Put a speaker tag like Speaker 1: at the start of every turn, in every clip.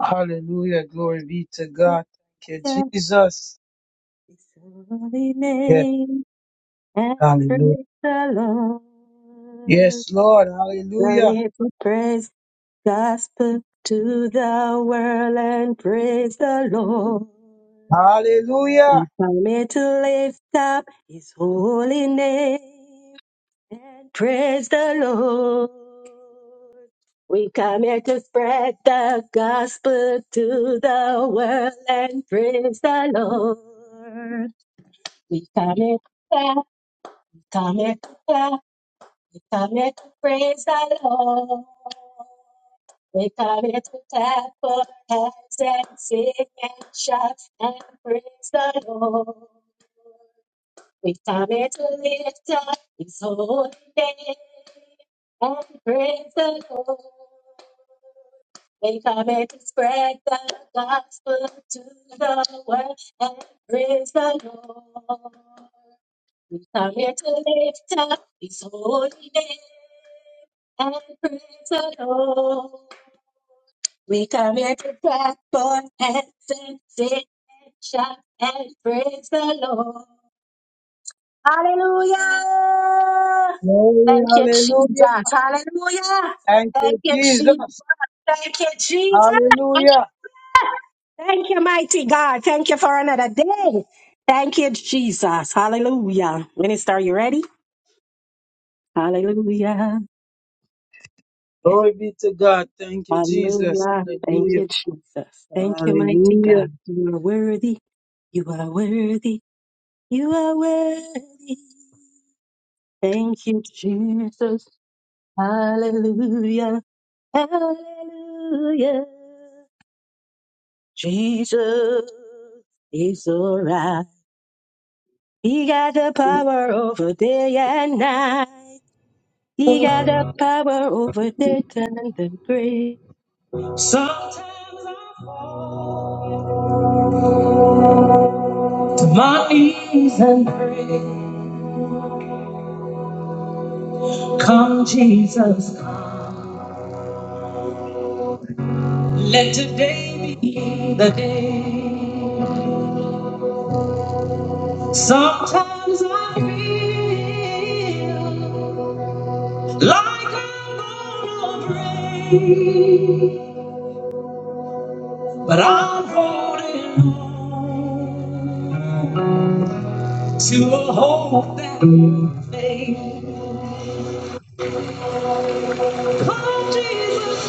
Speaker 1: Hallelujah. Glory be to God. Thank you, Jesus. Yes, hallelujah. Yes, Lord. Hallelujah.
Speaker 2: Got to
Speaker 1: Hallelujah. Glory, hallelujah. Thank you, Jesus. Hallelujah. Glory be to God. Thank you, Jesus. Hallelujah. Hallelujah. My reason come, Jesus. Let today be the day. Sometimes I feel Like I'm gonna break, but I'm holding on to a hope that may come, Jesus.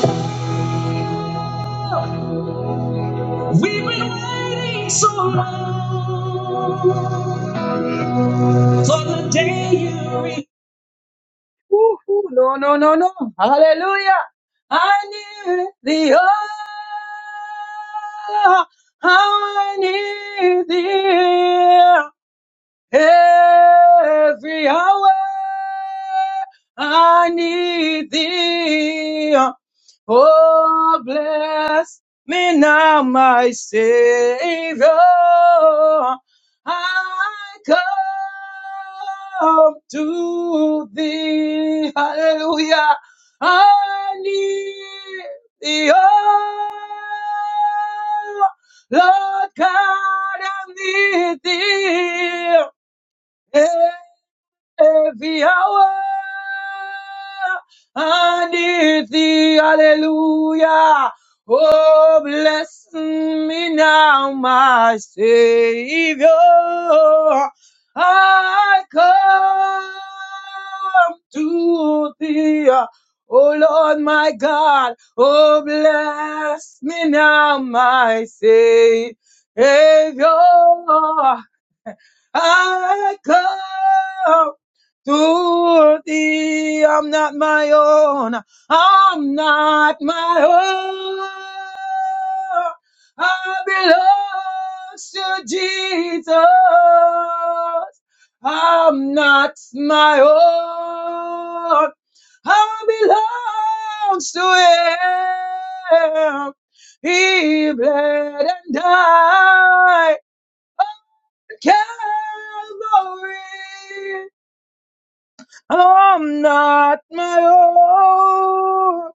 Speaker 1: We've been waiting so long for the day you reach. Ooh, ooh, no, no, no, no. Hallelujah. I need the hour. I need thee. Every hour I need thee. Oh, bless me now, my Savior. I come to thee. Hallelujah. I need thee, oh, Lord God, I need thee. Hey! every hour and if Thee, hallelujah. Oh, bless me now, my Savior. I come to thee, oh Lord, my God. Oh, bless me now, my Savior. I come to thee. I'm not my own. I'm not my own. I belong to Jesus. I'm not my own. I belong to him. He bled and died. on Calvary. I'm not my own.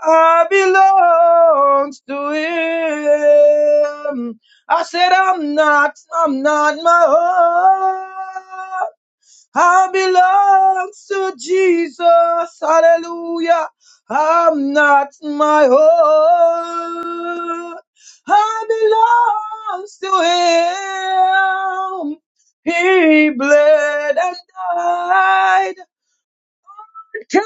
Speaker 1: I belong to him. I said, I'm not, I'm not my own. I belong to Jesus. Hallelujah. I'm not my own. I belong to him. He bled and died. Calvary.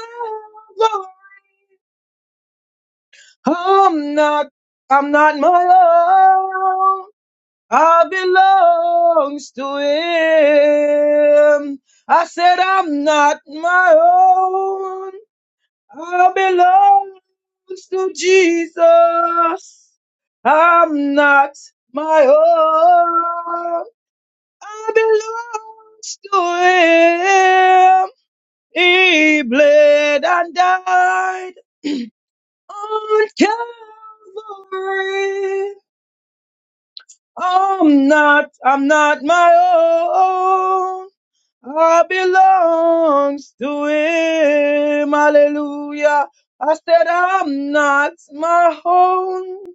Speaker 1: I'm not, I'm not my own. I belongs to him. I said I'm not my own. I belongs to Jesus. I'm not my own. I belongs to him. He bled and died. on Calvary. I'm not, I'm not my own. I belongs to Him. Hallelujah. I said I'm not my own.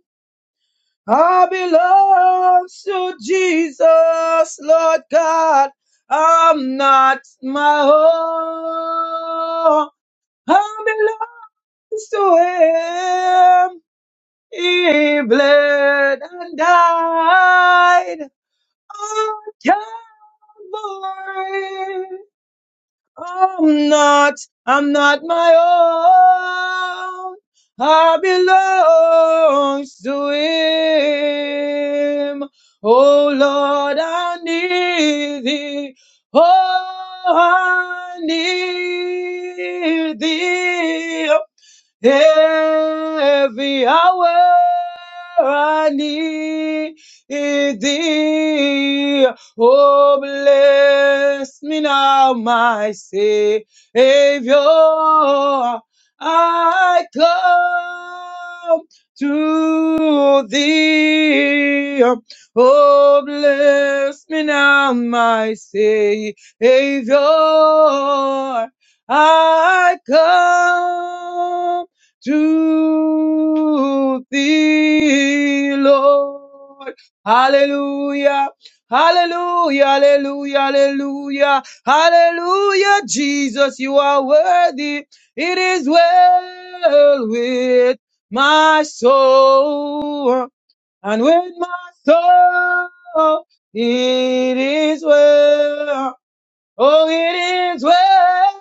Speaker 1: I belong to Jesus, Lord God. I'm not my own. I belong to Him. He bled and died on Calvary. I'm not, I'm not my own. I belong to Him. Oh Lord, I need Thee. Oh, I need Thee. Every hour I need thee. Oh, bless me now, my Savior. I come to thee. Oh, bless me now, my Savior. I come to thee, Lord. Hallelujah. Hallelujah, hallelujah, hallelujah, hallelujah, Jesus, you are worthy. It is well with my soul and with my soul. It is well. Oh, it is well.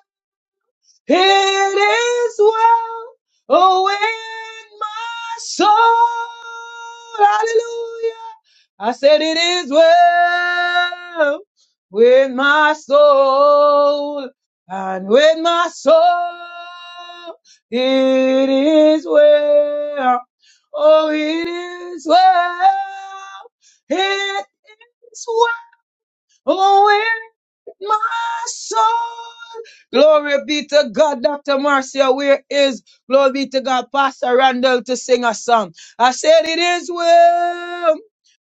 Speaker 1: It is well oh, with my soul. Hallelujah. I said it is well with my soul and with my soul. It is well. Oh, it is well. It is well Oh, where my soul. Glory be to God, Dr. Marcia. Where is glory be to God, Pastor Randall to sing a song? I said, It is well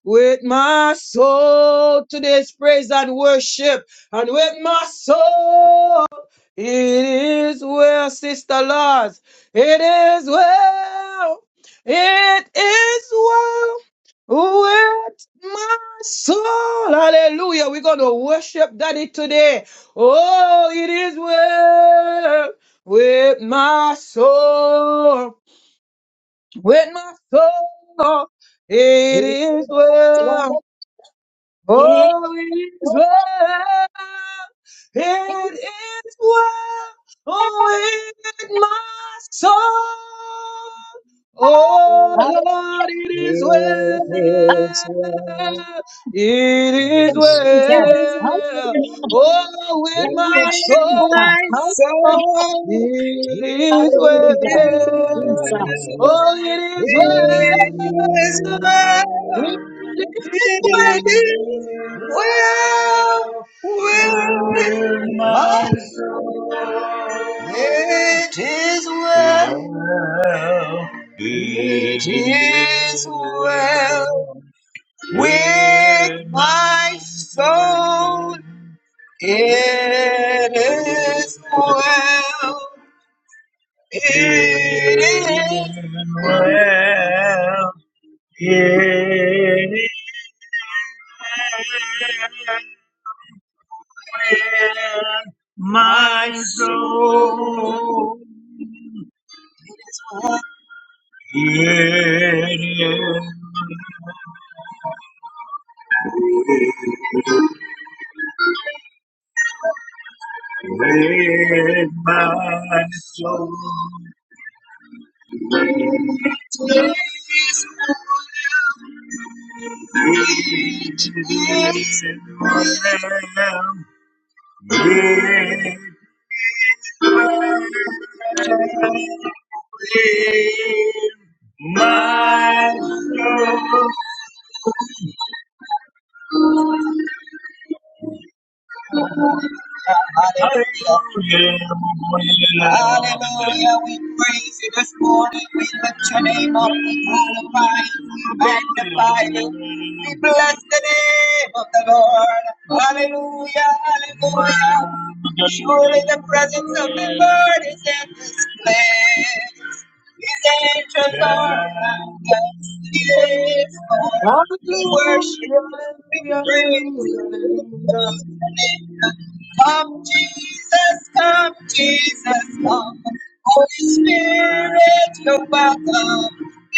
Speaker 1: with my soul. Today's praise and worship, and with my soul. It is well, Sister Lars. It is well. It is well with my soul. Hallelujah. We're going to worship Daddy today. Oh, it is well with my soul. With my soul. It is well. Oh, it is well. It is well with my soul. Oh, Lord, it
Speaker 3: It
Speaker 1: is
Speaker 3: is
Speaker 1: well.
Speaker 3: love.
Speaker 1: It is
Speaker 3: Yes, Lord.
Speaker 1: well. Oh, with my
Speaker 3: With
Speaker 1: soul.
Speaker 3: my soul,
Speaker 1: It is
Speaker 3: is mine.
Speaker 1: well. Oh, it is well.
Speaker 3: It is well.
Speaker 1: It is
Speaker 3: It
Speaker 1: well.
Speaker 3: is well with my soul. It is well. It is well. With my soul, it is well. It is well. It is well. With My soul, it is with my soul, it is well. It My soul, Hallelujah. hallelujah, bless Hallelujah. We praise you this morning. We lift your name up. We glorify you. We magnify you. We bless the name of the Lord. Hallelujah. Hallelujah. Surely the presence of the Lord is in this place. His angels are around us. He is Lord.
Speaker 1: Hallelujah,
Speaker 3: We worship you. We
Speaker 1: hallelujah,
Speaker 3: praise
Speaker 1: hallelujah,
Speaker 3: you.
Speaker 1: hallelujah,
Speaker 3: Come, Jesus, come, Jesus, come. Holy Spirit, you're welcome.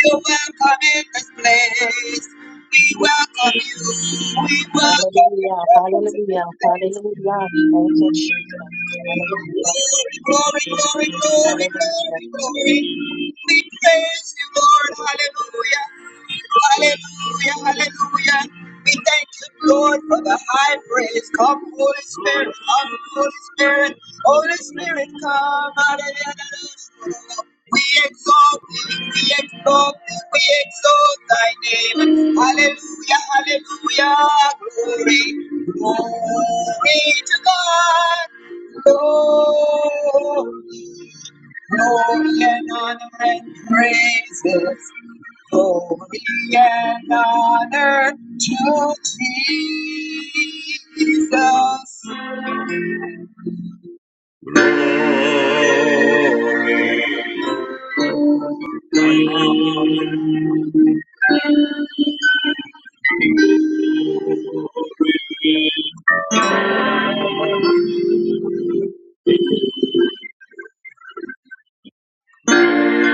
Speaker 3: You're welcome in this place. We welcome you. We welcome your presence in this place. Glory, glory, glory, glory, glory, glory. We praise you, Lord. Hallelujah. Hallelujah, hallelujah. We thank you, Lord, for the high praise. Come, Holy Spirit, come, Holy Spirit, Holy Spirit, come. Hallelujah. We exalt thee, we exalt thee, we exalt thy name. Hallelujah, hallelujah. Glory, glory to God. Lord, glory and honor and praises. Glory and honor to Jesus.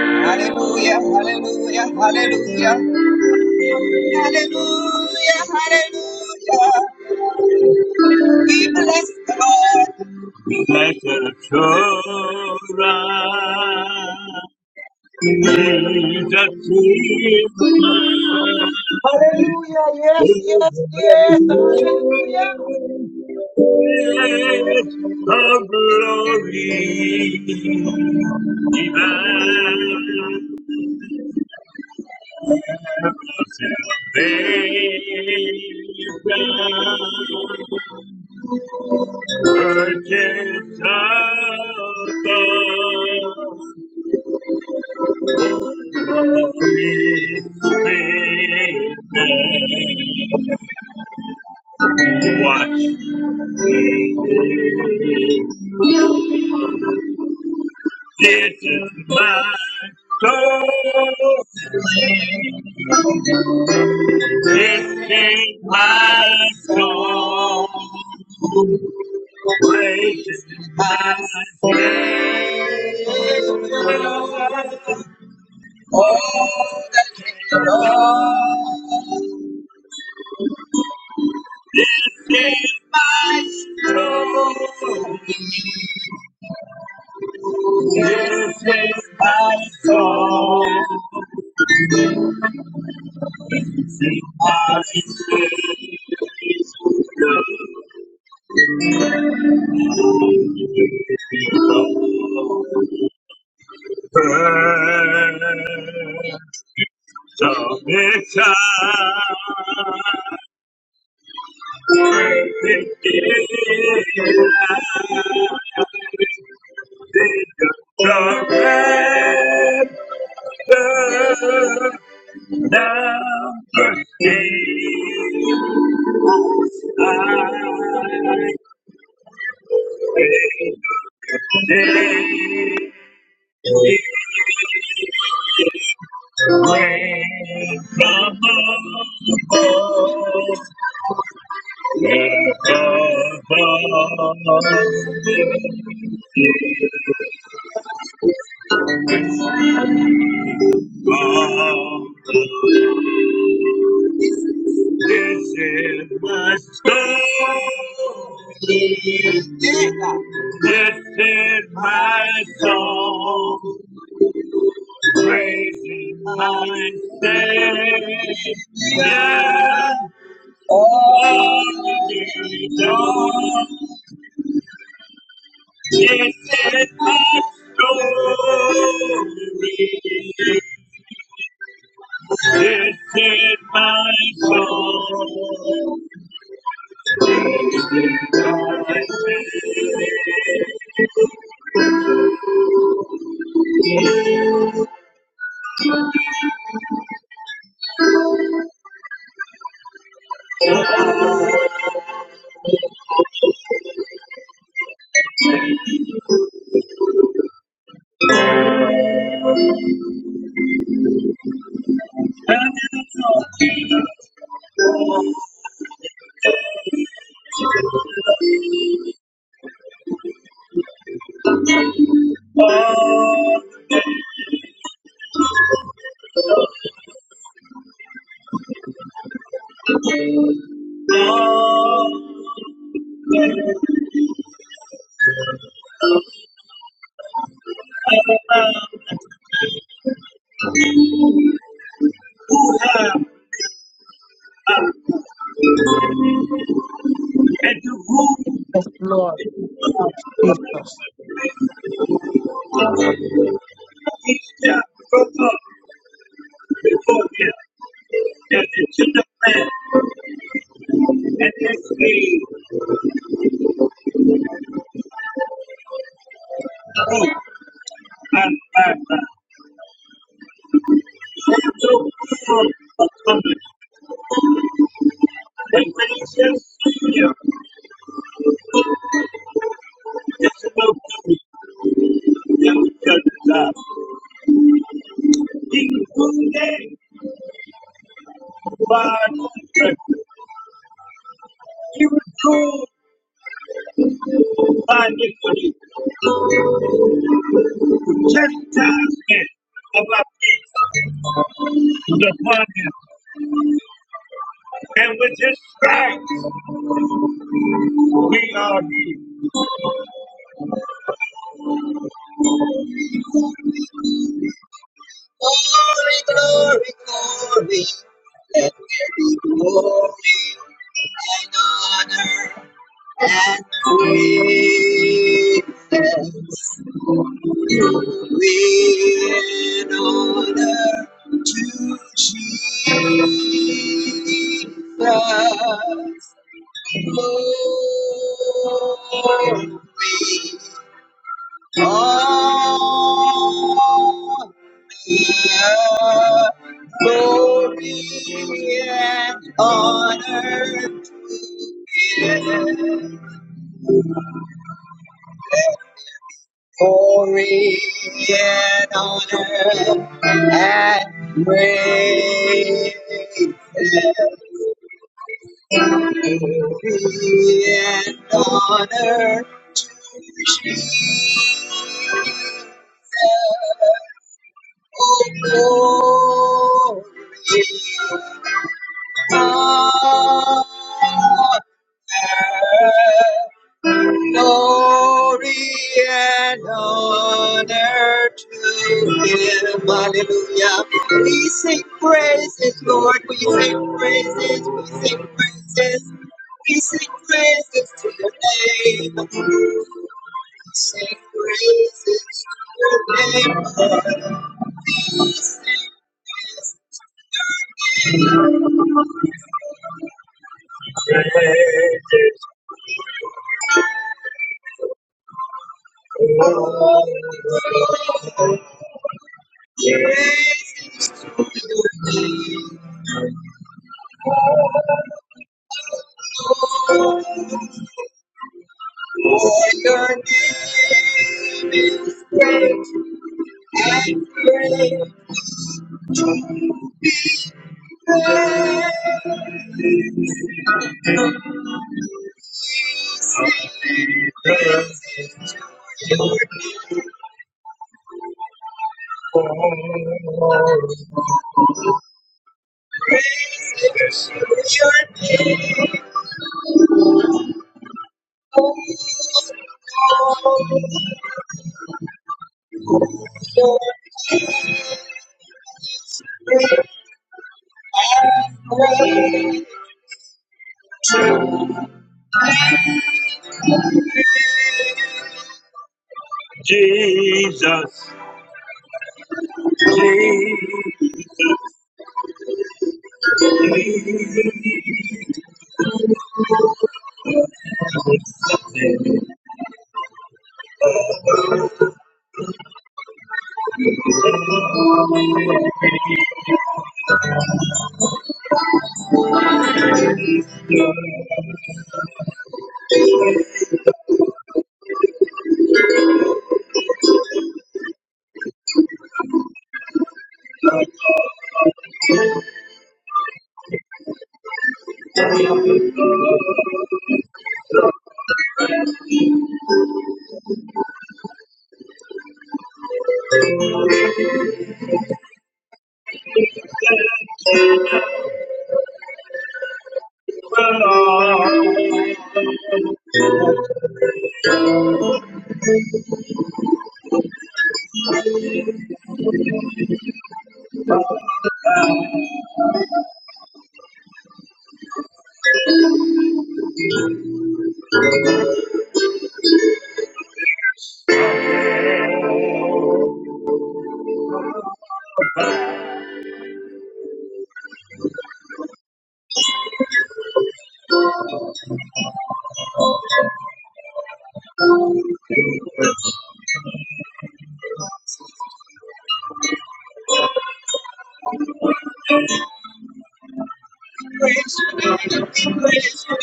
Speaker 3: Hallelujah, hallelujah, hallelujah. Hallelujah, hallelujah. We bless the Lord. Let the children praise the
Speaker 1: hallelujah, yes, yes, yes, hallelujah.
Speaker 3: King the glory. Watch, this is my soul. This is my song. Praise is my soul. oh. Something I will the Jamaica, perfect Jamaica, number eight. I pray today. This is my song. This is my song, praising my Savior all the day long. This is my story, Lifted my soul. Oh, oh, ah, ah. And to whom
Speaker 1: Lord
Speaker 3: each step from up before him, and the children man, and his name, oh, and my God. And no evil upon him. And when he shall see him, this is no good, he will judge God. He was wounded but if you drew by iniquity, chastisement of our peace is upon him, and with his stripes we are healed. Glory, glory, glory. Let there be glory and honor and praise. in honor to Jesus. Glory, honor, glory and honor. glory and honor and praise. Glory and honor. Oh, glory. and honor Glory and honor to him. Hallelujah. We sing praises, Lord. We sing praises. We sing praises. We sing praises to your name. We sing praises to your name. For your name, great, great, great. Jesus, Jesus, Lord. Praise your name, praise your name, your your name, your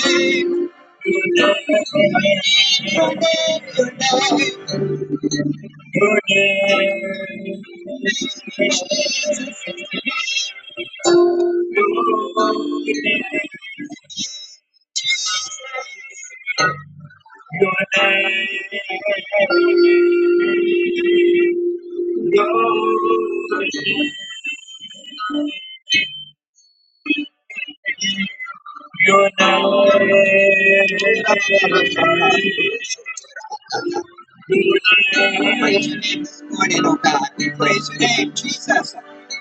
Speaker 3: name, your name, your name. Your name we praise your name this morning, oh God. We praise your name, Jesus.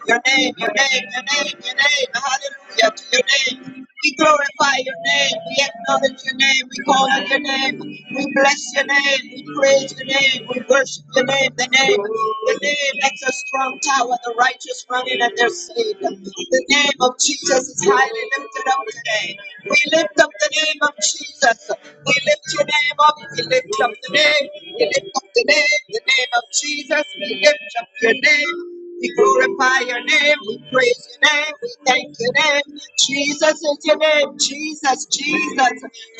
Speaker 3: Your name, your name, your name, your name. Hallelujah to your name. We glorify your name. We acknowledge your name. We call on your name. We bless your name. We praise your name. We worship your name. The name, the name that's a strong tower. The righteous run in and they're saved. The name of Jesus is highly lifted up today. We lift up the name of Jesus. We lift your name up. We lift up the name name, We lift up Your name, the name of Jesus. We lift up your name. We glorify your name. We praise your name. We thank your name. Jesus is your name. Jesus, Jesus,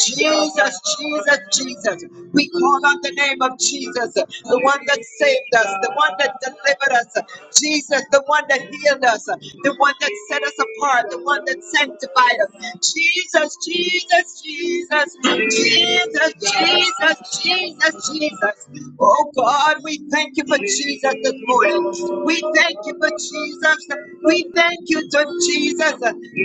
Speaker 3: Jesus, Jesus, Jesus. We call on the name of Jesus, the one that saved us, the one that delivered us. Jesus, the one that healed us, the one that set us apart, the one that sanctified us. Jesus, Jesus, Jesus, Jesus, Jesus, Jesus, Jesus, Jesus. Oh God, we thank you for Jesus this morning. We thank you for Jesus. We thank you to Jesus.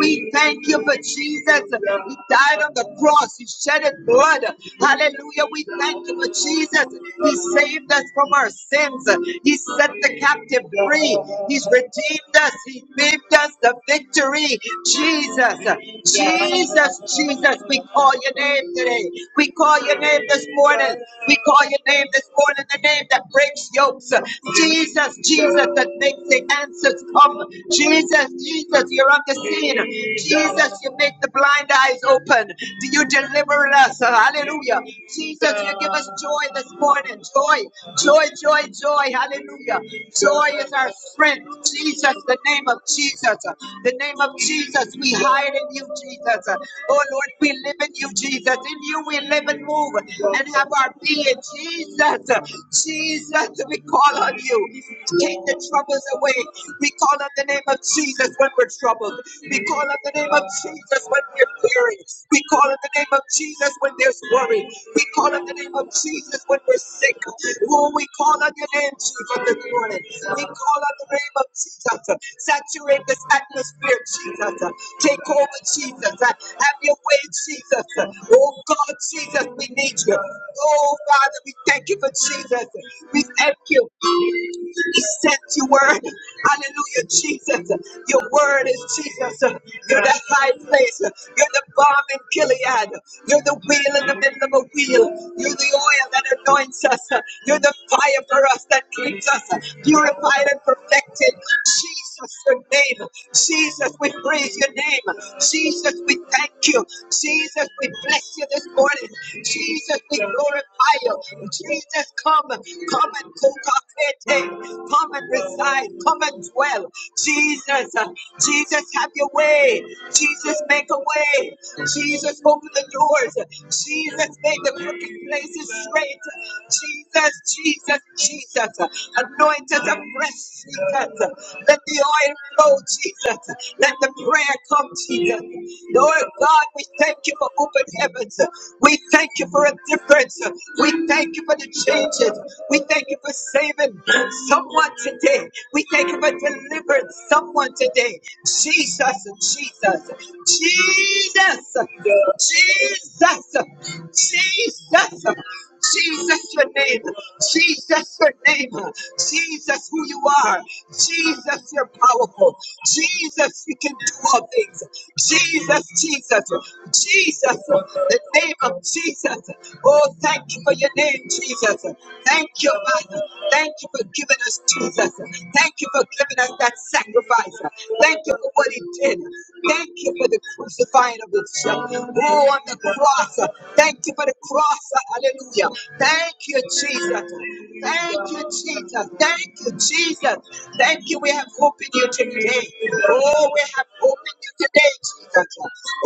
Speaker 3: We thank you for Jesus. He died on the cross. He shed his blood. Hallelujah. We thank you for Jesus. He saved us from our sins. He set the captive free. He's redeemed us. He gave us the victory. Jesus, Jesus, Jesus, we call your name today. We call your name this morning morning. We call your name this morning, the name that breaks yokes. Jesus, Jesus, that makes the answers come. Jesus, Jesus, you're on the scene. Jesus, you make the blind eyes open. Do you deliver us? Hallelujah. Jesus, you give us joy this morning. Joy, joy, joy, joy. Hallelujah. Joy is our strength. Jesus, the name of Jesus. The name of Jesus. We hide in you, Jesus. Oh Lord, we live in you, Jesus. In you we live and move and have our being. Jesus, Jesus, we call on you. Take the troubles away. We call on the name of Jesus when we're troubled. We call on the name of Jesus when we're weary. We call on the name of Jesus when there's worry. We call on the name of Jesus when we're sick. Oh, we call on your name, Jesus, this morning. We call on the name of Jesus. Saturate this atmosphere, Jesus. Take over, Jesus. Have your way, Jesus. Oh God, Jesus, we need you. Oh Father, we thank you for Jesus. We thank you. You sent your word. Hallelujah, Jesus. Your word is Jesus. You're the high place. You're the bomb in Gilead. You're the wheel in the middle of a wheel. You're the oil that anoints us. You're the fire for us that keeps us purified and perfected. Jesus, your name. Jesus, we praise your name. Jesus, we thank you. Jesus, we bless you this morning. Jesus, we glorify you. Jesus, come. Come and cook Come and reside. Come and dwell. Jesus, uh, Jesus, have your way. Jesus, make a way. Jesus, open the doors. Jesus, make the crooked places straight. Jesus, Jesus, Jesus, uh, anoint us afresh, Jesus. Let the oil flow, Jesus. Let the prayer come, Jesus. Lord God, we thank you for open heavens. We thank you for a difference. We thank you for the changes. We thank you for saving someone today. We thank you for delivering someone today. Jesus, Jesus, Jesus, Jesus, Jesus. Jesus, your name. Jesus, your name. Jesus, who you are. Jesus, you're powerful. Jesus, you can do all things. Jesus, Jesus, Jesus, the name of Jesus. Oh, thank you for your name, Jesus. Thank you, Father. Thank you for giving us Jesus. Thank you for giving us that sacrifice. Thank you for what He did. Thank you for the crucifying of Himself. Oh, on the cross. Thank you for the cross. Hallelujah. Thank you, Jesus. Thank you, Jesus. Thank you, Jesus. Thank you. We have hope in you today. Oh, we have hope in you today, Jesus.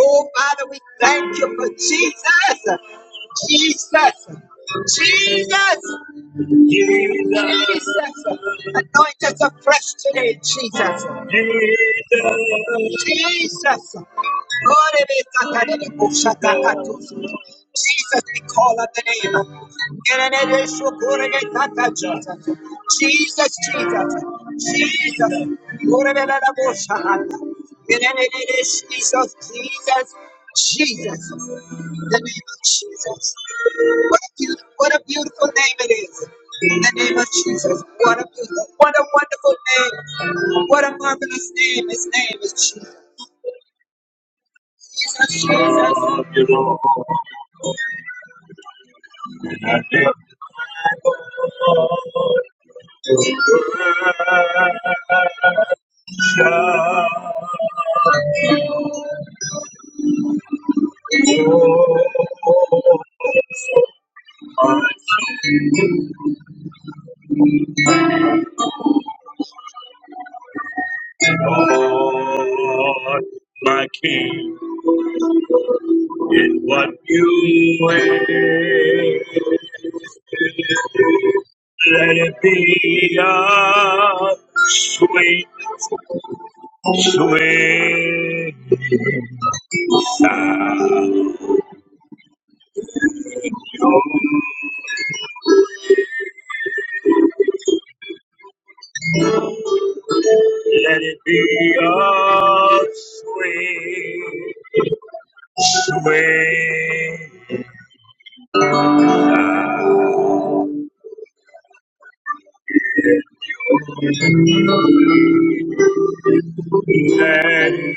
Speaker 3: Oh, Father, we thank you for Jesus. Jesus. Jesus. Jesus, anoint us afresh today, Jesus. Jesus. Jesus, we call on the name. Jesus, Jesus, Jesus. Jesus, Jesus, Jesus, the name of Jesus. What a, beautiful, what a beautiful name it is. In the name of Jesus. What a beautiful, what a wonderful name. What a marvelous name. His name is Jesus. Jesus, Jesus. Love you, Lord. And I give glory Shout, oh, my God, my King, in what you wear. Let it be a sweet, sweet sound. Let it be a sweet, sweet. Let it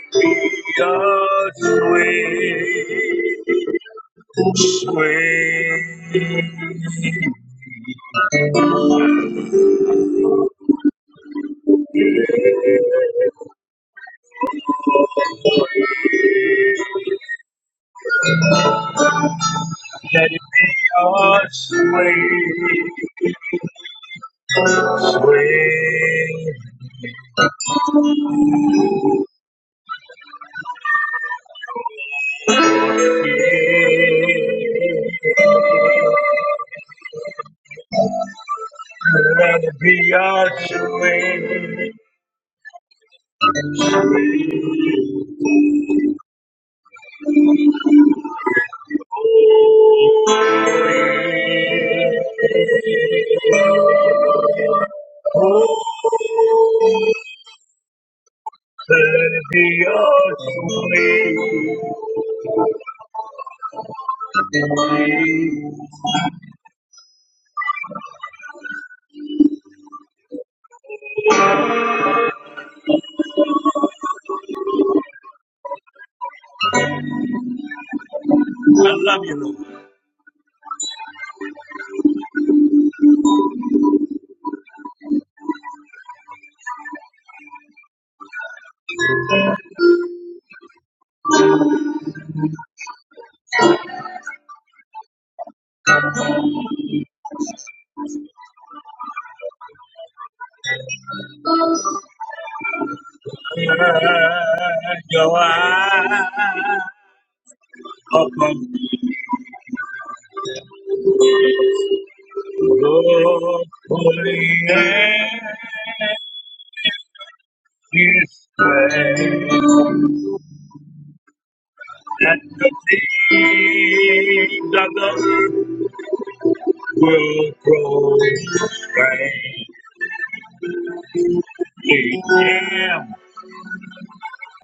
Speaker 3: be a sweet, sweet. Let it be a sweet, sweet. Let it be a sweet. Let it be your I love you, Lord. eyes, your eyes upon the holy and his faith, and the seed of the earth will grow strength in him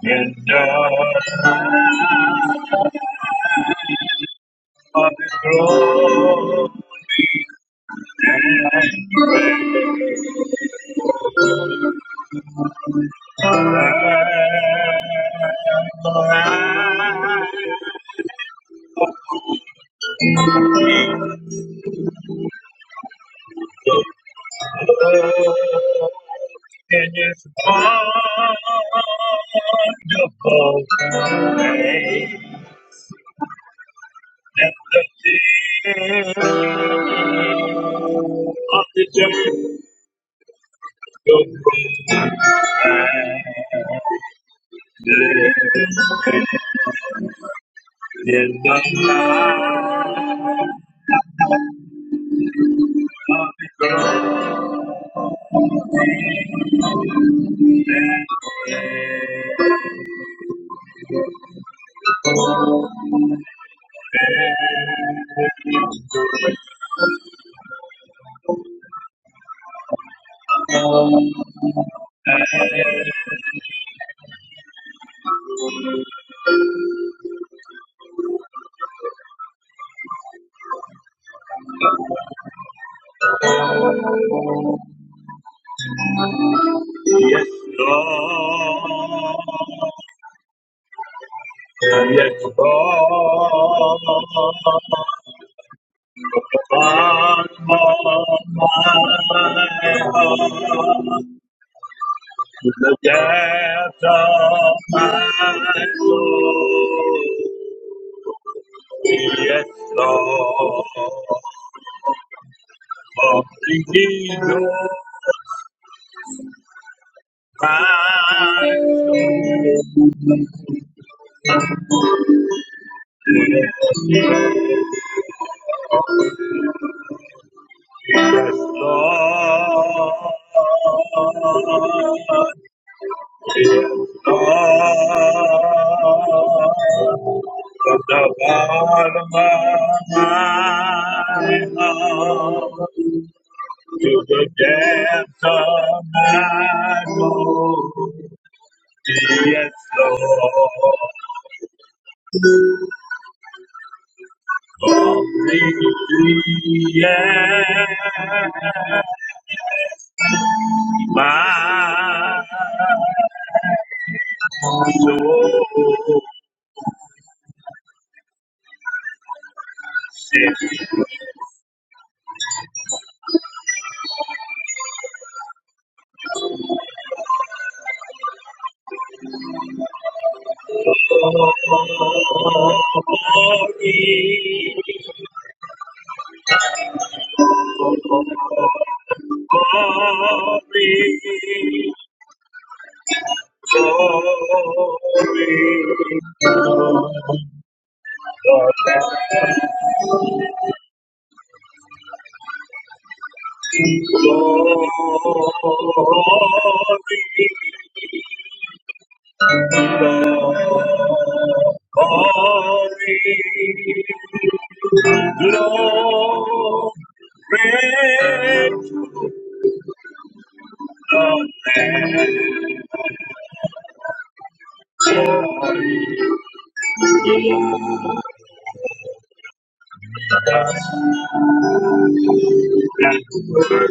Speaker 3: in the eyes of his glory. in His wonderful grace and the sin of the just go through in the light of the glory. Yes, Lord. Yes, Lord. Burn my heart. to The depth of my soul. Yes, Lord. For bringing your mind. Yes, Lord. To the depths of my soul, yes, Lord, only yes, my soul yes. Glory, glory, glory. Glory, glory, glory.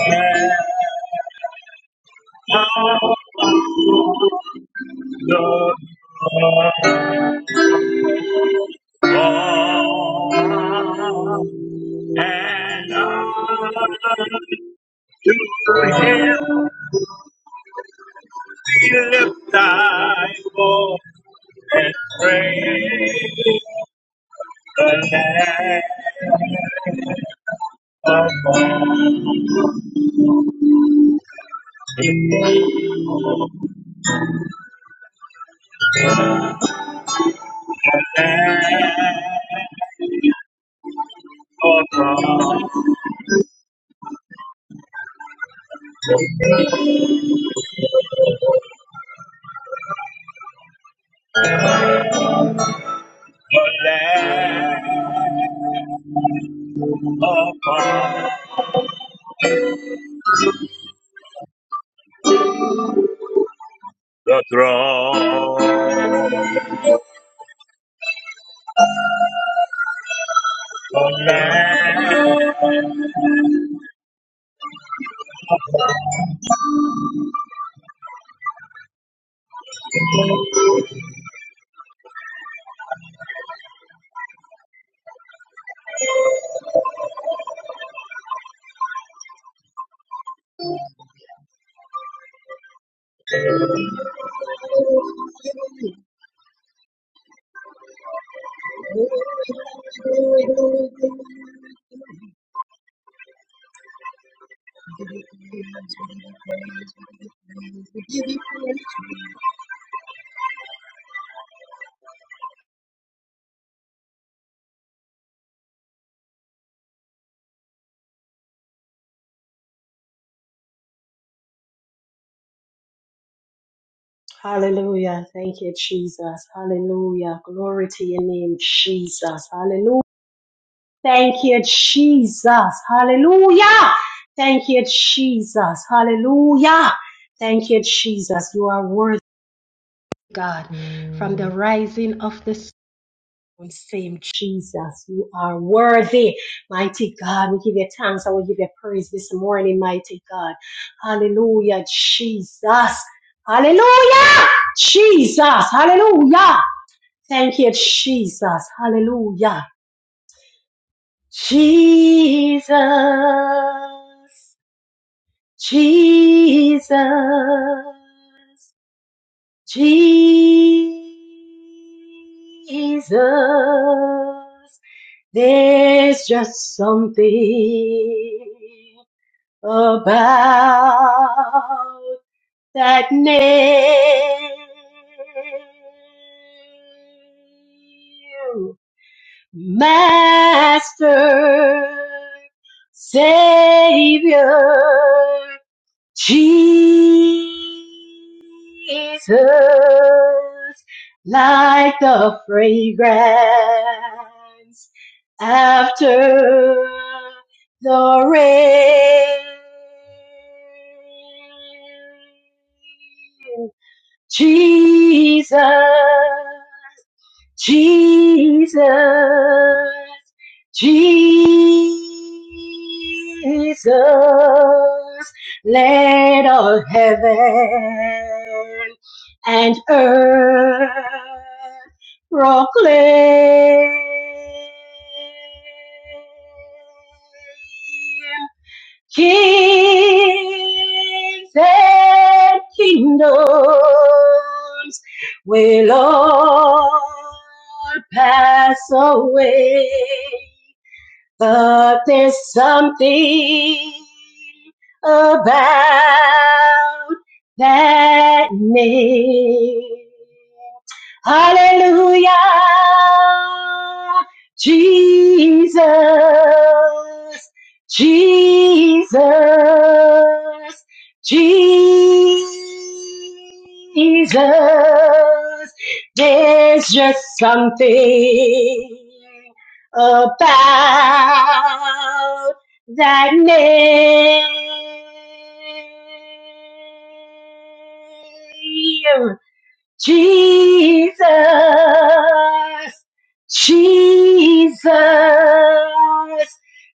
Speaker 3: and How the Lord and I will lift thy voice and praise the Lamb of God, the Lamb of God, the Lamb upon the throne. Amen.
Speaker 2: Jesus, Jesus, heaven and earth praise. Kings and kingdoms will all pass away, but there's something about that name. Hallelujah. Jesus. Jesus. Jesus. There's just something about that name. Jesus, Jesus,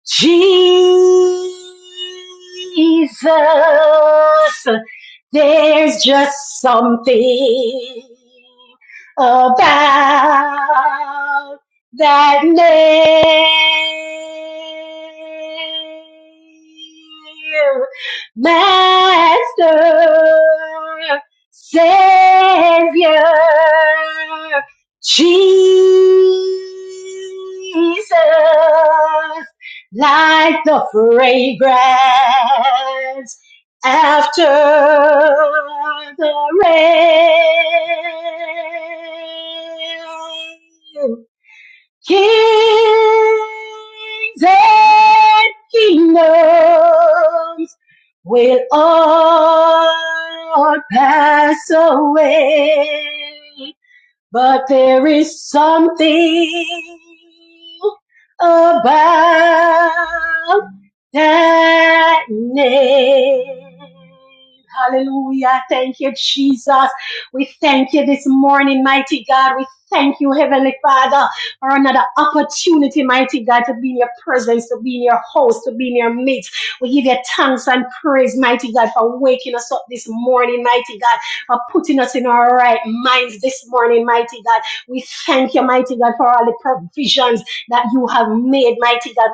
Speaker 2: Jesus. There's just something about that name, Master. Savior Jesus, like the fragrance after the rain. Kings and kingdoms will all pass away. But there is something about that name. Hallelujah. Thank you, Jesus. We thank you this morning, mighty God. We thank you, Heavenly Father, for another opportunity, mighty God, to be in your presence, to be in your house, to be in your midst. We give you thanks and praise, mighty God, for putting us in our right minds this morning, mighty God that you have made, mighty God.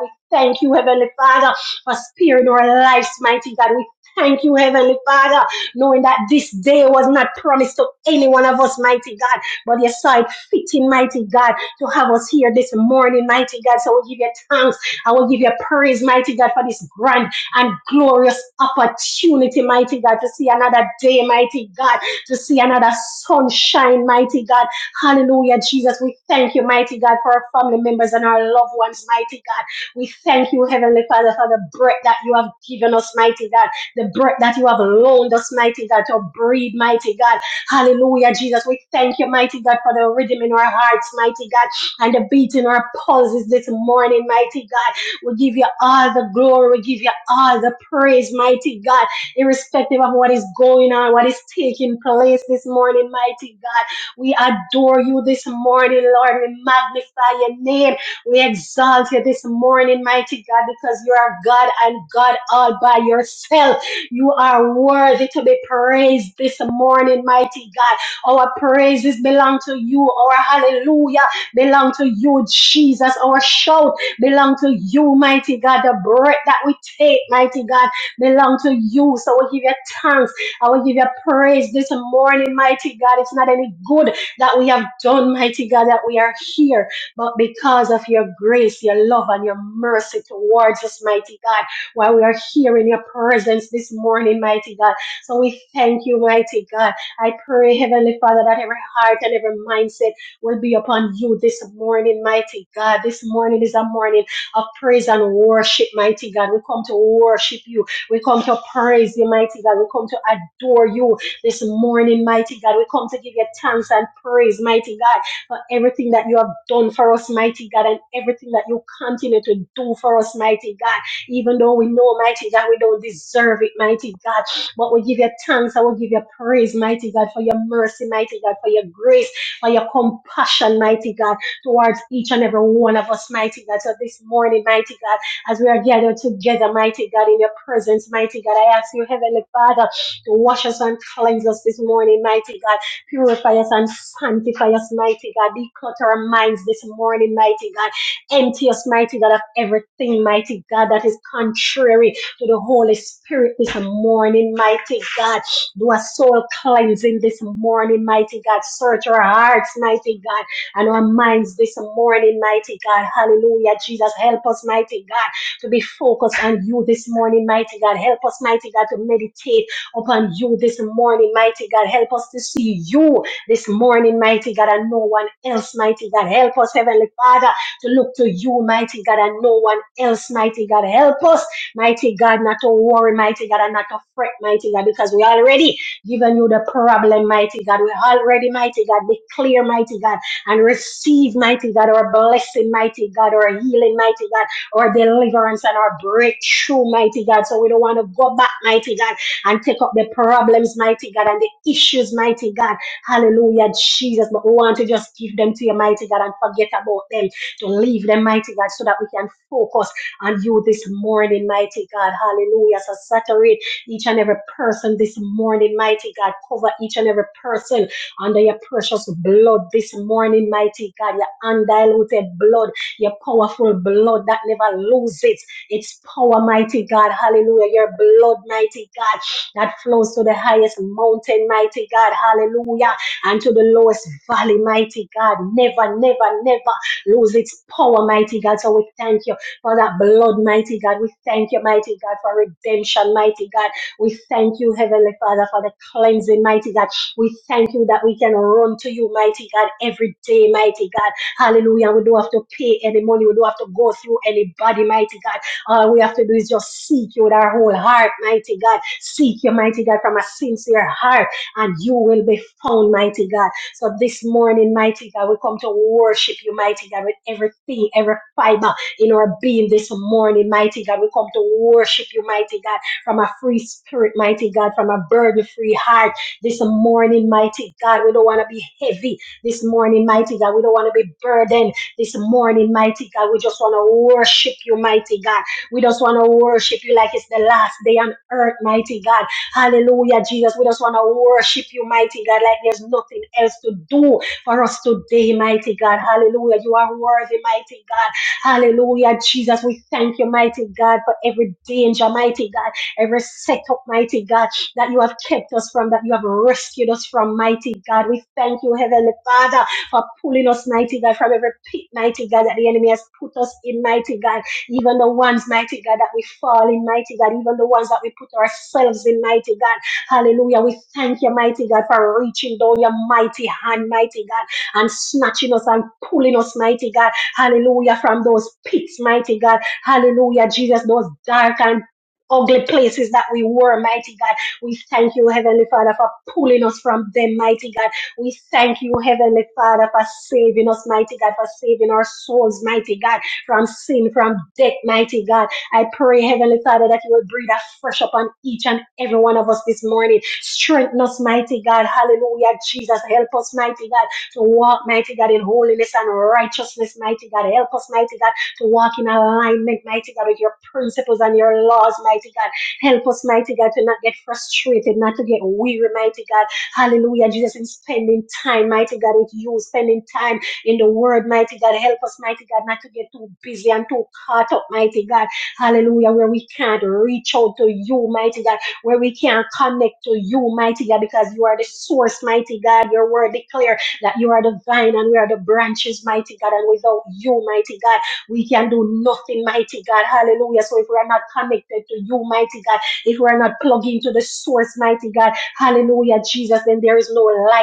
Speaker 2: for this grand and glorious opportunity, mighty God, to see another day, mighty God, to see another sunshine, mighty God. Hallelujah, Jesus. We thank you, mighty God, for our family members and our loved ones, mighty God. We thank you, Heavenly Father, for the breath that you have given us, mighty God. The breath that you have loaned us, mighty God, to breathe, mighty God. Hallelujah, Jesus. We thank you, mighty God, for the rhythm in our hearts, mighty God, and the beat in our pulses this morning, mighty God. We give you all the glory. We give you all the praise, mighty God, irrespective of what is going on, what is taking place this morning, mighty God. We adore you this morning, Lord. We magnify your name. We exalt you this morning, mighty God, because you are God and God all by yourself. You are worthy to be praised this morning, mighty God. Our praises belong to you. Our hallelujah belong to you, Jesus. Our shout belong to you, mighty God. The breath that we take, mighty God, belong to you. So we give you thanks. I will give you praise this morning, mighty God. It's not any good that we have done, mighty God, that we are here, but because of your grace, your love, and your mercy towards us, mighty God, while we are here in your presence this morning, mighty God. So we thank you, mighty God. I pray, Heavenly Father, that every heart and every mindset will be upon you this morning, mighty God. This morning is a morning of praise and worship, mighty God. We come to worship you. We come to praise you, mighty God. We come to adore you this morning, mighty God. We come to give you thanks and praise, mighty God, for everything that you have done for us, mighty God, and everything that you continue to do for us, mighty God. Even though we know, mighty God, we don't deserve it, mighty God. But we give you thanks. I will give you praise, mighty God, for your mercy, mighty God, for your grace, for your compassion, mighty God, towards each and every one of us, mighty God. So this morning, mighty God, as we are gathered together, mighty God, in your presence, mighty God, I ask you, Heavenly Father, to wash us and cleanse us this morning, mighty God. Purify us and sanctify us, mighty God. Declutter our minds this morning, mighty God. Empty us, mighty God, of everything, mighty God, that is contrary to the Holy Spirit this morning, mighty God. Do a soul cleansing this morning, mighty God. Search our hearts, mighty God, and our minds this morning, mighty God. Hallelujah. Jesus, help us, mighty God, to be focused on you this morning, mighty God. Help us, mighty God, to meditate upon you this morning, mighty God. Help us to see you this morning, mighty God, and no one else, mighty God. Help us, Heavenly Father, to look to you, mighty God, and no one else, mighty God. Help us. Mighty God, not to worry, mighty God, and not to fret, mighty God, because we already given you the problem, mighty God. We already, mighty God, declare, mighty God, and receive, mighty God, our blessing, mighty God, our healing, mighty God, our deliverance and our breakthrough, mighty God. So we don't want to go back, mighty God, and take up the problems, mighty God, and the issues, mighty God. Hallelujah, Jesus. But we want to just give them to you, mighty God, and forget about them, to leave them, mighty God, so that we can focus on you this morning, mighty God. Hallelujah. So saturate each and every person this morning, mighty God. Cover each and every person under your precious blood this morning, mighty God. Your undiluted blood, your powerful blood that never loses its power, mighty God. Hallelujah. Your blood, mighty God, that flows to the highest mountain, mighty God. Hallelujah. And to the lowest valley, mighty God. Never, never, never lose its power, mighty God. So we thank you for that blood, mighty God. We thank you, mighty God, for redemption, mighty God. We thank you, Heavenly Father, for the cleansing, mighty God. We thank you that we can run to you, mighty God, every day, mighty God. Hallelujah. We don't have to pay any money. We don't have to go through anybody, mighty God. All we have to do is just seek you with our whole heart, mighty God. Seek you, mighty God, from a sincere heart, and you will be found, mighty God. So this morning, mighty God, we come to worship you, mighty God, with everything, every fiber in our being this morning, mighty God. We come to worship you, mighty God, from a free spirit, mighty God, from a burden free heart this morning, mighty God. We don't want to be heavy this morning, mighty God. We don't want to be burdened this morning, mighty God. We just want to worship you, mighty God. We just want to worship you like it's the last day on earth, mighty God. Hallelujah, Jesus. We just want to worship you, mighty God, like there's nothing else to do for us today, mighty God. Hallelujah. You are worthy, mighty God. Hallelujah, Jesus. We thank you, mighty God, for every danger, mighty God, every setup, mighty God, that you have kept us from, that you have rescued us from, mighty God. We thank you, Heavenly Father, for pulling us, mighty God, from every pit, mighty God, that the enemy has put us in, mighty God. Even the ones, mighty God, that we fall in, mighty God, even the ones that we put ourselves in, mighty God. Hallelujah. We thank you, mighty God, for reaching down your mighty hand, mighty God, and snatching us and pulling us, mighty God Hallelujah. From those pits, mighty God. Hallelujah, Jesus. Those dark and ugly places that we were, mighty God. We thank you, Heavenly Father, for pulling us from them, mighty God. We thank you, Heavenly Father, for saving us, mighty God, for saving our souls, mighty God, from sin, from death, mighty God. I pray, Heavenly Father, that you will breathe afresh upon each and every one of us this morning. Strengthen us, mighty God. Hallelujah, Jesus. Help us, mighty God to walk, mighty God, in holiness and righteousness, mighty God. Help us, mighty God, to walk in alignment, mighty God, with your principles and your laws, mighty God. Help us, mighty God, to not get frustrated, not to get weary, mighty God. Hallelujah, Jesus, in spending time, mighty God, with you, spending time in the word, mighty God. Help us, mighty God, not to get too busy and too caught up, mighty God. Hallelujah, where we can't reach out to you, mighty God, where we can't connect to you, mighty God, because you are the source, mighty God. Your word declares that you are the vine and we are the branches, mighty God. And without you, mighty God, we can do nothing, mighty God. Hallelujah. So if we are not connected to you, mighty God, if we are not plugged into the source, mighty God, hallelujah, Jesus, then there is no light,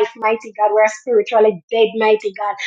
Speaker 2: mighty God.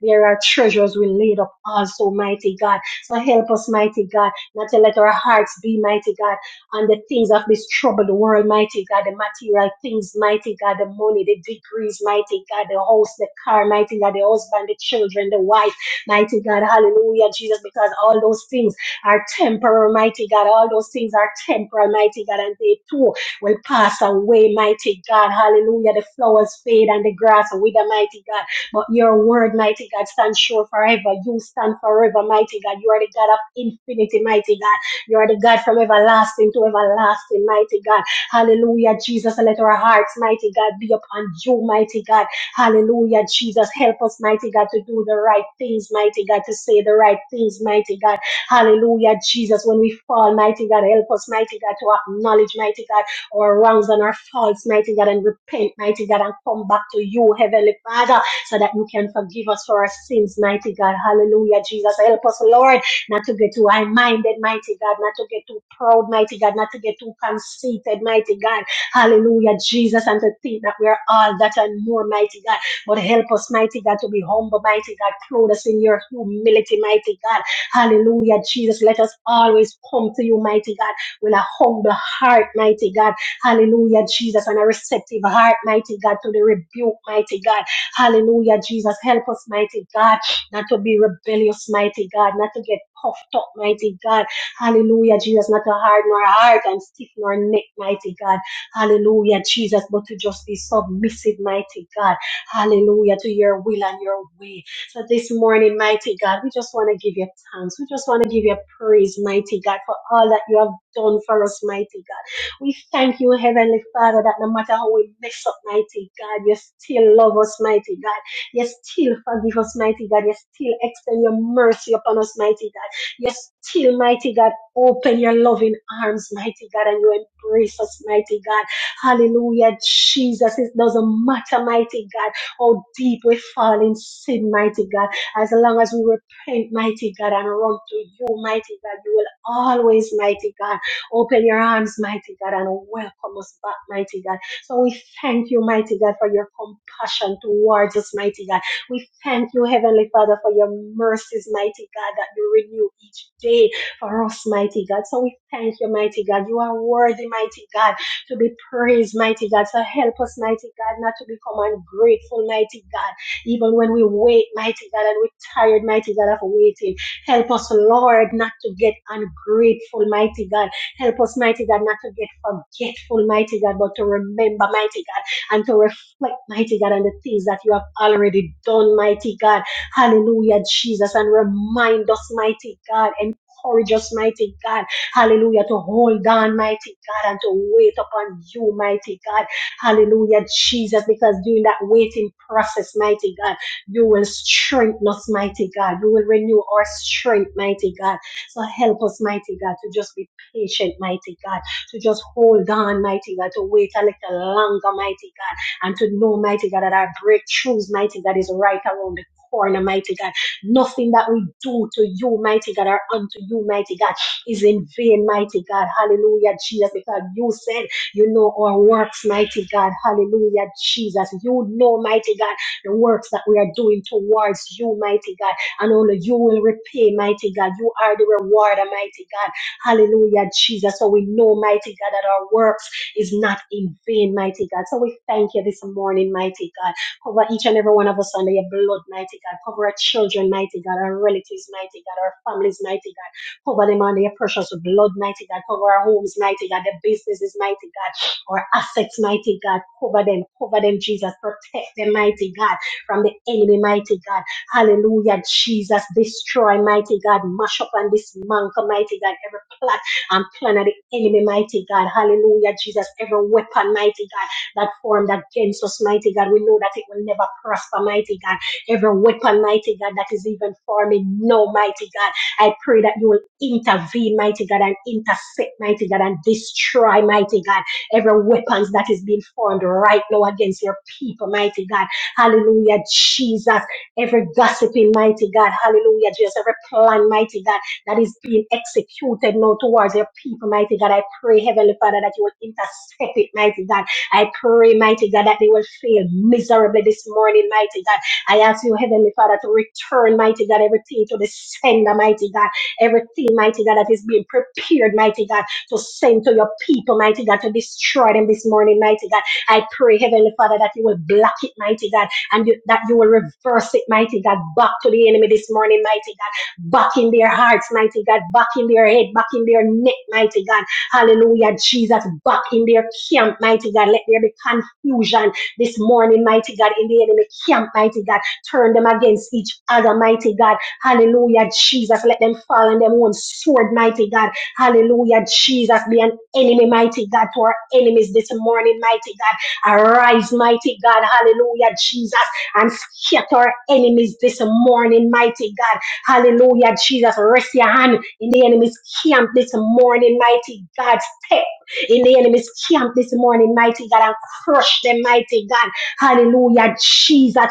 Speaker 2: There are treasures we laid up also, mighty God. So help us, mighty God, not to let our hearts be, mighty God, on the things of this troubled world, mighty God, the material things, mighty God, the money, the degrees, mighty God, the house, the car, mighty God, the husband, the children, the wife, mighty God, hallelujah, Jesus, because all those things are temporal, mighty God, all those things are temporal, mighty God, and they too will pass away, mighty God, hallelujah, the flowers fade and the grass wither, mighty God. But your word, mighty God, stands sure forever. You stand forever, mighty God. You are the God of infinity, mighty God. You are the God from everlasting to everlasting, mighty God. Hallelujah, Jesus. Let our hearts, mighty God, be upon you, mighty God. Hallelujah, Jesus. Help us, mighty God, to do the right things, mighty God, to say the right things, mighty God. Hallelujah, Jesus. When we fall, mighty God, help us, mighty God, to acknowledge, mighty God, our wrongs and our faults, mighty God, and repent, mighty God, and come back to you, Heavenly Father so that you can forgive us for our sins, mighty God. Hallelujah, Jesus. Help us, Lord, not to get too high minded, mighty God, not to get too proud, mighty God, not to get too conceited, mighty God. Hallelujah, Jesus, and to think that we're all that and more, mighty God. But help us, mighty God, to be humble, mighty God. Clothe us in your humility, mighty God. Hallelujah, Jesus. Let us always come to you, mighty God, with a humble heart, mighty God. Hallelujah, Jesus, and a receptive heart, mighty God, to the rebuke, mighty God. Hallelujah, Jesus. Help us, mighty God, not to be rebellious, mighty God, not to get puffed up, mighty God. Hallelujah, Jesus. Not to harden our heart and stiffen our neck, mighty God. Hallelujah, Jesus. But to just be submissive, mighty God. Hallelujah, to your will and your way. So this morning, mighty God, we just want to give you thanks. We just want to give you praise, mighty God, for all that you have done for us, mighty God. We thank you, Heavenly Father, that no matter how we mess up, mighty God, you still love us, mighty God. You still forgive us, mighty God. You still extend your mercy upon us, mighty God. You still, mighty God, open your loving arms, mighty God, and you embrace us, mighty God. Hallelujah, Jesus. It doesn't matter, mighty God, how deep we fall in sin, mighty God. As long as we repent, mighty God, and run to you, mighty God, you will always, mighty God Open your arms, mighty God, and welcome us back, mighty God. So we thank you, mighty God, for your compassion towards us, mighty God. We thank you, Heavenly Father, for your mercies, mighty God, that you renew each day for us, mighty God. So we thank you, mighty God. You are worthy, mighty God, to be praised, mighty God. So help us, mighty God, not to become ungrateful, mighty God, even when we wait, mighty God, and we're tired, mighty God, of waiting. Help us, Lord, not to get ungrateful, mighty God. Help us, mighty God, not to get forgetful, mighty God, but to remember, mighty God, and to reflect, mighty God, on the things that you have already done, mighty God. Hallelujah, Jesus, and remind us, mighty God, and encourage us, mighty God. Hallelujah, to hold on, mighty God, and to wait upon you, mighty God. Hallelujah, Jesus, because during that waiting process, mighty God, you will strengthen us, mighty God. You will renew our strength, mighty God. corner, mighty God. Nothing that we do to you, mighty God, or unto you, mighty God, is in vain, mighty God. Hallelujah, Jesus, because you said you know our works, mighty God. Hallelujah, Jesus. You know, mighty God, the works that we are doing towards you, mighty God. And only you will repay, mighty God. You are the rewarder, mighty God. Hallelujah, Jesus. So we know, mighty God, that our works is not in vain, mighty God. So we thank you this morning, mighty God. Cover each and every one of us under your blood, mighty God. Cover our children, mighty God, our relatives, mighty God, our families, mighty God. Cover them under your precious blood, mighty God. Cover our homes, mighty God, their businesses, mighty God, our assets, mighty God. Cover them, cover them, Jesus. Protect them, mighty God, from the enemy, mighty God. Hallelujah, Jesus. Destroy, mighty God. Mash up and dismantle, mighty God. Every plot and plan of the enemy, mighty God. Hallelujah, Jesus. Every weapon, mighty God that formed against us, mighty God. We know that it will never prosper, mighty God. Every weapon, mighty God, that is even forming, no, mighty God. I pray that you will intervene, mighty God, and intercept, mighty God, and destroy, mighty God, every weapons that is being formed right now against your people, mighty God. Hallelujah, Jesus. Every gossiping, mighty God. Hallelujah, Jesus. Every plan, mighty God, that is being executed now towards your people, mighty God. I pray, Heavenly Father, that you will intercept it, mighty God I pray, mighty God, that they will fail miserably this morning, mighty God. I ask you, God, this morning, mighty God, in the enemy camp, mighty God. Turn them against each other, mighty God. Hallelujah, Jesus. Let them fall in their own sword, mighty God. Hallelujah, Jesus. Be an enemy, mighty God, to our enemies this morning, mighty God. Arise, mighty God. Hallelujah, Jesus. And scatter our enemies this morning, mighty God. Hallelujah, Jesus. Rest your hand in the enemy's camp this morning, mighty God. Step in the enemy's camp this morning. Hallelujah, Jesus.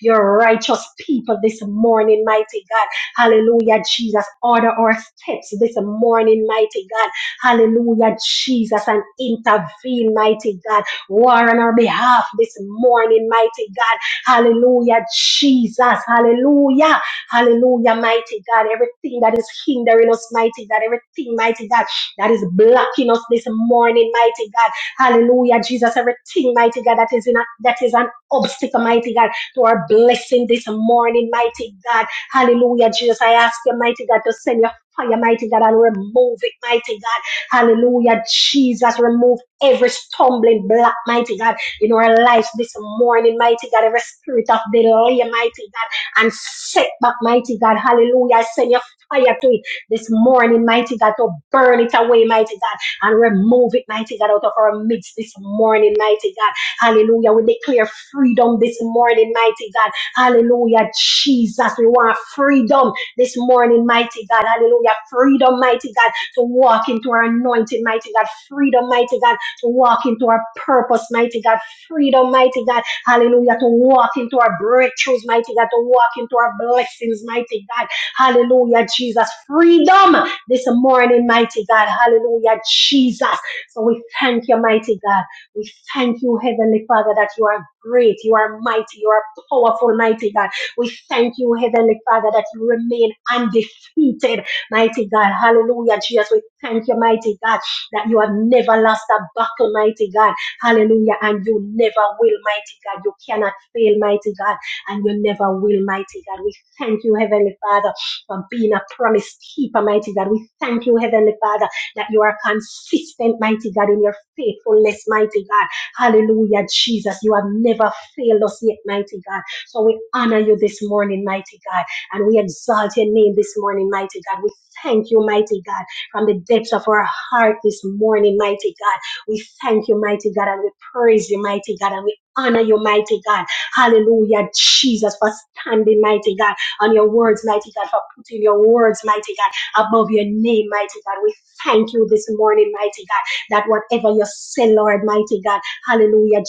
Speaker 2: your righteous people this morning, mighty God. Hallelujah, Jesus. Order our steps this morning, mighty God. Hallelujah, Jesus. And intervene, mighty God. War on our behalf this morning, mighty God. Hallelujah, Jesus. Hallelujah. Hallelujah, mighty God. Everything that is hindering us, mighty God. Everything, mighty God, that is blocking us this morning, mighty God. Hallelujah, Jesus. Everything, mighty God, that is in a, that is an obstacle, mighty God. To our blessing this morning, mighty God. Hallelujah, Jesus. I ask you, mighty God, to send your fire, mighty God, and remove it, mighty God. Hallelujah, Jesus. Remove every stumbling block, mighty God, in our lives this morning, mighty God. Every spirit of delay, mighty God, and setback, mighty God. Hallelujah. I send your fire to it this morning, mighty God, to burn it away, mighty God, and remove it, mighty God, out of our midst this morning, mighty God. Hallelujah. We declare freedom this morning, mighty God. Hallelujah. Jesus, we want freedom this morning, mighty God. Hallelujah. Freedom, mighty God, to walk into our anointing, mighty God. Freedom, mighty God, to walk into our purpose, mighty God. Freedom, mighty God. Hallelujah. To walk into our breakthroughs, mighty God. To walk into our blessings, mighty God. Hallelujah, Jesus. Freedom this morning, mighty God. Hallelujah, Jesus. So we thank you, mighty God. We thank you, Heavenly Father, that you are great, you are mighty, you are powerful, mighty God. We thank you, Heavenly Father, that you remain undefeated, mighty God. Hallelujah, Jesus. We thank you, mighty God, that you have never lost a battle, mighty God. Hallelujah. And you never will, mighty God. You cannot fail, mighty God. And you never will, mighty God. We thank you, Heavenly Father, for being a promise keeper, mighty God. We thank you, Heavenly Father, that you are consistent, mighty God, in your faithfulness, mighty God. Hallelujah, Jesus. You have never failed us yet, mighty God. So we honor you this morning, mighty God. And we exalt your name this morning, mighty God. We thank you, mighty God, from the depths of our heart this morning, mighty God. We thank you, mighty God, and we praise you, mighty God, and we honor you, mighty God. Hallelujah, Jesus, for standing, mighty God, on your words, mighty God, for putting your words, mighty God, above your name, mighty God. We thank you this morning, mighty God, that whatever you say, Lord, mighty God,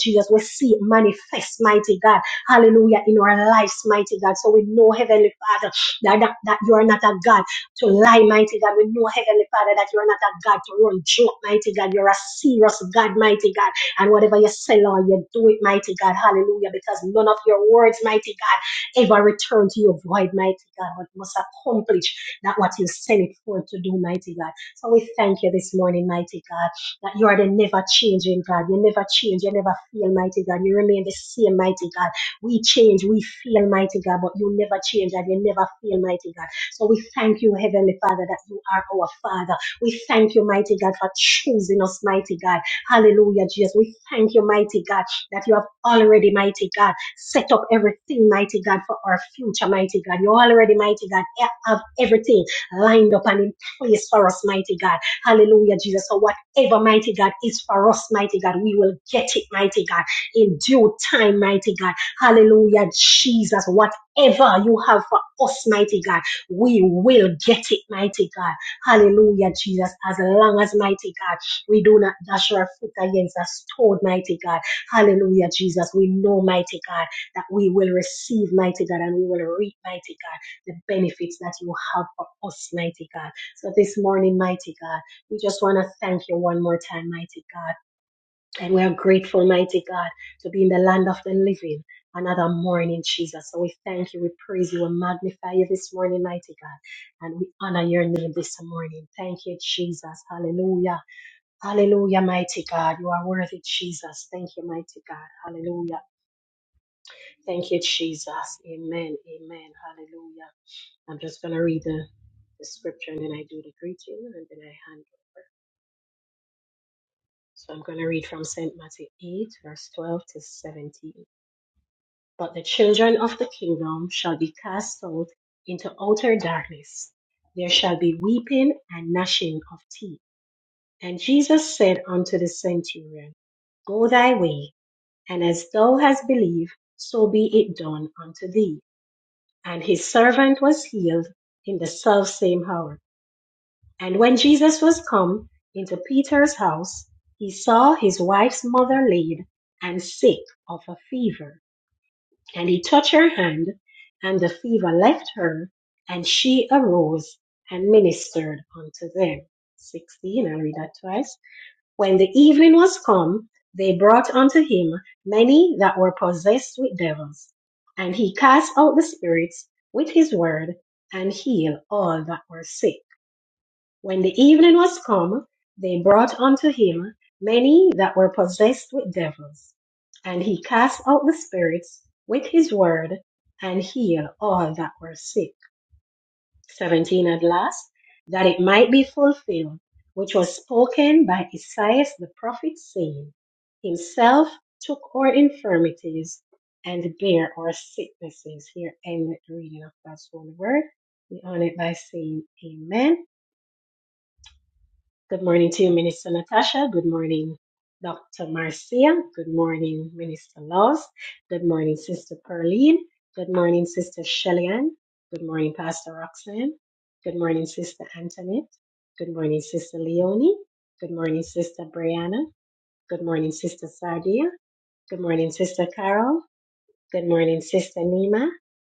Speaker 2: Jesus. God, mighty we will receive, mighty God, and we will reap, mighty God, the benefits that you have for us, mighty God. So this morning, mighty God, we just want to thank you one more time, mighty God. And we are grateful, mighty God, to be in the land of the living. Another morning, Jesus. So we thank you, we praise you, we magnify you this morning, mighty God, and we honor your name this morning. Thank you, Jesus. Hallelujah. Hallelujah, mighty God. You are worthy, Jesus. Thank you, mighty God. Hallelujah. Thank you, Jesus. Amen. Hallelujah. greeting Of the be weeping and gnashing of And said, Good morning, Sister Shellyan. Good morning, Pastor Roxanne. Good morning, Sister Antoinette. Good morning, Sister Leonie. Good morning, Sister Brianna. Good morning, Sister Sardia. Good morning, Sister Carol. Good morning, Sister Nima.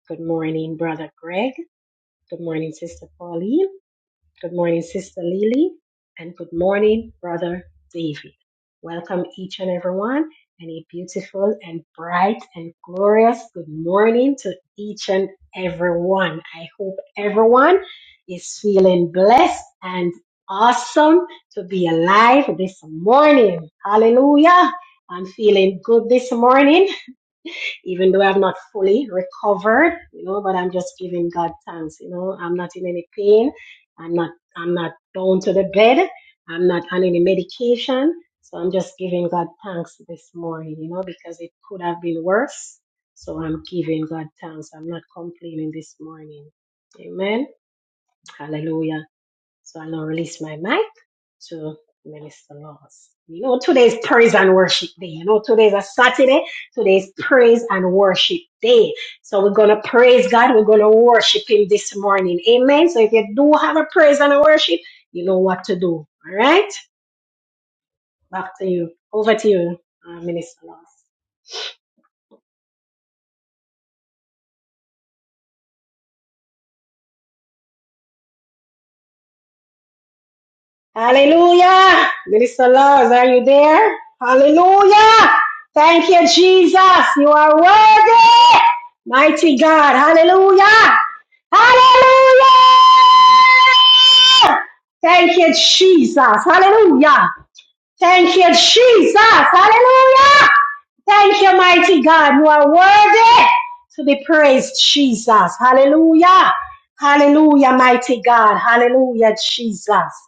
Speaker 2: Good morning, Brother Greg. Good morning, Sister Pauline. Good morning, Sister Lily, and good morning, Brother David. Welcome each and everyone, and a beautiful and bright and glorious good morning to each and everyone. I hope everyone is feeling blessed and awesome to be alive this morning. Hallelujah. I'm feeling good this morning even though I've not fully recovered, you know, but I'm just giving God thanks, you know. I'm not in any pain. I'm not I'm not bound to the bed. I'm not on any medication. So I'm just giving God thanks this morning, you know, because it could have been worse. So I'm giving God thanks. I'm not complaining this morning. Amen. Hallelujah. So I'll now release my mic to Minister Laws. You know, today's praise and worship day. You know, today's a Saturday. Today's praise and worship day. So we're going to praise God. We're going to worship Him this morning. Amen. So if you do have a praise and a worship, you know what to do. All right. Back to you. Over to you, uh, Minister Laws. Hallelujah. Minister Laws, are you there? Hallelujah. Thank you, Jesus. You are worthy. Mighty God. Hallelujah. Hallelujah. Thank you, Jesus. Hallelujah. Thank you, Jesus. Hallelujah. Thank you, mighty God. You are worthy to be praised, Jesus. Hallelujah. Hallelujah, mighty God. Hallelujah, Jesus.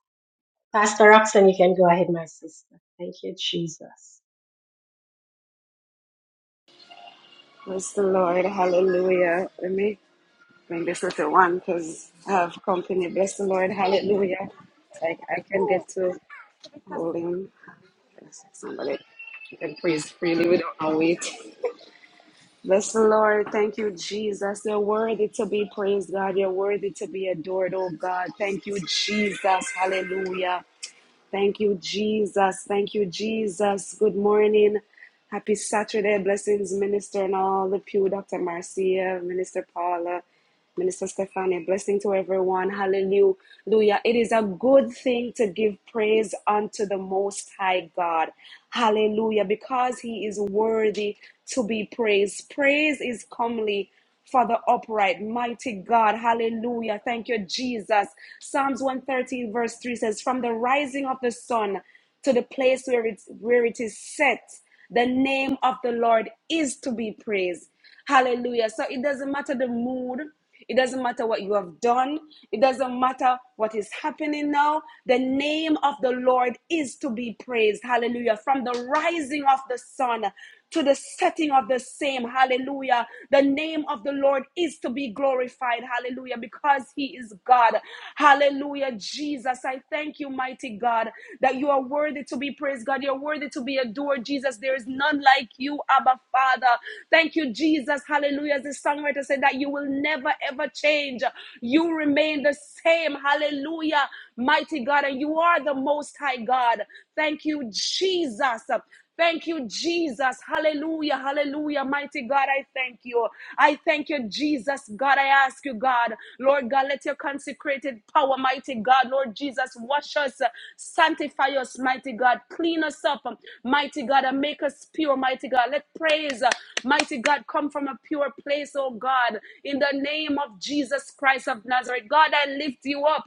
Speaker 2: Pastor Roxanne, you can go ahead, my sister. Thank you, Jesus.
Speaker 4: Bless the Lord. Hallelujah. Let me bring this little one because I have company. Bless the Lord. Hallelujah. Like I can get to hold him. Somebody can praise freely without no weight. Bless the Lord. Thank you, Jesus. You're worthy to be praised, God. You're worthy to be adored, oh God. Thank you, Jesus. Hallelujah. Thank you, Jesus. Thank you, Jesus. Good morning. Happy Saturday. Blessings, Minister and all the pew, Dr. Marcia, Minister Paula. Minister Stephanie, blessing to everyone. Hallelujah. It is a good thing to give praise unto the Most High God. Hallelujah. Because He is worthy to be praised. Praise is comely for the upright. Mighty God. Hallelujah. Thank you, Jesus. Psalms 113, verse 3 says, From the rising of the sun to the place where, it's, where it is set, the name of the Lord is to be praised. Hallelujah. So it doesn't matter the mood. It doesn't matter what you have done. It doesn't matter what is happening now. The name of the Lord is to be praised. Hallelujah. From the rising of the sun to the setting of the same. Hallelujah. The name of the Lord is to be glorified. Hallelujah. Because he is God. Hallelujah. Jesus, I thank you, mighty God, that that you are worthy to be praised, God. You're worthy to be adored, Jesus. There is none like you, Abba Father. Thank you, Jesus. Hallelujah. As the songwriter said, that you will never ever change. You remain the same. Hallelujah. Mighty God, and you are the most high God. Thank you, Jesus. Thank you, Jesus. Hallelujah. Hallelujah. Mighty God, I thank you. I thank you, Jesus. God, I ask you, God, Lord God, let your consecrated power, mighty God, Lord Jesus, wash us, sanctify us, mighty God, clean us up, mighty God, and make us pure, mighty God. Let praise, mighty God, come from a pure place, oh God, in the name of Jesus Christ of Nazareth. God, I lift you up.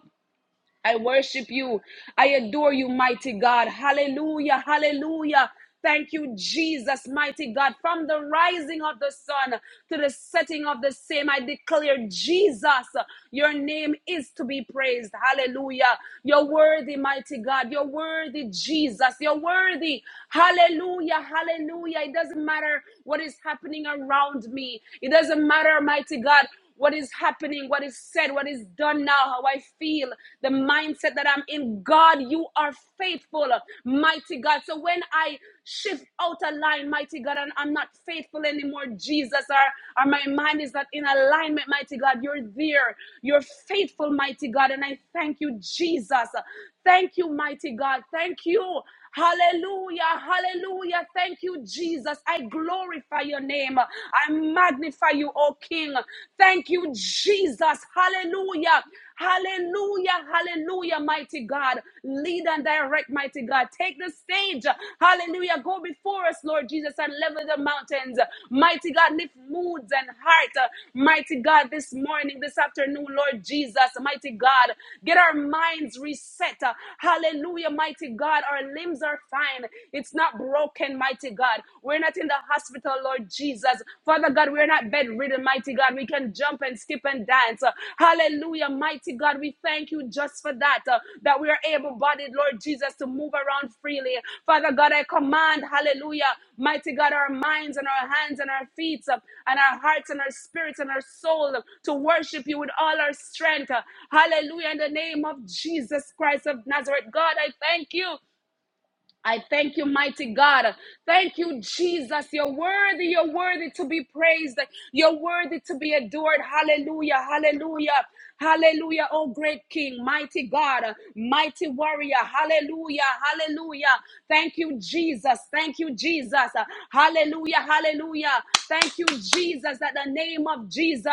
Speaker 4: I worship you. I adore you, mighty God. Hallelujah. Hallelujah. Thank you, Jesus, mighty God. From the rising of the sun to the setting of the same, I declare, Jesus, your name is to be praised. Hallelujah. You're worthy, mighty God. You're worthy, Jesus. You're worthy. Hallelujah. Hallelujah. It doesn't matter what is happening around me, it doesn't matter, mighty God what is happening, what is said, what is done now, how I feel, the mindset that I'm in. God, you are faithful, mighty God. So when I shift out of line, mighty God, and I'm not faithful anymore, Jesus, or, or my mind is not in alignment, mighty God, you're there. You're faithful, mighty God. And I thank you, Jesus. Thank you, mighty God. Thank you. Hallelujah, hallelujah. Thank you, Jesus. I glorify your name. I magnify you, O King. Thank you, Jesus. Hallelujah, hallelujah, hallelujah, mighty God. Lead and direct, mighty God. Take the stage. Hallelujah. Go before us, Lord Jesus, and level the mountains. Mighty God, lift moods and heart. Mighty God, this morning, this afternoon, Lord Jesus, mighty God, get our minds reset. Hallelujah, mighty God. our our limbs are fine. It's not broken, mighty God. We're not in the hospital, Lord Jesus. Father God, we're not bedridden, mighty God. We can jump and skip and dance. Uh, Hallelujah, mighty God. We thank you just for that, uh, that we are able bodied, Lord Jesus, to move around freely. Father God, I command, hallelujah, mighty God, our minds and our hands and our feet uh, and our hearts and our spirits and our soul uh, to worship you with all our strength. Uh, Hallelujah, in the name of Jesus Christ of Nazareth. God, I thank you. I thank you, mighty God. Thank you, Jesus. You're worthy. You're worthy to be praised. You're worthy to be adored. Hallelujah. Hallelujah. Hallelujah. Oh, great King, mighty God, mighty warrior. Hallelujah. Hallelujah. Thank you, Jesus. Thank you, Jesus. Hallelujah. Hallelujah. Thank you, Jesus, that the name of Jesus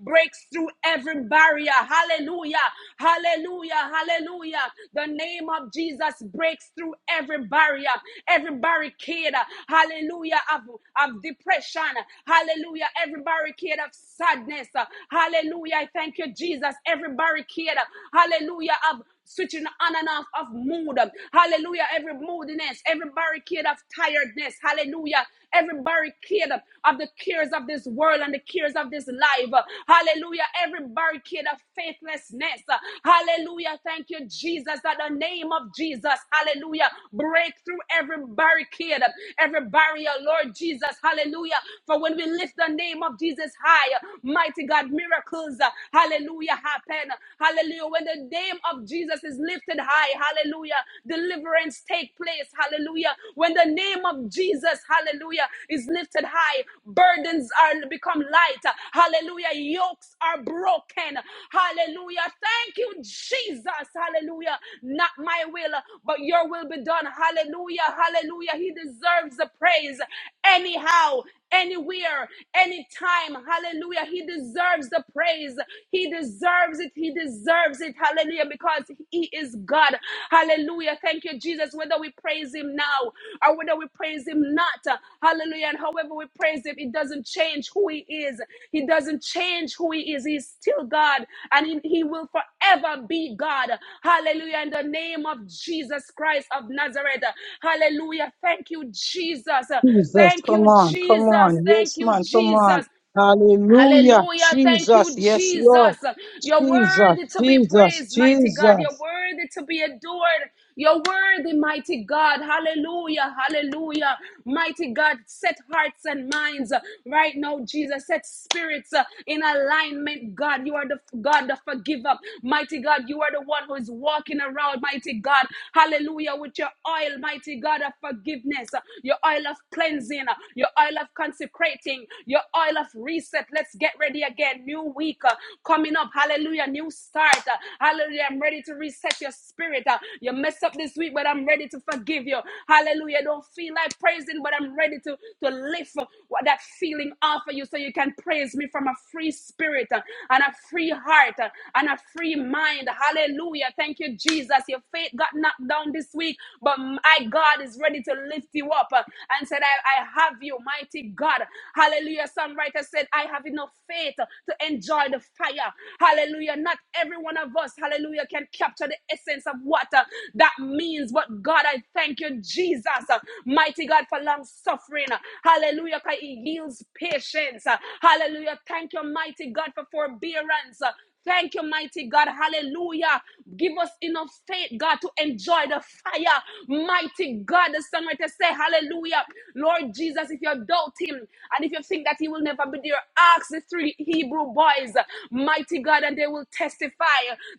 Speaker 4: breaks through every barrier. Hallelujah. Hallelujah. Hallelujah. The name of Jesus breaks through every barrier, every barricade. Hallelujah. Of, of depression. Hallelujah. Every barricade of sadness. Hallelujah. I thank you, Jesus. Every barricade. Hallelujah. Of switching on and off of mood. Hallelujah. Every moodiness, every barricade of tiredness. Hallelujah every barricade of the cares of this world and the cares of this life. Hallelujah. Every barricade of faithlessness. Hallelujah. Thank you, Jesus, that the name of Jesus. Hallelujah. Break through every barricade, every barrier, Lord Jesus. Hallelujah. For when we lift the name of Jesus high, mighty God, miracles. Hallelujah. Happen. Hallelujah. When the name of Jesus is lifted high, hallelujah. The deliverance take place. Hallelujah. When the name of Jesus, hallelujah, is lifted high, burdens are become light. Hallelujah. Yokes are broken. Hallelujah. Thank you, Jesus. Hallelujah. Not my will, but your will be done. Hallelujah. Hallelujah. He deserves the praise. Anyhow, anywhere, anytime. Hallelujah. He deserves the praise. He deserves it. He he deserves it. Hallelujah. Because He is God. Hallelujah. Thank you, Jesus. Whether we praise Him now or whether we praise Him not. Hallelujah. And however we praise Him, it doesn't change who He is. He doesn't change who He is. He's still God and He, he will forever be God. Hallelujah. In the name of Jesus Christ of Nazareth. Hallelujah. Thank you, Jesus.
Speaker 1: Jesus,
Speaker 4: Thank
Speaker 1: come
Speaker 4: you,
Speaker 1: on, come
Speaker 4: Jesus.
Speaker 1: on,
Speaker 4: Thank
Speaker 1: yes,
Speaker 4: you,
Speaker 1: man, come on.
Speaker 4: Jesus.
Speaker 1: Hallelujah,
Speaker 4: Hallelujah. Thank
Speaker 1: Jesus,
Speaker 4: you,
Speaker 1: yes, Lord.
Speaker 4: Jesus. You're
Speaker 1: Jesus,
Speaker 4: worthy to be
Speaker 1: Jesus,
Speaker 4: praised, mighty God. You're
Speaker 1: Jesus.
Speaker 4: worthy to be adored. You're worthy, mighty God. Hallelujah. Hallelujah. Mighty God, set hearts and minds uh, right now, Jesus. Set spirits uh, in alignment, God. You are the God, the forgiver. Mighty God, you are the one who is walking around, mighty God. Hallelujah. With your oil, mighty God of forgiveness, uh, your oil of cleansing, uh, your oil oil of consecrating, your oil of reset. Let's get ready again. New week uh, coming up. Hallelujah. New start. Uh, Hallelujah. I'm ready to reset your spirit. Uh, You messed up this week, but I'm ready to forgive you. Hallelujah. Don't feel like praising, but I'm ready to, to lift uh, what that feeling off of you so you can praise me from a free spirit uh, and a free heart uh, and a free mind. Hallelujah. Thank you, Jesus. Your faith got knocked down this week, but my God is ready ready to lift you up uh, and said, I, I have you, mighty God. Hallelujah. Songwriter said, I have enough faith to enjoy the fire. Hallelujah. Not every one of us, hallelujah, can capture the essence of what uh, that means. But God, I thank you, Jesus, uh, mighty God, for long suffering. Hallelujah! Cause It yields patience. Hallelujah. Thank you, mighty God, for forbearance. Thank you, mighty God. Hallelujah. Give us enough faith, God, to enjoy the fire. Mighty God, the songwriter say, Hallelujah. Lord Jesus, if you doubt him and if you think that he will never be there, ask the three Hebrew boys, mighty God, and they will testify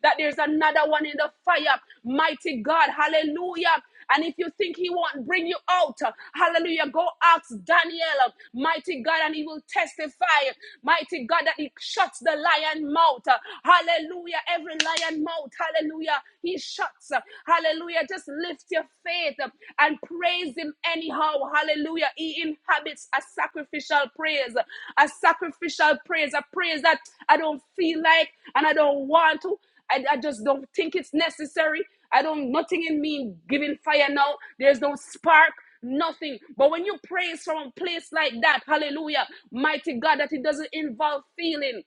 Speaker 4: that there's another one in the fire. Mighty God, hallelujah. And if you think he won't bring you out, hallelujah, go ask Daniel, mighty God, and he will testify, mighty God, that he shuts the lion mouth. Hallelujah, every lion mouth, hallelujah, he shuts. Hallelujah, just lift your faith and praise him anyhow. Hallelujah, he inhabits a sacrificial praise, a sacrificial praise, a praise that I don't feel like and I don't want to. I, I just don't think it's necessary. I don't nothing in me giving fire now. There's no spark, nothing. But when you praise from a place like that, hallelujah, mighty God, that it doesn't involve feeling.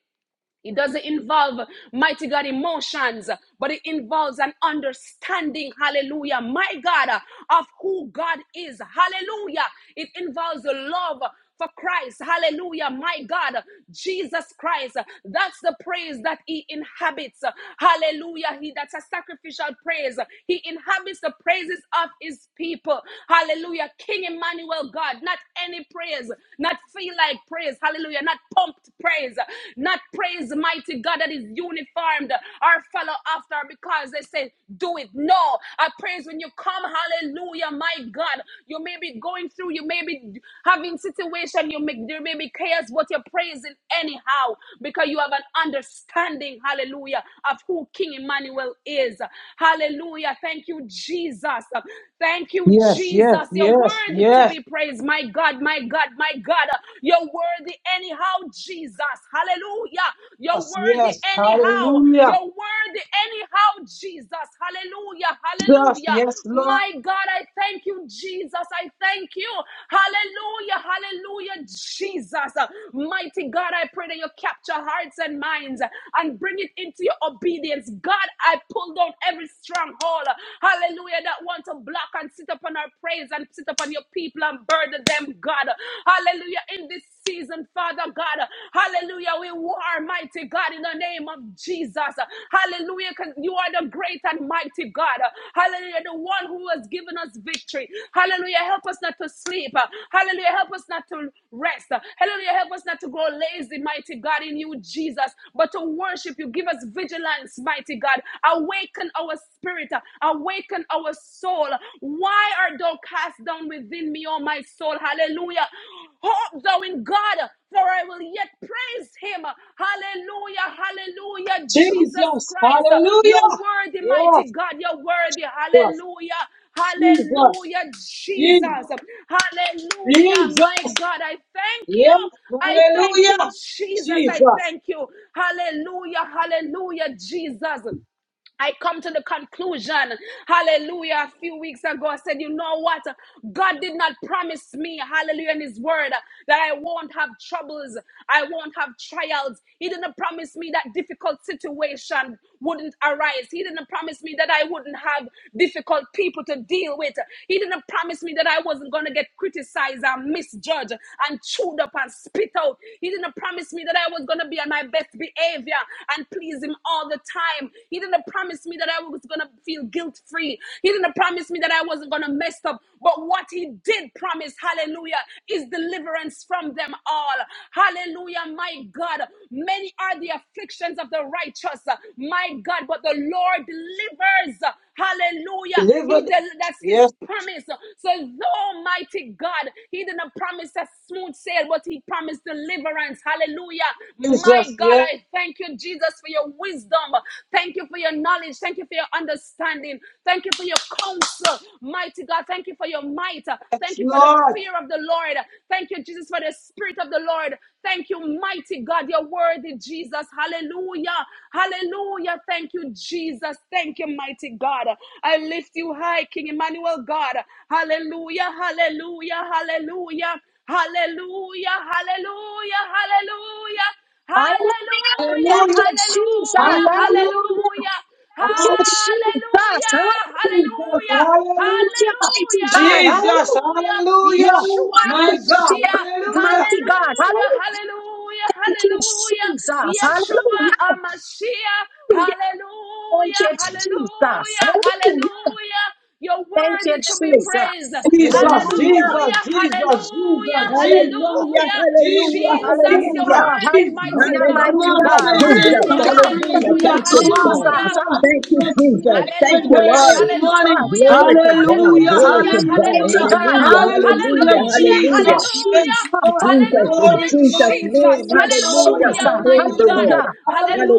Speaker 4: It doesn't involve mighty God emotions, but it involves an understanding, hallelujah, my God, of who God is, hallelujah. It involves a love for Christ, hallelujah, my God, Jesus Christ. That's the praise that He inhabits, hallelujah. He that's a sacrificial praise. He inhabits the praises of His people, hallelujah. King Emmanuel, God, not any praise, not feel like praise, hallelujah hallelujah, not pumped praise, not praise, mighty God, that is uniformed or follow after because they say, do it. No, I praise when you come, hallelujah, my God. You may be going through, you may be having situation, you may, there may be chaos, but you're praising anyhow because you have an understanding, hallelujah, of who King Emmanuel is. Hallelujah. Thank you, Jesus. Thank you,
Speaker 1: Yes, yes,
Speaker 4: Jesus. You're
Speaker 1: yes,
Speaker 4: worthy to
Speaker 1: yes,
Speaker 4: be praised, my God. God, my God, my God. You're worthy anyhow, Jesus. Hallelujah. You're
Speaker 1: yes,
Speaker 4: worthy
Speaker 1: yes,
Speaker 4: anyhow.
Speaker 1: hallelujah.
Speaker 4: You're worthy anyhow, Jesus. Hallelujah.
Speaker 1: Jesus, yes,
Speaker 4: Hallelujah.
Speaker 1: Lord.
Speaker 4: My God, I thank you, Jesus. I thank you. Hallelujah. Hallelujah, Jesus. Mighty God, I pray that you capture hearts and minds and bring it into your obedience. God, I pull down every stronghold. Hallelujah. That want to block and sit upon our praise and sit upon your people and burden them, God. Hallelujah. In this season, Father God. Hallelujah. We are mighty God, in the name of Jesus. Hallelujah. 'Cause You are the great and mighty God. Hallelujah. The one who has given us victory. Hallelujah. Help us not to sleep. Hallelujah. Help us not to rest. Hallelujah. Help us not to grow lazy, mighty God, in you, Jesus, but to worship you. Give us vigilance, mighty God. Awaken our spirit. Awaken awaken our soul. Why art thou cast down within me, O my soul? Hallelujah. Hope thou in God, for I will yet praise him. Hallelujah. Hallelujah. Jesus
Speaker 1: Jesus,
Speaker 4: Christ, you're
Speaker 1: hallelujah.
Speaker 4: worthy, mighty
Speaker 1: Yes,
Speaker 4: God. You're worthy.
Speaker 1: yes,
Speaker 4: Hallelujah.
Speaker 1: Jesus,
Speaker 4: Hallelujah, Jesus.
Speaker 1: Jesus,
Speaker 4: Hallelujah,
Speaker 1: Jesus.
Speaker 4: my God. I thank you.
Speaker 1: Yes,
Speaker 4: I thank you,
Speaker 1: hallelujah.
Speaker 4: Jesus. I
Speaker 1: Jesus,
Speaker 4: thank you. Hallelujah. Hallelujah, Jesus. I come to the conclusion, hallelujah, a few weeks ago, I said, you know what? God did not promise me, hallelujah, in his word that I won't have troubles, I won't have trials. He didn't promise me that difficult situation wouldn't arise. He didn't promise me that I wouldn't have difficult people to deal with. He didn't promise me that I wasn't going to get criticized and misjudged and chewed up and spit out. He didn't promise me that I was going to be on my best behavior and please him all the time. He didn't promise promise me that I was going to feel guilt free. He didn't promise me that I wasn't going to mess up. But what He did promise, hallelujah, is deliverance from them all. Hallelujah, my God. Many are the afflictions of the righteous, my God, but the Lord delivers. Hallelujah.
Speaker 1: deliver
Speaker 4: He
Speaker 1: them.
Speaker 4: del- that's his
Speaker 1: Yes,
Speaker 4: promise. So though mighty God, he didn't promise a smooth sail, but he promised deliverance. Hallelujah. My
Speaker 1: Jesus,
Speaker 4: God,
Speaker 1: yes,
Speaker 4: I thank you, Jesus, for your wisdom. Thank you for your knowledge knowledge. Thank you for your understanding. Thank you for your counsel. Mighty God, thank you for your might. Thank you for the
Speaker 1: Lord.
Speaker 4: fear of the Lord. Thank you, Jesus, for the spirit of the Lord. Thank you, mighty God. You're worthy, Jesus. Hallelujah. Hallelujah. Thank you, Jesus. Thank you, mighty God. I lift you high, King Emmanuel God. Hallelujah. Hallelujah. Hallelujah. Hallelujah, hallelujah, hallelujah.
Speaker 2: Hallelujah.
Speaker 4: Hallelujah,
Speaker 2: Thank
Speaker 1: Hallelujah,
Speaker 2: you, Jesus.
Speaker 4: hallelujah,
Speaker 2: Hallelujah,
Speaker 1: hallelujah,
Speaker 4: hallelujah,
Speaker 2: Thank you,
Speaker 1: hallelujah,
Speaker 2: Jesus.
Speaker 4: hallelujah,
Speaker 2: Hallelujah.
Speaker 4: hallelujah,
Speaker 1: hallelujah.
Speaker 2: Thank you, mighty
Speaker 4: hallelujah,
Speaker 2: God.
Speaker 1: Jesus,
Speaker 2: Hallelujah.
Speaker 4: hallelujah,
Speaker 2: You
Speaker 1: hallelujah.
Speaker 2: are
Speaker 4: Yeshua
Speaker 1: My
Speaker 2: worthy to
Speaker 1: God,
Speaker 2: be
Speaker 4: Mashiach,
Speaker 2: praised,
Speaker 1: hallelujah.
Speaker 2: mighty God.
Speaker 4: hallelujah,
Speaker 2: Hallelujah.
Speaker 4: hallelujah,
Speaker 2: Thank you,
Speaker 4: hallelujah,
Speaker 2: Jesus. Hallelujah.
Speaker 4: Yeshua Mashiach,
Speaker 2: Hallelujah. Thank
Speaker 4: hallelujah,
Speaker 2: you, Jesus.
Speaker 4: hallelujah,
Speaker 2: Hallelujah.
Speaker 4: hallelujah. You're
Speaker 2: Thank you,
Speaker 4: worthy to be praised.
Speaker 2: Jesus.
Speaker 1: Jesus,
Speaker 3: Hallelujah.
Speaker 1: Jesus,
Speaker 4: Hallelujah,
Speaker 1: Jesus,
Speaker 4: hallelujah,
Speaker 1: Jesus, Jesus,
Speaker 3: Hallelujah.
Speaker 4: hallelujah.
Speaker 1: Jesus,
Speaker 3: Hallelujah.
Speaker 4: Jesus, you're
Speaker 1: Jesus,
Speaker 2: Hallelujah.
Speaker 3: Hallelujah.
Speaker 4: worthy,
Speaker 1: Jesus.
Speaker 4: mighty
Speaker 2: Hallelujah,
Speaker 4: God.
Speaker 1: Come
Speaker 2: mighty
Speaker 1: on,
Speaker 3: Hallelujah.
Speaker 4: You're
Speaker 2: God.
Speaker 1: saints in
Speaker 3: Jesus.
Speaker 4: worthy.
Speaker 1: Christ,
Speaker 2: Hallelujah.
Speaker 1: praise
Speaker 3: Hallelujah.
Speaker 2: Thank
Speaker 1: Him.
Speaker 4: Hallelujah.
Speaker 2: you,
Speaker 3: Thank you,
Speaker 1: Come on,
Speaker 3: God.
Speaker 1: come
Speaker 4: Hallelujah.
Speaker 2: Jesus.
Speaker 1: on.
Speaker 3: Thank you,
Speaker 1: Let's praise
Speaker 3: Jesus.
Speaker 1: with
Speaker 3: Thank you,
Speaker 1: her
Speaker 4: Hallelujah,
Speaker 1: this
Speaker 3: Lord.
Speaker 1: morning.
Speaker 2: Jesus,
Speaker 4: hallelujah,
Speaker 3: Glory to
Speaker 2: glory
Speaker 3: God.
Speaker 1: Hallelujah,
Speaker 2: to your
Speaker 3: Glory
Speaker 4: hallelujah,
Speaker 3: to
Speaker 2: name,
Speaker 3: God.
Speaker 2: mighty
Speaker 1: hallelujah,
Speaker 2: God.
Speaker 4: hallelujah,
Speaker 3: Hallelujah.
Speaker 2: Hallelujah.
Speaker 3: Hallelujah.
Speaker 1: hallelujah,
Speaker 4: hallelujah,
Speaker 2: Thank you,
Speaker 3: Hallelujah.
Speaker 1: Jesus. Yes,
Speaker 4: hallelujah,
Speaker 2: Jesus.
Speaker 1: Lord.
Speaker 3: Jesus, in
Speaker 1: Glory,
Speaker 2: Hallelujah.
Speaker 4: hallelujah,
Speaker 3: Jesus'
Speaker 1: glory,
Speaker 4: Jesus,
Speaker 2: Thank
Speaker 3: name.
Speaker 2: you,
Speaker 1: glory, glory,
Speaker 3: Hallelujah.
Speaker 2: Jesus.
Speaker 3: We
Speaker 4: hallelujah, my
Speaker 3: praise you,
Speaker 1: hallelujah.
Speaker 4: God,
Speaker 3: Lord.
Speaker 2: Hallelujah.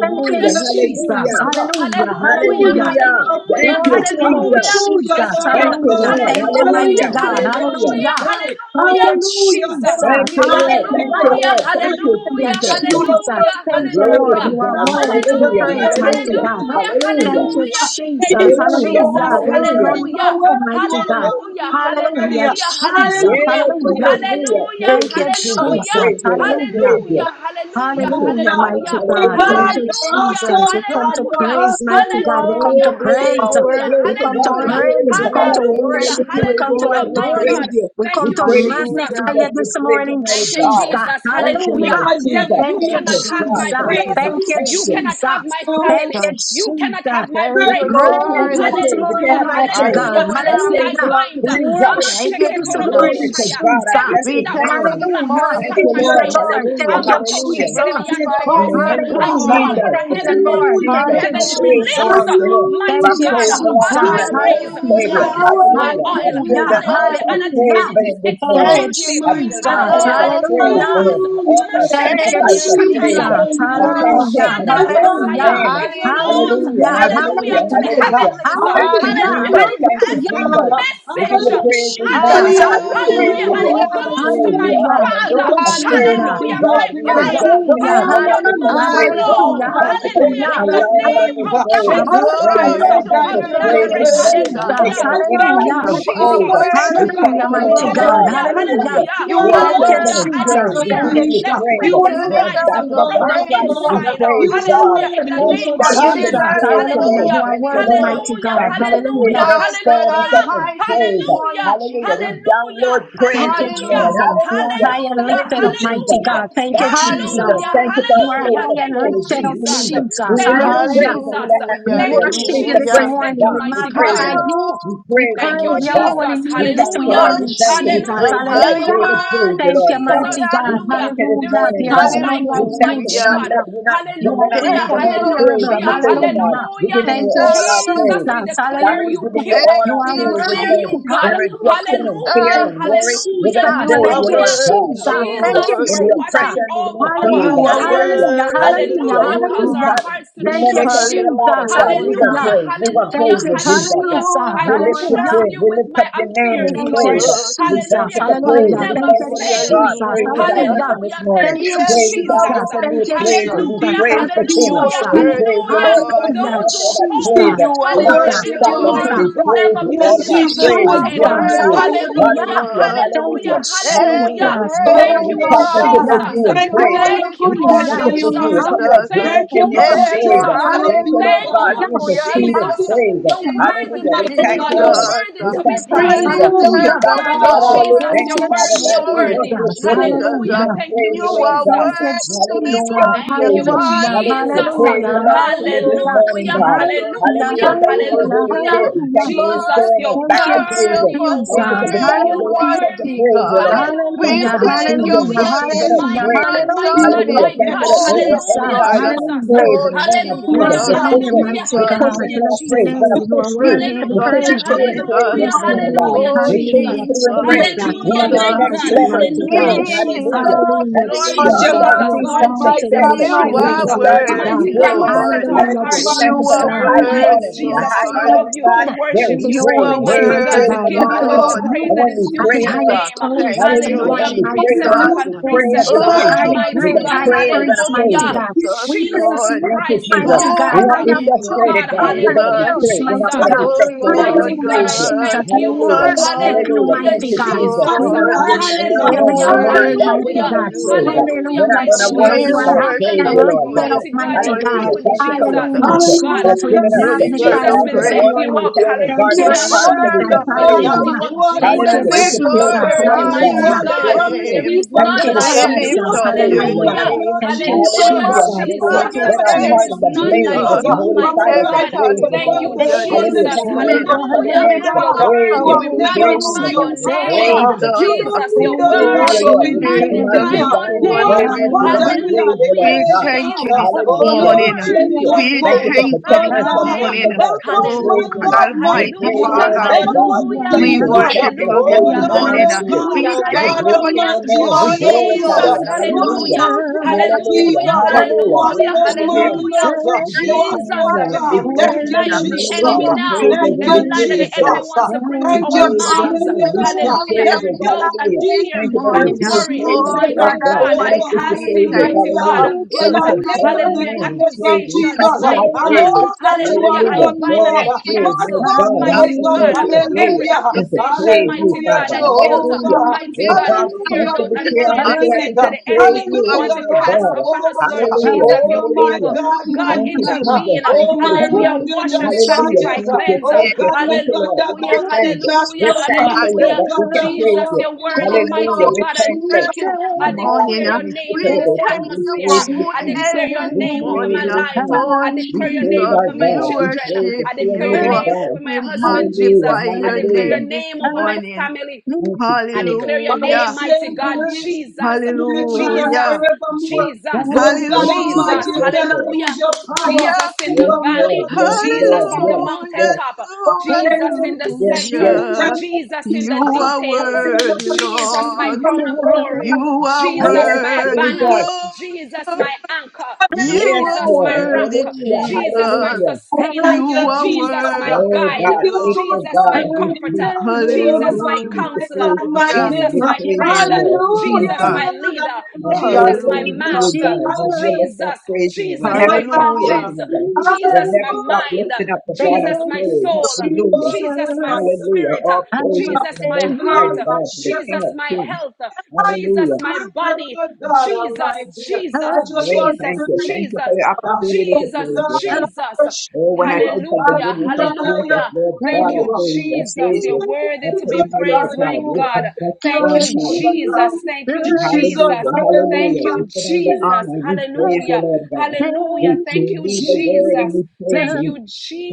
Speaker 2: Thank you,
Speaker 4: Jesus,
Speaker 2: Jesus.
Speaker 3: Hallelujah.
Speaker 1: Jesus.
Speaker 2: Hallelujah.
Speaker 4: hallelujah,
Speaker 1: Hallelujah,
Speaker 2: Hallelujah.
Speaker 1: King
Speaker 3: Hallelujah.
Speaker 1: of
Speaker 4: hallelujah,
Speaker 3: Thank
Speaker 1: Kings.
Speaker 2: Glory
Speaker 3: you,
Speaker 2: to your name,
Speaker 3: Jesus.
Speaker 4: hallelujah,
Speaker 1: Hallelujah,
Speaker 4: yes,
Speaker 2: Jesus.
Speaker 1: Lord
Speaker 4: God,
Speaker 1: of
Speaker 3: Thank you,
Speaker 2: Hallelujah.
Speaker 1: Lords.
Speaker 3: Lord.
Speaker 2: Thank you, mighty
Speaker 4: hallelujah,
Speaker 3: Hallelujah.
Speaker 1: Hallelujah,
Speaker 2: God.
Speaker 1: El
Speaker 3: Hallelujah.
Speaker 4: hallelujah,
Speaker 2: Hallelujah.
Speaker 1: Shaddai.
Speaker 2: Thank
Speaker 4: hallelujah,
Speaker 2: you,
Speaker 1: Hallelujah,
Speaker 2: Jesus.
Speaker 4: Jesus,
Speaker 3: Thank you,
Speaker 1: Elohim
Speaker 3: Lord. Thank
Speaker 2: Hallelujah.
Speaker 3: you,
Speaker 1: Adonai.
Speaker 4: hallelujah,
Speaker 3: Lord. Thank you,
Speaker 1: Creator,
Speaker 2: Hallelujah,
Speaker 4: hallelujah,
Speaker 3: Jesus.
Speaker 2: Jesus.
Speaker 4: hallelujah,
Speaker 1: Universe, the
Speaker 2: Thank you,
Speaker 1: first
Speaker 3: Glory
Speaker 2: Lord.
Speaker 3: to
Speaker 4: hallelujah.
Speaker 1: and
Speaker 2: You
Speaker 1: the
Speaker 2: are
Speaker 3: God.
Speaker 2: worthy
Speaker 1: last,
Speaker 2: to be
Speaker 1: the
Speaker 3: Hallelujah.
Speaker 4: Hallelujah,
Speaker 2: praised,
Speaker 1: beginning
Speaker 2: mighty
Speaker 1: and
Speaker 3: Hallelujah.
Speaker 2: God.
Speaker 1: the end.
Speaker 4: hallelujah,
Speaker 2: Thank
Speaker 3: Hallelujah.
Speaker 2: you,
Speaker 1: Hallelujah.
Speaker 4: hallelujah. Thank
Speaker 2: Jesus.
Speaker 4: you,
Speaker 1: Jesus, you
Speaker 3: Hallelujah.
Speaker 4: Jesus.
Speaker 2: Hallelujah.
Speaker 1: are
Speaker 2: There is none
Speaker 3: Hallelujah.
Speaker 1: worthy. You
Speaker 2: like
Speaker 1: are
Speaker 4: Hallelujah,
Speaker 2: you,
Speaker 1: worthy. You
Speaker 2: mighty
Speaker 1: are
Speaker 2: God.
Speaker 1: worthy.
Speaker 4: hallelujah,
Speaker 1: You are worthy.
Speaker 2: Hallelujah,
Speaker 4: hallelujah,
Speaker 2: Jesus.
Speaker 4: hallelujah,
Speaker 3: Yes,
Speaker 2: Hallelujah.
Speaker 1: Hallelujah.
Speaker 3: hallelujah.
Speaker 4: hallelujah,
Speaker 2: Thank
Speaker 3: Praise
Speaker 2: you,
Speaker 3: you, Jesus.
Speaker 2: Jesus.
Speaker 4: hallelujah,
Speaker 3: Praise you, Lord.
Speaker 2: Hallelujah.
Speaker 3: Praise you.
Speaker 4: hallelujah, hallelujah,
Speaker 3: Thank you,
Speaker 2: Hallelujah,
Speaker 1: Hallelujah.
Speaker 3: God.
Speaker 2: mighty
Speaker 4: hallelujah.
Speaker 1: My
Speaker 2: God.
Speaker 3: Hallelujah.
Speaker 2: Thank
Speaker 1: God,
Speaker 5: Thank
Speaker 2: you,
Speaker 5: you,
Speaker 1: you're
Speaker 2: Jesus.
Speaker 5: Jesus.
Speaker 4: Hallelujah,
Speaker 2: We
Speaker 1: awesome.
Speaker 2: come
Speaker 1: God,
Speaker 2: to
Speaker 1: you're
Speaker 4: hallelujah,
Speaker 2: praise,
Speaker 1: awesome.
Speaker 2: mighty
Speaker 1: You're
Speaker 2: God. We
Speaker 1: awesome.
Speaker 2: come
Speaker 4: hallelujah,
Speaker 3: Oh,
Speaker 4: hallelujah,
Speaker 2: to
Speaker 5: You
Speaker 3: glory,
Speaker 2: praise.
Speaker 5: are
Speaker 3: glory,
Speaker 5: worthy
Speaker 2: We
Speaker 3: glory
Speaker 5: this
Speaker 3: to
Speaker 2: come to
Speaker 3: God,
Speaker 4: hallelujah,
Speaker 5: morning,
Speaker 3: glory to
Speaker 2: praise. We
Speaker 3: God,
Speaker 2: come
Speaker 5: Jesus.
Speaker 2: to
Speaker 5: We thank
Speaker 4: hallelujah,
Speaker 3: hallelujah. We
Speaker 2: worship
Speaker 5: you
Speaker 2: you.
Speaker 5: this
Speaker 2: We
Speaker 3: praise
Speaker 2: come
Speaker 3: you,
Speaker 2: to
Speaker 4: hallelujah,
Speaker 5: morning,
Speaker 3: Lord, we
Speaker 4: my
Speaker 2: adore
Speaker 5: Lord.
Speaker 2: you.
Speaker 3: praise
Speaker 4: God.
Speaker 3: you.
Speaker 2: We
Speaker 4: Thank
Speaker 3: We
Speaker 2: come to
Speaker 4: you,
Speaker 3: praise you,
Speaker 4: Jesus.
Speaker 2: magnify
Speaker 5: Hallelujah.
Speaker 2: you
Speaker 3: Jesus, we
Speaker 2: this
Speaker 3: praise you,
Speaker 2: morning,
Speaker 4: Thank
Speaker 3: mighty
Speaker 4: you,
Speaker 2: Jesus.
Speaker 3: God.
Speaker 4: Jesus.
Speaker 3: Thank you,
Speaker 4: Hallelujah.
Speaker 3: Lord
Speaker 2: Hallelujah.
Speaker 1: Lord, yes,
Speaker 4: Devil,
Speaker 3: Jesus.
Speaker 2: Thank
Speaker 4: you
Speaker 2: you,
Speaker 1: Jesus.
Speaker 3: Thank
Speaker 4: cannot
Speaker 5: Thank
Speaker 3: you,
Speaker 5: you,
Speaker 4: have
Speaker 3: God.
Speaker 2: Jesus.
Speaker 4: my
Speaker 5: Jesus.
Speaker 1: Yes,
Speaker 3: Thank you,
Speaker 4: praise.
Speaker 2: Thank
Speaker 3: God.
Speaker 2: you,
Speaker 3: Thank
Speaker 4: You
Speaker 3: you.
Speaker 4: cannot
Speaker 2: Jesus.
Speaker 4: have my
Speaker 1: Lord.
Speaker 2: Thank
Speaker 4: family.
Speaker 2: you,
Speaker 5: So
Speaker 4: You cannot have
Speaker 2: Jesus.
Speaker 4: my
Speaker 5: thank
Speaker 1: Praise
Speaker 2: We
Speaker 5: you,
Speaker 3: No,
Speaker 1: you.
Speaker 2: praise
Speaker 3: you
Speaker 4: breakthrough.
Speaker 3: can't have
Speaker 5: Lord.
Speaker 2: you
Speaker 3: my
Speaker 2: this
Speaker 1: Glory
Speaker 3: praise. You
Speaker 1: to my
Speaker 4: Hallelujah.
Speaker 3: can't
Speaker 2: morning,
Speaker 3: have
Speaker 1: God.
Speaker 3: my
Speaker 2: mighty
Speaker 3: praise.
Speaker 4: Hallelujah.
Speaker 2: God.
Speaker 1: Oh,
Speaker 3: My
Speaker 1: God,
Speaker 5: Hallelujah.
Speaker 4: Hallelujah.
Speaker 3: praise
Speaker 4: I
Speaker 2: Hallelujah.
Speaker 3: belongs to
Speaker 4: bind uh,
Speaker 2: We
Speaker 3: Jesus.
Speaker 5: Thank
Speaker 2: worship
Speaker 5: you,
Speaker 2: you this
Speaker 1: we
Speaker 5: Jesus.
Speaker 1: need
Speaker 3: Glory
Speaker 2: morning,
Speaker 3: to
Speaker 4: Amasheketoroboboshaya,
Speaker 3: God. I
Speaker 2: Jesus.
Speaker 4: everything
Speaker 3: bless
Speaker 5: We
Speaker 3: his
Speaker 4: that
Speaker 5: thank
Speaker 4: wants to
Speaker 5: you
Speaker 3: name.
Speaker 5: this
Speaker 4: block and
Speaker 2: Hallelujah.
Speaker 4: stop
Speaker 1: you,
Speaker 3: Thank
Speaker 5: morning,
Speaker 3: you,
Speaker 4: my
Speaker 2: Praise the
Speaker 3: Lord.
Speaker 1: Jesus.
Speaker 5: Jesus.
Speaker 4: praise.
Speaker 2: Lord.
Speaker 3: Hallelujah.
Speaker 2: Thank you,
Speaker 5: We
Speaker 2: Jesus.
Speaker 3: Hallelujah.
Speaker 5: glorify
Speaker 3: In
Speaker 5: your
Speaker 3: the
Speaker 4: Amakosheterebeyandorobobosa.
Speaker 1: fire,
Speaker 5: name
Speaker 3: name
Speaker 5: this
Speaker 3: of
Speaker 4: I
Speaker 1: God.
Speaker 2: Hallelujah.
Speaker 4: call for
Speaker 5: morning.
Speaker 3: Jesus,
Speaker 4: a
Speaker 2: Thank
Speaker 3: in the
Speaker 2: you,
Speaker 3: name of
Speaker 4: heavenly,
Speaker 2: Lord.
Speaker 1: Hallelujah,
Speaker 2: Thank
Speaker 3: Jesus,
Speaker 2: you,
Speaker 3: my
Speaker 4: heavenly
Speaker 1: Lord.
Speaker 3: praise
Speaker 2: Jesus.
Speaker 5: Hallelujah.
Speaker 4: release,
Speaker 3: belongs
Speaker 4: uh,
Speaker 3: to him.
Speaker 2: Thank
Speaker 3: My
Speaker 4: mighty
Speaker 2: you,
Speaker 1: Hallelujah.
Speaker 4: God, uh,
Speaker 3: praise
Speaker 4: of
Speaker 3: belongs to
Speaker 4: my
Speaker 3: my
Speaker 2: Jesus.
Speaker 3: Lord
Speaker 4: praise
Speaker 3: and
Speaker 1: Jesus,
Speaker 2: Hallelujah.
Speaker 3: Savior.
Speaker 4: because
Speaker 1: you
Speaker 5: Hallelujah.
Speaker 4: this
Speaker 1: are
Speaker 4: is my
Speaker 5: Thank
Speaker 3: Hallelujah.
Speaker 5: you,
Speaker 1: worthy.
Speaker 3: I
Speaker 4: oil.
Speaker 3: build
Speaker 2: Hallelujah.
Speaker 3: an
Speaker 4: Hallelujah.
Speaker 5: Jesus.
Speaker 3: altar
Speaker 4: And
Speaker 3: of
Speaker 4: it,
Speaker 2: Hallelujah.
Speaker 4: and
Speaker 3: praise for
Speaker 4: it is
Speaker 3: him this
Speaker 2: Thank you,
Speaker 3: morning.
Speaker 5: Thank
Speaker 1: Lord,
Speaker 5: you,
Speaker 4: expensive.
Speaker 3: I
Speaker 1: my
Speaker 2: Jesus.
Speaker 3: build my
Speaker 4: Hallelujah.
Speaker 1: God.
Speaker 3: altar
Speaker 4: And
Speaker 3: of
Speaker 5: Jesus.
Speaker 4: it
Speaker 3: praise
Speaker 2: Hallelujah.
Speaker 3: for
Speaker 4: flows.
Speaker 3: him, an altar
Speaker 1: Hallelujah.
Speaker 3: of
Speaker 2: Thank you,
Speaker 5: Thank
Speaker 3: sacrifice
Speaker 5: you,
Speaker 3: of
Speaker 1: Hallelujah.
Speaker 2: Jesus.
Speaker 3: praise.
Speaker 5: Jesus.
Speaker 3: I thank
Speaker 1: Hallelujah.
Speaker 3: him
Speaker 2: Hallelujah.
Speaker 3: and I
Speaker 1: My
Speaker 3: bless his
Speaker 1: God,
Speaker 2: Hallelujah.
Speaker 1: my
Speaker 3: name.
Speaker 4: It
Speaker 1: God,
Speaker 5: Hallelujah.
Speaker 1: you
Speaker 4: flows.
Speaker 3: Hallelujah,
Speaker 2: Hallelujah.
Speaker 1: deserve the
Speaker 4: Hallelujah.
Speaker 3: hallelujah,
Speaker 4: To the
Speaker 2: Hallelujah.
Speaker 1: praise.
Speaker 3: hallelujah.
Speaker 4: heavenlies.
Speaker 3: Thank you,
Speaker 2: Hallelujah.
Speaker 4: Hallelujah.
Speaker 5: Hallelujah.
Speaker 3: Jesus.
Speaker 4: And it
Speaker 3: Thank you,
Speaker 4: has
Speaker 1: Hallelujah,
Speaker 4: a
Speaker 2: Hallelujah.
Speaker 3: Jesus.
Speaker 1: Lord.
Speaker 3: We give
Speaker 2: Thank
Speaker 4: message
Speaker 3: you
Speaker 2: you,
Speaker 3: praise this
Speaker 4: on it.
Speaker 2: Jesus.
Speaker 3: morning,
Speaker 1: Hallelujah.
Speaker 3: God. We praise
Speaker 4: Hallelujah.
Speaker 2: Hallelujah.
Speaker 3: you.
Speaker 5: Hallelujah.
Speaker 4: And
Speaker 3: We
Speaker 4: it
Speaker 1: Hallelujah.
Speaker 3: offer the
Speaker 4: goes to
Speaker 3: praise. We
Speaker 4: my
Speaker 1: Hallelujah.
Speaker 2: Hallelujah.
Speaker 3: offer them.
Speaker 1: The
Speaker 2: Thank
Speaker 4: Father.
Speaker 1: one
Speaker 2: you,
Speaker 3: I praise
Speaker 1: worthy
Speaker 3: to
Speaker 2: Jesus.
Speaker 3: you,
Speaker 1: King
Speaker 4: Hallelujah.
Speaker 5: Hallelujah.
Speaker 1: of
Speaker 4: My
Speaker 3: God. We are
Speaker 1: Kings,
Speaker 4: oil.
Speaker 3: exalt
Speaker 1: the
Speaker 3: your
Speaker 2: Hallelujah.
Speaker 3: name. We're
Speaker 1: one
Speaker 4: Hallelujah.
Speaker 3: not be
Speaker 1: worthy,
Speaker 2: Hallelujah.
Speaker 4: Must
Speaker 1: my
Speaker 3: frustrated,
Speaker 4: flow.
Speaker 3: God.
Speaker 2: Hallelujah.
Speaker 3: We
Speaker 5: Hallelujah.
Speaker 1: Father,
Speaker 3: thank you for
Speaker 1: the
Speaker 4: Hallelujah.
Speaker 2: Hallelujah.
Speaker 4: In
Speaker 1: God
Speaker 4: the
Speaker 1: of
Speaker 3: aligning us
Speaker 4: name
Speaker 3: in
Speaker 1: life,
Speaker 4: of
Speaker 2: Hallelujah.
Speaker 3: praise.
Speaker 1: the
Speaker 4: Jesus
Speaker 1: God of
Speaker 3: We're in
Speaker 4: Christ
Speaker 5: Glory
Speaker 1: strength,
Speaker 5: to
Speaker 2: Hallelujah.
Speaker 1: I
Speaker 3: alignment
Speaker 4: of
Speaker 1: give
Speaker 3: with
Speaker 5: your
Speaker 2: Thank
Speaker 1: you
Speaker 3: praise
Speaker 2: you,
Speaker 5: name,
Speaker 4: Nazareth.
Speaker 3: this morning.
Speaker 1: praise.
Speaker 3: We're
Speaker 5: Jesus.
Speaker 2: Jesus.
Speaker 3: making
Speaker 4: Hallelujah.
Speaker 1: My
Speaker 3: an
Speaker 4: Thank
Speaker 1: God,
Speaker 3: impact
Speaker 4: you,
Speaker 2: Hallelujah.
Speaker 3: in
Speaker 1: my
Speaker 5: You
Speaker 1: King,
Speaker 5: are
Speaker 3: praise.
Speaker 4: Jesus.
Speaker 1: my
Speaker 4: Thank
Speaker 5: worthy
Speaker 4: you,
Speaker 3: We
Speaker 5: this
Speaker 1: Shepherd,
Speaker 4: God.
Speaker 2: Hallelujah,
Speaker 3: thank you,
Speaker 1: you
Speaker 5: morning,
Speaker 2: mighty
Speaker 3: Lord
Speaker 1: are
Speaker 2: God.
Speaker 3: God.
Speaker 5: Jesus.
Speaker 4: Hallelujah.
Speaker 1: worthy.
Speaker 2: Hallelujah.
Speaker 3: Hallelujah.
Speaker 4: Hallelujah.
Speaker 1: You
Speaker 5: You
Speaker 3: We
Speaker 1: are
Speaker 3: are
Speaker 5: are
Speaker 2: Thank you,
Speaker 1: worthy,
Speaker 5: worthy,
Speaker 4: Hallelujah.
Speaker 3: standing in
Speaker 4: I
Speaker 1: Prince
Speaker 2: Jesus.
Speaker 3: praise.
Speaker 1: of
Speaker 5: mighty
Speaker 3: We're
Speaker 2: Thank
Speaker 4: declare,
Speaker 2: you,
Speaker 3: giving
Speaker 5: God.
Speaker 1: Peace.
Speaker 3: you
Speaker 4: let
Speaker 2: Jesus.
Speaker 3: praise.
Speaker 1: You
Speaker 5: You
Speaker 2: Thank
Speaker 4: praises
Speaker 1: are
Speaker 2: you.
Speaker 3: We're
Speaker 4: rise
Speaker 1: worthy,
Speaker 5: deserve the
Speaker 3: ambassadors
Speaker 4: from
Speaker 1: Lord
Speaker 3: of
Speaker 4: the
Speaker 1: of
Speaker 5: praise
Speaker 3: Christ.
Speaker 5: this
Speaker 2: Hallelujah.
Speaker 1: Lord.
Speaker 3: We
Speaker 4: inside.
Speaker 1: You
Speaker 3: praise
Speaker 5: morning.
Speaker 1: are
Speaker 3: God.
Speaker 4: Hallelujah.
Speaker 1: worthy,
Speaker 4: In
Speaker 2: Thank
Speaker 4: the
Speaker 3: We're
Speaker 2: you,
Speaker 4: name
Speaker 1: Lord.
Speaker 4: of
Speaker 5: You
Speaker 3: established
Speaker 2: Jesus.
Speaker 4: Jesus.
Speaker 3: in
Speaker 1: Hallelujah.
Speaker 5: deserve the
Speaker 3: praise today.
Speaker 2: Hallelujah. You
Speaker 4: Hallelujah.
Speaker 2: are
Speaker 5: glory
Speaker 3: Thank
Speaker 5: this
Speaker 3: you,
Speaker 2: worthy,
Speaker 3: Lord.
Speaker 2: mighty
Speaker 5: morning.
Speaker 4: Hallelujah.
Speaker 2: God.
Speaker 3: Thank you for
Speaker 2: Hallelujah.
Speaker 4: Hallelujah.
Speaker 3: creating us,
Speaker 5: Lord God
Speaker 3: stirring us
Speaker 4: Hallelujah.
Speaker 3: up in
Speaker 5: Almighty this
Speaker 3: praise.
Speaker 5: morning,
Speaker 4: Hallelujah.
Speaker 3: Hallelujah.
Speaker 5: Jesus.
Speaker 3: We download
Speaker 4: Hallelujah.
Speaker 2: Thank
Speaker 3: praise
Speaker 2: you,
Speaker 3: this
Speaker 5: Hallelujah.
Speaker 4: Hallelujah.
Speaker 3: morning.
Speaker 2: Jesus. You are
Speaker 3: Hallelujah.
Speaker 2: high and
Speaker 3: Thank
Speaker 4: Hallelujah.
Speaker 2: lifted
Speaker 3: you,
Speaker 2: up, mighty
Speaker 3: Jesus.
Speaker 4: Hallelujah.
Speaker 2: God. Thank you,
Speaker 3: Thank you,
Speaker 5: Hallelujah.
Speaker 3: Jesus.
Speaker 2: Jesus.
Speaker 4: Hallelujah.
Speaker 3: Thank you for
Speaker 2: You
Speaker 3: a
Speaker 2: are
Speaker 3: place
Speaker 4: Hallelujah.
Speaker 3: of
Speaker 2: high and
Speaker 4: Thank you,
Speaker 3: praise.
Speaker 2: lifted
Speaker 3: We
Speaker 2: up,
Speaker 4: Jesus.
Speaker 3: release it. We
Speaker 2: Jesus.
Speaker 4: Thank
Speaker 3: release
Speaker 4: you,
Speaker 2: Hallelujah.
Speaker 3: praise
Speaker 4: Jesus.
Speaker 3: into the
Speaker 5: Hallelujah.
Speaker 2: We
Speaker 4: Thank
Speaker 3: atmosphere. We
Speaker 4: you,
Speaker 2: worship
Speaker 3: release
Speaker 2: you
Speaker 3: the
Speaker 2: this
Speaker 5: Hallelujah.
Speaker 4: Jesus.
Speaker 3: praise in
Speaker 4: Thank
Speaker 2: morning.
Speaker 4: you,
Speaker 2: We
Speaker 3: God. We
Speaker 4: mighty
Speaker 3: praise
Speaker 5: Hallelujah.
Speaker 3: in
Speaker 4: God.
Speaker 2: magnify
Speaker 3: Him.
Speaker 2: you.
Speaker 3: We
Speaker 2: We
Speaker 3: praise
Speaker 4: Thank
Speaker 3: him,
Speaker 4: you,
Speaker 2: praise
Speaker 3: Lord
Speaker 2: your
Speaker 3: God.
Speaker 2: holy
Speaker 4: Jesus.
Speaker 3: We
Speaker 2: name this
Speaker 3: thank you,
Speaker 4: Hallelujah.
Speaker 5: Oh,
Speaker 3: Lord. We
Speaker 2: morning,
Speaker 3: thank you. We
Speaker 2: Jesus.
Speaker 5: Jesus.
Speaker 3: praise you,
Speaker 4: Hallelujah.
Speaker 3: Lord.
Speaker 4: Your
Speaker 5: Hallelujah.
Speaker 2: Hallelujah.
Speaker 3: David, praise
Speaker 4: word,
Speaker 3: you,
Speaker 2: Thank
Speaker 3: Lord
Speaker 2: you,
Speaker 3: God.
Speaker 4: Jesus.
Speaker 2: mighty
Speaker 3: We
Speaker 2: God.
Speaker 4: Hallelujah.
Speaker 3: thank you this
Speaker 4: There is
Speaker 2: Hallelujah.
Speaker 3: morning,
Speaker 2: There
Speaker 4: none
Speaker 2: is
Speaker 3: God.
Speaker 2: none
Speaker 4: like you,
Speaker 3: We
Speaker 2: like
Speaker 3: thank
Speaker 2: you,
Speaker 3: you.
Speaker 4: mighty
Speaker 3: We're not
Speaker 5: Hallelujah.
Speaker 4: God.
Speaker 3: let
Speaker 2: Jesus.
Speaker 3: we're not
Speaker 2: You are
Speaker 3: we're not
Speaker 4: Hallelujah.
Speaker 5: Thank
Speaker 3: leaving
Speaker 5: you,
Speaker 3: any praise
Speaker 2: incomparable.
Speaker 3: on
Speaker 4: Hallelujah.
Speaker 3: the table, God.
Speaker 2: Hallelujah.
Speaker 3: We're
Speaker 4: Hallelujah.
Speaker 3: giving
Speaker 2: Thank
Speaker 5: Jesus.
Speaker 3: you
Speaker 2: you,
Speaker 3: all our
Speaker 4: Jesus,
Speaker 3: praise.
Speaker 4: we
Speaker 2: Jesus.
Speaker 3: Father,
Speaker 4: declare
Speaker 3: we're
Speaker 4: you
Speaker 2: Hallelujah.
Speaker 3: giving you
Speaker 4: King.
Speaker 3: all
Speaker 5: Thank
Speaker 2: You
Speaker 3: our
Speaker 4: We
Speaker 2: are
Speaker 5: you,
Speaker 3: praise this
Speaker 4: declare
Speaker 3: morning.
Speaker 4: you
Speaker 2: worthy.
Speaker 3: In
Speaker 4: God.
Speaker 3: rejection
Speaker 2: Hallelujah.
Speaker 5: Jesus.
Speaker 3: and fear
Speaker 4: Hallelujah.
Speaker 2: Thank
Speaker 3: and
Speaker 2: you,
Speaker 4: Hallelujah.
Speaker 3: worry, we're gonna
Speaker 5: You
Speaker 2: Jesus.
Speaker 3: praise
Speaker 2: Thank
Speaker 5: are
Speaker 3: you,
Speaker 2: you,
Speaker 3: Lord
Speaker 4: Hallelujah.
Speaker 3: God.
Speaker 5: worthy,
Speaker 2: Jesus. Thank
Speaker 3: Hallelujah.
Speaker 4: Jesus,
Speaker 2: you,
Speaker 4: you
Speaker 5: Lord.
Speaker 3: In
Speaker 4: are
Speaker 3: the
Speaker 2: Jesus.
Speaker 4: watching
Speaker 3: oppression, we're
Speaker 4: over
Speaker 3: gonna
Speaker 4: our
Speaker 3: praise.
Speaker 5: You
Speaker 2: Hallelujah.
Speaker 5: are
Speaker 4: affairs.
Speaker 3: Hallelujah.
Speaker 2: Hallelujah.
Speaker 5: worthy,
Speaker 2: Hallelujah.
Speaker 3: Hallelujah.
Speaker 4: Hallelujah.
Speaker 3: He, he,
Speaker 4: Cause our
Speaker 2: Hallelujah.
Speaker 5: Lord.
Speaker 4: hearts
Speaker 3: he,
Speaker 4: to
Speaker 2: Thank
Speaker 3: when
Speaker 2: you,
Speaker 3: they're
Speaker 4: trust
Speaker 3: talking
Speaker 4: you.
Speaker 3: about
Speaker 2: Jesus.
Speaker 3: us, God, we're
Speaker 5: Hallelujah.
Speaker 3: gonna
Speaker 2: Hallelujah.
Speaker 4: Hallelujah.
Speaker 3: praise. We're gonna
Speaker 2: Thank
Speaker 4: Hallelujah.
Speaker 3: praise
Speaker 2: you,
Speaker 3: you,
Speaker 4: Hallelujah.
Speaker 3: Jesus.
Speaker 2: Jesus.
Speaker 4: I
Speaker 3: We
Speaker 4: will
Speaker 3: lift your
Speaker 5: Hallelujah,
Speaker 2: Hallelujah.
Speaker 4: trust
Speaker 3: praise.
Speaker 4: you
Speaker 3: We
Speaker 4: with
Speaker 3: lift
Speaker 4: my
Speaker 3: up your name
Speaker 4: affairs,
Speaker 3: in
Speaker 2: Thank you,
Speaker 3: praise.
Speaker 4: Lord.
Speaker 5: Jesus.
Speaker 3: We thank
Speaker 2: Jesus.
Speaker 4: Hallelujah.
Speaker 3: you for
Speaker 4: You will
Speaker 3: praise.
Speaker 2: Hallelujah.
Speaker 3: We
Speaker 4: never
Speaker 2: Thank
Speaker 3: thank
Speaker 2: you,
Speaker 3: you,
Speaker 5: Hallelujah,
Speaker 3: Lord
Speaker 4: fail
Speaker 3: God.
Speaker 4: me.
Speaker 2: Jesus.
Speaker 3: Praise is
Speaker 5: hallelujah,
Speaker 3: our
Speaker 2: Hallelujah.
Speaker 3: weapon this
Speaker 4: Hallelujah.
Speaker 2: Thank
Speaker 4: Thank
Speaker 3: morning.
Speaker 4: you,
Speaker 2: you,
Speaker 5: Yes,
Speaker 3: Praise is
Speaker 4: Jesus.
Speaker 3: our
Speaker 2: Jesus.
Speaker 5: Lord
Speaker 3: weapon.
Speaker 2: Thank
Speaker 3: We
Speaker 2: you,
Speaker 3: praise
Speaker 1: Jesus,
Speaker 3: you.
Speaker 5: Jesus.
Speaker 3: We
Speaker 2: Jesus.
Speaker 4: Hallelujah.
Speaker 1: Jesus,
Speaker 2: Thank
Speaker 3: praise
Speaker 2: you,
Speaker 3: the
Speaker 5: You
Speaker 3: King.
Speaker 1: Jesus,
Speaker 4: Hallelujah.
Speaker 5: are
Speaker 2: Jesus.
Speaker 3: We
Speaker 1: Jesus.
Speaker 5: worthy,
Speaker 3: praise you,
Speaker 4: Hallelujah.
Speaker 3: Lord
Speaker 5: Lord.
Speaker 3: God. We
Speaker 2: Hallelujah.
Speaker 4: Those
Speaker 3: offer
Speaker 4: who
Speaker 3: that
Speaker 4: hope,
Speaker 3: praise.
Speaker 1: Jesus,
Speaker 2: Jesus.
Speaker 5: You
Speaker 1: I
Speaker 5: are
Speaker 3: We're not
Speaker 4: hallelujah,
Speaker 3: going to
Speaker 2: Jesus.
Speaker 5: worthy,
Speaker 4: in
Speaker 1: worship
Speaker 4: the
Speaker 3: stop
Speaker 1: your
Speaker 4: Lord
Speaker 3: until
Speaker 1: mighty
Speaker 2: Jesus.
Speaker 3: we
Speaker 5: Lord.
Speaker 4: will
Speaker 1: God.
Speaker 3: praise
Speaker 4: never
Speaker 3: you.
Speaker 4: be
Speaker 3: All
Speaker 2: Thank
Speaker 1: Yes,
Speaker 3: of
Speaker 2: you,
Speaker 3: our
Speaker 5: You
Speaker 1: Jesus,
Speaker 4: disappointed.
Speaker 1: I
Speaker 3: praise is
Speaker 5: are
Speaker 3: given
Speaker 2: Jesus.
Speaker 3: to
Speaker 1: glorify
Speaker 5: worthy,
Speaker 3: you.
Speaker 1: your name.
Speaker 2: Hallelujah.
Speaker 4: Hallelujah,
Speaker 3: Hallelujah.
Speaker 5: Jesus.
Speaker 2: Thank
Speaker 4: hallelujah,
Speaker 2: you,
Speaker 3: Hallelujah.
Speaker 5: Every
Speaker 3: Hallelujah.
Speaker 4: hallelujah.
Speaker 2: Jesus.
Speaker 3: This morning
Speaker 4: Thank
Speaker 1: Worthy
Speaker 5: praise
Speaker 3: we
Speaker 4: you,
Speaker 1: Lord
Speaker 3: partnership
Speaker 5: belongs
Speaker 1: God.
Speaker 3: with
Speaker 2: Hallelujah.
Speaker 4: Jesus.
Speaker 3: you
Speaker 5: in
Speaker 3: in
Speaker 1: Thank you
Speaker 3: praise.
Speaker 1: for
Speaker 5: you
Speaker 1: your
Speaker 5: this
Speaker 4: Thank you,
Speaker 3: We
Speaker 1: goodness
Speaker 2: Hallelujah.
Speaker 5: morning,
Speaker 3: partnership
Speaker 1: and your
Speaker 4: Jesus.
Speaker 3: with you. We come
Speaker 1: mercy.
Speaker 3: in
Speaker 5: Jesus.
Speaker 3: agreement
Speaker 1: Thank
Speaker 4: Thank
Speaker 1: you
Speaker 3: with
Speaker 4: you,
Speaker 3: you
Speaker 1: for
Speaker 3: for
Speaker 2: Hallelujah.
Speaker 1: your
Speaker 4: Jesus.
Speaker 5: Every
Speaker 3: praise.
Speaker 1: joy and your
Speaker 5: hallelujah
Speaker 3: Thank you,
Speaker 1: peace,
Speaker 3: Lord
Speaker 4: Thank
Speaker 3: God.
Speaker 4: you,
Speaker 3: We intercede
Speaker 1: God.
Speaker 3: in
Speaker 2: Hallelujah.
Speaker 4: Jesus.
Speaker 5: belongs
Speaker 3: praise.
Speaker 4: You're
Speaker 2: Hallelujah.
Speaker 5: to you,
Speaker 4: worthy,
Speaker 3: Hallelujah. We
Speaker 4: mighty
Speaker 3: thank
Speaker 2: Thank
Speaker 4: God.
Speaker 3: you,
Speaker 4: You're
Speaker 3: Lord.
Speaker 4: worthy
Speaker 5: Jesus.
Speaker 3: We
Speaker 1: Hallelujah,
Speaker 4: to
Speaker 2: you,
Speaker 4: be
Speaker 3: thank
Speaker 2: Jesus.
Speaker 3: you,
Speaker 5: You
Speaker 4: praised.
Speaker 3: Jesus. Thank
Speaker 4: You're
Speaker 3: you,
Speaker 5: deserve
Speaker 2: Hallelujah.
Speaker 5: the
Speaker 3: Father.
Speaker 4: worthy,
Speaker 1: God,
Speaker 3: Thank you.
Speaker 4: Jesus.
Speaker 5: glory
Speaker 2: Thank
Speaker 3: Thank you,
Speaker 4: You're
Speaker 2: you,
Speaker 1: hallelujah.
Speaker 5: this
Speaker 3: Father,
Speaker 4: worthy.
Speaker 3: that
Speaker 4: You're
Speaker 3: your work
Speaker 4: worthy.
Speaker 5: morning,
Speaker 3: is
Speaker 2: Jesus.
Speaker 3: good.
Speaker 5: Jesus.
Speaker 3: We
Speaker 4: Hallelujah.
Speaker 3: can
Speaker 2: Hallelujah.
Speaker 4: Thank
Speaker 3: praise
Speaker 4: you,
Speaker 5: You
Speaker 3: you, Lord
Speaker 5: are
Speaker 3: God.
Speaker 2: Thank
Speaker 4: Jesus.
Speaker 2: you,
Speaker 5: worthy to
Speaker 3: Hallelujah.
Speaker 2: Jesus.
Speaker 3: We
Speaker 5: be
Speaker 4: Thank
Speaker 3: praise
Speaker 4: you,
Speaker 3: you.
Speaker 5: magnified
Speaker 2: Hallelujah.
Speaker 5: this
Speaker 4: Jesus.
Speaker 3: Hallelujah. Praise
Speaker 2: Hallelujah.
Speaker 5: morning.
Speaker 3: belongs to
Speaker 2: Hallelujah.
Speaker 3: you this
Speaker 5: Oh,
Speaker 3: morning,
Speaker 4: Hallelujah,
Speaker 3: God.
Speaker 5: Jesus,
Speaker 2: Hallelujah.
Speaker 5: we
Speaker 4: hallelujah,
Speaker 3: Hallelujah. Thank you for
Speaker 5: adore
Speaker 3: the
Speaker 2: Hallelujah.
Speaker 3: Holy
Speaker 4: hallelujah.
Speaker 5: you.
Speaker 3: Spirit. We
Speaker 2: Hallelujah.
Speaker 3: Thank you for
Speaker 4: Jesus,
Speaker 5: Lord,
Speaker 3: restoring
Speaker 5: we
Speaker 4: you're
Speaker 3: us
Speaker 2: Thank
Speaker 3: back
Speaker 2: you,
Speaker 3: to
Speaker 5: thank you
Speaker 4: worthy,
Speaker 3: praising.
Speaker 4: you're
Speaker 5: for
Speaker 3: Thank you for
Speaker 2: Jesus.
Speaker 5: today,
Speaker 4: worthy,
Speaker 3: divine
Speaker 4: you're
Speaker 2: Hallelujah.
Speaker 3: direction to
Speaker 4: worthy.
Speaker 5: mighty
Speaker 3: praise you,
Speaker 5: God.
Speaker 3: Lord.
Speaker 5: We
Speaker 3: Thank you
Speaker 2: Hallelujah.
Speaker 4: Hallelujah,
Speaker 3: for this
Speaker 5: thank you
Speaker 3: season,
Speaker 2: Hallelujah.
Speaker 3: this
Speaker 4: hallelujah.
Speaker 5: for
Speaker 3: season
Speaker 5: this
Speaker 3: of
Speaker 4: My
Speaker 2: Hallelujah.
Speaker 3: praise.
Speaker 4: God,
Speaker 5: minute,
Speaker 4: my
Speaker 5: Lord,
Speaker 2: Hallelujah.
Speaker 1: Jesus,
Speaker 4: God,
Speaker 5: this
Speaker 3: Hallelujah.
Speaker 4: my
Speaker 3: Thank
Speaker 1: yes,
Speaker 4: God.
Speaker 3: you that
Speaker 1: Jesus,
Speaker 3: we're
Speaker 5: moment,
Speaker 2: Jesus.
Speaker 4: Hallelujah,
Speaker 3: edified
Speaker 5: Lord.
Speaker 3: in
Speaker 4: Jesus.
Speaker 3: our
Speaker 2: Hallelujah.
Speaker 3: praise in
Speaker 5: Oh,
Speaker 3: the name of
Speaker 1: you are
Speaker 3: Jesus.
Speaker 2: Bless
Speaker 4: Hallelujah,
Speaker 2: your
Speaker 3: We're
Speaker 5: Jesus,
Speaker 1: God,
Speaker 2: name,
Speaker 1: yes,
Speaker 3: pushing.
Speaker 4: hallelujah,
Speaker 2: mighty
Speaker 3: We're
Speaker 5: Jesus,
Speaker 2: God.
Speaker 3: pushing in
Speaker 4: hallelujah,
Speaker 2: Bless
Speaker 3: our
Speaker 2: your
Speaker 3: praise.
Speaker 4: Jesus.
Speaker 3: We're going
Speaker 2: name.
Speaker 3: to
Speaker 2: You
Speaker 3: push
Speaker 2: are
Speaker 3: through.
Speaker 2: worthy to be
Speaker 3: We're
Speaker 5: Jesus,
Speaker 1: you
Speaker 4: Hallelujah,
Speaker 3: pushing
Speaker 2: praised.
Speaker 1: are
Speaker 3: through in
Speaker 1: God,
Speaker 3: praise
Speaker 5: Jesus.
Speaker 1: you
Speaker 3: this
Speaker 4: hallelujah,
Speaker 1: are
Speaker 2: Bless your
Speaker 3: morning, God.
Speaker 2: name.
Speaker 4: hallelujah,
Speaker 5: Oh,
Speaker 3: We're
Speaker 1: God,
Speaker 4: Jesus.
Speaker 3: pushing
Speaker 2: Hallelujah.
Speaker 5: Jesus,
Speaker 3: through in
Speaker 1: you are
Speaker 2: Jesus.
Speaker 3: praise.
Speaker 2: Be
Speaker 3: We're
Speaker 4: Hallelujah,
Speaker 3: to
Speaker 4: my
Speaker 3: the
Speaker 5: Jesus,
Speaker 1: God,
Speaker 3: next
Speaker 4: God.
Speaker 2: exalted,
Speaker 1: Jesus.
Speaker 3: level in
Speaker 2: mighty God.
Speaker 4: Hallelujah,
Speaker 3: praise.
Speaker 4: Jesus.
Speaker 3: Hallelujah.
Speaker 5: Jesus,
Speaker 2: Hallelujah,
Speaker 4: Lord
Speaker 1: Watch
Speaker 3: Hallelujah.
Speaker 2: Jesus.
Speaker 1: it,
Speaker 3: Art our
Speaker 1: my
Speaker 2: Be
Speaker 4: Jesus,
Speaker 5: Jesus.
Speaker 3: season of
Speaker 1: God,
Speaker 4: Lord
Speaker 1: my
Speaker 2: exalted in
Speaker 4: Jesus,
Speaker 3: success,
Speaker 1: God,
Speaker 2: this
Speaker 3: uh,
Speaker 1: my
Speaker 5: You
Speaker 3: which
Speaker 2: place,
Speaker 1: King,
Speaker 4: Jesus.
Speaker 3: we
Speaker 5: are
Speaker 1: my
Speaker 3: started
Speaker 2: mighty
Speaker 3: in
Speaker 2: God.
Speaker 5: worthy,
Speaker 4: Mighty
Speaker 1: healer,
Speaker 4: God,
Speaker 1: my
Speaker 3: praise. Uh,
Speaker 4: reset
Speaker 5: Lord.
Speaker 4: our
Speaker 1: remember,
Speaker 2: Hallelujah,
Speaker 3: Hallelujah. We
Speaker 1: my
Speaker 4: hearts uh,
Speaker 3: thank you
Speaker 5: You
Speaker 3: for
Speaker 1: God,
Speaker 2: Jesus.
Speaker 4: and
Speaker 5: are
Speaker 3: the
Speaker 4: our
Speaker 3: high
Speaker 1: Jesus,
Speaker 2: Be,
Speaker 4: minds,
Speaker 3: calling
Speaker 5: worthy,
Speaker 3: and
Speaker 2: be
Speaker 3: the
Speaker 4: Jesus, to
Speaker 3: high
Speaker 5: Lord.
Speaker 4: love
Speaker 3: calling,
Speaker 4: you, to
Speaker 3: God.
Speaker 2: exalted
Speaker 3: There
Speaker 2: in
Speaker 4: worship
Speaker 3: is
Speaker 2: this
Speaker 5: You
Speaker 4: you.
Speaker 3: praise.
Speaker 5: are
Speaker 2: place,
Speaker 3: Hey,
Speaker 4: Mighty
Speaker 2: mighty
Speaker 4: God,
Speaker 3: praise
Speaker 4: to
Speaker 5: worthy,
Speaker 2: God.
Speaker 3: from
Speaker 4: give
Speaker 3: the
Speaker 2: We
Speaker 1: Thank
Speaker 4: you
Speaker 1: you,
Speaker 3: high
Speaker 4: what
Speaker 2: place
Speaker 4: the
Speaker 3: calling.
Speaker 5: Lord.
Speaker 1: Lord.
Speaker 4: praise
Speaker 3: And
Speaker 2: you
Speaker 4: that
Speaker 3: when
Speaker 4: is
Speaker 3: we
Speaker 2: at
Speaker 4: due
Speaker 2: the
Speaker 4: to
Speaker 3: pray,
Speaker 4: your
Speaker 3: Lord,
Speaker 2: highest
Speaker 5: Jesus.
Speaker 4: name.
Speaker 2: place
Speaker 5: Thank
Speaker 2: this
Speaker 3: Hallelujah.
Speaker 5: you,
Speaker 3: When
Speaker 4: Hallelujah.
Speaker 2: morning,
Speaker 3: we
Speaker 1: Hallelujah,
Speaker 5: Jesus.
Speaker 2: mighty
Speaker 3: pray,
Speaker 4: Precepts
Speaker 2: God.
Speaker 3: God,
Speaker 1: hallelujah,
Speaker 3: we
Speaker 4: upon
Speaker 2: For
Speaker 3: pray and
Speaker 4: precepts.
Speaker 3: we
Speaker 2: you
Speaker 4: uh,
Speaker 1: God,
Speaker 3: praise
Speaker 1: my
Speaker 2: are
Speaker 5: Oh,
Speaker 3: you.
Speaker 2: the
Speaker 3: We're
Speaker 4: Mighty
Speaker 2: great
Speaker 3: going to
Speaker 4: God.
Speaker 2: high
Speaker 3: pray, and we're going
Speaker 2: priest,
Speaker 3: to
Speaker 5: Jesus,
Speaker 3: praise
Speaker 2: mighty
Speaker 4: Hallelujah.
Speaker 3: you.
Speaker 2: God.
Speaker 1: King,
Speaker 5: Jesus,
Speaker 2: We
Speaker 1: you
Speaker 4: Jesus
Speaker 2: place
Speaker 5: Lord.
Speaker 2: you,
Speaker 3: Thank you,
Speaker 4: Christ
Speaker 1: are
Speaker 4: of
Speaker 1: God.
Speaker 3: Jesus.
Speaker 2: mighty
Speaker 5: Oh,
Speaker 2: God.
Speaker 3: We
Speaker 4: Nazareth.
Speaker 2: I
Speaker 3: won't
Speaker 4: uh,
Speaker 3: be
Speaker 2: am
Speaker 5: Jesus,
Speaker 2: above
Speaker 4: God,
Speaker 3: frustrated,
Speaker 1: Hallelujah.
Speaker 3: God. We're going to be
Speaker 5: Jesus.
Speaker 2: all
Speaker 4: hallelujah,
Speaker 2: else,
Speaker 3: free. We're
Speaker 4: Jesus.
Speaker 3: not
Speaker 2: mighty
Speaker 3: going to
Speaker 4: uh,
Speaker 3: be
Speaker 2: God.
Speaker 5: Oh,
Speaker 3: frustrated. We're
Speaker 5: Lord
Speaker 3: going
Speaker 4: Mighty
Speaker 3: to
Speaker 2: Hallelujah,
Speaker 4: God,
Speaker 3: praise
Speaker 4: I
Speaker 3: you.
Speaker 5: God.
Speaker 2: Jesus.
Speaker 4: thank
Speaker 2: We
Speaker 4: you.
Speaker 3: Hallelujah.
Speaker 2: worship you,
Speaker 5: Almighty
Speaker 3: Hallelujah.
Speaker 4: Hallelujah,
Speaker 3: Thank
Speaker 2: mighty
Speaker 3: you,
Speaker 2: God.
Speaker 3: Jesus.
Speaker 2: We
Speaker 4: Jesus.
Speaker 3: We're not,
Speaker 5: Lord.
Speaker 3: we're not, we're
Speaker 2: worship
Speaker 3: not,
Speaker 5: We
Speaker 2: you this
Speaker 4: Hallelujah,
Speaker 3: we're not
Speaker 2: morning,
Speaker 1: Hallelujah,
Speaker 3: doubting.
Speaker 2: mighty
Speaker 5: worship
Speaker 4: hallelujah.
Speaker 3: We're going
Speaker 2: God.
Speaker 3: to praise
Speaker 1: hallelujah,
Speaker 3: you.
Speaker 5: you.
Speaker 4: Hallelujah,
Speaker 3: We're not
Speaker 2: Hallelujah,
Speaker 3: going
Speaker 4: mighty
Speaker 3: to
Speaker 4: God,
Speaker 2: Jesus.
Speaker 3: worry.
Speaker 5: We
Speaker 2: You
Speaker 3: We're
Speaker 2: are
Speaker 1: hallelujah,
Speaker 3: going to
Speaker 2: high
Speaker 4: strengthen,
Speaker 2: and
Speaker 3: praise
Speaker 4: uh,
Speaker 3: you,
Speaker 5: worship
Speaker 1: hallelujah.
Speaker 3: Lord
Speaker 5: you
Speaker 2: lifted
Speaker 3: God.
Speaker 5: this
Speaker 2: up,
Speaker 4: mighty God,
Speaker 2: mighty
Speaker 4: your
Speaker 2: God.
Speaker 5: morning,
Speaker 1: My
Speaker 3: Hallelujah.
Speaker 4: people,
Speaker 3: Thank you for
Speaker 4: Jesus.
Speaker 1: God.
Speaker 3: your
Speaker 5: Jesus.
Speaker 2: Hallelujah,
Speaker 3: peace
Speaker 4: Oh
Speaker 3: uh,
Speaker 4: God,
Speaker 2: Jesus.
Speaker 3: that's
Speaker 2: We
Speaker 1: Hallelujah,
Speaker 3: given us
Speaker 5: You
Speaker 3: the
Speaker 4: Z-
Speaker 5: deserve
Speaker 2: magnify
Speaker 4: Jesus,
Speaker 5: the
Speaker 2: you
Speaker 1: Jesus.
Speaker 4: we
Speaker 3: surpassing
Speaker 2: this
Speaker 4: lift
Speaker 3: all
Speaker 5: praise.
Speaker 4: you
Speaker 2: morning.
Speaker 4: up.
Speaker 3: understanding,
Speaker 2: Thank you,
Speaker 3: guarding
Speaker 5: You
Speaker 1: Hallelujah,
Speaker 4: Hallelujah.
Speaker 3: our hearts
Speaker 1: Father,
Speaker 3: so
Speaker 2: Jesus.
Speaker 3: we
Speaker 5: deserve the
Speaker 1: my
Speaker 3: can
Speaker 4: We
Speaker 3: praise
Speaker 4: lift
Speaker 1: God.
Speaker 3: you.
Speaker 5: honor.
Speaker 4: you
Speaker 2: Hallelujah.
Speaker 4: up,
Speaker 1: You are the
Speaker 2: Thank
Speaker 1: way
Speaker 2: you,
Speaker 4: Jesus.
Speaker 3: Hallelujah. We
Speaker 5: We
Speaker 1: maker,
Speaker 2: Jesus.
Speaker 3: prepare
Speaker 4: You're
Speaker 3: to
Speaker 1: Lord.
Speaker 4: worthy,
Speaker 3: praise,
Speaker 5: glorify
Speaker 1: You
Speaker 3: God.
Speaker 4: mighty
Speaker 3: We
Speaker 2: Hallelujah.
Speaker 1: are
Speaker 5: your
Speaker 1: the
Speaker 4: God.
Speaker 3: prepare to
Speaker 1: promise
Speaker 3: praise.
Speaker 4: There
Speaker 5: name.
Speaker 4: is
Speaker 1: keeper,
Speaker 2: Thank
Speaker 3: Thank you
Speaker 4: none
Speaker 2: you,
Speaker 3: for the
Speaker 5: We
Speaker 4: like
Speaker 1: God.
Speaker 4: you.
Speaker 1: You
Speaker 3: strategy
Speaker 5: lift
Speaker 3: to
Speaker 2: Jesus.
Speaker 1: are the
Speaker 5: up
Speaker 3: praise
Speaker 5: your
Speaker 1: life,
Speaker 3: you,
Speaker 2: Hallelujah.
Speaker 4: Hallelujah.
Speaker 3: Lord
Speaker 1: my
Speaker 3: God.
Speaker 5: name.
Speaker 1: Lord
Speaker 2: Thank you,
Speaker 5: We
Speaker 1: Jesus.
Speaker 4: Hallelujah,
Speaker 3: Hallelujah,
Speaker 2: Jesus.
Speaker 1: You
Speaker 3: hallelujah.
Speaker 1: are
Speaker 5: magnify
Speaker 2: Thank
Speaker 4: Jesus.
Speaker 2: you,
Speaker 5: your
Speaker 3: Let
Speaker 1: more
Speaker 3: our
Speaker 1: than
Speaker 4: There
Speaker 2: Jesus.
Speaker 5: name,
Speaker 3: hearts
Speaker 4: is
Speaker 1: enough,
Speaker 4: none
Speaker 2: Thank
Speaker 1: Jesus.
Speaker 3: ablaze
Speaker 4: like
Speaker 2: you,
Speaker 3: with
Speaker 5: Jesus.
Speaker 3: the
Speaker 4: you,
Speaker 3: holy
Speaker 1: From the
Speaker 4: mighty
Speaker 3: fire
Speaker 2: Jesus.
Speaker 3: to
Speaker 5: Every
Speaker 4: God.
Speaker 1: rising of
Speaker 3: praise
Speaker 1: the
Speaker 3: you,
Speaker 4: Thank
Speaker 1: sun
Speaker 3: God.
Speaker 1: to
Speaker 4: you,
Speaker 2: Thank
Speaker 1: the
Speaker 5: hallelujah
Speaker 1: going
Speaker 5: this
Speaker 1: of
Speaker 2: you,
Speaker 3: Hallelujah.
Speaker 1: the
Speaker 4: Jesus.
Speaker 3: Thank you,
Speaker 1: sun,
Speaker 3: we're
Speaker 5: morning
Speaker 1: you
Speaker 3: on the
Speaker 1: are
Speaker 3: cutting
Speaker 4: Hallelujah.
Speaker 1: them,
Speaker 2: Jesus.
Speaker 3: edge to
Speaker 4: You're
Speaker 1: God.
Speaker 3: praise
Speaker 1: You
Speaker 4: worthy.
Speaker 2: Thank
Speaker 3: you.
Speaker 5: belongs
Speaker 4: We
Speaker 1: will
Speaker 5: to
Speaker 1: never
Speaker 5: you,
Speaker 2: you,
Speaker 3: Praising you,
Speaker 4: magnify
Speaker 1: lose your
Speaker 4: your
Speaker 2: Jesus.
Speaker 3: God. We're
Speaker 4: name.
Speaker 1: power.
Speaker 3: praising the
Speaker 5: Jesus.
Speaker 1: You
Speaker 3: Son.
Speaker 1: don't
Speaker 4: Jesus,
Speaker 3: We're
Speaker 4: you're
Speaker 1: need us,
Speaker 2: Thank you,
Speaker 3: praising
Speaker 1: God,
Speaker 3: you,
Speaker 4: worthy.
Speaker 5: Holy
Speaker 1: but
Speaker 4: We
Speaker 3: Lord.
Speaker 1: we
Speaker 3: We're in
Speaker 1: need
Speaker 5: Spirit
Speaker 3: our
Speaker 5: of
Speaker 1: thee.
Speaker 2: Jesus.
Speaker 4: magnify
Speaker 5: the
Speaker 4: your
Speaker 3: divine
Speaker 1: You
Speaker 5: true and
Speaker 1: are
Speaker 4: name.
Speaker 1: the
Speaker 3: discernment.
Speaker 5: living
Speaker 3: We're
Speaker 1: pot
Speaker 3: going to
Speaker 1: and
Speaker 5: God,
Speaker 1: we
Speaker 2: Hallelujah,
Speaker 1: are
Speaker 3: praise
Speaker 1: the
Speaker 3: you, Lord
Speaker 5: we
Speaker 4: Hallelujah,
Speaker 1: clay,
Speaker 4: Jesus.
Speaker 3: God.
Speaker 5: thank you
Speaker 1: God.
Speaker 4: Jesus.
Speaker 5: this
Speaker 1: Oh,
Speaker 4: You're
Speaker 3: Hallelujah. We
Speaker 1: Lord
Speaker 5: morning.
Speaker 3: bless
Speaker 4: worthy.
Speaker 3: you.
Speaker 4: We
Speaker 2: hallelujah.
Speaker 1: Jesus,
Speaker 5: We
Speaker 3: Thank you
Speaker 1: mold
Speaker 3: for
Speaker 1: us,
Speaker 5: thank you
Speaker 4: magnify
Speaker 3: protecting
Speaker 1: Lord
Speaker 3: us
Speaker 4: your
Speaker 5: this
Speaker 3: from
Speaker 1: God.
Speaker 5: morning.
Speaker 4: name.
Speaker 3: evil,
Speaker 1: Help
Speaker 3: God. So we
Speaker 1: us,
Speaker 5: Oh
Speaker 1: my
Speaker 3: praise you.
Speaker 5: God
Speaker 1: God,
Speaker 4: Hallelujah,
Speaker 1: my
Speaker 3: We
Speaker 5: Almighty
Speaker 3: praise
Speaker 1: King.
Speaker 2: hallelujah.
Speaker 3: you,
Speaker 4: hallelujah,
Speaker 3: oh
Speaker 5: Father.
Speaker 3: my
Speaker 1: Help us,
Speaker 3: God. We
Speaker 4: hallelujah,
Speaker 5: We
Speaker 3: thank you.
Speaker 1: Jesus.
Speaker 3: We
Speaker 5: worship
Speaker 1: Oh,
Speaker 3: thank you.
Speaker 5: you
Speaker 3: The
Speaker 5: this
Speaker 2: Thank
Speaker 3: praise
Speaker 4: hallelujah,
Speaker 3: is
Speaker 1: Lord,
Speaker 2: you,
Speaker 5: morning.
Speaker 3: belongs
Speaker 1: oh
Speaker 5: uh,
Speaker 3: to you.
Speaker 1: God,
Speaker 5: We
Speaker 2: Jesus.
Speaker 4: hallelujah,
Speaker 1: oh
Speaker 3: We
Speaker 5: thank
Speaker 1: God
Speaker 5: you for
Speaker 3: bless in
Speaker 5: this
Speaker 4: hallelujah.
Speaker 3: your
Speaker 1: Almighty, you
Speaker 3: name.
Speaker 1: are
Speaker 3: We
Speaker 1: so
Speaker 5: morning,
Speaker 2: Thank
Speaker 3: glorify
Speaker 2: you,
Speaker 1: good.
Speaker 4: Jesus,
Speaker 5: Lord.
Speaker 3: you.
Speaker 1: You
Speaker 5: Oh,
Speaker 1: are
Speaker 2: Jesus.
Speaker 3: Hallelujah.
Speaker 4: hallelujah,
Speaker 1: so good. Yes,
Speaker 5: you
Speaker 3: Hallelujah.
Speaker 4: hallelujah,
Speaker 1: Jesus.
Speaker 5: deserve the
Speaker 1: You
Speaker 3: Hallelujah.
Speaker 1: are
Speaker 2: Thank
Speaker 4: hallelujah,
Speaker 3: Bless
Speaker 2: you,
Speaker 5: glory.
Speaker 1: so
Speaker 2: Jesus.
Speaker 3: in your
Speaker 5: You deserve
Speaker 3: name.
Speaker 4: hallelujah.
Speaker 1: marvelous.
Speaker 3: We
Speaker 1: You
Speaker 3: bless
Speaker 1: are
Speaker 5: the
Speaker 3: your
Speaker 4: Jesus,
Speaker 3: name,
Speaker 1: so
Speaker 4: I
Speaker 3: Lord. We
Speaker 5: worship,
Speaker 1: God.
Speaker 4: rebuke
Speaker 3: bless
Speaker 5: Lord.
Speaker 1: Thank
Speaker 4: every
Speaker 3: your
Speaker 2: Thank
Speaker 1: you,
Speaker 5: Oh,
Speaker 4: lie
Speaker 3: name.
Speaker 5: God,
Speaker 4: of
Speaker 2: you,
Speaker 4: the
Speaker 5: we
Speaker 1: Jesus.
Speaker 4: enemy
Speaker 3: Hallelujah.
Speaker 2: Jesus.
Speaker 4: now,
Speaker 2: Thank
Speaker 3: Praise us
Speaker 1: Thank
Speaker 3: and we
Speaker 4: every
Speaker 1: you,
Speaker 4: lie
Speaker 3: give
Speaker 4: that
Speaker 3: it
Speaker 4: the
Speaker 3: to
Speaker 4: enemy
Speaker 3: you.
Speaker 5: thank
Speaker 1: Jesus.
Speaker 4: wants to bring to
Speaker 5: you
Speaker 3: We
Speaker 1: Thank
Speaker 4: our
Speaker 1: you,
Speaker 2: you,
Speaker 3: praise you this
Speaker 1: Father
Speaker 5: Lord.
Speaker 4: minds.
Speaker 1: in
Speaker 5: We
Speaker 2: Jesus.
Speaker 3: morning. We
Speaker 1: heaven.
Speaker 3: speak
Speaker 4: Hallelujah,
Speaker 5: thank you
Speaker 1: Thank
Speaker 4: every
Speaker 3: praises.
Speaker 5: for
Speaker 1: you, Lord
Speaker 4: doubt
Speaker 5: life
Speaker 4: and
Speaker 3: Hallelujah.
Speaker 5: this
Speaker 2: Thank
Speaker 4: fear
Speaker 1: Jesus
Speaker 3: Thank you for
Speaker 2: you,
Speaker 5: morning.
Speaker 4: and
Speaker 1: Christ
Speaker 5: uh.
Speaker 3: revealing
Speaker 1: of
Speaker 4: worry,
Speaker 2: Jesus.
Speaker 3: praises
Speaker 5: Oh,
Speaker 3: to us,
Speaker 1: Nazareth.
Speaker 4: mighty
Speaker 5: God
Speaker 3: God.
Speaker 4: God,
Speaker 3: Fill
Speaker 4: and
Speaker 3: us
Speaker 1: Oh,
Speaker 5: Almighty,
Speaker 3: with your
Speaker 5: we
Speaker 4: casting,
Speaker 3: praises.
Speaker 5: thank
Speaker 4: mighty
Speaker 5: you.
Speaker 2: Thank
Speaker 4: God,
Speaker 3: Hallelujah.
Speaker 1: hallelujah.
Speaker 2: you,
Speaker 4: of
Speaker 3: So
Speaker 2: Jesus.
Speaker 1: When
Speaker 3: we
Speaker 4: guilt.
Speaker 5: Oh,
Speaker 1: I
Speaker 3: can
Speaker 5: God,
Speaker 3: call
Speaker 1: think of
Speaker 3: on your
Speaker 4: Hallelujah.
Speaker 1: the
Speaker 4: And
Speaker 3: name and
Speaker 1: goodness of
Speaker 3: praise you. We
Speaker 4: accusations,
Speaker 1: Jesus
Speaker 4: my
Speaker 3: prophesy
Speaker 2: Thank
Speaker 1: and
Speaker 4: God.
Speaker 2: you,
Speaker 3: praises.
Speaker 1: all that you
Speaker 4: Hallelujah.
Speaker 1: have
Speaker 2: Jesus.
Speaker 4: I
Speaker 3: Hallelujah.
Speaker 1: done,
Speaker 4: bind
Speaker 3: Joy
Speaker 5: we
Speaker 4: and
Speaker 3: and
Speaker 4: I
Speaker 5: thank
Speaker 1: Lord,
Speaker 3: praise,
Speaker 1: my
Speaker 3: my
Speaker 4: cancel,
Speaker 1: soul
Speaker 3: God.
Speaker 5: you. Oh,
Speaker 3: Help
Speaker 1: cries
Speaker 4: mighty
Speaker 3: us,
Speaker 1: out,
Speaker 4: God.
Speaker 3: Lord, to
Speaker 2: Hallelujah.
Speaker 3: obey
Speaker 4: Every
Speaker 3: you
Speaker 1: hallelujah.
Speaker 5: God,
Speaker 3: and to
Speaker 4: accusation,
Speaker 3: praise you,
Speaker 4: mighty
Speaker 1: Hallelujah,
Speaker 4: God,
Speaker 3: Father.
Speaker 5: we
Speaker 4: and
Speaker 5: thank
Speaker 4: guilt,
Speaker 5: you.
Speaker 3: Hallelujah.
Speaker 1: Jehovah.
Speaker 4: mighty
Speaker 3: Lord
Speaker 4: God, and
Speaker 3: God, we
Speaker 4: fear,
Speaker 3: cast
Speaker 1: Hallelujah,
Speaker 4: doubt,
Speaker 3: every
Speaker 4: and
Speaker 1: Prince
Speaker 3: prayer
Speaker 4: worry,
Speaker 3: on
Speaker 4: and
Speaker 3: you
Speaker 1: of
Speaker 3: so that
Speaker 5: Oh,
Speaker 4: anxiety
Speaker 3: we
Speaker 4: that
Speaker 1: Peace.
Speaker 3: can
Speaker 4: the
Speaker 3: praise
Speaker 4: enemy
Speaker 3: you, oh
Speaker 5: God,
Speaker 4: wants
Speaker 1: Hallelujah,
Speaker 4: to
Speaker 3: my
Speaker 1: Lord
Speaker 4: cast
Speaker 3: God.
Speaker 4: upon
Speaker 1: above
Speaker 4: us,
Speaker 1: us.
Speaker 4: Lord Jesus,
Speaker 3: Hallelujah.
Speaker 4: your
Speaker 1: Oh my
Speaker 4: people.
Speaker 3: Hallelujah.
Speaker 1: God,
Speaker 5: we
Speaker 4: God
Speaker 1: my
Speaker 3: Thank
Speaker 2: Hallelujah.
Speaker 3: you,
Speaker 1: King.
Speaker 4: intervene
Speaker 3: Jesus.
Speaker 4: intervene.
Speaker 5: thank
Speaker 3: Thank
Speaker 5: you.
Speaker 3: you
Speaker 1: Oh
Speaker 3: for the
Speaker 1: my
Speaker 3: gift.
Speaker 4: Hallelujah.
Speaker 2: Thank
Speaker 1: refuge
Speaker 4: Wash and
Speaker 2: you,
Speaker 1: and
Speaker 3: Hallelujah.
Speaker 4: sanctify,
Speaker 1: fortress.
Speaker 3: Thank you.
Speaker 2: Jesus,
Speaker 4: cleanse.
Speaker 1: Oh
Speaker 5: Dear
Speaker 3: Thank you.
Speaker 1: God, my
Speaker 3: Thank you,
Speaker 1: God,
Speaker 3: Lord.
Speaker 1: that
Speaker 3: We give
Speaker 1: those
Speaker 3: you
Speaker 4: Hallelujah.
Speaker 1: deep
Speaker 3: thanks.
Speaker 1: not
Speaker 4: Hallelujah.
Speaker 3: We're
Speaker 1: slumber.
Speaker 5: God,
Speaker 2: Jesus,
Speaker 3: thankful, Lord,
Speaker 4: Hallelujah.
Speaker 1: The
Speaker 3: that
Speaker 1: God
Speaker 3: we can
Speaker 1: that know
Speaker 3: praise
Speaker 4: Jesus,
Speaker 3: you.
Speaker 1: all
Speaker 4: you're
Speaker 1: things
Speaker 4: worthy,
Speaker 1: and
Speaker 5: you
Speaker 2: thank
Speaker 4: mighty
Speaker 3: Hallelujah.
Speaker 1: smart.
Speaker 5: will
Speaker 2: you,
Speaker 3: We're
Speaker 4: God. I
Speaker 2: Jesus,
Speaker 3: thankful.
Speaker 4: thank
Speaker 5: serve us
Speaker 4: you. I
Speaker 5: this
Speaker 3: Lord,
Speaker 4: declare
Speaker 5: morning. uh,
Speaker 4: your
Speaker 3: we should
Speaker 4: name
Speaker 5: We
Speaker 4: in
Speaker 3: pray
Speaker 4: this
Speaker 3: this and
Speaker 5: thank
Speaker 2: thank
Speaker 3: we
Speaker 5: you
Speaker 2: you,
Speaker 4: atmosphere.
Speaker 3: praise
Speaker 5: for
Speaker 3: you this
Speaker 5: good
Speaker 4: I
Speaker 3: morning.
Speaker 2: Jesus.
Speaker 5: health
Speaker 4: declare your
Speaker 5: this
Speaker 3: We
Speaker 4: name over
Speaker 3: praise
Speaker 4: my
Speaker 5: morning.
Speaker 3: you
Speaker 5: uh,
Speaker 3: this
Speaker 4: life.
Speaker 3: morning.
Speaker 5: Oh
Speaker 4: I
Speaker 2: Hallelujah,
Speaker 3: We
Speaker 4: declare your
Speaker 2: hallelujah.
Speaker 3: praise
Speaker 4: name
Speaker 5: Jesus,
Speaker 3: our
Speaker 4: over my
Speaker 5: we
Speaker 3: God. We
Speaker 4: children.
Speaker 3: praise
Speaker 5: worship
Speaker 3: the
Speaker 4: I
Speaker 3: true
Speaker 4: declare
Speaker 3: and
Speaker 4: your
Speaker 5: you.
Speaker 3: living
Speaker 5: uh,
Speaker 2: Thank
Speaker 4: name over
Speaker 3: God.
Speaker 4: my
Speaker 5: We
Speaker 4: husband,
Speaker 2: you,
Speaker 4: Jesus.
Speaker 3: Hallelujah.
Speaker 5: magnify
Speaker 4: I
Speaker 5: your
Speaker 4: declare
Speaker 3: Hallelujah.
Speaker 4: your
Speaker 5: name this
Speaker 4: name over my
Speaker 5: morning.
Speaker 4: family.
Speaker 2: Jesus,
Speaker 3: Thank you,
Speaker 4: I
Speaker 3: Jesus.
Speaker 4: declare your
Speaker 1: God the
Speaker 4: name,
Speaker 5: Hallelujah.
Speaker 4: mighty
Speaker 1: same God
Speaker 4: God, Jesus,
Speaker 1: yesterday,
Speaker 2: Thank you,
Speaker 1: today,
Speaker 2: Jesus,
Speaker 1: God, and
Speaker 4: Jesus,
Speaker 5: Hallelujah.
Speaker 3: Yes,
Speaker 1: forevermore.
Speaker 4: Jesus,
Speaker 2: thank
Speaker 3: Jesus.
Speaker 2: you,
Speaker 1: Oh God
Speaker 3: Yes, Jesus.
Speaker 4: Jesus,
Speaker 1: Almighty,
Speaker 2: Jesus,
Speaker 1: you
Speaker 5: Hallelujah.
Speaker 3: Yes,
Speaker 1: cannot
Speaker 3: Lord.
Speaker 4: hallelujah.
Speaker 1: lose your power.
Speaker 4: Jesus in
Speaker 1: You
Speaker 2: thank
Speaker 3: Yes,
Speaker 4: the
Speaker 1: will
Speaker 2: you,
Speaker 1: never
Speaker 4: valley,
Speaker 3: Lord.
Speaker 1: lose
Speaker 3: Yes,
Speaker 1: your
Speaker 4: Jesus
Speaker 2: Jesus.
Speaker 3: Lord.
Speaker 4: on the
Speaker 3: Yes,
Speaker 5: Hallelujah.
Speaker 3: yes,
Speaker 4: mountaintop,
Speaker 1: power. I Thank
Speaker 4: Jesus
Speaker 1: you.
Speaker 4: in the
Speaker 3: yes, yes.
Speaker 4: center,
Speaker 1: I Thank
Speaker 5: Hallelujah.
Speaker 4: Jesus
Speaker 1: you,
Speaker 4: in
Speaker 1: Jesus.
Speaker 5: You
Speaker 4: the
Speaker 1: I
Speaker 5: are
Speaker 4: details,
Speaker 1: Thank you
Speaker 5: worthy,
Speaker 1: for
Speaker 4: Jesus, my
Speaker 5: Lord.
Speaker 4: crown of
Speaker 1: the
Speaker 4: glory,
Speaker 5: You are
Speaker 1: power
Speaker 4: Jesus,
Speaker 1: of
Speaker 3: Yes,
Speaker 4: my
Speaker 1: God.
Speaker 4: banner,
Speaker 5: worthy,
Speaker 3: Jesus.
Speaker 4: Jesus,
Speaker 5: Lord.
Speaker 4: my anchor,
Speaker 5: You
Speaker 3: Yes,
Speaker 5: are
Speaker 4: Jesus,
Speaker 3: Lord.
Speaker 4: my
Speaker 5: worthy,
Speaker 4: rock,
Speaker 3: Hallelujah.
Speaker 4: Jesus, my
Speaker 5: Jesus.
Speaker 3: Hallelujah.
Speaker 4: sustainer,
Speaker 5: You
Speaker 1: Thank you,
Speaker 5: are
Speaker 4: Jesus, my
Speaker 1: Jesus.
Speaker 3: Oh,
Speaker 5: worthy,
Speaker 4: guide,
Speaker 1: Thank
Speaker 3: God.
Speaker 1: you so
Speaker 5: Lord.
Speaker 1: much,
Speaker 3: Faithful
Speaker 4: Jesus,
Speaker 2: Hallelujah,
Speaker 4: my
Speaker 1: Holy
Speaker 3: God. We,
Speaker 1: King.
Speaker 3: we,
Speaker 4: comforter,
Speaker 1: Oh,
Speaker 4: Jesus,
Speaker 2: hallelujah.
Speaker 3: we
Speaker 4: my
Speaker 1: Lord,
Speaker 5: Hallelujah.
Speaker 3: choose to
Speaker 1: my
Speaker 4: counselor,
Speaker 3: praise
Speaker 1: God,
Speaker 3: Him this
Speaker 1: my
Speaker 2: Thank
Speaker 3: morning.
Speaker 4: Jesus,
Speaker 1: King.
Speaker 3: We're
Speaker 2: you,
Speaker 4: my
Speaker 3: praising
Speaker 4: friend,
Speaker 3: Him,
Speaker 2: Jesus.
Speaker 3: Lord. We're
Speaker 1: Hallelujah,
Speaker 4: Jesus,
Speaker 3: thanking
Speaker 4: my
Speaker 5: Jesus.
Speaker 3: Him.
Speaker 1: Lord.
Speaker 4: leader,
Speaker 3: Our
Speaker 2: Thank
Speaker 1: Hallelujah, hallelujah.
Speaker 4: Jesus,
Speaker 3: praise
Speaker 4: my
Speaker 2: you,
Speaker 3: belongs to
Speaker 5: Hallelujah.
Speaker 3: you,
Speaker 4: master,
Speaker 3: God.
Speaker 1: Hallelujah,
Speaker 2: Jesus.
Speaker 3: We'll never stop
Speaker 4: Jesus,
Speaker 3: praising you. We'll
Speaker 4: Jesus,
Speaker 3: never
Speaker 4: my
Speaker 2: Thank
Speaker 3: stop
Speaker 2: you,
Speaker 4: conscience,
Speaker 5: Hallelujah.
Speaker 3: praising you, God.
Speaker 1: God.
Speaker 3: We'll
Speaker 4: Jesus,
Speaker 2: Jesus.
Speaker 4: my
Speaker 3: never stop
Speaker 4: mind,
Speaker 1: Hallelujah,
Speaker 3: lifting up the
Speaker 2: Thank
Speaker 3: God
Speaker 4: Jesus,
Speaker 3: of
Speaker 1: Jesus.
Speaker 4: my
Speaker 3: praise.
Speaker 2: you,
Speaker 4: soul,
Speaker 1: Oh,
Speaker 3: Hallelujah.
Speaker 2: Jesus.
Speaker 1: Lord,
Speaker 4: Jesus, my
Speaker 1: my
Speaker 3: Hallelujah.
Speaker 1: God.
Speaker 4: spirit,
Speaker 3: All
Speaker 2: I
Speaker 3: praises
Speaker 2: love
Speaker 5: Jesus.
Speaker 4: Jesus,
Speaker 3: to the
Speaker 4: my
Speaker 3: Most
Speaker 4: heart,
Speaker 3: High
Speaker 1: Lord,
Speaker 2: you.
Speaker 1: my
Speaker 3: God, to the King
Speaker 4: Jesus,
Speaker 3: of
Speaker 4: my
Speaker 1: shepherd.
Speaker 3: Kings.
Speaker 4: health,
Speaker 1: God, you
Speaker 4: Jesus,
Speaker 3: Hallelujah.
Speaker 1: are
Speaker 4: my
Speaker 1: the
Speaker 4: body,
Speaker 1: Lord God
Speaker 4: Jesus,
Speaker 1: Almighty.
Speaker 2: I
Speaker 4: Jesus,
Speaker 1: I
Speaker 2: love
Speaker 1: just
Speaker 3: Lord,
Speaker 1: want to
Speaker 4: Jesus,
Speaker 3: thank you.
Speaker 1: believe,
Speaker 3: Thank
Speaker 4: Jesus,
Speaker 3: you for the
Speaker 1: God.
Speaker 3: opportunity
Speaker 1: Oh,
Speaker 3: to
Speaker 4: Jesus,
Speaker 3: praise
Speaker 4: Jesus.
Speaker 1: God,
Speaker 3: you, God.
Speaker 1: I
Speaker 4: Jesus.
Speaker 1: worship
Speaker 3: Oh, when I
Speaker 2: you.
Speaker 1: you.
Speaker 3: think of the
Speaker 4: Hallelujah,
Speaker 1: Mighty
Speaker 3: goodness of
Speaker 1: God, I
Speaker 3: Jesus,
Speaker 4: hallelujah.
Speaker 1: adore
Speaker 3: Lord
Speaker 2: I love
Speaker 4: Thank
Speaker 3: God,
Speaker 2: you. Thank
Speaker 3: I
Speaker 4: you,
Speaker 1: you.
Speaker 3: praise
Speaker 2: you,
Speaker 3: you, I
Speaker 4: Jesus.
Speaker 3: praise you,
Speaker 4: You're
Speaker 2: Jesus.
Speaker 4: worthy
Speaker 3: I
Speaker 4: to be
Speaker 3: praise you, Lord
Speaker 4: praised, my
Speaker 3: God.
Speaker 2: Thank
Speaker 1: Hallelujah.
Speaker 3: Let
Speaker 4: God.
Speaker 3: the that
Speaker 4: Thank
Speaker 3: strong
Speaker 4: you,
Speaker 1: Hallelujah,
Speaker 3: power.
Speaker 4: Jesus.
Speaker 1: God.
Speaker 2: you, Jesus.
Speaker 4: Thank you,
Speaker 1: Jesus,
Speaker 4: Jesus.
Speaker 3: Hallelujah,
Speaker 1: hallelujah.
Speaker 4: Thank
Speaker 2: Thank
Speaker 3: hallelujah. We
Speaker 4: you,
Speaker 2: you,
Speaker 3: put on the
Speaker 2: Jesus.
Speaker 4: Jesus.
Speaker 3: armor and we praise you,
Speaker 4: Hallelujah.
Speaker 3: Lord God.
Speaker 4: Hallelujah.
Speaker 3: We, we
Speaker 4: Thank you,
Speaker 3: read the word and
Speaker 4: Jesus.
Speaker 3: we praise
Speaker 4: Thank
Speaker 3: you.
Speaker 4: you,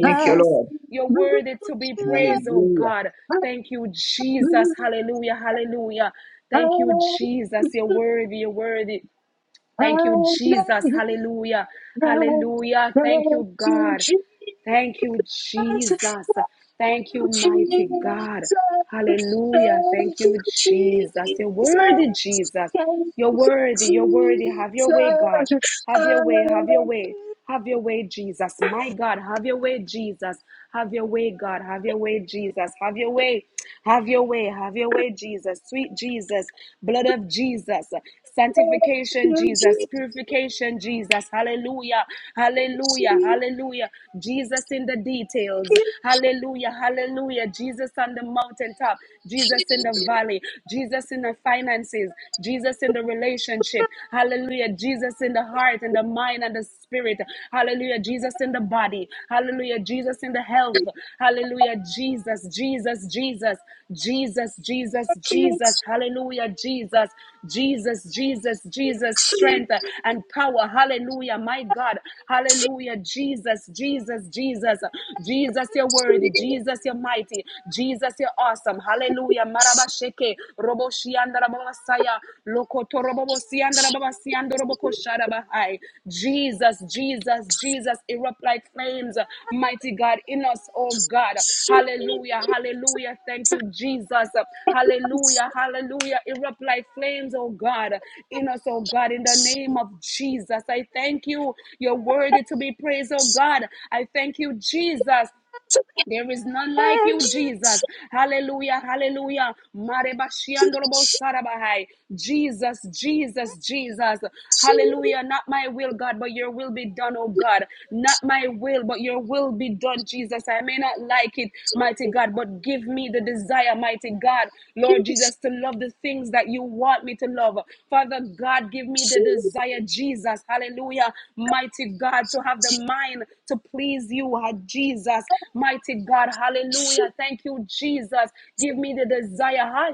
Speaker 3: Thank you,
Speaker 2: Hallelujah.
Speaker 3: Lord.
Speaker 4: You're worthy to be praised, oh
Speaker 3: Hallelujah,
Speaker 4: God. Thank you, Jesus. Hallelujah. Hallelujah. Thank you,
Speaker 2: Hallelujah.
Speaker 4: Jesus. You're worthy. You're worthy. Thank you, Jesus.
Speaker 2: Hallelujah.
Speaker 4: Hallelujah.
Speaker 2: Thank
Speaker 4: Hallelujah. Thank you,
Speaker 2: you,
Speaker 4: God.
Speaker 2: Jesus.
Speaker 4: Thank you,
Speaker 2: Thank
Speaker 4: Jesus. Thank you,
Speaker 2: you,
Speaker 4: mighty
Speaker 2: Jesus.
Speaker 4: God. Hallelujah. Thank
Speaker 2: Thank you,
Speaker 4: you, Jesus. You're
Speaker 2: Jesus.
Speaker 4: worthy, Jesus.
Speaker 2: Thank
Speaker 4: You're worthy. You're worthy.
Speaker 2: you,
Speaker 4: Have your
Speaker 2: Jesus.
Speaker 4: way, God. Have your way.
Speaker 2: Hallelujah.
Speaker 4: Have your way. Have your way, Jesus. My God, have your way, Jesus. Have your way, God. Have your way, Jesus. Have your way. Have your way. Have your way, Jesus. Sweet Jesus. Blood of Jesus.
Speaker 2: Thank
Speaker 4: Sanctification,
Speaker 2: you,
Speaker 4: Jesus. Purification, Jesus. Hallelujah. Hallelujah.
Speaker 2: Jesus.
Speaker 4: Hallelujah. Jesus in the
Speaker 2: I'll be there. I'll be there. I'll be there.
Speaker 4: details. Hallelujah. Hallelujah. Jesus on the mountaintop. Jesus in
Speaker 2: I'll
Speaker 4: the valley. Jesus in the finances. Jesus in the relationship. Hallelujah. Jesus in the heart and the mind and the spirit. Hallelujah. Jesus in the body. Hallelujah. Jesus in the health health.
Speaker 2: be there. I'll
Speaker 4: Hallelujah,
Speaker 2: be
Speaker 4: Jesus,
Speaker 2: there.
Speaker 4: Jesus, Jesus, Jesus, Jesus, Jesus. Hallelujah, Jesus, Jesus, Jesus, Jesus, strength and power. Hallelujah, my God. Hallelujah, Jesus, Jesus, Jesus, Jesus, you're worthy. Jesus, you're mighty. Jesus, you're awesome. Hallelujah, Marabasheke, Roboshianda, Rabasaya, Lokoto. Jesus, Jesus, Jesus, erupt like flames, mighty God in us, oh God. Hallelujah, hallelujah. Thank you, Jesus. Hallelujah, hallelujah. Erupt like flames, oh God, in us, oh God, in the name of Jesus. I thank you. You're worthy to be praised, oh God. I thank you, Jesus. There is none like you, Jesus. Hallelujah, hallelujah. Marebashiandorobo sarabahai. Jesus, Jesus, Jesus. Hallelujah. Not my will, God, but your will be done, oh God. Not my will, but your will be done, Jesus. I may not like it, mighty God, but give me the desire, mighty God, Lord Jesus, to love the things that you want me to love. Father God, give me the desire, Jesus. Hallelujah hallelujah, mighty God, to have the mind to please you, ah, Jesus, mighty God, hallelujah, thank you, Jesus, give me the desire, ha,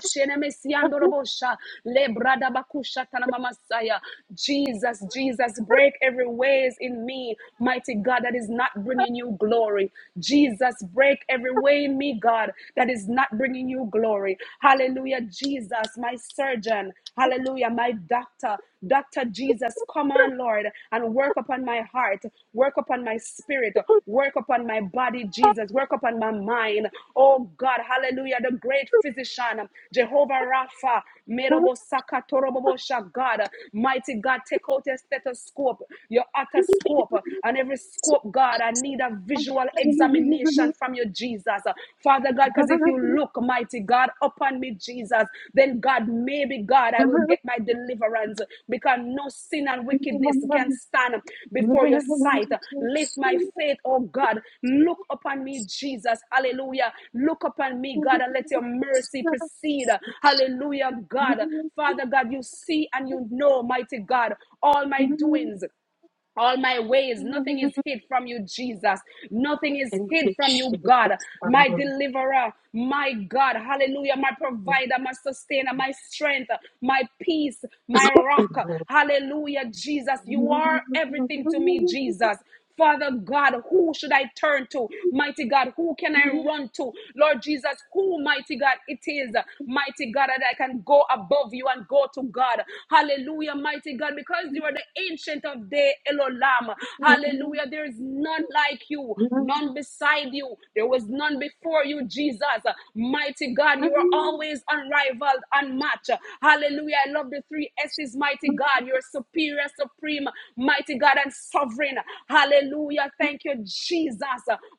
Speaker 4: Jesus, Jesus, break every ways in me, mighty God, that is not bringing you glory, Jesus, break every way in me, God, that is not bringing you glory, hallelujah, Jesus, my surgeon, hallelujah, my doctor, Dr. Jesus, come on, Lord, and work upon my heart, work upon my spirit, work upon my body, Jesus, work upon my mind. Oh God, hallelujah, the great physician, Jehovah Rapha, Merobo Saka Torobobo Sha, God, mighty God, take out your stethoscope, your otoscope, and every scope, God. I need a visual examination from you, Jesus. Father, Father God, because if you look, mighty God, upon me, Jesus, then God, maybe God, I will get my deliverance because no sin and wickedness can stand before your sight. Lift my faith, oh God. Look upon me, Jesus. Hallelujah. Look upon me, God, and let your mercy proceed. Hallelujah, God. Father God, you see and you know, mighty God, all my doings all my ways. Nothing is hid from you, Jesus. Nothing is
Speaker 2: And to
Speaker 4: hid
Speaker 2: you,
Speaker 4: from you,
Speaker 2: Jesus.
Speaker 4: God. My deliverer, my God. Hallelujah. My provider, my sustainer, my strength, my peace, my rock. Hallelujah, Jesus. You are everything to me, Jesus. Father God, who should I turn to? Mighty God, who can I run to? Lord Jesus, who, mighty God, it is, mighty God, that I can go above you and go to God. Hallelujah, mighty God, because you are the ancient of day, Elolam. Hallelujah, there is none like you, none beside you. There was none before you, Jesus. Mighty God, you are always unrivaled, unmatched. Hallelujah. I love the three S's, mighty God. You're superior, supreme, mighty God, and sovereign. Hallelujah. Thank you, Jesus.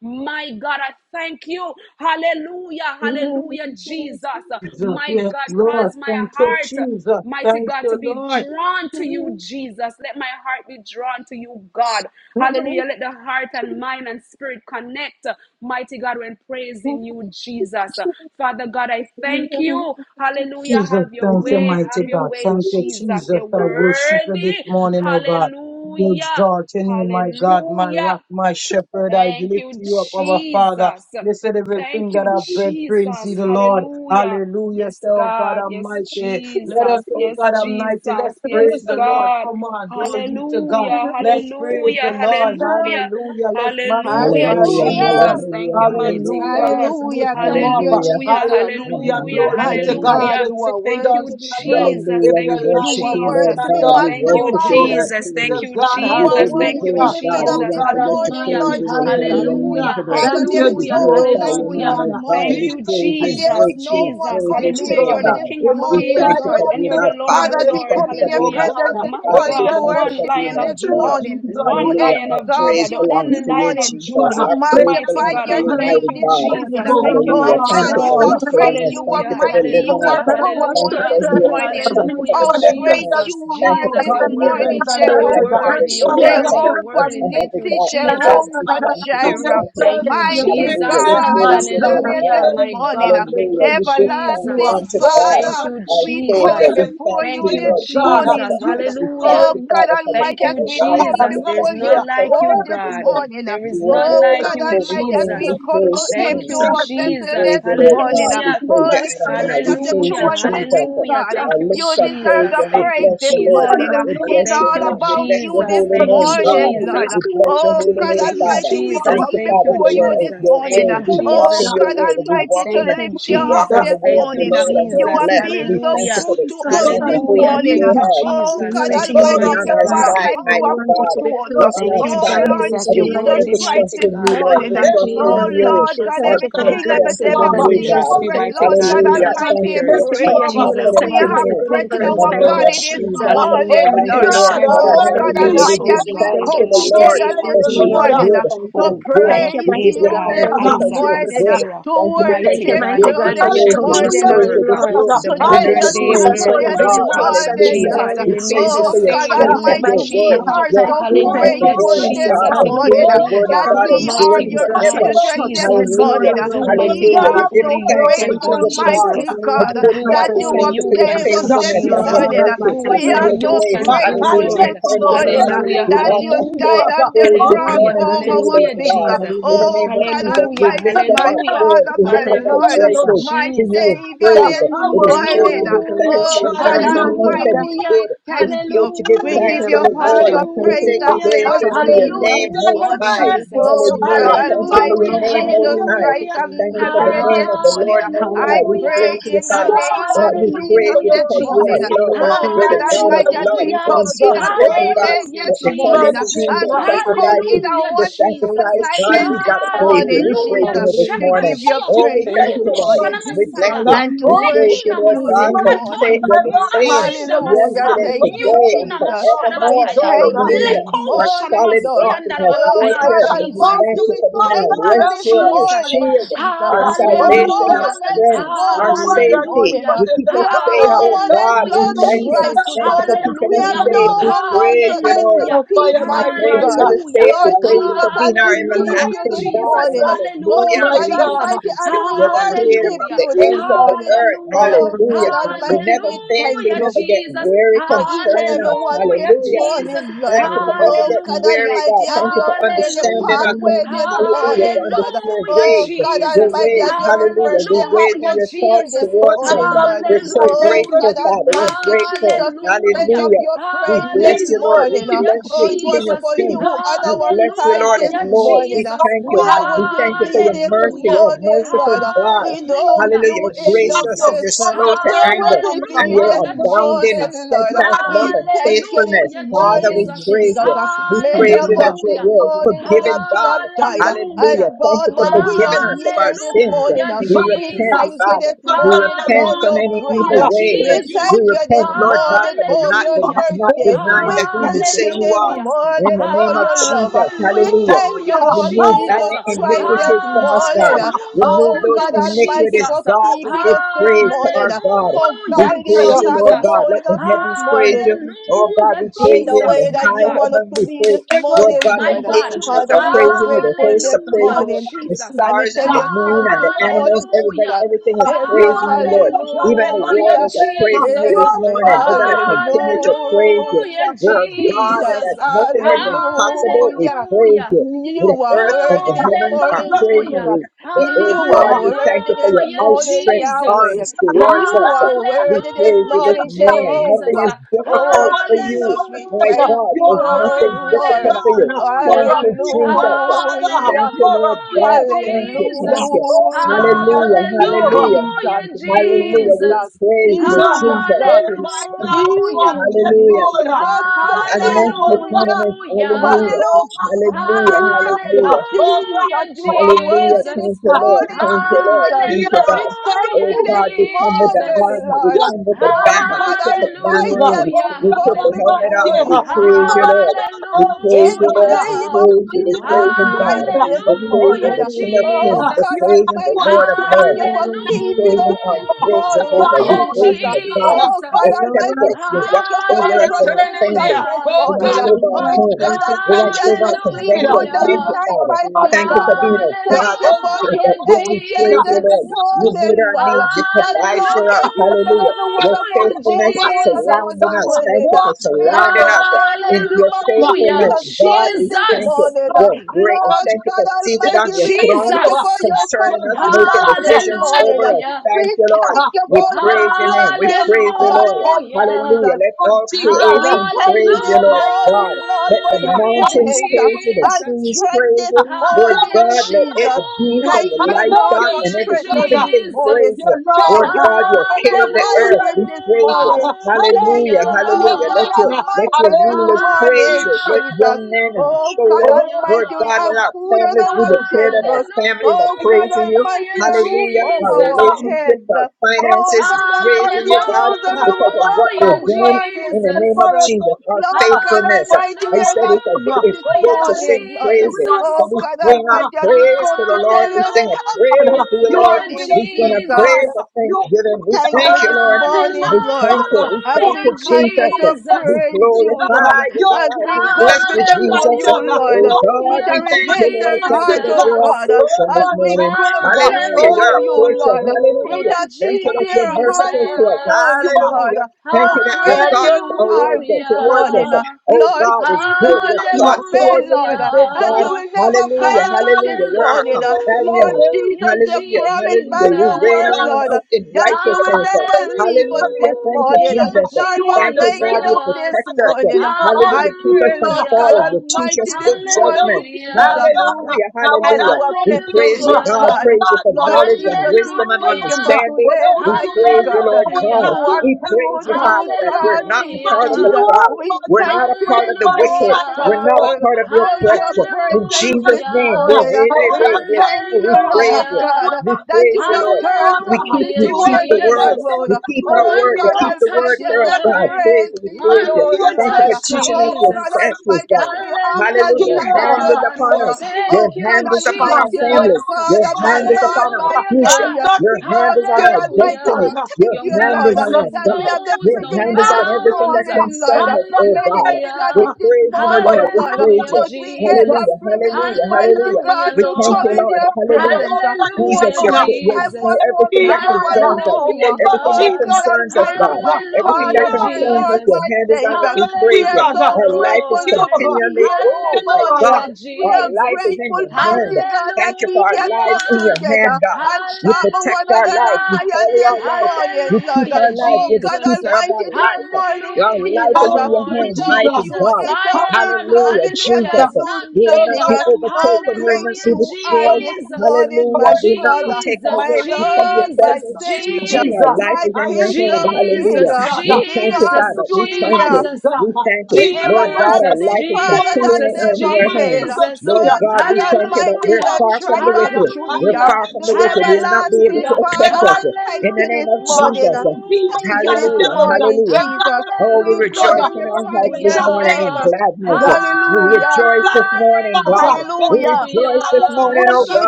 Speaker 4: My God, I thank you. Hallelujah. Hallelujah, Jesus.
Speaker 1: Jesus,
Speaker 4: My
Speaker 1: yes,
Speaker 4: God,
Speaker 1: Lord.
Speaker 4: cause my
Speaker 1: Thank you,
Speaker 4: heart.
Speaker 1: Jesus.
Speaker 4: Mighty
Speaker 1: Thank
Speaker 4: God, to
Speaker 1: you,
Speaker 4: be
Speaker 1: Lord.
Speaker 4: drawn to you, Jesus. Let my heart be drawn to you, God. Hallelujah. Let the heart and mind and spirit connect, uh, mighty God, when praising you, Jesus. Uh, Father God, I thank you. Hallelujah.
Speaker 1: Jesus,
Speaker 4: Have your
Speaker 1: thank you,
Speaker 4: way.
Speaker 1: mighty
Speaker 4: Have your
Speaker 1: God.
Speaker 4: way,
Speaker 1: Thank you,
Speaker 4: Jesus.
Speaker 1: Jesus.
Speaker 4: You're
Speaker 1: I worship you this
Speaker 4: worthy.
Speaker 1: morning, oh God. You
Speaker 4: Hallelujah.
Speaker 1: exalt your name, my God, my
Speaker 4: Hallelujah.
Speaker 1: rock, my shepherd. I
Speaker 4: Thank
Speaker 1: lift
Speaker 4: you,
Speaker 1: you up, our Father.
Speaker 4: Jesus.
Speaker 1: Listen, everything
Speaker 4: Thank
Speaker 1: that
Speaker 4: you,
Speaker 1: I've heard, praise
Speaker 4: Jesus.
Speaker 1: you, the Lord.
Speaker 4: Hallelujah.
Speaker 1: Hallelujah.
Speaker 4: Yes,
Speaker 1: Say, oh God
Speaker 4: God. Yes,
Speaker 1: Almighty, let
Speaker 4: Jesus.
Speaker 1: us, oh
Speaker 4: Yes,
Speaker 1: God Almighty,
Speaker 4: Jesus.
Speaker 1: let's
Speaker 4: Yes,
Speaker 1: praise the Lord.
Speaker 4: God.
Speaker 1: Come on, glory be to God.
Speaker 4: Hallelujah.
Speaker 1: Let's praise
Speaker 4: Hallelujah.
Speaker 1: the Lord.
Speaker 4: Hallelujah.
Speaker 1: Hallelujah. Let's
Speaker 4: Hallelujah,
Speaker 1: magnify
Speaker 3: hallelujah,
Speaker 1: the
Speaker 5: Hallelujah.
Speaker 1: Lord.
Speaker 4: Jesus. Thank
Speaker 3: hallelujah,
Speaker 4: you, mighty
Speaker 3: hallelujah,
Speaker 1: Hallelujah.
Speaker 4: God.
Speaker 1: Let's lift
Speaker 5: Hallelujah.
Speaker 1: him
Speaker 5: Thank
Speaker 1: up.
Speaker 5: you,
Speaker 3: hallelujah,
Speaker 4: Hallelujah.
Speaker 5: Jesus.
Speaker 1: Hallelujah.
Speaker 3: hallelujah,
Speaker 4: Hallelujah.
Speaker 1: Glory be to
Speaker 5: Mighty
Speaker 1: God.
Speaker 3: hallelujah,
Speaker 1: If
Speaker 5: God,
Speaker 4: Hallelujah.
Speaker 1: you're
Speaker 5: you
Speaker 1: sick
Speaker 5: are
Speaker 1: and
Speaker 4: Thank
Speaker 5: worthy
Speaker 4: you,
Speaker 1: don't
Speaker 5: to be
Speaker 1: stand up.
Speaker 5: praised.
Speaker 4: Jesus.
Speaker 1: If
Speaker 3: Hallelujah. We
Speaker 4: Thank
Speaker 1: you're
Speaker 4: you,
Speaker 5: You
Speaker 1: lying
Speaker 3: worship
Speaker 5: are
Speaker 3: you,
Speaker 1: down,
Speaker 5: worthy
Speaker 3: Lord
Speaker 5: to
Speaker 4: Jesus.
Speaker 1: stand
Speaker 5: be
Speaker 3: God.
Speaker 1: up.
Speaker 3: We
Speaker 4: Thank you,
Speaker 1: Oh,
Speaker 3: worship you
Speaker 5: magnified.
Speaker 3: with
Speaker 1: glory
Speaker 3: our
Speaker 1: be
Speaker 4: Jesus. Thank
Speaker 1: to
Speaker 3: praise.
Speaker 4: you,
Speaker 1: God.
Speaker 5: You
Speaker 3: We
Speaker 5: are
Speaker 4: Jesus.
Speaker 3: give you
Speaker 4: Thank
Speaker 5: worthy to
Speaker 4: you,
Speaker 5: be
Speaker 1: Hallelujah.
Speaker 3: praise,
Speaker 5: lifted
Speaker 3: God.
Speaker 5: up
Speaker 3: We
Speaker 1: Oh,
Speaker 4: Jesus.
Speaker 5: this
Speaker 3: won't
Speaker 1: God
Speaker 3: forget to
Speaker 5: morning,
Speaker 4: Hallelujah.
Speaker 3: praise
Speaker 1: Almighty.
Speaker 5: Lord
Speaker 3: you. We'll hallow
Speaker 5: Jesus.
Speaker 3: your name
Speaker 1: Hallelujah.
Speaker 4: Hallelujah.
Speaker 3: today.
Speaker 5: Father,
Speaker 1: Thank
Speaker 5: there
Speaker 1: you,
Speaker 5: is
Speaker 3: We
Speaker 4: Hallelujah.
Speaker 5: no one
Speaker 3: glorify
Speaker 5: like
Speaker 3: your
Speaker 1: Jehovah
Speaker 5: you
Speaker 4: Hallelujah.
Speaker 3: name,
Speaker 5: this
Speaker 1: God.
Speaker 3: oh God.
Speaker 4: Thank
Speaker 5: morning.
Speaker 3: We
Speaker 1: Jesus,
Speaker 4: you,
Speaker 3: praise
Speaker 5: And
Speaker 3: your
Speaker 5: there is
Speaker 1: Jesus,
Speaker 4: Jesus.
Speaker 3: breakthrough
Speaker 5: no
Speaker 3: and
Speaker 5: one
Speaker 4: Jesus.
Speaker 1: Jesus,
Speaker 3: praises
Speaker 4: Hallelujah.
Speaker 5: compared
Speaker 3: today,
Speaker 5: to
Speaker 4: You're
Speaker 5: you
Speaker 4: the
Speaker 1: Jesus.
Speaker 5: this
Speaker 3: God.
Speaker 4: King of
Speaker 3: We
Speaker 1: Emmanuel,
Speaker 4: Kings
Speaker 5: morning,
Speaker 3: thank
Speaker 1: I
Speaker 3: you
Speaker 5: Lord.
Speaker 3: for
Speaker 4: and
Speaker 1: don't
Speaker 3: being
Speaker 4: you're
Speaker 1: know.
Speaker 4: the
Speaker 3: our
Speaker 1: We
Speaker 4: Lord
Speaker 5: Father,
Speaker 4: of
Speaker 3: Father.
Speaker 5: as
Speaker 1: bless
Speaker 3: We
Speaker 5: we
Speaker 1: you,
Speaker 4: Lords.
Speaker 3: thank
Speaker 5: come
Speaker 3: you
Speaker 5: in
Speaker 3: for
Speaker 5: your
Speaker 3: being
Speaker 1: oh
Speaker 4: Hallelujah.
Speaker 3: our
Speaker 5: presence
Speaker 1: God.
Speaker 3: Abba
Speaker 5: this
Speaker 4: My
Speaker 1: We
Speaker 3: Father.
Speaker 5: morning
Speaker 3: We
Speaker 4: God,
Speaker 5: to
Speaker 1: thank
Speaker 3: thank you
Speaker 4: one
Speaker 3: for
Speaker 5: worship
Speaker 3: being
Speaker 5: you
Speaker 4: lion of
Speaker 3: our
Speaker 5: this
Speaker 4: Judah.
Speaker 3: God.
Speaker 1: you,
Speaker 5: morning,
Speaker 1: Jesus.
Speaker 5: to
Speaker 4: One
Speaker 3: Hallelujah.
Speaker 4: lion
Speaker 3: Our
Speaker 4: of
Speaker 5: exalt
Speaker 4: Judah,
Speaker 3: praise
Speaker 4: the
Speaker 5: you this
Speaker 3: belongs
Speaker 4: only
Speaker 3: to you,
Speaker 4: lion of
Speaker 5: morning,
Speaker 3: Jesus.
Speaker 1: Lord,
Speaker 4: Judah.
Speaker 5: to
Speaker 3: Our
Speaker 1: we
Speaker 3: praise
Speaker 4: Mighty
Speaker 1: thank
Speaker 5: magnify
Speaker 3: belongs
Speaker 1: you,
Speaker 4: God,
Speaker 3: to
Speaker 5: your
Speaker 4: I
Speaker 3: you,
Speaker 2: Hallelujah.
Speaker 1: God,
Speaker 4: thank
Speaker 3: mighty
Speaker 5: name
Speaker 1: God,
Speaker 4: you,
Speaker 5: this
Speaker 1: Almighty,
Speaker 3: God.
Speaker 5: morning.
Speaker 4: Jesus.
Speaker 1: for who
Speaker 4: Thank you,
Speaker 1: you
Speaker 5: Oh
Speaker 3: Hallelujah.
Speaker 4: mighty
Speaker 1: are,
Speaker 3: Thank
Speaker 5: God,
Speaker 3: you
Speaker 5: you
Speaker 3: for
Speaker 4: God.
Speaker 5: are
Speaker 1: Lord.
Speaker 3: restoring
Speaker 5: great,
Speaker 3: us.
Speaker 5: you are
Speaker 3: Thank you
Speaker 4: Hallelujah,
Speaker 3: for
Speaker 5: mighty,
Speaker 3: delivering
Speaker 5: you are
Speaker 3: us.
Speaker 4: hallelujah,
Speaker 5: powerful
Speaker 3: Thank you
Speaker 4: hallelujah.
Speaker 3: for
Speaker 5: this
Speaker 3: healing us.
Speaker 1: For
Speaker 5: morning.
Speaker 1: the
Speaker 3: Thank you for
Speaker 4: Hallelujah,
Speaker 3: the
Speaker 5: Oh
Speaker 1: God
Speaker 5: great
Speaker 3: testimony.
Speaker 1: that showed,
Speaker 4: Jesus.
Speaker 5: you
Speaker 3: Thank
Speaker 5: are
Speaker 3: you
Speaker 1: oh
Speaker 3: for
Speaker 4: Jesus,
Speaker 5: this
Speaker 3: the
Speaker 4: you're
Speaker 1: God, the
Speaker 4: worthy.
Speaker 1: heavens
Speaker 5: morning,
Speaker 3: deliverance,
Speaker 1: and the
Speaker 3: God.
Speaker 4: You're
Speaker 3: Thank you
Speaker 1: earth.
Speaker 3: for
Speaker 5: Jehovah,
Speaker 4: worthy. You're
Speaker 1: For
Speaker 3: delivering
Speaker 1: the
Speaker 3: us
Speaker 1: God
Speaker 4: worthy.
Speaker 1: that
Speaker 4: You're
Speaker 3: and
Speaker 5: Jehovah
Speaker 4: worthy.
Speaker 3: from
Speaker 4: Thank
Speaker 3: every
Speaker 4: you,
Speaker 5: Nissi,
Speaker 3: darkness,
Speaker 1: created,
Speaker 4: Jesus.
Speaker 3: God.
Speaker 1: oh
Speaker 3: We
Speaker 5: Jehovah
Speaker 1: God.
Speaker 3: thank you. We
Speaker 1: You
Speaker 5: Jireh,
Speaker 1: deserve
Speaker 3: thank you.
Speaker 4: Thank you,
Speaker 1: all the
Speaker 5: mighty
Speaker 3: Hallelujah.
Speaker 4: Jesus.
Speaker 3: We
Speaker 1: praises,
Speaker 5: God
Speaker 1: my
Speaker 5: of
Speaker 3: praise you, Lord
Speaker 1: God.
Speaker 5: Daniel
Speaker 4: Hallelujah,
Speaker 5: this
Speaker 1: You
Speaker 3: God.
Speaker 4: my
Speaker 1: deserve
Speaker 5: morning,
Speaker 1: all
Speaker 4: God.
Speaker 1: the
Speaker 4: Thank
Speaker 3: Hallelujah.
Speaker 4: you,
Speaker 3: We
Speaker 1: glory
Speaker 3: give
Speaker 1: that
Speaker 3: thanks
Speaker 1: you are.
Speaker 4: Jesus.
Speaker 5: everlasting
Speaker 3: unto
Speaker 1: Oh
Speaker 3: God,
Speaker 4: Thank
Speaker 5: Father
Speaker 1: God,
Speaker 4: you,
Speaker 3: our
Speaker 5: we
Speaker 1: for
Speaker 4: Jesus.
Speaker 3: Savior.
Speaker 5: come
Speaker 3: We
Speaker 1: everything,
Speaker 5: before
Speaker 3: thank
Speaker 5: you
Speaker 3: you,
Speaker 4: Thank you,
Speaker 5: this
Speaker 1: oh
Speaker 3: Lord
Speaker 1: God.
Speaker 2: Jesus,
Speaker 4: Jesus.
Speaker 5: morning,
Speaker 3: Jesus.
Speaker 1: You
Speaker 5: Lord.
Speaker 3: We
Speaker 1: still
Speaker 4: Hallelujah.
Speaker 3: thank
Speaker 5: Oh
Speaker 3: you,
Speaker 1: remain
Speaker 5: God
Speaker 3: Father, for the,
Speaker 5: Almighty,
Speaker 4: Thank
Speaker 3: for
Speaker 5: as
Speaker 4: you,
Speaker 3: the
Speaker 5: we
Speaker 1: God
Speaker 5: come
Speaker 3: rising of
Speaker 4: Jesus.
Speaker 3: the
Speaker 4: There
Speaker 1: Almighty.
Speaker 4: is
Speaker 5: before
Speaker 3: sun, for the
Speaker 5: your
Speaker 4: none like
Speaker 3: setting
Speaker 1: When
Speaker 4: you,
Speaker 5: throne
Speaker 3: down of
Speaker 5: this
Speaker 3: the
Speaker 4: God.
Speaker 1: everything that
Speaker 3: same.
Speaker 5: morning.
Speaker 4: There is
Speaker 3: Your
Speaker 4: none
Speaker 5: Oh
Speaker 3: word
Speaker 1: still
Speaker 4: like
Speaker 3: is
Speaker 5: God
Speaker 1: I'm
Speaker 4: you,
Speaker 3: still the
Speaker 5: Almighty,
Speaker 1: oh
Speaker 5: as
Speaker 3: same.
Speaker 4: Jesus.
Speaker 5: we
Speaker 1: God.
Speaker 3: We
Speaker 5: come
Speaker 3: praise
Speaker 5: to
Speaker 3: the
Speaker 4: Thank
Speaker 5: empty
Speaker 3: King.
Speaker 4: you,
Speaker 1: Almighty,
Speaker 5: our
Speaker 3: We
Speaker 5: vessel
Speaker 4: Jesus.
Speaker 3: praise
Speaker 5: this
Speaker 3: you,
Speaker 1: God.
Speaker 3: Lord
Speaker 5: morning.
Speaker 3: God. We
Speaker 4: Hallelujah.
Speaker 3: praise you,
Speaker 5: Holy
Speaker 3: Adonai.
Speaker 5: Spirit
Speaker 3: We
Speaker 5: of the
Speaker 3: praise
Speaker 5: true
Speaker 3: you,
Speaker 4: Hallelujah,
Speaker 5: and
Speaker 3: Jesus.
Speaker 5: living
Speaker 4: hallelujah.
Speaker 5: God,
Speaker 4: Thank
Speaker 3: Our
Speaker 4: you,
Speaker 5: you
Speaker 3: lips are
Speaker 5: deserve
Speaker 3: praise
Speaker 5: the
Speaker 4: Jesus.
Speaker 3: and we
Speaker 4: Thank
Speaker 5: praise
Speaker 4: you,
Speaker 3: bless
Speaker 5: this
Speaker 3: the Lord.
Speaker 4: Jesus.
Speaker 1: And
Speaker 5: morning.
Speaker 1: the
Speaker 3: We
Speaker 1: Lord,
Speaker 5: It's
Speaker 3: bless
Speaker 4: Thank
Speaker 3: your
Speaker 5: all
Speaker 4: you,
Speaker 3: name. We
Speaker 1: because
Speaker 5: about
Speaker 3: bless
Speaker 5: you
Speaker 3: your
Speaker 4: Jesus.
Speaker 5: this
Speaker 3: holy
Speaker 4: Thank you,
Speaker 1: we
Speaker 3: name,
Speaker 5: morning,
Speaker 3: God.
Speaker 1: belong,
Speaker 4: Jesus.
Speaker 5: Lord.
Speaker 3: We bless your
Speaker 5: Oh
Speaker 3: holy
Speaker 4: Thank
Speaker 5: God
Speaker 3: name,
Speaker 4: thank you,
Speaker 3: Father.
Speaker 5: Almighty, we
Speaker 4: Jesus.
Speaker 3: Thank
Speaker 1: Lord.
Speaker 3: you,
Speaker 5: come
Speaker 4: Thank
Speaker 3: Father,
Speaker 4: you,
Speaker 5: before
Speaker 3: for your,
Speaker 5: you
Speaker 3: uh,
Speaker 5: this
Speaker 4: Jesus.
Speaker 3: your way.
Speaker 5: morning.
Speaker 4: Thank you,
Speaker 3: We walk
Speaker 5: Oh
Speaker 1: Lord,
Speaker 4: Jesus.
Speaker 3: in your
Speaker 5: God
Speaker 3: way. We
Speaker 5: Almighty,
Speaker 3: walk
Speaker 5: to
Speaker 3: in
Speaker 4: Thank
Speaker 3: it.
Speaker 4: you,
Speaker 5: lift
Speaker 3: We
Speaker 5: you
Speaker 3: walk
Speaker 5: up
Speaker 1: uh,
Speaker 3: in the
Speaker 4: Jesus.
Speaker 5: this
Speaker 3: way of
Speaker 4: Thank
Speaker 3: the
Speaker 4: you,
Speaker 5: morning.
Speaker 3: Lord
Speaker 2: Jesus,
Speaker 3: and
Speaker 1: the
Speaker 3: we're
Speaker 5: You
Speaker 4: Jesus.
Speaker 5: have
Speaker 1: Jews,
Speaker 3: blessed.
Speaker 5: been
Speaker 3: We
Speaker 5: so
Speaker 3: thank you
Speaker 4: Hallelujah.
Speaker 3: for
Speaker 5: good
Speaker 3: the,
Speaker 5: to
Speaker 2: Jesus,
Speaker 3: giving
Speaker 1: the
Speaker 5: us
Speaker 3: us a
Speaker 5: this
Speaker 1: Prince of
Speaker 3: whole, a
Speaker 4: Hallelujah.
Speaker 5: morning.
Speaker 2: hallelujah.
Speaker 4: Thank
Speaker 5: uh.
Speaker 3: pure
Speaker 1: Peace. uh,
Speaker 4: you,
Speaker 3: heart.
Speaker 5: Oh
Speaker 1: and
Speaker 4: Jesus.
Speaker 5: God
Speaker 3: Thank
Speaker 4: Thank
Speaker 3: you
Speaker 2: Mighty
Speaker 4: you,
Speaker 3: for
Speaker 1: Lord
Speaker 5: Almighty,
Speaker 3: being
Speaker 2: name
Speaker 1: of
Speaker 5: in
Speaker 2: of
Speaker 3: on
Speaker 4: mighty
Speaker 5: the
Speaker 3: our
Speaker 5: bad
Speaker 1: over.
Speaker 4: God.
Speaker 2: Jesus,
Speaker 3: side,
Speaker 5: times
Speaker 2: we
Speaker 5: you
Speaker 3: mighty
Speaker 5: are
Speaker 2: want you
Speaker 5: good
Speaker 3: God.
Speaker 2: to be
Speaker 5: to us.
Speaker 1: Lord of
Speaker 5: uh.
Speaker 3: You're
Speaker 2: pleased,
Speaker 3: on
Speaker 4: Thank
Speaker 3: our
Speaker 4: you,
Speaker 2: mighty
Speaker 5: Oh
Speaker 2: God,
Speaker 3: side
Speaker 5: Lord
Speaker 2: there is
Speaker 4: Jesus.
Speaker 2: no
Speaker 3: it
Speaker 4: You're
Speaker 3: is
Speaker 2: like
Speaker 5: Jesus
Speaker 3: better
Speaker 1: Jesus,
Speaker 4: worthy,
Speaker 3: to
Speaker 5: Christ
Speaker 3: trust
Speaker 4: mighty
Speaker 5: this
Speaker 2: Jesus.
Speaker 3: in you,
Speaker 4: God.
Speaker 1: uh,
Speaker 3: Lord.
Speaker 4: Thank
Speaker 5: morning.
Speaker 3: We
Speaker 5: uh.
Speaker 4: you,
Speaker 2: Thank
Speaker 1: and
Speaker 2: you,
Speaker 3: trust
Speaker 4: Jesus,
Speaker 3: in
Speaker 5: Oh
Speaker 2: Lord.
Speaker 4: as
Speaker 2: Thank
Speaker 4: we
Speaker 3: you.
Speaker 5: Lord
Speaker 2: you.
Speaker 4: trust
Speaker 5: God,
Speaker 2: Thank
Speaker 3: Our
Speaker 4: you,
Speaker 2: you
Speaker 1: Lord
Speaker 2: for your
Speaker 4: God.
Speaker 5: everything of us,
Speaker 2: grace,
Speaker 3: confidence
Speaker 2: your
Speaker 3: is
Speaker 2: love,
Speaker 3: in
Speaker 4: As
Speaker 2: and
Speaker 4: we
Speaker 2: your
Speaker 3: you,
Speaker 5: everything
Speaker 1: of
Speaker 5: of
Speaker 1: Father,
Speaker 4: trust
Speaker 3: God.
Speaker 2: mercy.
Speaker 4: you,
Speaker 5: breath,
Speaker 2: Thank
Speaker 4: mighty
Speaker 2: you,
Speaker 5: Lord
Speaker 4: God,
Speaker 5: God
Speaker 4: with
Speaker 3: Hallelujah.
Speaker 4: our
Speaker 2: Jesus.
Speaker 1: over and
Speaker 3: Thank
Speaker 5: Almighty, I
Speaker 3: you for
Speaker 4: affairs,
Speaker 2: Thank
Speaker 3: your
Speaker 1: lift
Speaker 2: you
Speaker 1: you
Speaker 2: for
Speaker 3: our
Speaker 5: praise
Speaker 2: your
Speaker 1: over.
Speaker 5: you.
Speaker 2: healing.
Speaker 4: Jesus,
Speaker 5: We
Speaker 2: Thank
Speaker 3: confidence
Speaker 2: you
Speaker 4: cause
Speaker 3: in
Speaker 2: for
Speaker 4: us
Speaker 5: have
Speaker 4: to
Speaker 2: your
Speaker 3: you.
Speaker 4: cling
Speaker 5: breath
Speaker 4: to
Speaker 5: in
Speaker 3: In
Speaker 4: you,
Speaker 2: deliverance.
Speaker 4: the
Speaker 3: the
Speaker 5: our
Speaker 1: we
Speaker 2: Thank
Speaker 3: name
Speaker 2: you,
Speaker 4: rock.
Speaker 3: of
Speaker 5: body
Speaker 1: lift
Speaker 5: this
Speaker 1: you
Speaker 2: Jesus.
Speaker 3: Jesus.
Speaker 1: up.
Speaker 4: Hallelujah.
Speaker 1: Oh
Speaker 2: Thank
Speaker 5: morning,
Speaker 4: With
Speaker 3: Thank
Speaker 2: you,
Speaker 3: you,
Speaker 5: Lord.
Speaker 4: every
Speaker 3: Lord
Speaker 1: God,
Speaker 4: fiber
Speaker 3: God.
Speaker 2: Jesus.
Speaker 4: of
Speaker 5: Oh
Speaker 4: our
Speaker 2: Thank
Speaker 5: God
Speaker 2: you,
Speaker 1: Almighty,
Speaker 3: Hallelujah.
Speaker 1: uh,
Speaker 4: being,
Speaker 3: We
Speaker 5: Almighty,
Speaker 3: give
Speaker 4: oh
Speaker 5: as
Speaker 2: Jesus.
Speaker 5: we
Speaker 4: God, in
Speaker 2: Thank
Speaker 3: thanks
Speaker 4: the
Speaker 3: to
Speaker 2: you,
Speaker 5: come
Speaker 3: the
Speaker 1: Jesus,
Speaker 4: mighty
Speaker 3: Lord
Speaker 2: Jesus.
Speaker 5: together
Speaker 4: name
Speaker 1: thank
Speaker 4: of
Speaker 2: There
Speaker 5: this
Speaker 3: for
Speaker 1: you,
Speaker 2: is
Speaker 3: he
Speaker 2: no
Speaker 3: is
Speaker 1: Lord.
Speaker 2: like
Speaker 1: uh,
Speaker 4: Jesus.
Speaker 5: morning
Speaker 2: you,
Speaker 5: uh,
Speaker 3: good.
Speaker 1: Jesus,
Speaker 2: Father.
Speaker 5: to
Speaker 3: You're
Speaker 4: Oh
Speaker 3: good.
Speaker 4: God
Speaker 2: Thank
Speaker 4: of
Speaker 2: you,
Speaker 3: We
Speaker 5: praise
Speaker 3: give
Speaker 2: mighty
Speaker 3: you
Speaker 5: you
Speaker 2: God.
Speaker 4: Abraham,
Speaker 3: thanks
Speaker 5: this
Speaker 2: Thank you,
Speaker 1: uh,
Speaker 3: because
Speaker 4: Isaac,
Speaker 3: you're
Speaker 4: and
Speaker 5: morning,
Speaker 2: Jesus.
Speaker 5: uh,
Speaker 3: good.
Speaker 4: Sarah,
Speaker 5: to
Speaker 3: Thank you because
Speaker 2: Thank
Speaker 4: mighty
Speaker 2: you,
Speaker 3: you're
Speaker 5: worship
Speaker 4: God,
Speaker 2: mighty
Speaker 4: the
Speaker 3: good.
Speaker 5: you
Speaker 3: We
Speaker 2: God, for
Speaker 5: this
Speaker 2: your
Speaker 3: praise
Speaker 4: ancient
Speaker 3: you.
Speaker 2: touch
Speaker 3: We
Speaker 2: this
Speaker 5: morning
Speaker 4: miracle
Speaker 1: hallelujah,
Speaker 3: praise
Speaker 2: morning,
Speaker 3: you
Speaker 4: worker,
Speaker 3: this
Speaker 2: Lord.
Speaker 1: Jesus, uh,
Speaker 3: room.
Speaker 4: the
Speaker 5: to
Speaker 3: We
Speaker 2: Thank
Speaker 5: tell
Speaker 2: you,
Speaker 3: give
Speaker 4: modern
Speaker 5: your
Speaker 3: you
Speaker 4: day
Speaker 1: hallelujah,
Speaker 3: praise,
Speaker 2: Jesus,
Speaker 5: thanks
Speaker 2: for
Speaker 1: Lord,
Speaker 3: Lord
Speaker 2: your
Speaker 4: miracle
Speaker 5: this
Speaker 3: God.
Speaker 4: worker,
Speaker 1: my
Speaker 2: visitation this
Speaker 5: morning,
Speaker 3: Hallelujah.
Speaker 4: Jesus,
Speaker 5: Lord.
Speaker 4: you
Speaker 2: morning,
Speaker 3: We
Speaker 4: remain
Speaker 3: praise you
Speaker 4: the
Speaker 5: Oh,
Speaker 3: for
Speaker 2: Jesus.
Speaker 3: your
Speaker 5: God
Speaker 4: same.
Speaker 1: God.
Speaker 3: truth,
Speaker 4: You
Speaker 2: Thank you,
Speaker 3: that
Speaker 4: never
Speaker 5: Almighty,
Speaker 3: your
Speaker 2: mighty
Speaker 5: we
Speaker 3: word,
Speaker 4: change.
Speaker 2: God.
Speaker 5: are
Speaker 3: your
Speaker 2: Thank
Speaker 5: so
Speaker 2: you,
Speaker 1: You
Speaker 3: truth
Speaker 1: are
Speaker 3: of
Speaker 2: thank
Speaker 3: the
Speaker 1: so
Speaker 2: you,
Speaker 4: Hallelujah,
Speaker 5: grateful
Speaker 3: word of
Speaker 5: this
Speaker 2: Jesus.
Speaker 3: God
Speaker 1: great.
Speaker 4: Jesus. Your
Speaker 5: morning
Speaker 3: endures.
Speaker 4: people
Speaker 2: Hallelujah.
Speaker 5: uh,
Speaker 3: The
Speaker 1: Oh
Speaker 4: need
Speaker 3: word of
Speaker 4: you.
Speaker 5: that
Speaker 1: God,
Speaker 2: Thank
Speaker 3: God
Speaker 2: you,
Speaker 1: I'm
Speaker 5: we
Speaker 1: not
Speaker 3: endures
Speaker 5: are
Speaker 4: Mighty
Speaker 5: your
Speaker 1: of
Speaker 2: Jesus, for
Speaker 4: God,
Speaker 1: the
Speaker 3: forever.
Speaker 2: your
Speaker 1: Lord.
Speaker 5: children
Speaker 2: touch
Speaker 5: this
Speaker 2: this
Speaker 4: Jesus.
Speaker 5: morning.
Speaker 3: Hallelujah.
Speaker 2: morning,
Speaker 5: uh.
Speaker 4: Do,
Speaker 2: Lord.
Speaker 1: I
Speaker 4: mighty
Speaker 5: We
Speaker 4: God,
Speaker 3: Hallelujah.
Speaker 4: what
Speaker 5: are
Speaker 3: We
Speaker 1: cannot
Speaker 3: give
Speaker 4: only
Speaker 5: so
Speaker 1: fail,
Speaker 4: you
Speaker 1: oh
Speaker 3: thanks to,
Speaker 2: Thank
Speaker 4: can
Speaker 1: God,
Speaker 5: grateful,
Speaker 2: you,
Speaker 4: do,
Speaker 3: good
Speaker 1: I'm not.
Speaker 3: God,
Speaker 2: Jesus.
Speaker 4: Jesus.
Speaker 5: mighty
Speaker 2: You're
Speaker 3: a
Speaker 5: God,
Speaker 2: all
Speaker 5: uh,
Speaker 2: that
Speaker 3: good
Speaker 4: Do what
Speaker 3: God.
Speaker 5: that
Speaker 2: matters,
Speaker 3: We
Speaker 5: you
Speaker 4: only
Speaker 3: thank
Speaker 5: have
Speaker 3: you
Speaker 2: mighty
Speaker 4: you
Speaker 3: for your
Speaker 4: can
Speaker 2: God.
Speaker 5: saved
Speaker 4: do,
Speaker 5: us this
Speaker 3: faithfulness
Speaker 1: You you
Speaker 2: You're
Speaker 3: and
Speaker 4: Jesus.
Speaker 3: your
Speaker 2: all
Speaker 5: morning.
Speaker 2: that
Speaker 5: uh.
Speaker 4: Do
Speaker 3: mercy.
Speaker 1: are
Speaker 4: what
Speaker 2: matters.
Speaker 5: We
Speaker 3: In
Speaker 2: Thank
Speaker 5: are
Speaker 4: only
Speaker 3: your
Speaker 1: my
Speaker 2: you,
Speaker 4: you
Speaker 5: so
Speaker 3: grace.
Speaker 4: can
Speaker 1: uh,
Speaker 2: Jesus.
Speaker 4: do,
Speaker 1: I
Speaker 5: grateful
Speaker 3: Hallelujah.
Speaker 2: Thank
Speaker 3: We
Speaker 1: just
Speaker 4: Lord.
Speaker 2: you,
Speaker 5: this
Speaker 1: want
Speaker 3: thank you,
Speaker 1: to
Speaker 2: Jesus.
Speaker 5: morning
Speaker 3: God.
Speaker 1: bless
Speaker 5: uh,
Speaker 1: your
Speaker 4: Hallelujah,
Speaker 3: We
Speaker 2: Hallelujah.
Speaker 5: that
Speaker 1: name,
Speaker 3: offer
Speaker 5: you
Speaker 3: a
Speaker 1: Jesus.
Speaker 3: prayer
Speaker 4: hallelujah,
Speaker 5: died
Speaker 3: of
Speaker 5: on
Speaker 1: Uh,
Speaker 5: the
Speaker 3: praise
Speaker 1: Oh,
Speaker 3: this
Speaker 5: cross
Speaker 4: hallelujah,
Speaker 1: I
Speaker 3: morning
Speaker 2: Thank
Speaker 3: to
Speaker 5: for
Speaker 2: you,
Speaker 3: you,
Speaker 5: our
Speaker 3: Lord
Speaker 4: hallelujah,
Speaker 2: Jesus.
Speaker 5: sins.
Speaker 3: God.
Speaker 5: uh.
Speaker 4: Jesus.
Speaker 3: In
Speaker 2: Hallelujah.
Speaker 3: the
Speaker 5: Oh,
Speaker 3: name of
Speaker 5: God
Speaker 3: Jesus, we
Speaker 4: Hallelujah,
Speaker 3: lift
Speaker 5: Almighty,
Speaker 1: am going
Speaker 3: up
Speaker 5: my
Speaker 3: our
Speaker 1: to
Speaker 4: hallelujah,
Speaker 3: prayers.
Speaker 5: Father,
Speaker 3: We
Speaker 5: my
Speaker 3: lift up
Speaker 2: Thank
Speaker 3: our
Speaker 2: you,
Speaker 1: Lord,
Speaker 5: Lord
Speaker 4: hallelujah,
Speaker 1: the Lord,
Speaker 2: Jesus.
Speaker 3: voices
Speaker 5: my
Speaker 3: to
Speaker 4: Jesus.
Speaker 3: you in
Speaker 5: Savior,
Speaker 1: uh,
Speaker 3: praise.
Speaker 5: this
Speaker 3: It is
Speaker 2: Thank you,
Speaker 3: good
Speaker 1: hallelujah,
Speaker 5: morning.
Speaker 3: to
Speaker 2: Lord.
Speaker 3: give
Speaker 2: Thank you,
Speaker 4: Hallelujah,
Speaker 3: thanks.
Speaker 1: oh
Speaker 5: Oh
Speaker 3: Psalm
Speaker 1: God
Speaker 5: God
Speaker 2: Jesus.
Speaker 1: Almighty.
Speaker 3: 91
Speaker 2: Hallelujah.
Speaker 3: said it's
Speaker 5: Almighty,
Speaker 4: hallelujah,
Speaker 3: good.
Speaker 5: we
Speaker 3: It's
Speaker 5: thank
Speaker 3: good
Speaker 5: you.
Speaker 3: to give
Speaker 5: We
Speaker 2: Praise
Speaker 5: give
Speaker 4: hallelujah,
Speaker 3: thanks
Speaker 2: the
Speaker 5: you
Speaker 3: to the
Speaker 2: mighty
Speaker 5: all
Speaker 3: Lord,
Speaker 2: God.
Speaker 1: Jesus,
Speaker 5: the
Speaker 3: to
Speaker 2: Thank
Speaker 5: praise
Speaker 2: you,
Speaker 3: sing
Speaker 5: that
Speaker 1: uh,
Speaker 4: hallelujah,
Speaker 2: Jesus.
Speaker 1: as
Speaker 5: belongs
Speaker 3: praises to
Speaker 5: to
Speaker 3: your
Speaker 1: hallelujah,
Speaker 5: you
Speaker 2: Hallelujah.
Speaker 3: name,
Speaker 5: this
Speaker 3: Most
Speaker 4: Hallelujah,
Speaker 1: your
Speaker 5: morning.
Speaker 3: High.
Speaker 2: Thank
Speaker 1: praise,
Speaker 2: you,
Speaker 4: Jesus.
Speaker 1: oh
Speaker 5: Oh
Speaker 2: Jesus.
Speaker 1: God.
Speaker 5: God
Speaker 1: uh,
Speaker 3: Hallelujah. Thank you
Speaker 2: There's
Speaker 3: for your
Speaker 5: Almighty,
Speaker 2: no
Speaker 4: Hallelujah,
Speaker 3: name,
Speaker 2: life
Speaker 3: Most
Speaker 5: Jesus
Speaker 2: we us
Speaker 3: High.
Speaker 5: Christ
Speaker 4: hallelujah,
Speaker 5: of
Speaker 2: today.
Speaker 3: Thank you
Speaker 2: Thank
Speaker 3: for
Speaker 2: you,
Speaker 3: the
Speaker 5: Nazareth
Speaker 1: So,
Speaker 2: Lord.
Speaker 3: name
Speaker 5: this
Speaker 3: of the
Speaker 5: morning.
Speaker 3: Lord Most
Speaker 5: I
Speaker 3: High. We
Speaker 2: Hallelujah.
Speaker 4: hallelujah,
Speaker 2: Thank
Speaker 5: pray
Speaker 3: praise
Speaker 2: you,
Speaker 3: you,
Speaker 5: in the
Speaker 3: Father.
Speaker 1: Lord.
Speaker 5: name
Speaker 1: Hallelujah,
Speaker 2: Jesus.
Speaker 5: of
Speaker 3: God, we
Speaker 2: Hallelujah.
Speaker 3: praise
Speaker 5: Jesus
Speaker 3: you
Speaker 4: hallelujah,
Speaker 5: this
Speaker 3: because you
Speaker 5: morning.
Speaker 3: are
Speaker 4: Jesus.
Speaker 2: Thank you,
Speaker 3: love.
Speaker 2: Lord.
Speaker 5: Oh
Speaker 2: Thank
Speaker 3: You're
Speaker 5: God
Speaker 2: you,
Speaker 3: the
Speaker 1: Jesus.
Speaker 3: God of
Speaker 2: Jesus.
Speaker 5: Almighty, as
Speaker 3: love,
Speaker 5: we
Speaker 2: Thank
Speaker 4: Hallelujah,
Speaker 2: you,
Speaker 5: come
Speaker 3: born
Speaker 5: in
Speaker 3: through
Speaker 2: Jesus.
Speaker 3: and heaven,
Speaker 1: Oh,
Speaker 2: Thank you,
Speaker 3: God.
Speaker 5: agreement
Speaker 4: hallelujah,
Speaker 5: this
Speaker 3: But
Speaker 2: Jesus.
Speaker 3: because
Speaker 1: my
Speaker 5: morning,
Speaker 2: Thank
Speaker 3: of
Speaker 2: you,
Speaker 4: Jesus.
Speaker 1: King.
Speaker 5: as
Speaker 3: Jesus'
Speaker 2: Jesus.
Speaker 5: we come in
Speaker 3: sacrifices,
Speaker 2: Hallelujah.
Speaker 5: our
Speaker 4: Hallelujah,
Speaker 3: the
Speaker 5: one
Speaker 2: Thank
Speaker 4: Jesus.
Speaker 2: you,
Speaker 3: sacrifice, God,
Speaker 5: alignment
Speaker 3: we
Speaker 1: Jesus,
Speaker 5: this
Speaker 3: got
Speaker 2: Jesus.
Speaker 3: to praise you.
Speaker 5: morning,
Speaker 3: We
Speaker 2: Hallelujah.
Speaker 3: praise
Speaker 4: Hallelujah,
Speaker 5: Jesus
Speaker 3: you this
Speaker 5: to
Speaker 2: Hallelujah.
Speaker 5: give
Speaker 3: morning.
Speaker 5: you
Speaker 4: Jakashia,
Speaker 3: Oh,
Speaker 5: praise
Speaker 3: we
Speaker 1: Jesus,
Speaker 2: Thank
Speaker 5: this
Speaker 3: thank
Speaker 2: you,
Speaker 3: you,
Speaker 4: Yindu
Speaker 3: Lord.
Speaker 1: Jesus,
Speaker 4: Shana
Speaker 5: morning
Speaker 2: Jesus.
Speaker 3: We bless
Speaker 4: Masaya,
Speaker 3: you.
Speaker 1: Jesus.
Speaker 5: and to
Speaker 3: We
Speaker 1: Oh,
Speaker 2: Hallelujah.
Speaker 3: praise you,
Speaker 5: worship
Speaker 4: Lekuna
Speaker 3: Lord
Speaker 5: you this
Speaker 3: God,
Speaker 1: my
Speaker 3: for
Speaker 1: King,
Speaker 3: say
Speaker 5: morning.
Speaker 4: Masikatoi,
Speaker 1: I
Speaker 3: you're
Speaker 2: Hallelujah.
Speaker 3: the
Speaker 1: love my
Speaker 3: same
Speaker 4: Mashinda
Speaker 1: shepherd.
Speaker 5: Hallelujah.
Speaker 4: Masa,
Speaker 1: Oh,
Speaker 3: yesterday,
Speaker 5: Thank
Speaker 2: Hallelujah.
Speaker 5: you,
Speaker 3: today, and
Speaker 1: Lord
Speaker 4: Yukuna
Speaker 5: Jesus.
Speaker 1: of my
Speaker 5: We
Speaker 3: forevermore.
Speaker 4: Masharabahaya,
Speaker 1: soul.
Speaker 5: thank
Speaker 1: God
Speaker 5: you this
Speaker 3: Hallelujah.
Speaker 2: Hallelujah.
Speaker 4: Leko
Speaker 3: Our
Speaker 4: Shana
Speaker 5: morning,
Speaker 3: solid
Speaker 5: Lord.
Speaker 2: Thank
Speaker 3: rock,
Speaker 2: you,
Speaker 3: our
Speaker 1: of
Speaker 5: Oh,
Speaker 2: Jesus.
Speaker 4: Masiandarabahaya,
Speaker 1: night.
Speaker 5: God
Speaker 3: fortress.
Speaker 2: Hallelujah.
Speaker 1: My
Speaker 4: Jesus.
Speaker 5: Almighty,
Speaker 3: Thank you
Speaker 5: we
Speaker 3: for
Speaker 1: people,
Speaker 3: being our
Speaker 5: thank
Speaker 2: Hallelujah.
Speaker 1: God
Speaker 5: you
Speaker 1: of
Speaker 5: this
Speaker 3: rescuer,
Speaker 1: my
Speaker 3: our
Speaker 4: Jesus.
Speaker 1: and my
Speaker 5: morning,
Speaker 3: shield,
Speaker 5: Jesus.
Speaker 3: our
Speaker 1: God.
Speaker 2: There's
Speaker 5: We have
Speaker 2: you
Speaker 1: Oh,
Speaker 2: like
Speaker 3: salvation,
Speaker 5: no
Speaker 2: you,
Speaker 3: our
Speaker 4: Hallelujah.
Speaker 5: one
Speaker 1: God,
Speaker 5: else to
Speaker 3: strength,
Speaker 2: Jesus.
Speaker 5: go
Speaker 3: our
Speaker 1: the
Speaker 5: to
Speaker 1: one
Speaker 5: this
Speaker 2: Hallelujah.
Speaker 1: that
Speaker 3: safety.
Speaker 1: keeps
Speaker 5: morning.
Speaker 4: Hallelujah.
Speaker 1: us
Speaker 5: uh.
Speaker 3: You
Speaker 1: in
Speaker 3: keep
Speaker 1: the
Speaker 5: We
Speaker 3: us
Speaker 5: have
Speaker 3: safe,
Speaker 1: valley.
Speaker 5: no
Speaker 3: oh
Speaker 5: one
Speaker 1: The
Speaker 5: else,
Speaker 1: one
Speaker 3: God.
Speaker 2: There's
Speaker 4: Hallelujah.
Speaker 3: We
Speaker 1: that
Speaker 5: Lord,
Speaker 2: you
Speaker 1: the
Speaker 5: to
Speaker 3: thank
Speaker 2: like
Speaker 3: you.
Speaker 5: cry
Speaker 4: Jesus.
Speaker 2: you,
Speaker 5: to,
Speaker 3: Thank
Speaker 1: one
Speaker 3: you
Speaker 5: Lord.
Speaker 2: Jesus.
Speaker 3: for keeping
Speaker 5: We
Speaker 3: us
Speaker 5: have
Speaker 4: Hallelujah.
Speaker 3: safe.
Speaker 1: that
Speaker 5: no
Speaker 2: Hallelujah.
Speaker 3: We
Speaker 5: one, Lord,
Speaker 3: praise
Speaker 5: to
Speaker 3: you,
Speaker 5: else to
Speaker 3: Lord.
Speaker 4: Hallelujah.
Speaker 1: No
Speaker 2: Oh,
Speaker 1: fire
Speaker 5: speak,
Speaker 2: Lord,
Speaker 1: by
Speaker 5: mighty
Speaker 3: Praise
Speaker 1: night.
Speaker 3: you
Speaker 5: God.
Speaker 3: for
Speaker 1: uh,
Speaker 3: the
Speaker 2: Jesus.
Speaker 4: Hallelujah.
Speaker 3: safety.
Speaker 5: Lord
Speaker 3: Praise you
Speaker 5: Jesus,
Speaker 3: for
Speaker 2: Hallelujah.
Speaker 5: as
Speaker 3: being our
Speaker 5: we
Speaker 2: No one
Speaker 5: seek
Speaker 2: like
Speaker 4: Hallelujah,
Speaker 5: you
Speaker 3: everlasting
Speaker 5: this
Speaker 2: you,
Speaker 3: God.
Speaker 2: mighty
Speaker 4: Jesus.
Speaker 5: morning.
Speaker 2: God.
Speaker 1: Oh,
Speaker 5: uh, Oh
Speaker 3: Hallelujah.
Speaker 4: Hallelujah,
Speaker 1: my
Speaker 5: God
Speaker 2: Thank you,
Speaker 4: Jesus.
Speaker 1: God. uh,
Speaker 5: Almighty, as
Speaker 2: Jesus.
Speaker 1: You
Speaker 5: we
Speaker 3: You're
Speaker 1: are
Speaker 3: the creator
Speaker 2: Hallelujah.
Speaker 5: worship
Speaker 3: from
Speaker 4: Hallelujah.
Speaker 3: the
Speaker 5: you this
Speaker 1: Jesus.
Speaker 3: ends of the
Speaker 1: Oh,
Speaker 5: morning.
Speaker 3: earth.
Speaker 2: Thank
Speaker 4: Hallelujah.
Speaker 2: you,
Speaker 5: Oh God
Speaker 2: mighty
Speaker 3: Hallelujah.
Speaker 2: God.
Speaker 3: You
Speaker 5: Almighty,
Speaker 3: never
Speaker 5: we
Speaker 3: faint.
Speaker 5: thank
Speaker 3: You
Speaker 2: Thank
Speaker 4: Hallelujah,
Speaker 5: you
Speaker 3: never get
Speaker 4: Jesus.
Speaker 3: weary
Speaker 5: for each and
Speaker 3: concerning
Speaker 5: every
Speaker 3: us.
Speaker 5: one this
Speaker 4: Hallelujah,
Speaker 2: you,
Speaker 3: Hallelujah.
Speaker 2: Jesus.
Speaker 4: Jesus.
Speaker 5: morning, Lord.
Speaker 3: Thank you for never
Speaker 5: Oh
Speaker 2: Hallelujah.
Speaker 5: God
Speaker 3: getting
Speaker 4: Hallelujah.
Speaker 3: weary,
Speaker 5: Almighty,
Speaker 3: God.
Speaker 5: as
Speaker 3: Thank
Speaker 5: you
Speaker 3: you
Speaker 5: have
Speaker 3: for
Speaker 5: cleared the
Speaker 2: Hallelujah.
Speaker 3: understanding
Speaker 4: Hallelujah.
Speaker 3: us.
Speaker 2: Hallelujah.
Speaker 5: pathway this
Speaker 3: Hallelujah. You
Speaker 5: morning,
Speaker 3: understand
Speaker 5: Lord.
Speaker 3: your
Speaker 4: Hallelujah,
Speaker 5: Oh
Speaker 3: ways,
Speaker 5: God
Speaker 3: your
Speaker 4: Jesus.
Speaker 2: Hallelujah.
Speaker 5: Almighty, as
Speaker 3: ways.
Speaker 5: you
Speaker 3: Hallelujah.
Speaker 5: refresh the
Speaker 3: Your ways and
Speaker 4: Hallelujah,
Speaker 3: your
Speaker 5: atmosphere
Speaker 3: thoughts
Speaker 4: Jesus.
Speaker 5: this
Speaker 3: towards us.
Speaker 5: morning,
Speaker 1: God
Speaker 5: Lord.
Speaker 3: We're
Speaker 1: Almighty,
Speaker 2: Thank you,
Speaker 1: I
Speaker 3: so
Speaker 1: thank
Speaker 5: Oh
Speaker 1: you,
Speaker 4: Hallelujah.
Speaker 5: God
Speaker 2: Jesus.
Speaker 3: grateful,
Speaker 1: Jesus.
Speaker 3: Father. We're
Speaker 5: Almighty,
Speaker 3: grateful.
Speaker 5: Jesus, we
Speaker 1: Jesus,
Speaker 5: send
Speaker 4: Hallelujah.
Speaker 5: up
Speaker 3: Hallelujah.
Speaker 1: Jesus,
Speaker 5: your
Speaker 3: We
Speaker 5: praise this
Speaker 3: bless you,
Speaker 1: Jesus,
Speaker 3: Lord. We
Speaker 5: morning. uh.
Speaker 4: Hallelujah,
Speaker 3: bless you,
Speaker 5: Oh, it was
Speaker 1: Jesus,
Speaker 3: King of
Speaker 4: Jesus.
Speaker 5: for you
Speaker 1: Jesus.
Speaker 3: Kings.
Speaker 5: on
Speaker 3: We
Speaker 5: our
Speaker 3: bless you,
Speaker 5: side
Speaker 3: Lord
Speaker 5: this
Speaker 3: of
Speaker 4: Hallelujah,
Speaker 3: Lords.
Speaker 5: morning.
Speaker 3: We
Speaker 5: uh.
Speaker 1: The
Speaker 4: Jesus.
Speaker 2: Hallelujah.
Speaker 3: thank you.
Speaker 5: Where
Speaker 1: God
Speaker 5: would
Speaker 3: We
Speaker 1: of
Speaker 5: we
Speaker 3: thank you for
Speaker 5: be
Speaker 2: Hallelujah.
Speaker 3: your
Speaker 5: this
Speaker 1: the
Speaker 3: mercy.
Speaker 4: Hallelujah.
Speaker 3: You're a
Speaker 2: Hallelujah.
Speaker 5: morning,
Speaker 3: merciful
Speaker 5: Lord?
Speaker 3: God.
Speaker 5: without
Speaker 4: Hallelujah,
Speaker 3: Hallelujah.
Speaker 5: you
Speaker 3: You're
Speaker 5: in
Speaker 2: Hallelujah.
Speaker 5: the
Speaker 3: gracious
Speaker 4: Jesus.
Speaker 1: Bible
Speaker 3: and you're
Speaker 5: vessel.
Speaker 1: wants
Speaker 3: slow
Speaker 1: to
Speaker 3: to
Speaker 5: Where
Speaker 1: serve you
Speaker 5: would
Speaker 3: anger
Speaker 1: on
Speaker 5: we
Speaker 1: the
Speaker 3: and
Speaker 5: be
Speaker 1: heart.
Speaker 3: you're
Speaker 5: this
Speaker 4: Hallelujah,
Speaker 2: Hallelujah.
Speaker 3: abounding
Speaker 1: God,
Speaker 5: morning,
Speaker 3: in
Speaker 4: Jesus.
Speaker 5: Lord?
Speaker 3: steadfast love
Speaker 5: We
Speaker 3: and
Speaker 5: thank you this
Speaker 3: faithfulness.
Speaker 4: Hallelujah,
Speaker 3: Father, we
Speaker 5: morning,
Speaker 4: Jesus.
Speaker 2: Hallelujah.
Speaker 3: praise
Speaker 5: Jesus.
Speaker 3: you. We
Speaker 2: Jesus.
Speaker 5: Many
Speaker 3: praise
Speaker 5: of
Speaker 3: you
Speaker 5: us
Speaker 3: that
Speaker 2: Hallelujah.
Speaker 3: you're,
Speaker 5: this
Speaker 2: Thank
Speaker 4: Hallelujah.
Speaker 2: you,
Speaker 3: you're a
Speaker 2: Lord,
Speaker 5: morning
Speaker 2: for
Speaker 5: would
Speaker 2: that.
Speaker 5: have
Speaker 3: forgiving
Speaker 5: should have
Speaker 3: God.
Speaker 5: died.
Speaker 4: Hallelujah.
Speaker 3: Hallelujah.
Speaker 5: And
Speaker 3: Thank
Speaker 5: God,
Speaker 3: you for
Speaker 4: Hallelujah,
Speaker 5: but we are
Speaker 3: forgiving
Speaker 2: Hallelujah.
Speaker 3: us of our
Speaker 5: here
Speaker 2: Thank
Speaker 5: this
Speaker 2: you.
Speaker 3: sins.
Speaker 5: morning.
Speaker 2: Thank you,
Speaker 1: God,
Speaker 3: We
Speaker 2: Lord.
Speaker 5: We
Speaker 2: Thank
Speaker 3: repent,
Speaker 2: you,
Speaker 1: God,
Speaker 5: thank
Speaker 4: Jesus.
Speaker 5: you
Speaker 3: Father.
Speaker 5: this
Speaker 2: Jesus.
Speaker 1: the
Speaker 3: We
Speaker 1: bright
Speaker 5: morning
Speaker 1: and
Speaker 5: for
Speaker 3: repent from
Speaker 1: morning
Speaker 5: your
Speaker 3: any
Speaker 5: grace.
Speaker 3: evil
Speaker 4: Hallelujah,
Speaker 1: fire,
Speaker 3: ways.
Speaker 2: Hallelujah.
Speaker 5: We
Speaker 1: Redeemer
Speaker 4: Jesus.
Speaker 3: We
Speaker 5: thank you
Speaker 2: Jesus.
Speaker 5: this
Speaker 3: repent, Lord
Speaker 2: Hallelujah.
Speaker 3: God,
Speaker 5: morning
Speaker 3: for the
Speaker 5: for
Speaker 3: not,
Speaker 1: Because you are in
Speaker 5: your
Speaker 3: the,
Speaker 4: Hallelujah.
Speaker 3: not
Speaker 5: mercy.
Speaker 2: Thank you,
Speaker 3: denying
Speaker 2: Lord.
Speaker 3: that
Speaker 5: We
Speaker 3: who
Speaker 2: Thank
Speaker 3: you
Speaker 5: thank
Speaker 1: the
Speaker 2: you,
Speaker 3: say
Speaker 5: you
Speaker 3: you
Speaker 5: this
Speaker 3: are.
Speaker 4: Hallelujah.
Speaker 2: Jesus. Thank
Speaker 3: In
Speaker 5: morning
Speaker 2: you,
Speaker 3: the
Speaker 2: Lord.
Speaker 5: for
Speaker 3: name of
Speaker 5: your
Speaker 2: Thank you,
Speaker 5: love.
Speaker 3: Jesus.
Speaker 5: We
Speaker 2: Jesus.
Speaker 3: Hallelujah.
Speaker 5: thank
Speaker 2: Hallelujah.
Speaker 4: Hallelujah,
Speaker 5: you, Lord
Speaker 3: Remove
Speaker 4: Jesus.
Speaker 5: Jesus
Speaker 3: any
Speaker 2: Yes,
Speaker 5: Christ,
Speaker 2: Lord.
Speaker 5: this
Speaker 2: Thank
Speaker 3: iniquities
Speaker 2: you,
Speaker 3: from us,
Speaker 5: morning.
Speaker 2: Jesus.
Speaker 3: God.
Speaker 2: Thank
Speaker 3: Remove
Speaker 2: you,
Speaker 5: Oh
Speaker 3: those
Speaker 4: Hallelujah,
Speaker 5: God Almighty,
Speaker 3: iniquities,
Speaker 4: Jesus.
Speaker 5: for
Speaker 3: God. We
Speaker 5: keeping
Speaker 3: give
Speaker 5: us this
Speaker 4: Hallelujah,
Speaker 3: praise to
Speaker 5: morning
Speaker 3: our God.
Speaker 5: for
Speaker 3: We
Speaker 5: guiding us
Speaker 3: praise you,
Speaker 2: Lord.
Speaker 3: Lord
Speaker 5: and
Speaker 4: Jesus.
Speaker 3: God.
Speaker 5: molding
Speaker 3: Let the
Speaker 5: us this
Speaker 3: heavens praise
Speaker 5: morning
Speaker 3: you.
Speaker 2: Thank
Speaker 3: Oh
Speaker 2: you,
Speaker 3: God, we
Speaker 4: Hallelujah,
Speaker 5: in
Speaker 3: praise
Speaker 5: the
Speaker 3: you in
Speaker 4: Jesus.
Speaker 3: the
Speaker 5: way
Speaker 4: My
Speaker 5: that
Speaker 3: high
Speaker 5: you
Speaker 4: God.
Speaker 5: want us
Speaker 3: heaven.
Speaker 5: to
Speaker 3: We
Speaker 5: be
Speaker 3: pray,
Speaker 5: this
Speaker 3: Lord
Speaker 5: morning,
Speaker 3: God,
Speaker 2: Jesus.
Speaker 3: the
Speaker 4: My
Speaker 5: Lord.
Speaker 4: God,
Speaker 3: angels
Speaker 5: Father,
Speaker 3: are
Speaker 5: we
Speaker 2: Thank
Speaker 5: are
Speaker 3: praising
Speaker 2: you,
Speaker 3: you, the
Speaker 5: grateful
Speaker 2: Jesus.
Speaker 3: hosts
Speaker 5: this
Speaker 3: are
Speaker 4: hallelujah,
Speaker 3: praising you,
Speaker 5: morning.
Speaker 3: the
Speaker 4: Jesus,
Speaker 5: And we
Speaker 3: stars and
Speaker 5: tell you
Speaker 3: the moon
Speaker 5: thanks
Speaker 3: and
Speaker 5: this
Speaker 3: the animals,
Speaker 5: morning,
Speaker 3: everybody,
Speaker 4: hallelujah,
Speaker 5: Jesus.
Speaker 3: everything is
Speaker 1: uh, you
Speaker 5: Every
Speaker 3: praising
Speaker 1: are
Speaker 3: you,
Speaker 1: in
Speaker 3: Lord.
Speaker 1: the God
Speaker 3: Even
Speaker 1: that
Speaker 3: the
Speaker 1: lion
Speaker 4: hallelujah,
Speaker 5: hallelujah,
Speaker 3: waters are
Speaker 1: dead. Uh,
Speaker 3: praising
Speaker 1: You are in the God that
Speaker 3: you
Speaker 1: you
Speaker 4: Jesus,
Speaker 1: are
Speaker 3: this
Speaker 5: every
Speaker 3: morning. We're going to
Speaker 5: hallelujah,
Speaker 3: continue to praise you.
Speaker 4: hallelujah,
Speaker 1: not uh,
Speaker 3: We're a
Speaker 1: you are
Speaker 3: God
Speaker 1: not
Speaker 4: Jesus,
Speaker 5: Jesus,
Speaker 3: that nothing is impossible. We
Speaker 5: hallelujah.
Speaker 3: praise
Speaker 4: hallelujah,
Speaker 3: you. The
Speaker 5: You are
Speaker 3: earth and
Speaker 5: worthy
Speaker 3: the
Speaker 5: this
Speaker 1: uh,
Speaker 3: heavens are
Speaker 5: morning,
Speaker 1: just gonna
Speaker 5: Jesus.
Speaker 3: praising
Speaker 4: Hallelujah.
Speaker 3: you.
Speaker 1: get
Speaker 3: But, oh
Speaker 5: You
Speaker 1: you, uh,
Speaker 5: are
Speaker 3: God, we thank
Speaker 5: worthy
Speaker 3: you for
Speaker 5: this
Speaker 3: your
Speaker 4: Hallelujah,
Speaker 5: morning,
Speaker 3: outstretched
Speaker 4: Jesus.
Speaker 5: Yahweh.
Speaker 3: arms towards
Speaker 1: Father.
Speaker 5: You
Speaker 3: us.
Speaker 5: are
Speaker 3: We
Speaker 5: worthy this
Speaker 3: praise you this
Speaker 4: Hallelujah,
Speaker 5: morning,
Speaker 3: morning.
Speaker 4: Jesus.
Speaker 3: Nothing
Speaker 5: Jehovah.
Speaker 3: is
Speaker 1: That's
Speaker 5: Oh,
Speaker 3: difficult
Speaker 1: what
Speaker 3: for you.
Speaker 5: Jesus,
Speaker 1: Father,
Speaker 5: we
Speaker 3: My
Speaker 1: God,
Speaker 4: Hallelujah.
Speaker 5: thank
Speaker 3: God,
Speaker 1: You
Speaker 3: there's
Speaker 1: are a
Speaker 5: you,
Speaker 3: nothing
Speaker 2: Hallelujah.
Speaker 1: faithful
Speaker 5: Lord.
Speaker 3: difficult for you.
Speaker 1: God. You
Speaker 3: Thank
Speaker 1: are a
Speaker 4: Hallelujah.
Speaker 3: you,
Speaker 1: faithful
Speaker 3: Jesus.
Speaker 1: Father.
Speaker 5: Hallelujah.
Speaker 3: Thank
Speaker 1: You
Speaker 3: you,
Speaker 1: are a
Speaker 3: Lord God.
Speaker 4: Hallelujah,
Speaker 1: faithful
Speaker 3: Thank you.
Speaker 2: Thank
Speaker 1: friend.
Speaker 3: Thank
Speaker 2: you,
Speaker 4: Jesus.
Speaker 3: you.
Speaker 1: Oh
Speaker 2: Jesus.
Speaker 1: God,
Speaker 5: Hallelujah.
Speaker 2: Hallelujah.
Speaker 3: Hallelujah.
Speaker 1: thank you.
Speaker 2: Hallelujah.
Speaker 3: Hallelujah.
Speaker 5: Jesus,
Speaker 4: Hallelujah,
Speaker 2: Hallelujah.
Speaker 3: Hallelujah.
Speaker 2: Thank
Speaker 3: We
Speaker 5: Jesus,
Speaker 4: Jesus.
Speaker 2: you, Lord.
Speaker 3: praise
Speaker 1: Jesus.
Speaker 3: you, Jesus.
Speaker 2: We
Speaker 5: Jesus,
Speaker 1: Oh my
Speaker 2: praise you,
Speaker 1: God,
Speaker 2: Jesus.
Speaker 1: you are
Speaker 4: Hallelujah.
Speaker 2: Hallelujah.
Speaker 3: Hallelujah.
Speaker 2: We
Speaker 5: Jesus.
Speaker 1: faithful.
Speaker 2: Thank you for the
Speaker 1: The
Speaker 2: praise and the
Speaker 1: faithful
Speaker 3: Unmeasured
Speaker 2: praise.
Speaker 1: God.
Speaker 5: Hallelujah.
Speaker 3: kindness.
Speaker 1: Oh
Speaker 3: Hallelujah.
Speaker 4: Hallelujah.
Speaker 2: Thank you,
Speaker 1: God, you
Speaker 2: Jesus.
Speaker 1: are
Speaker 3: Hallelujah.
Speaker 1: not
Speaker 2: Hallelujah.
Speaker 5: Hallelujah.
Speaker 4: Hallelujah,
Speaker 1: dead.
Speaker 3: Hallelujah.
Speaker 1: Oh
Speaker 2: Jesus.
Speaker 1: God,
Speaker 5: Jesus,
Speaker 1: you
Speaker 5: you
Speaker 1: are
Speaker 5: are
Speaker 1: not
Speaker 3: Hallelujah.
Speaker 5: worthy this
Speaker 4: Jesus.
Speaker 3: Thank you,
Speaker 1: dead.
Speaker 2: Thank
Speaker 1: You
Speaker 3: Lord.
Speaker 2: you,
Speaker 5: morning,
Speaker 1: are not
Speaker 3: Thank you,
Speaker 2: Jesus.
Speaker 3: Lord.
Speaker 5: Jesus.
Speaker 4: Hallelujah,
Speaker 1: fear.
Speaker 3: Thank you,
Speaker 5: We
Speaker 3: God.
Speaker 5: thank you
Speaker 3: Oh
Speaker 1: I am
Speaker 3: God,
Speaker 5: this
Speaker 3: we come with the
Speaker 2: Thank you,
Speaker 4: Jesus.
Speaker 5: morning,
Speaker 3: armor. We
Speaker 5: Lord.
Speaker 1: Just
Speaker 2: Jesus.
Speaker 3: come with the
Speaker 1: speak, oh
Speaker 5: Oh
Speaker 3: banner.
Speaker 2: Hallelujah.
Speaker 1: God,
Speaker 5: God
Speaker 3: We put
Speaker 2: Thank
Speaker 3: the
Speaker 2: you,
Speaker 1: through,
Speaker 5: Almighty,
Speaker 1: uh,
Speaker 3: banner
Speaker 5: as
Speaker 3: on.
Speaker 2: Jesus.
Speaker 1: oh
Speaker 5: we
Speaker 4: Hallelujah,
Speaker 2: Thank
Speaker 3: We
Speaker 2: you,
Speaker 1: God
Speaker 3: put
Speaker 5: come
Speaker 3: the
Speaker 2: Lord. Thank
Speaker 4: hallelujah,
Speaker 3: helmet
Speaker 2: you,
Speaker 1: Almighty.
Speaker 3: on
Speaker 5: before
Speaker 3: and
Speaker 1: uh,
Speaker 3: we
Speaker 5: you,
Speaker 2: Jesus.
Speaker 3: praise you,
Speaker 5: Lord.
Speaker 1: Rubber
Speaker 3: Lord.
Speaker 1: down,
Speaker 3: We
Speaker 1: oh
Speaker 2: Thank
Speaker 5: In
Speaker 3: praise
Speaker 1: Jesus.
Speaker 3: you,
Speaker 2: you,
Speaker 5: the
Speaker 3: Lord.
Speaker 1: uh,
Speaker 2: Jesus.
Speaker 3: We
Speaker 5: name
Speaker 2: Hallelujah.
Speaker 4: hallelujah,
Speaker 5: of
Speaker 1: Don't
Speaker 3: praise you.
Speaker 1: let
Speaker 3: We're
Speaker 2: The Lord,
Speaker 5: Jesus
Speaker 2: the
Speaker 3: praising God.
Speaker 5: Christ
Speaker 2: Lord, the Lord,
Speaker 5: this
Speaker 2: the
Speaker 3: We're praising
Speaker 5: morning.
Speaker 3: the
Speaker 4: hallelujah,
Speaker 2: Lord,
Speaker 3: King
Speaker 2: the
Speaker 3: of Kings.
Speaker 5: Oh
Speaker 2: Lord.
Speaker 4: Jesus.
Speaker 3: We're
Speaker 5: God
Speaker 1: you are qualified as
Speaker 3: praising
Speaker 1: the
Speaker 3: the
Speaker 1: Holy
Speaker 5: Almighty,
Speaker 3: Lord of
Speaker 2: It's a
Speaker 5: thank
Speaker 3: Lords.
Speaker 5: you
Speaker 2: long,
Speaker 5: for
Speaker 2: long,
Speaker 3: We're
Speaker 5: keeping
Speaker 2: long,
Speaker 3: praising
Speaker 5: us
Speaker 3: our
Speaker 2: long
Speaker 5: this
Speaker 2: time
Speaker 3: great
Speaker 2: ago.
Speaker 5: morning,
Speaker 3: Jehovah. We're
Speaker 4: Hallelujah,
Speaker 2: Hallelujah,
Speaker 5: Jesus.
Speaker 3: praising the
Speaker 1: God.
Speaker 3: God
Speaker 1: uh,
Speaker 2: Jesus.
Speaker 5: Oh God
Speaker 1: Oh,
Speaker 3: that
Speaker 4: Jesus.
Speaker 3: kept
Speaker 5: Almighty,
Speaker 2: Hallelujah.
Speaker 3: us. You
Speaker 5: thank you
Speaker 3: watched
Speaker 5: for
Speaker 1: from
Speaker 3: over
Speaker 5: your
Speaker 3: us and our
Speaker 1: eternity.
Speaker 5: protection
Speaker 1: uh,
Speaker 3: families.
Speaker 5: this
Speaker 4: Hallelujah.
Speaker 3: You
Speaker 1: Oh,
Speaker 5: morning.
Speaker 1: God
Speaker 3: watched over our
Speaker 5: Oh
Speaker 2: Hallelujah.
Speaker 1: Almighty,
Speaker 5: God
Speaker 3: homes.
Speaker 2: Thank
Speaker 3: You
Speaker 1: that
Speaker 5: Almighty,
Speaker 2: you,
Speaker 3: watched
Speaker 1: you
Speaker 5: as
Speaker 3: over
Speaker 5: we
Speaker 3: our
Speaker 2: Jesus.
Speaker 5: sleep
Speaker 1: proceed uh,
Speaker 5: during
Speaker 3: convention.
Speaker 5: the
Speaker 2: Hallelujah.
Speaker 3: Thank
Speaker 1: even
Speaker 3: you,
Speaker 4: Hallelujah.
Speaker 5: night,
Speaker 1: for
Speaker 3: Father.
Speaker 2: Thank
Speaker 1: thoughts.
Speaker 5: mighty
Speaker 3: Thank you
Speaker 2: you,
Speaker 3: for
Speaker 5: God.
Speaker 2: Lord.
Speaker 3: being a
Speaker 4: Hallelujah,
Speaker 1: uh,
Speaker 3: God
Speaker 5: Thank you
Speaker 3: that,
Speaker 1: Oh,
Speaker 5: for
Speaker 1: God,
Speaker 5: your
Speaker 3: that when we
Speaker 1: always.
Speaker 2: We
Speaker 5: angel
Speaker 3: praise
Speaker 1: uh,
Speaker 2: take
Speaker 3: you,
Speaker 5: this
Speaker 4: Jesus.
Speaker 1: Let
Speaker 3: Lord,
Speaker 1: God
Speaker 2: steps.
Speaker 3: you
Speaker 1: pursue
Speaker 3: meet
Speaker 5: morning,
Speaker 3: our
Speaker 5: Lord,
Speaker 3: needs, you
Speaker 1: you.
Speaker 5: that
Speaker 3: provide for us.
Speaker 1: uh,
Speaker 5: locate each and
Speaker 3: Hallelujah.
Speaker 5: every one
Speaker 3: Your
Speaker 5: of us,
Speaker 4: Hallelujah,
Speaker 1: let
Speaker 5: oh
Speaker 3: faithfulness is
Speaker 1: God,
Speaker 5: soul and our
Speaker 4: Jesus.
Speaker 3: surrounding us.
Speaker 1: uh,
Speaker 5: doing
Speaker 3: Thank you for
Speaker 1: walk
Speaker 5: in
Speaker 1: like
Speaker 3: surrounding
Speaker 1: a
Speaker 5: the
Speaker 3: us.
Speaker 1: rock.
Speaker 3: In
Speaker 5: name
Speaker 3: your
Speaker 5: of
Speaker 1: Now,
Speaker 4: Hallelujah,
Speaker 3: faithfulness,
Speaker 1: You
Speaker 5: Jesus
Speaker 3: God,
Speaker 5: Christ
Speaker 3: we
Speaker 5: this
Speaker 1: keep
Speaker 3: thank you.
Speaker 4: Jesus.
Speaker 5: morning. uh,
Speaker 3: We're
Speaker 1: going.
Speaker 3: great.
Speaker 1: And
Speaker 3: We
Speaker 1: I
Speaker 5: Lord
Speaker 3: thank you
Speaker 5: God
Speaker 3: for seated
Speaker 1: just tell you,
Speaker 5: Almighty,
Speaker 3: on your
Speaker 5: we
Speaker 1: Thank
Speaker 3: throne,
Speaker 1: you,
Speaker 5: thank you
Speaker 1: Lord.
Speaker 5: for
Speaker 4: Jesus.
Speaker 5: your
Speaker 1: Thank you,
Speaker 3: concerning us,
Speaker 1: Jesus.
Speaker 3: making
Speaker 5: compassion
Speaker 1: Thank you, oh
Speaker 5: this
Speaker 1: God.
Speaker 3: decisions
Speaker 1: Thank
Speaker 5: morning.
Speaker 3: over
Speaker 5: uh,
Speaker 3: us.
Speaker 4: Hallelujah.
Speaker 5: We
Speaker 3: Thank you,
Speaker 1: you, Lord.
Speaker 3: Lord.
Speaker 1: I
Speaker 5: thank
Speaker 1: love
Speaker 5: you
Speaker 3: We
Speaker 5: for
Speaker 1: you,
Speaker 5: your
Speaker 3: praise
Speaker 1: Lord
Speaker 3: your
Speaker 1: Jesus.
Speaker 5: blood
Speaker 3: name. We
Speaker 5: this
Speaker 1: I
Speaker 3: praise you, Lord.
Speaker 1: love
Speaker 5: morning,
Speaker 4: Hallelujah.
Speaker 5: Jesus.
Speaker 3: Hallelujah. Let all
Speaker 1: you, my God.
Speaker 5: We
Speaker 3: creation
Speaker 1: I
Speaker 5: thank you
Speaker 3: praise you,
Speaker 1: love
Speaker 5: this
Speaker 1: you,
Speaker 3: Lord
Speaker 1: my
Speaker 5: morning,
Speaker 3: God.
Speaker 5: Lord,
Speaker 3: Let
Speaker 5: for
Speaker 3: the
Speaker 5: your good
Speaker 1: God.
Speaker 4: Hallelujah,
Speaker 3: mountains
Speaker 5: health
Speaker 3: praise you, the
Speaker 5: uh, and
Speaker 4: Jesus.
Speaker 3: trees
Speaker 1: Jesus.
Speaker 5: strength
Speaker 3: praise
Speaker 5: this
Speaker 1: I
Speaker 3: you,
Speaker 1: love
Speaker 3: Lord
Speaker 1: you,
Speaker 5: morning,
Speaker 4: Hallelujah,
Speaker 3: God, let it,
Speaker 5: Jesus.
Speaker 3: the
Speaker 1: my
Speaker 3: beasts and
Speaker 5: Thank
Speaker 3: the
Speaker 1: God. I
Speaker 5: you,
Speaker 1: love
Speaker 5: Lord,
Speaker 1: you,
Speaker 3: livestock
Speaker 5: for
Speaker 3: and every
Speaker 5: strengthening
Speaker 1: Jesus.
Speaker 5: us
Speaker 3: creeping
Speaker 5: this
Speaker 3: thing
Speaker 1: Thank
Speaker 5: morning.
Speaker 3: praise
Speaker 4: Jesus.
Speaker 1: you,
Speaker 3: you.
Speaker 5: Thank
Speaker 1: Lord.
Speaker 3: Lord
Speaker 5: you,
Speaker 3: God,
Speaker 5: Lord,
Speaker 3: you're
Speaker 5: for
Speaker 3: King of the earth.
Speaker 1: Hallelujah,
Speaker 5: providing
Speaker 3: We
Speaker 5: this
Speaker 3: praise you.
Speaker 1: God.
Speaker 5: morning. Thank
Speaker 3: Hallelujah.
Speaker 5: you,
Speaker 1: Hallelujah,
Speaker 5: Lord
Speaker 3: Hallelujah.
Speaker 5: God
Speaker 4: Hallelujah.
Speaker 3: Let your
Speaker 1: God.
Speaker 3: let
Speaker 5: Almighty,
Speaker 3: your
Speaker 5: this
Speaker 3: rulers
Speaker 1: Hallelujah,
Speaker 3: praise
Speaker 5: morning,
Speaker 3: you.
Speaker 1: Jesus.
Speaker 3: Let
Speaker 5: Jesus.
Speaker 3: young men and
Speaker 5: Oh, God
Speaker 3: children,
Speaker 1: Oh,
Speaker 3: Lord
Speaker 5: Almighty, we
Speaker 3: God,
Speaker 5: have
Speaker 1: my
Speaker 3: let
Speaker 4: Hallelujah.
Speaker 3: our
Speaker 5: food on
Speaker 3: families, we
Speaker 5: our
Speaker 1: God.
Speaker 3: declare that our
Speaker 5: table.
Speaker 3: families are
Speaker 5: Oh,
Speaker 1: Thank
Speaker 5: God
Speaker 3: praising you.
Speaker 5: Almighty,
Speaker 4: Hallelujah,
Speaker 5: a roof
Speaker 3: Hallelujah.
Speaker 5: over
Speaker 3: Our
Speaker 4: Jesus.
Speaker 5: our
Speaker 1: you,
Speaker 3: relationships,
Speaker 5: heads.
Speaker 3: our
Speaker 1: Father.
Speaker 5: Oh
Speaker 3: finances is
Speaker 5: God
Speaker 1: Lord
Speaker 3: praising
Speaker 5: Almighty,
Speaker 3: you,
Speaker 1: God.
Speaker 3: God,
Speaker 5: close on our
Speaker 3: because of
Speaker 1: Lord
Speaker 5: back
Speaker 3: what
Speaker 1: God,
Speaker 5: this
Speaker 3: we're
Speaker 4: Hallelujah,
Speaker 1: we
Speaker 3: doing
Speaker 1: must be
Speaker 3: in
Speaker 5: morning,
Speaker 3: the
Speaker 1: open
Speaker 4: Jesus.
Speaker 3: name
Speaker 1: for
Speaker 3: of
Speaker 1: us,
Speaker 5: Jesus.
Speaker 1: oh
Speaker 3: Jesus. Our
Speaker 5: Lord
Speaker 1: God.
Speaker 5: God
Speaker 3: faithfulness.
Speaker 1: But,
Speaker 5: Almighty,
Speaker 1: oh
Speaker 5: we
Speaker 3: I
Speaker 5: are
Speaker 3: said
Speaker 5: not
Speaker 3: it's, a,
Speaker 5: sick
Speaker 1: God,
Speaker 3: it's
Speaker 5: this
Speaker 1: oh
Speaker 3: good
Speaker 4: Hallelujah,
Speaker 3: to
Speaker 1: God,
Speaker 3: sing
Speaker 5: morning,
Speaker 1: we
Speaker 5: Lord.
Speaker 3: praises.
Speaker 1: will
Speaker 4: Jesus.
Speaker 3: So
Speaker 5: Oh
Speaker 3: we
Speaker 5: God
Speaker 3: bring our
Speaker 1: overcome
Speaker 5: Almighty, and we
Speaker 3: praise to
Speaker 5: come
Speaker 3: the
Speaker 5: to
Speaker 3: Lord.
Speaker 5: tell
Speaker 3: We
Speaker 5: you
Speaker 3: sing a
Speaker 5: thanks
Speaker 3: praise
Speaker 5: this
Speaker 1: because
Speaker 3: to the
Speaker 1: you
Speaker 3: Lord.
Speaker 1: are
Speaker 4: Hallelujah,
Speaker 1: with us, God. You are with
Speaker 5: morning,
Speaker 3: We
Speaker 1: us,
Speaker 3: sing
Speaker 1: oh
Speaker 3: a
Speaker 5: Jesus
Speaker 1: God.
Speaker 4: Jesus.
Speaker 3: praise of
Speaker 1: You are
Speaker 3: thanksgiving. We
Speaker 1: with the
Speaker 5: thank you
Speaker 3: thank
Speaker 1: whole
Speaker 3: you,
Speaker 5: this
Speaker 1: of the
Speaker 3: Lord.
Speaker 1: deep
Speaker 4: Hallelujah,
Speaker 1: of
Speaker 3: We
Speaker 5: morning,
Speaker 1: the
Speaker 5: Lord.
Speaker 3: thank you.
Speaker 1: Father.
Speaker 3: We
Speaker 5: As
Speaker 1: You
Speaker 3: thank you,
Speaker 5: we
Speaker 1: are the
Speaker 5: continue
Speaker 3: Jesus.
Speaker 5: to
Speaker 4: Jesus.
Speaker 3: We
Speaker 5: praise
Speaker 1: Almighty
Speaker 5: you,
Speaker 1: God.
Speaker 5: Lord,
Speaker 3: glorify you,
Speaker 1: Your
Speaker 5: as
Speaker 3: God.
Speaker 1: eyes
Speaker 5: we
Speaker 3: We
Speaker 1: is
Speaker 5: come
Speaker 3: bless
Speaker 1: upon
Speaker 3: you,
Speaker 4: Hallelujah,
Speaker 1: the
Speaker 5: before
Speaker 3: Jesus.
Speaker 5: you,
Speaker 1: righteous.
Speaker 5: Lord,
Speaker 3: Oh
Speaker 1: Your
Speaker 3: God,
Speaker 5: with a
Speaker 3: we
Speaker 1: Oh
Speaker 3: thank
Speaker 1: my
Speaker 3: you, Lord.
Speaker 5: repentant
Speaker 3: Thank
Speaker 5: heart,
Speaker 3: you that
Speaker 5: oh
Speaker 3: you're
Speaker 1: God.
Speaker 3: our
Speaker 4: Jesus.
Speaker 5: God,
Speaker 1: Oh,
Speaker 3: portion
Speaker 5: as
Speaker 3: this
Speaker 1: Lord
Speaker 5: we
Speaker 1: Jesus,
Speaker 3: morning.
Speaker 5: come
Speaker 1: oh
Speaker 3: Hallelujah.
Speaker 1: Lord,
Speaker 5: before
Speaker 3: You're our
Speaker 1: my
Speaker 5: you,
Speaker 3: portion.
Speaker 5: Lord, with
Speaker 3: Hallelujah.
Speaker 4: Hallelujah,
Speaker 5: a
Speaker 3: Thank
Speaker 1: God
Speaker 3: you that you're
Speaker 5: sincere heart
Speaker 3: merciful
Speaker 5: this
Speaker 3: to us.
Speaker 4: Jesus.
Speaker 1: you,
Speaker 5: morning,
Speaker 1: Baba.
Speaker 5: Lord.
Speaker 3: Hallelujah. Thank
Speaker 5: Oh,
Speaker 3: you that your
Speaker 5: great
Speaker 1: Thank you,
Speaker 3: thoughts
Speaker 5: you
Speaker 1: Jesus.
Speaker 5: are
Speaker 3: towards us,
Speaker 5: this
Speaker 4: Hallelujah.
Speaker 3: towards
Speaker 5: morning.
Speaker 3: us, oh
Speaker 5: Lord
Speaker 3: God, is
Speaker 5: Jesus,
Speaker 3: good.
Speaker 5: you
Speaker 3: Your
Speaker 5: never
Speaker 3: thoughts
Speaker 5: fail,
Speaker 3: towards us
Speaker 4: Hallelujah.
Speaker 5: Lord,
Speaker 3: is good,
Speaker 5: and you
Speaker 3: God.
Speaker 5: will never
Speaker 3: Hallelujah.
Speaker 5: fail us this
Speaker 3: Hallelujah.
Speaker 4: Hallelujah,
Speaker 3: You're our
Speaker 5: morning. Lord
Speaker 3: companion.
Speaker 5: Jesus, you
Speaker 3: Hallelujah.
Speaker 5: promised
Speaker 4: Jesus.
Speaker 5: by
Speaker 3: Hallelujah. You
Speaker 5: your
Speaker 3: reign
Speaker 5: word,
Speaker 3: around
Speaker 5: Lord
Speaker 3: us in
Speaker 5: that you will
Speaker 3: righteousness.
Speaker 4: Hallelujah,
Speaker 5: never leave us this
Speaker 3: Hallelujah. Thank you,
Speaker 5: morning, uh,
Speaker 3: Jesus.
Speaker 1: Lord.
Speaker 5: nor
Speaker 1: You are
Speaker 3: Thank
Speaker 1: the
Speaker 3: you,
Speaker 5: forsaking
Speaker 3: God.
Speaker 1: rhythm
Speaker 3: You
Speaker 5: us
Speaker 1: of
Speaker 5: this
Speaker 4: Jesus.
Speaker 1: God
Speaker 3: protect
Speaker 1: that
Speaker 3: us.
Speaker 5: morning.
Speaker 1: keep
Speaker 5: uh.
Speaker 1: my heart
Speaker 5: I
Speaker 3: Hallelujah. Keep us
Speaker 5: pray,
Speaker 1: beating.
Speaker 3: from
Speaker 5: Lord God
Speaker 1: Oh
Speaker 3: falling.
Speaker 4: Hallelujah.
Speaker 3: You
Speaker 1: God,
Speaker 3: teach
Speaker 5: Almighty,
Speaker 3: us
Speaker 5: this
Speaker 3: good
Speaker 1: without
Speaker 3: judgment.
Speaker 5: morning,
Speaker 1: you, Lord
Speaker 4: Hallelujah.
Speaker 5: Jesus
Speaker 1: God,
Speaker 3: Hallelujah.
Speaker 1: I would
Speaker 5: as
Speaker 3: Hallelujah.
Speaker 5: you
Speaker 1: have
Speaker 5: have
Speaker 1: no
Speaker 3: We
Speaker 5: kept us,
Speaker 3: praise
Speaker 1: rhythm.
Speaker 3: you,
Speaker 5: oh
Speaker 3: God.
Speaker 1: Oh
Speaker 5: God.
Speaker 4: Hallelujah.
Speaker 3: Praise you
Speaker 1: God,
Speaker 3: for
Speaker 1: you are
Speaker 5: Lord
Speaker 1: the
Speaker 3: knowledge
Speaker 1: breath
Speaker 3: and
Speaker 5: Jesus,
Speaker 1: in my
Speaker 5: we
Speaker 3: wisdom and
Speaker 5: thank you
Speaker 1: lungs.
Speaker 4: Hallelujah.
Speaker 5: for
Speaker 3: understanding.
Speaker 5: today,
Speaker 1: Without
Speaker 3: We
Speaker 1: you,
Speaker 5: mighty
Speaker 1: Lord
Speaker 3: praise you,
Speaker 5: God.
Speaker 1: God, I
Speaker 3: Lord
Speaker 1: would not
Speaker 5: You
Speaker 3: God.
Speaker 1: be
Speaker 5: are
Speaker 4: Hallelujah.
Speaker 3: We
Speaker 1: happy.
Speaker 3: praise
Speaker 5: good,
Speaker 3: you,
Speaker 1: Oh
Speaker 5: good
Speaker 3: Father, that we're
Speaker 5: God
Speaker 3: not a part
Speaker 1: mighty
Speaker 3: of
Speaker 5: indeed.
Speaker 3: the
Speaker 1: you
Speaker 4: Hallelujah.
Speaker 1: are
Speaker 3: proud.
Speaker 5: We
Speaker 1: my
Speaker 3: We're
Speaker 5: thank
Speaker 3: not a
Speaker 5: you
Speaker 1: victory,
Speaker 3: part
Speaker 5: this
Speaker 3: of
Speaker 1: in
Speaker 3: the
Speaker 1: my
Speaker 3: wicked.
Speaker 1: sight.
Speaker 3: We're
Speaker 5: morning,
Speaker 4: Hallelujah.
Speaker 3: not a
Speaker 1: Oh
Speaker 5: Lord,
Speaker 3: part of
Speaker 1: God,
Speaker 3: the
Speaker 5: for
Speaker 1: I
Speaker 5: your
Speaker 3: oppressed.
Speaker 1: thank
Speaker 3: In
Speaker 1: you.
Speaker 5: presence
Speaker 1: Lord
Speaker 3: Jesus'
Speaker 5: this
Speaker 3: name,
Speaker 1: uh,
Speaker 4: Hallelujah.
Speaker 1: I
Speaker 3: we're
Speaker 5: morning.
Speaker 1: would
Speaker 3: here.
Speaker 5: We
Speaker 1: have
Speaker 5: thank
Speaker 1: nothing,
Speaker 3: We're,
Speaker 5: you,
Speaker 3: we
Speaker 1: Lord. I
Speaker 3: praise
Speaker 5: Lord
Speaker 3: you.
Speaker 5: God,
Speaker 1: would
Speaker 4: Hallelujah.
Speaker 3: We
Speaker 1: not
Speaker 5: that
Speaker 1: be
Speaker 3: praise
Speaker 5: you
Speaker 3: you,
Speaker 5: have
Speaker 1: feared,
Speaker 3: Lord.
Speaker 5: turned
Speaker 3: We
Speaker 5: some
Speaker 1: Father. Uh,
Speaker 3: keep you
Speaker 4: Hallelujah,
Speaker 1: You are
Speaker 3: keep the
Speaker 1: the
Speaker 5: situation
Speaker 3: word.
Speaker 1: dead
Speaker 4: Jesus.
Speaker 1: of
Speaker 5: around.
Speaker 3: You
Speaker 1: God
Speaker 3: keep our
Speaker 1: within
Speaker 5: Oh
Speaker 3: word.
Speaker 4: One
Speaker 1: me.
Speaker 3: You
Speaker 5: God
Speaker 4: more
Speaker 1: Uh,
Speaker 3: keep the
Speaker 4: touch,
Speaker 3: word
Speaker 5: Almighty,
Speaker 3: for
Speaker 5: as
Speaker 3: us,
Speaker 5: I
Speaker 3: God.
Speaker 4: Lord.
Speaker 3: Praise
Speaker 5: praise
Speaker 3: you. We
Speaker 1: I
Speaker 5: thee,
Speaker 3: praise
Speaker 1: will
Speaker 3: you.
Speaker 4: One
Speaker 1: be
Speaker 5: oh
Speaker 4: more
Speaker 1: a
Speaker 3: Thank you
Speaker 4: touch,
Speaker 5: Lord.
Speaker 3: for
Speaker 1: snitch.
Speaker 3: teaching us
Speaker 5: Oh
Speaker 1: Oh,
Speaker 3: your
Speaker 5: God
Speaker 1: God,
Speaker 4: Jesus.
Speaker 1: I'm
Speaker 3: statutes,
Speaker 5: Almighty, as
Speaker 3: God.
Speaker 5: we ask
Speaker 1: thank
Speaker 5: and
Speaker 3: Hallelujah.
Speaker 1: you,
Speaker 3: Your
Speaker 4: Hallelujah,
Speaker 5: knock at
Speaker 3: hand
Speaker 1: Lord.
Speaker 5: your
Speaker 3: is
Speaker 1: Uh,
Speaker 4: God.
Speaker 3: upon
Speaker 1: Oh,
Speaker 5: door.
Speaker 3: us.
Speaker 1: Jesus
Speaker 3: Your
Speaker 4: Thank
Speaker 5: Oh God
Speaker 4: you,
Speaker 3: hand is
Speaker 1: Christ.
Speaker 3: upon
Speaker 1: Uh,
Speaker 3: our
Speaker 5: Almighty, my
Speaker 3: families.
Speaker 4: Jesus.
Speaker 1: Without you,
Speaker 3: Your
Speaker 5: Father,
Speaker 1: I'm
Speaker 5: my
Speaker 3: hand is
Speaker 1: nothing.
Speaker 5: Lord,
Speaker 3: upon our
Speaker 5: my
Speaker 1: Uh,
Speaker 4: Hallelujah,
Speaker 1: I'm
Speaker 3: future.
Speaker 4: God.
Speaker 5: Savior.
Speaker 3: Your
Speaker 1: nothing
Speaker 3: hand
Speaker 5: Lord
Speaker 1: without
Speaker 3: is on
Speaker 5: God
Speaker 1: you,
Speaker 3: our
Speaker 1: Jesus.
Speaker 5: Almighty,
Speaker 3: destiny.
Speaker 5: we
Speaker 4: Hallelujah.
Speaker 1: Uh,
Speaker 3: Your
Speaker 5: thank
Speaker 4: Your
Speaker 5: you,
Speaker 3: hand
Speaker 1: Just
Speaker 5: Lord,
Speaker 3: is
Speaker 5: uh,
Speaker 3: on
Speaker 1: wanna
Speaker 3: our
Speaker 4: mercies
Speaker 5: that we
Speaker 3: God.
Speaker 5: have the
Speaker 4: knows
Speaker 3: Your
Speaker 4: no
Speaker 3: hand
Speaker 5: privilege
Speaker 3: is on
Speaker 5: this
Speaker 3: everything that
Speaker 4: bounds.
Speaker 5: morning, Lord.
Speaker 3: concerns
Speaker 5: uh,
Speaker 3: us, oh
Speaker 5: Many
Speaker 3: God.
Speaker 5: didn't got
Speaker 3: We
Speaker 5: it
Speaker 4: Hallelujah.
Speaker 5: this
Speaker 3: praise you,
Speaker 1: Somebody,
Speaker 3: Lord.
Speaker 5: morning,
Speaker 3: We
Speaker 5: Lord, uh,
Speaker 3: praise
Speaker 4: Hallelujah,
Speaker 3: you.
Speaker 5: but we get
Speaker 1: I
Speaker 5: the
Speaker 4: Jesus.
Speaker 3: Hallelujah.
Speaker 5: privilege,
Speaker 3: Hallelujah.
Speaker 5: mighty
Speaker 3: Hallelujah.
Speaker 4: Hallelujah,
Speaker 5: God,
Speaker 3: We
Speaker 5: to
Speaker 3: thank
Speaker 1: Jesus
Speaker 5: come
Speaker 3: you,
Speaker 5: in
Speaker 4: Lord.
Speaker 3: Lord.
Speaker 5: your
Speaker 1: Christ, the
Speaker 3: Hallelujah.
Speaker 5: presence uh,
Speaker 1: altar laid
Speaker 3: Jesus,
Speaker 5: one
Speaker 4: Hallelujah,
Speaker 3: your,
Speaker 5: more
Speaker 1: down.
Speaker 3: your,
Speaker 5: time,
Speaker 3: your
Speaker 4: Jesus.
Speaker 5: one more
Speaker 3: everything
Speaker 1: Jesus,
Speaker 3: that
Speaker 5: minute, one
Speaker 1: Jesus,
Speaker 3: concerns us,
Speaker 5: more
Speaker 4: Hallelujah,
Speaker 5: hour.
Speaker 3: everything
Speaker 5: Oh
Speaker 3: that
Speaker 4: God.
Speaker 1: Jesus,
Speaker 5: God
Speaker 3: concerns us,
Speaker 1: Jesus.
Speaker 3: God.
Speaker 5: Almighty, my
Speaker 1: Holy,
Speaker 3: Everything that
Speaker 5: Father,
Speaker 4: Hallelujah,
Speaker 5: my
Speaker 1: holy,
Speaker 3: concerns
Speaker 1: holy,
Speaker 5: Lord,
Speaker 3: us,
Speaker 4: Jesus.
Speaker 3: your
Speaker 1: holy,
Speaker 3: hand
Speaker 5: my
Speaker 3: is on
Speaker 5: Savior.
Speaker 3: it. We
Speaker 5: We
Speaker 3: praise
Speaker 1: Jesus.
Speaker 5: are
Speaker 3: you.
Speaker 4: Hallelujah,
Speaker 5: so
Speaker 3: Our life
Speaker 5: grateful
Speaker 1: Thank
Speaker 3: is
Speaker 1: you,
Speaker 5: to
Speaker 4: Lord.
Speaker 1: Lord.
Speaker 5: be
Speaker 3: continually,
Speaker 5: here this
Speaker 1: thank you,
Speaker 3: oh my
Speaker 5: morning.
Speaker 1: Lord.
Speaker 3: God,
Speaker 5: uh.
Speaker 4: Hallelujah,
Speaker 5: We
Speaker 3: our
Speaker 5: are
Speaker 3: life
Speaker 4: Jesus.
Speaker 3: is in
Speaker 5: grateful,
Speaker 3: your hand.
Speaker 5: mighty God, that
Speaker 3: Thank you for
Speaker 5: we
Speaker 3: our
Speaker 5: can
Speaker 4: Hallelujah.
Speaker 5: come
Speaker 3: lives in your hand,
Speaker 5: together
Speaker 3: God.
Speaker 5: and
Speaker 3: You
Speaker 5: sharpen
Speaker 3: protect
Speaker 5: one
Speaker 3: our
Speaker 5: another
Speaker 3: life. You
Speaker 4: Hallelujah.
Speaker 5: higher
Speaker 3: carry
Speaker 5: this
Speaker 3: our life.
Speaker 5: morning,
Speaker 3: You keep
Speaker 5: Lord. uh.
Speaker 4: Hallelujah,
Speaker 3: our life.
Speaker 5: Oh
Speaker 3: You're the
Speaker 5: God
Speaker 4: Jesus.
Speaker 3: keeper of
Speaker 5: Almighty,
Speaker 3: our
Speaker 5: this
Speaker 3: life.
Speaker 5: morning,
Speaker 3: Our
Speaker 4: Hallelujah,
Speaker 3: life
Speaker 5: Jesus.
Speaker 3: is in
Speaker 5: uh,
Speaker 3: your
Speaker 1: Hallelujah,
Speaker 4: Lord
Speaker 3: hand,
Speaker 5: Without
Speaker 3: mighty
Speaker 1: Jesus.
Speaker 4: Jesus.
Speaker 5: you
Speaker 3: God.
Speaker 5: in the
Speaker 1: Hallelujah.
Speaker 5: midst,
Speaker 4: Zion,
Speaker 5: Lord,
Speaker 3: Hallelujah,
Speaker 5: we
Speaker 4: hallelujah,
Speaker 5: cannot
Speaker 3: Jesus.
Speaker 4: is
Speaker 5: do
Speaker 3: We will
Speaker 1: Oh
Speaker 4: knocking.
Speaker 3: not
Speaker 5: nothing.
Speaker 1: God,
Speaker 3: be
Speaker 5: uh.
Speaker 1: I'm
Speaker 5: Oh
Speaker 3: overtaken. We
Speaker 1: worship
Speaker 3: will
Speaker 5: great
Speaker 3: not be
Speaker 1: you.
Speaker 4: Hallelujah,
Speaker 5: you are
Speaker 1: Oh
Speaker 3: destroyed.
Speaker 5: this
Speaker 1: God,
Speaker 4: Jesus.
Speaker 5: morning,
Speaker 1: I
Speaker 3: Hallelujah.
Speaker 5: my
Speaker 3: We
Speaker 1: worship
Speaker 3: will not
Speaker 1: you.
Speaker 3: be
Speaker 5: Father,
Speaker 3: taken
Speaker 4: Jesus,
Speaker 1: Oh
Speaker 5: my
Speaker 3: away
Speaker 1: God, I
Speaker 3: from
Speaker 1: worship
Speaker 3: your
Speaker 5: Lord, my
Speaker 4: Jesus,
Speaker 3: presence
Speaker 1: you,
Speaker 5: Savior,
Speaker 3: because
Speaker 1: Jesus.
Speaker 3: our
Speaker 4: Jesus.
Speaker 3: life
Speaker 5: my
Speaker 3: is
Speaker 1: I
Speaker 3: in your
Speaker 5: King
Speaker 3: hand.
Speaker 5: of Kings,
Speaker 3: Hallelujah.
Speaker 4: Jesus,
Speaker 5: uh,
Speaker 1: God.
Speaker 5: the
Speaker 3: We
Speaker 1: uh,
Speaker 5: King
Speaker 3: thank you,
Speaker 5: of
Speaker 4: Jesus,
Speaker 3: Father. We thank
Speaker 1: Like
Speaker 3: you.
Speaker 5: Judea
Speaker 1: you,
Speaker 4: Jesus,
Speaker 3: We
Speaker 1: God. uh,
Speaker 3: thank
Speaker 2: Our
Speaker 5: the
Speaker 3: you.
Speaker 1: Jesus
Speaker 3: Lord
Speaker 1: Christ,
Speaker 3: God,
Speaker 1: uh,
Speaker 3: our
Speaker 4: Jesus,
Speaker 3: life
Speaker 5: everlasting
Speaker 3: is
Speaker 1: for
Speaker 5: Father that
Speaker 3: completely
Speaker 4: Jesus,
Speaker 2: autonomy
Speaker 1: he
Speaker 3: in
Speaker 5: never
Speaker 3: your
Speaker 1: might
Speaker 3: hand.
Speaker 5: fail.
Speaker 1: have the
Speaker 4: Jesus.
Speaker 3: Lord
Speaker 1: clear.
Speaker 5: Lord
Speaker 3: God,
Speaker 5: God
Speaker 1: He
Speaker 3: we
Speaker 1: might
Speaker 3: thank
Speaker 1: have
Speaker 3: you
Speaker 5: Almighty,
Speaker 3: that
Speaker 1: the
Speaker 3: we're
Speaker 4: Hallelujah,
Speaker 5: the
Speaker 1: body,
Speaker 3: far from the
Speaker 1: Jesus.
Speaker 5: tribe of
Speaker 1: uh,
Speaker 3: wicked.
Speaker 1: I
Speaker 3: We're
Speaker 1: heard
Speaker 5: Judah,
Speaker 4: hallelujah,
Speaker 3: far from
Speaker 1: that
Speaker 5: the
Speaker 3: the
Speaker 1: you are
Speaker 3: wicked. We'll
Speaker 1: the
Speaker 2: first
Speaker 3: not be
Speaker 2: instance.
Speaker 3: able
Speaker 5: everlasting
Speaker 1: uh,
Speaker 3: to
Speaker 4: hallelujah,
Speaker 2: And
Speaker 3: oppress
Speaker 1: that
Speaker 2: then
Speaker 5: Father, we
Speaker 3: us.
Speaker 1: got
Speaker 5: thank
Speaker 3: In the
Speaker 5: you
Speaker 3: name
Speaker 5: this
Speaker 3: of
Speaker 1: the uh,
Speaker 5: morning.
Speaker 3: Jesus.
Speaker 2: thank
Speaker 1: from
Speaker 2: you
Speaker 1: demons
Speaker 2: for
Speaker 5: Thank you this
Speaker 1: and
Speaker 3: Hallelujah.
Speaker 4: hallelujah,
Speaker 1: devils uh,
Speaker 5: morning,
Speaker 3: Hallelujah.
Speaker 1: that got
Speaker 5: Jesus.
Speaker 1: the
Speaker 3: Oh, we
Speaker 5: We
Speaker 1: Jesus,
Speaker 2: thank you
Speaker 1: uh,
Speaker 3: rejoice
Speaker 2: for
Speaker 3: in our
Speaker 1: from
Speaker 5: glorify
Speaker 2: sending
Speaker 3: hearts
Speaker 1: the
Speaker 3: this
Speaker 2: me the
Speaker 5: your
Speaker 2: faith people thanking Jesus so many years of
Speaker 1: chapter
Speaker 3: morning in
Speaker 5: name.
Speaker 4: hallelujah,
Speaker 1: of
Speaker 2: comfortable thing.
Speaker 3: gladness.
Speaker 1: the
Speaker 2: Thank
Speaker 4: hallelujah.
Speaker 3: We
Speaker 5: Hallelujah.
Speaker 3: rejoice
Speaker 1: like
Speaker 3: this morning,
Speaker 1: gods. uh,
Speaker 3: God.
Speaker 2: you
Speaker 1: They
Speaker 3: We
Speaker 1: got
Speaker 2: for
Speaker 5: Hallelujah.
Speaker 2: the
Speaker 1: the
Speaker 3: rejoice
Speaker 1: fire
Speaker 3: this
Speaker 1: of the
Speaker 2: step
Speaker 3: morning,
Speaker 5: Thank
Speaker 1: works
Speaker 2: from
Speaker 3: oh
Speaker 5: you,
Speaker 1: of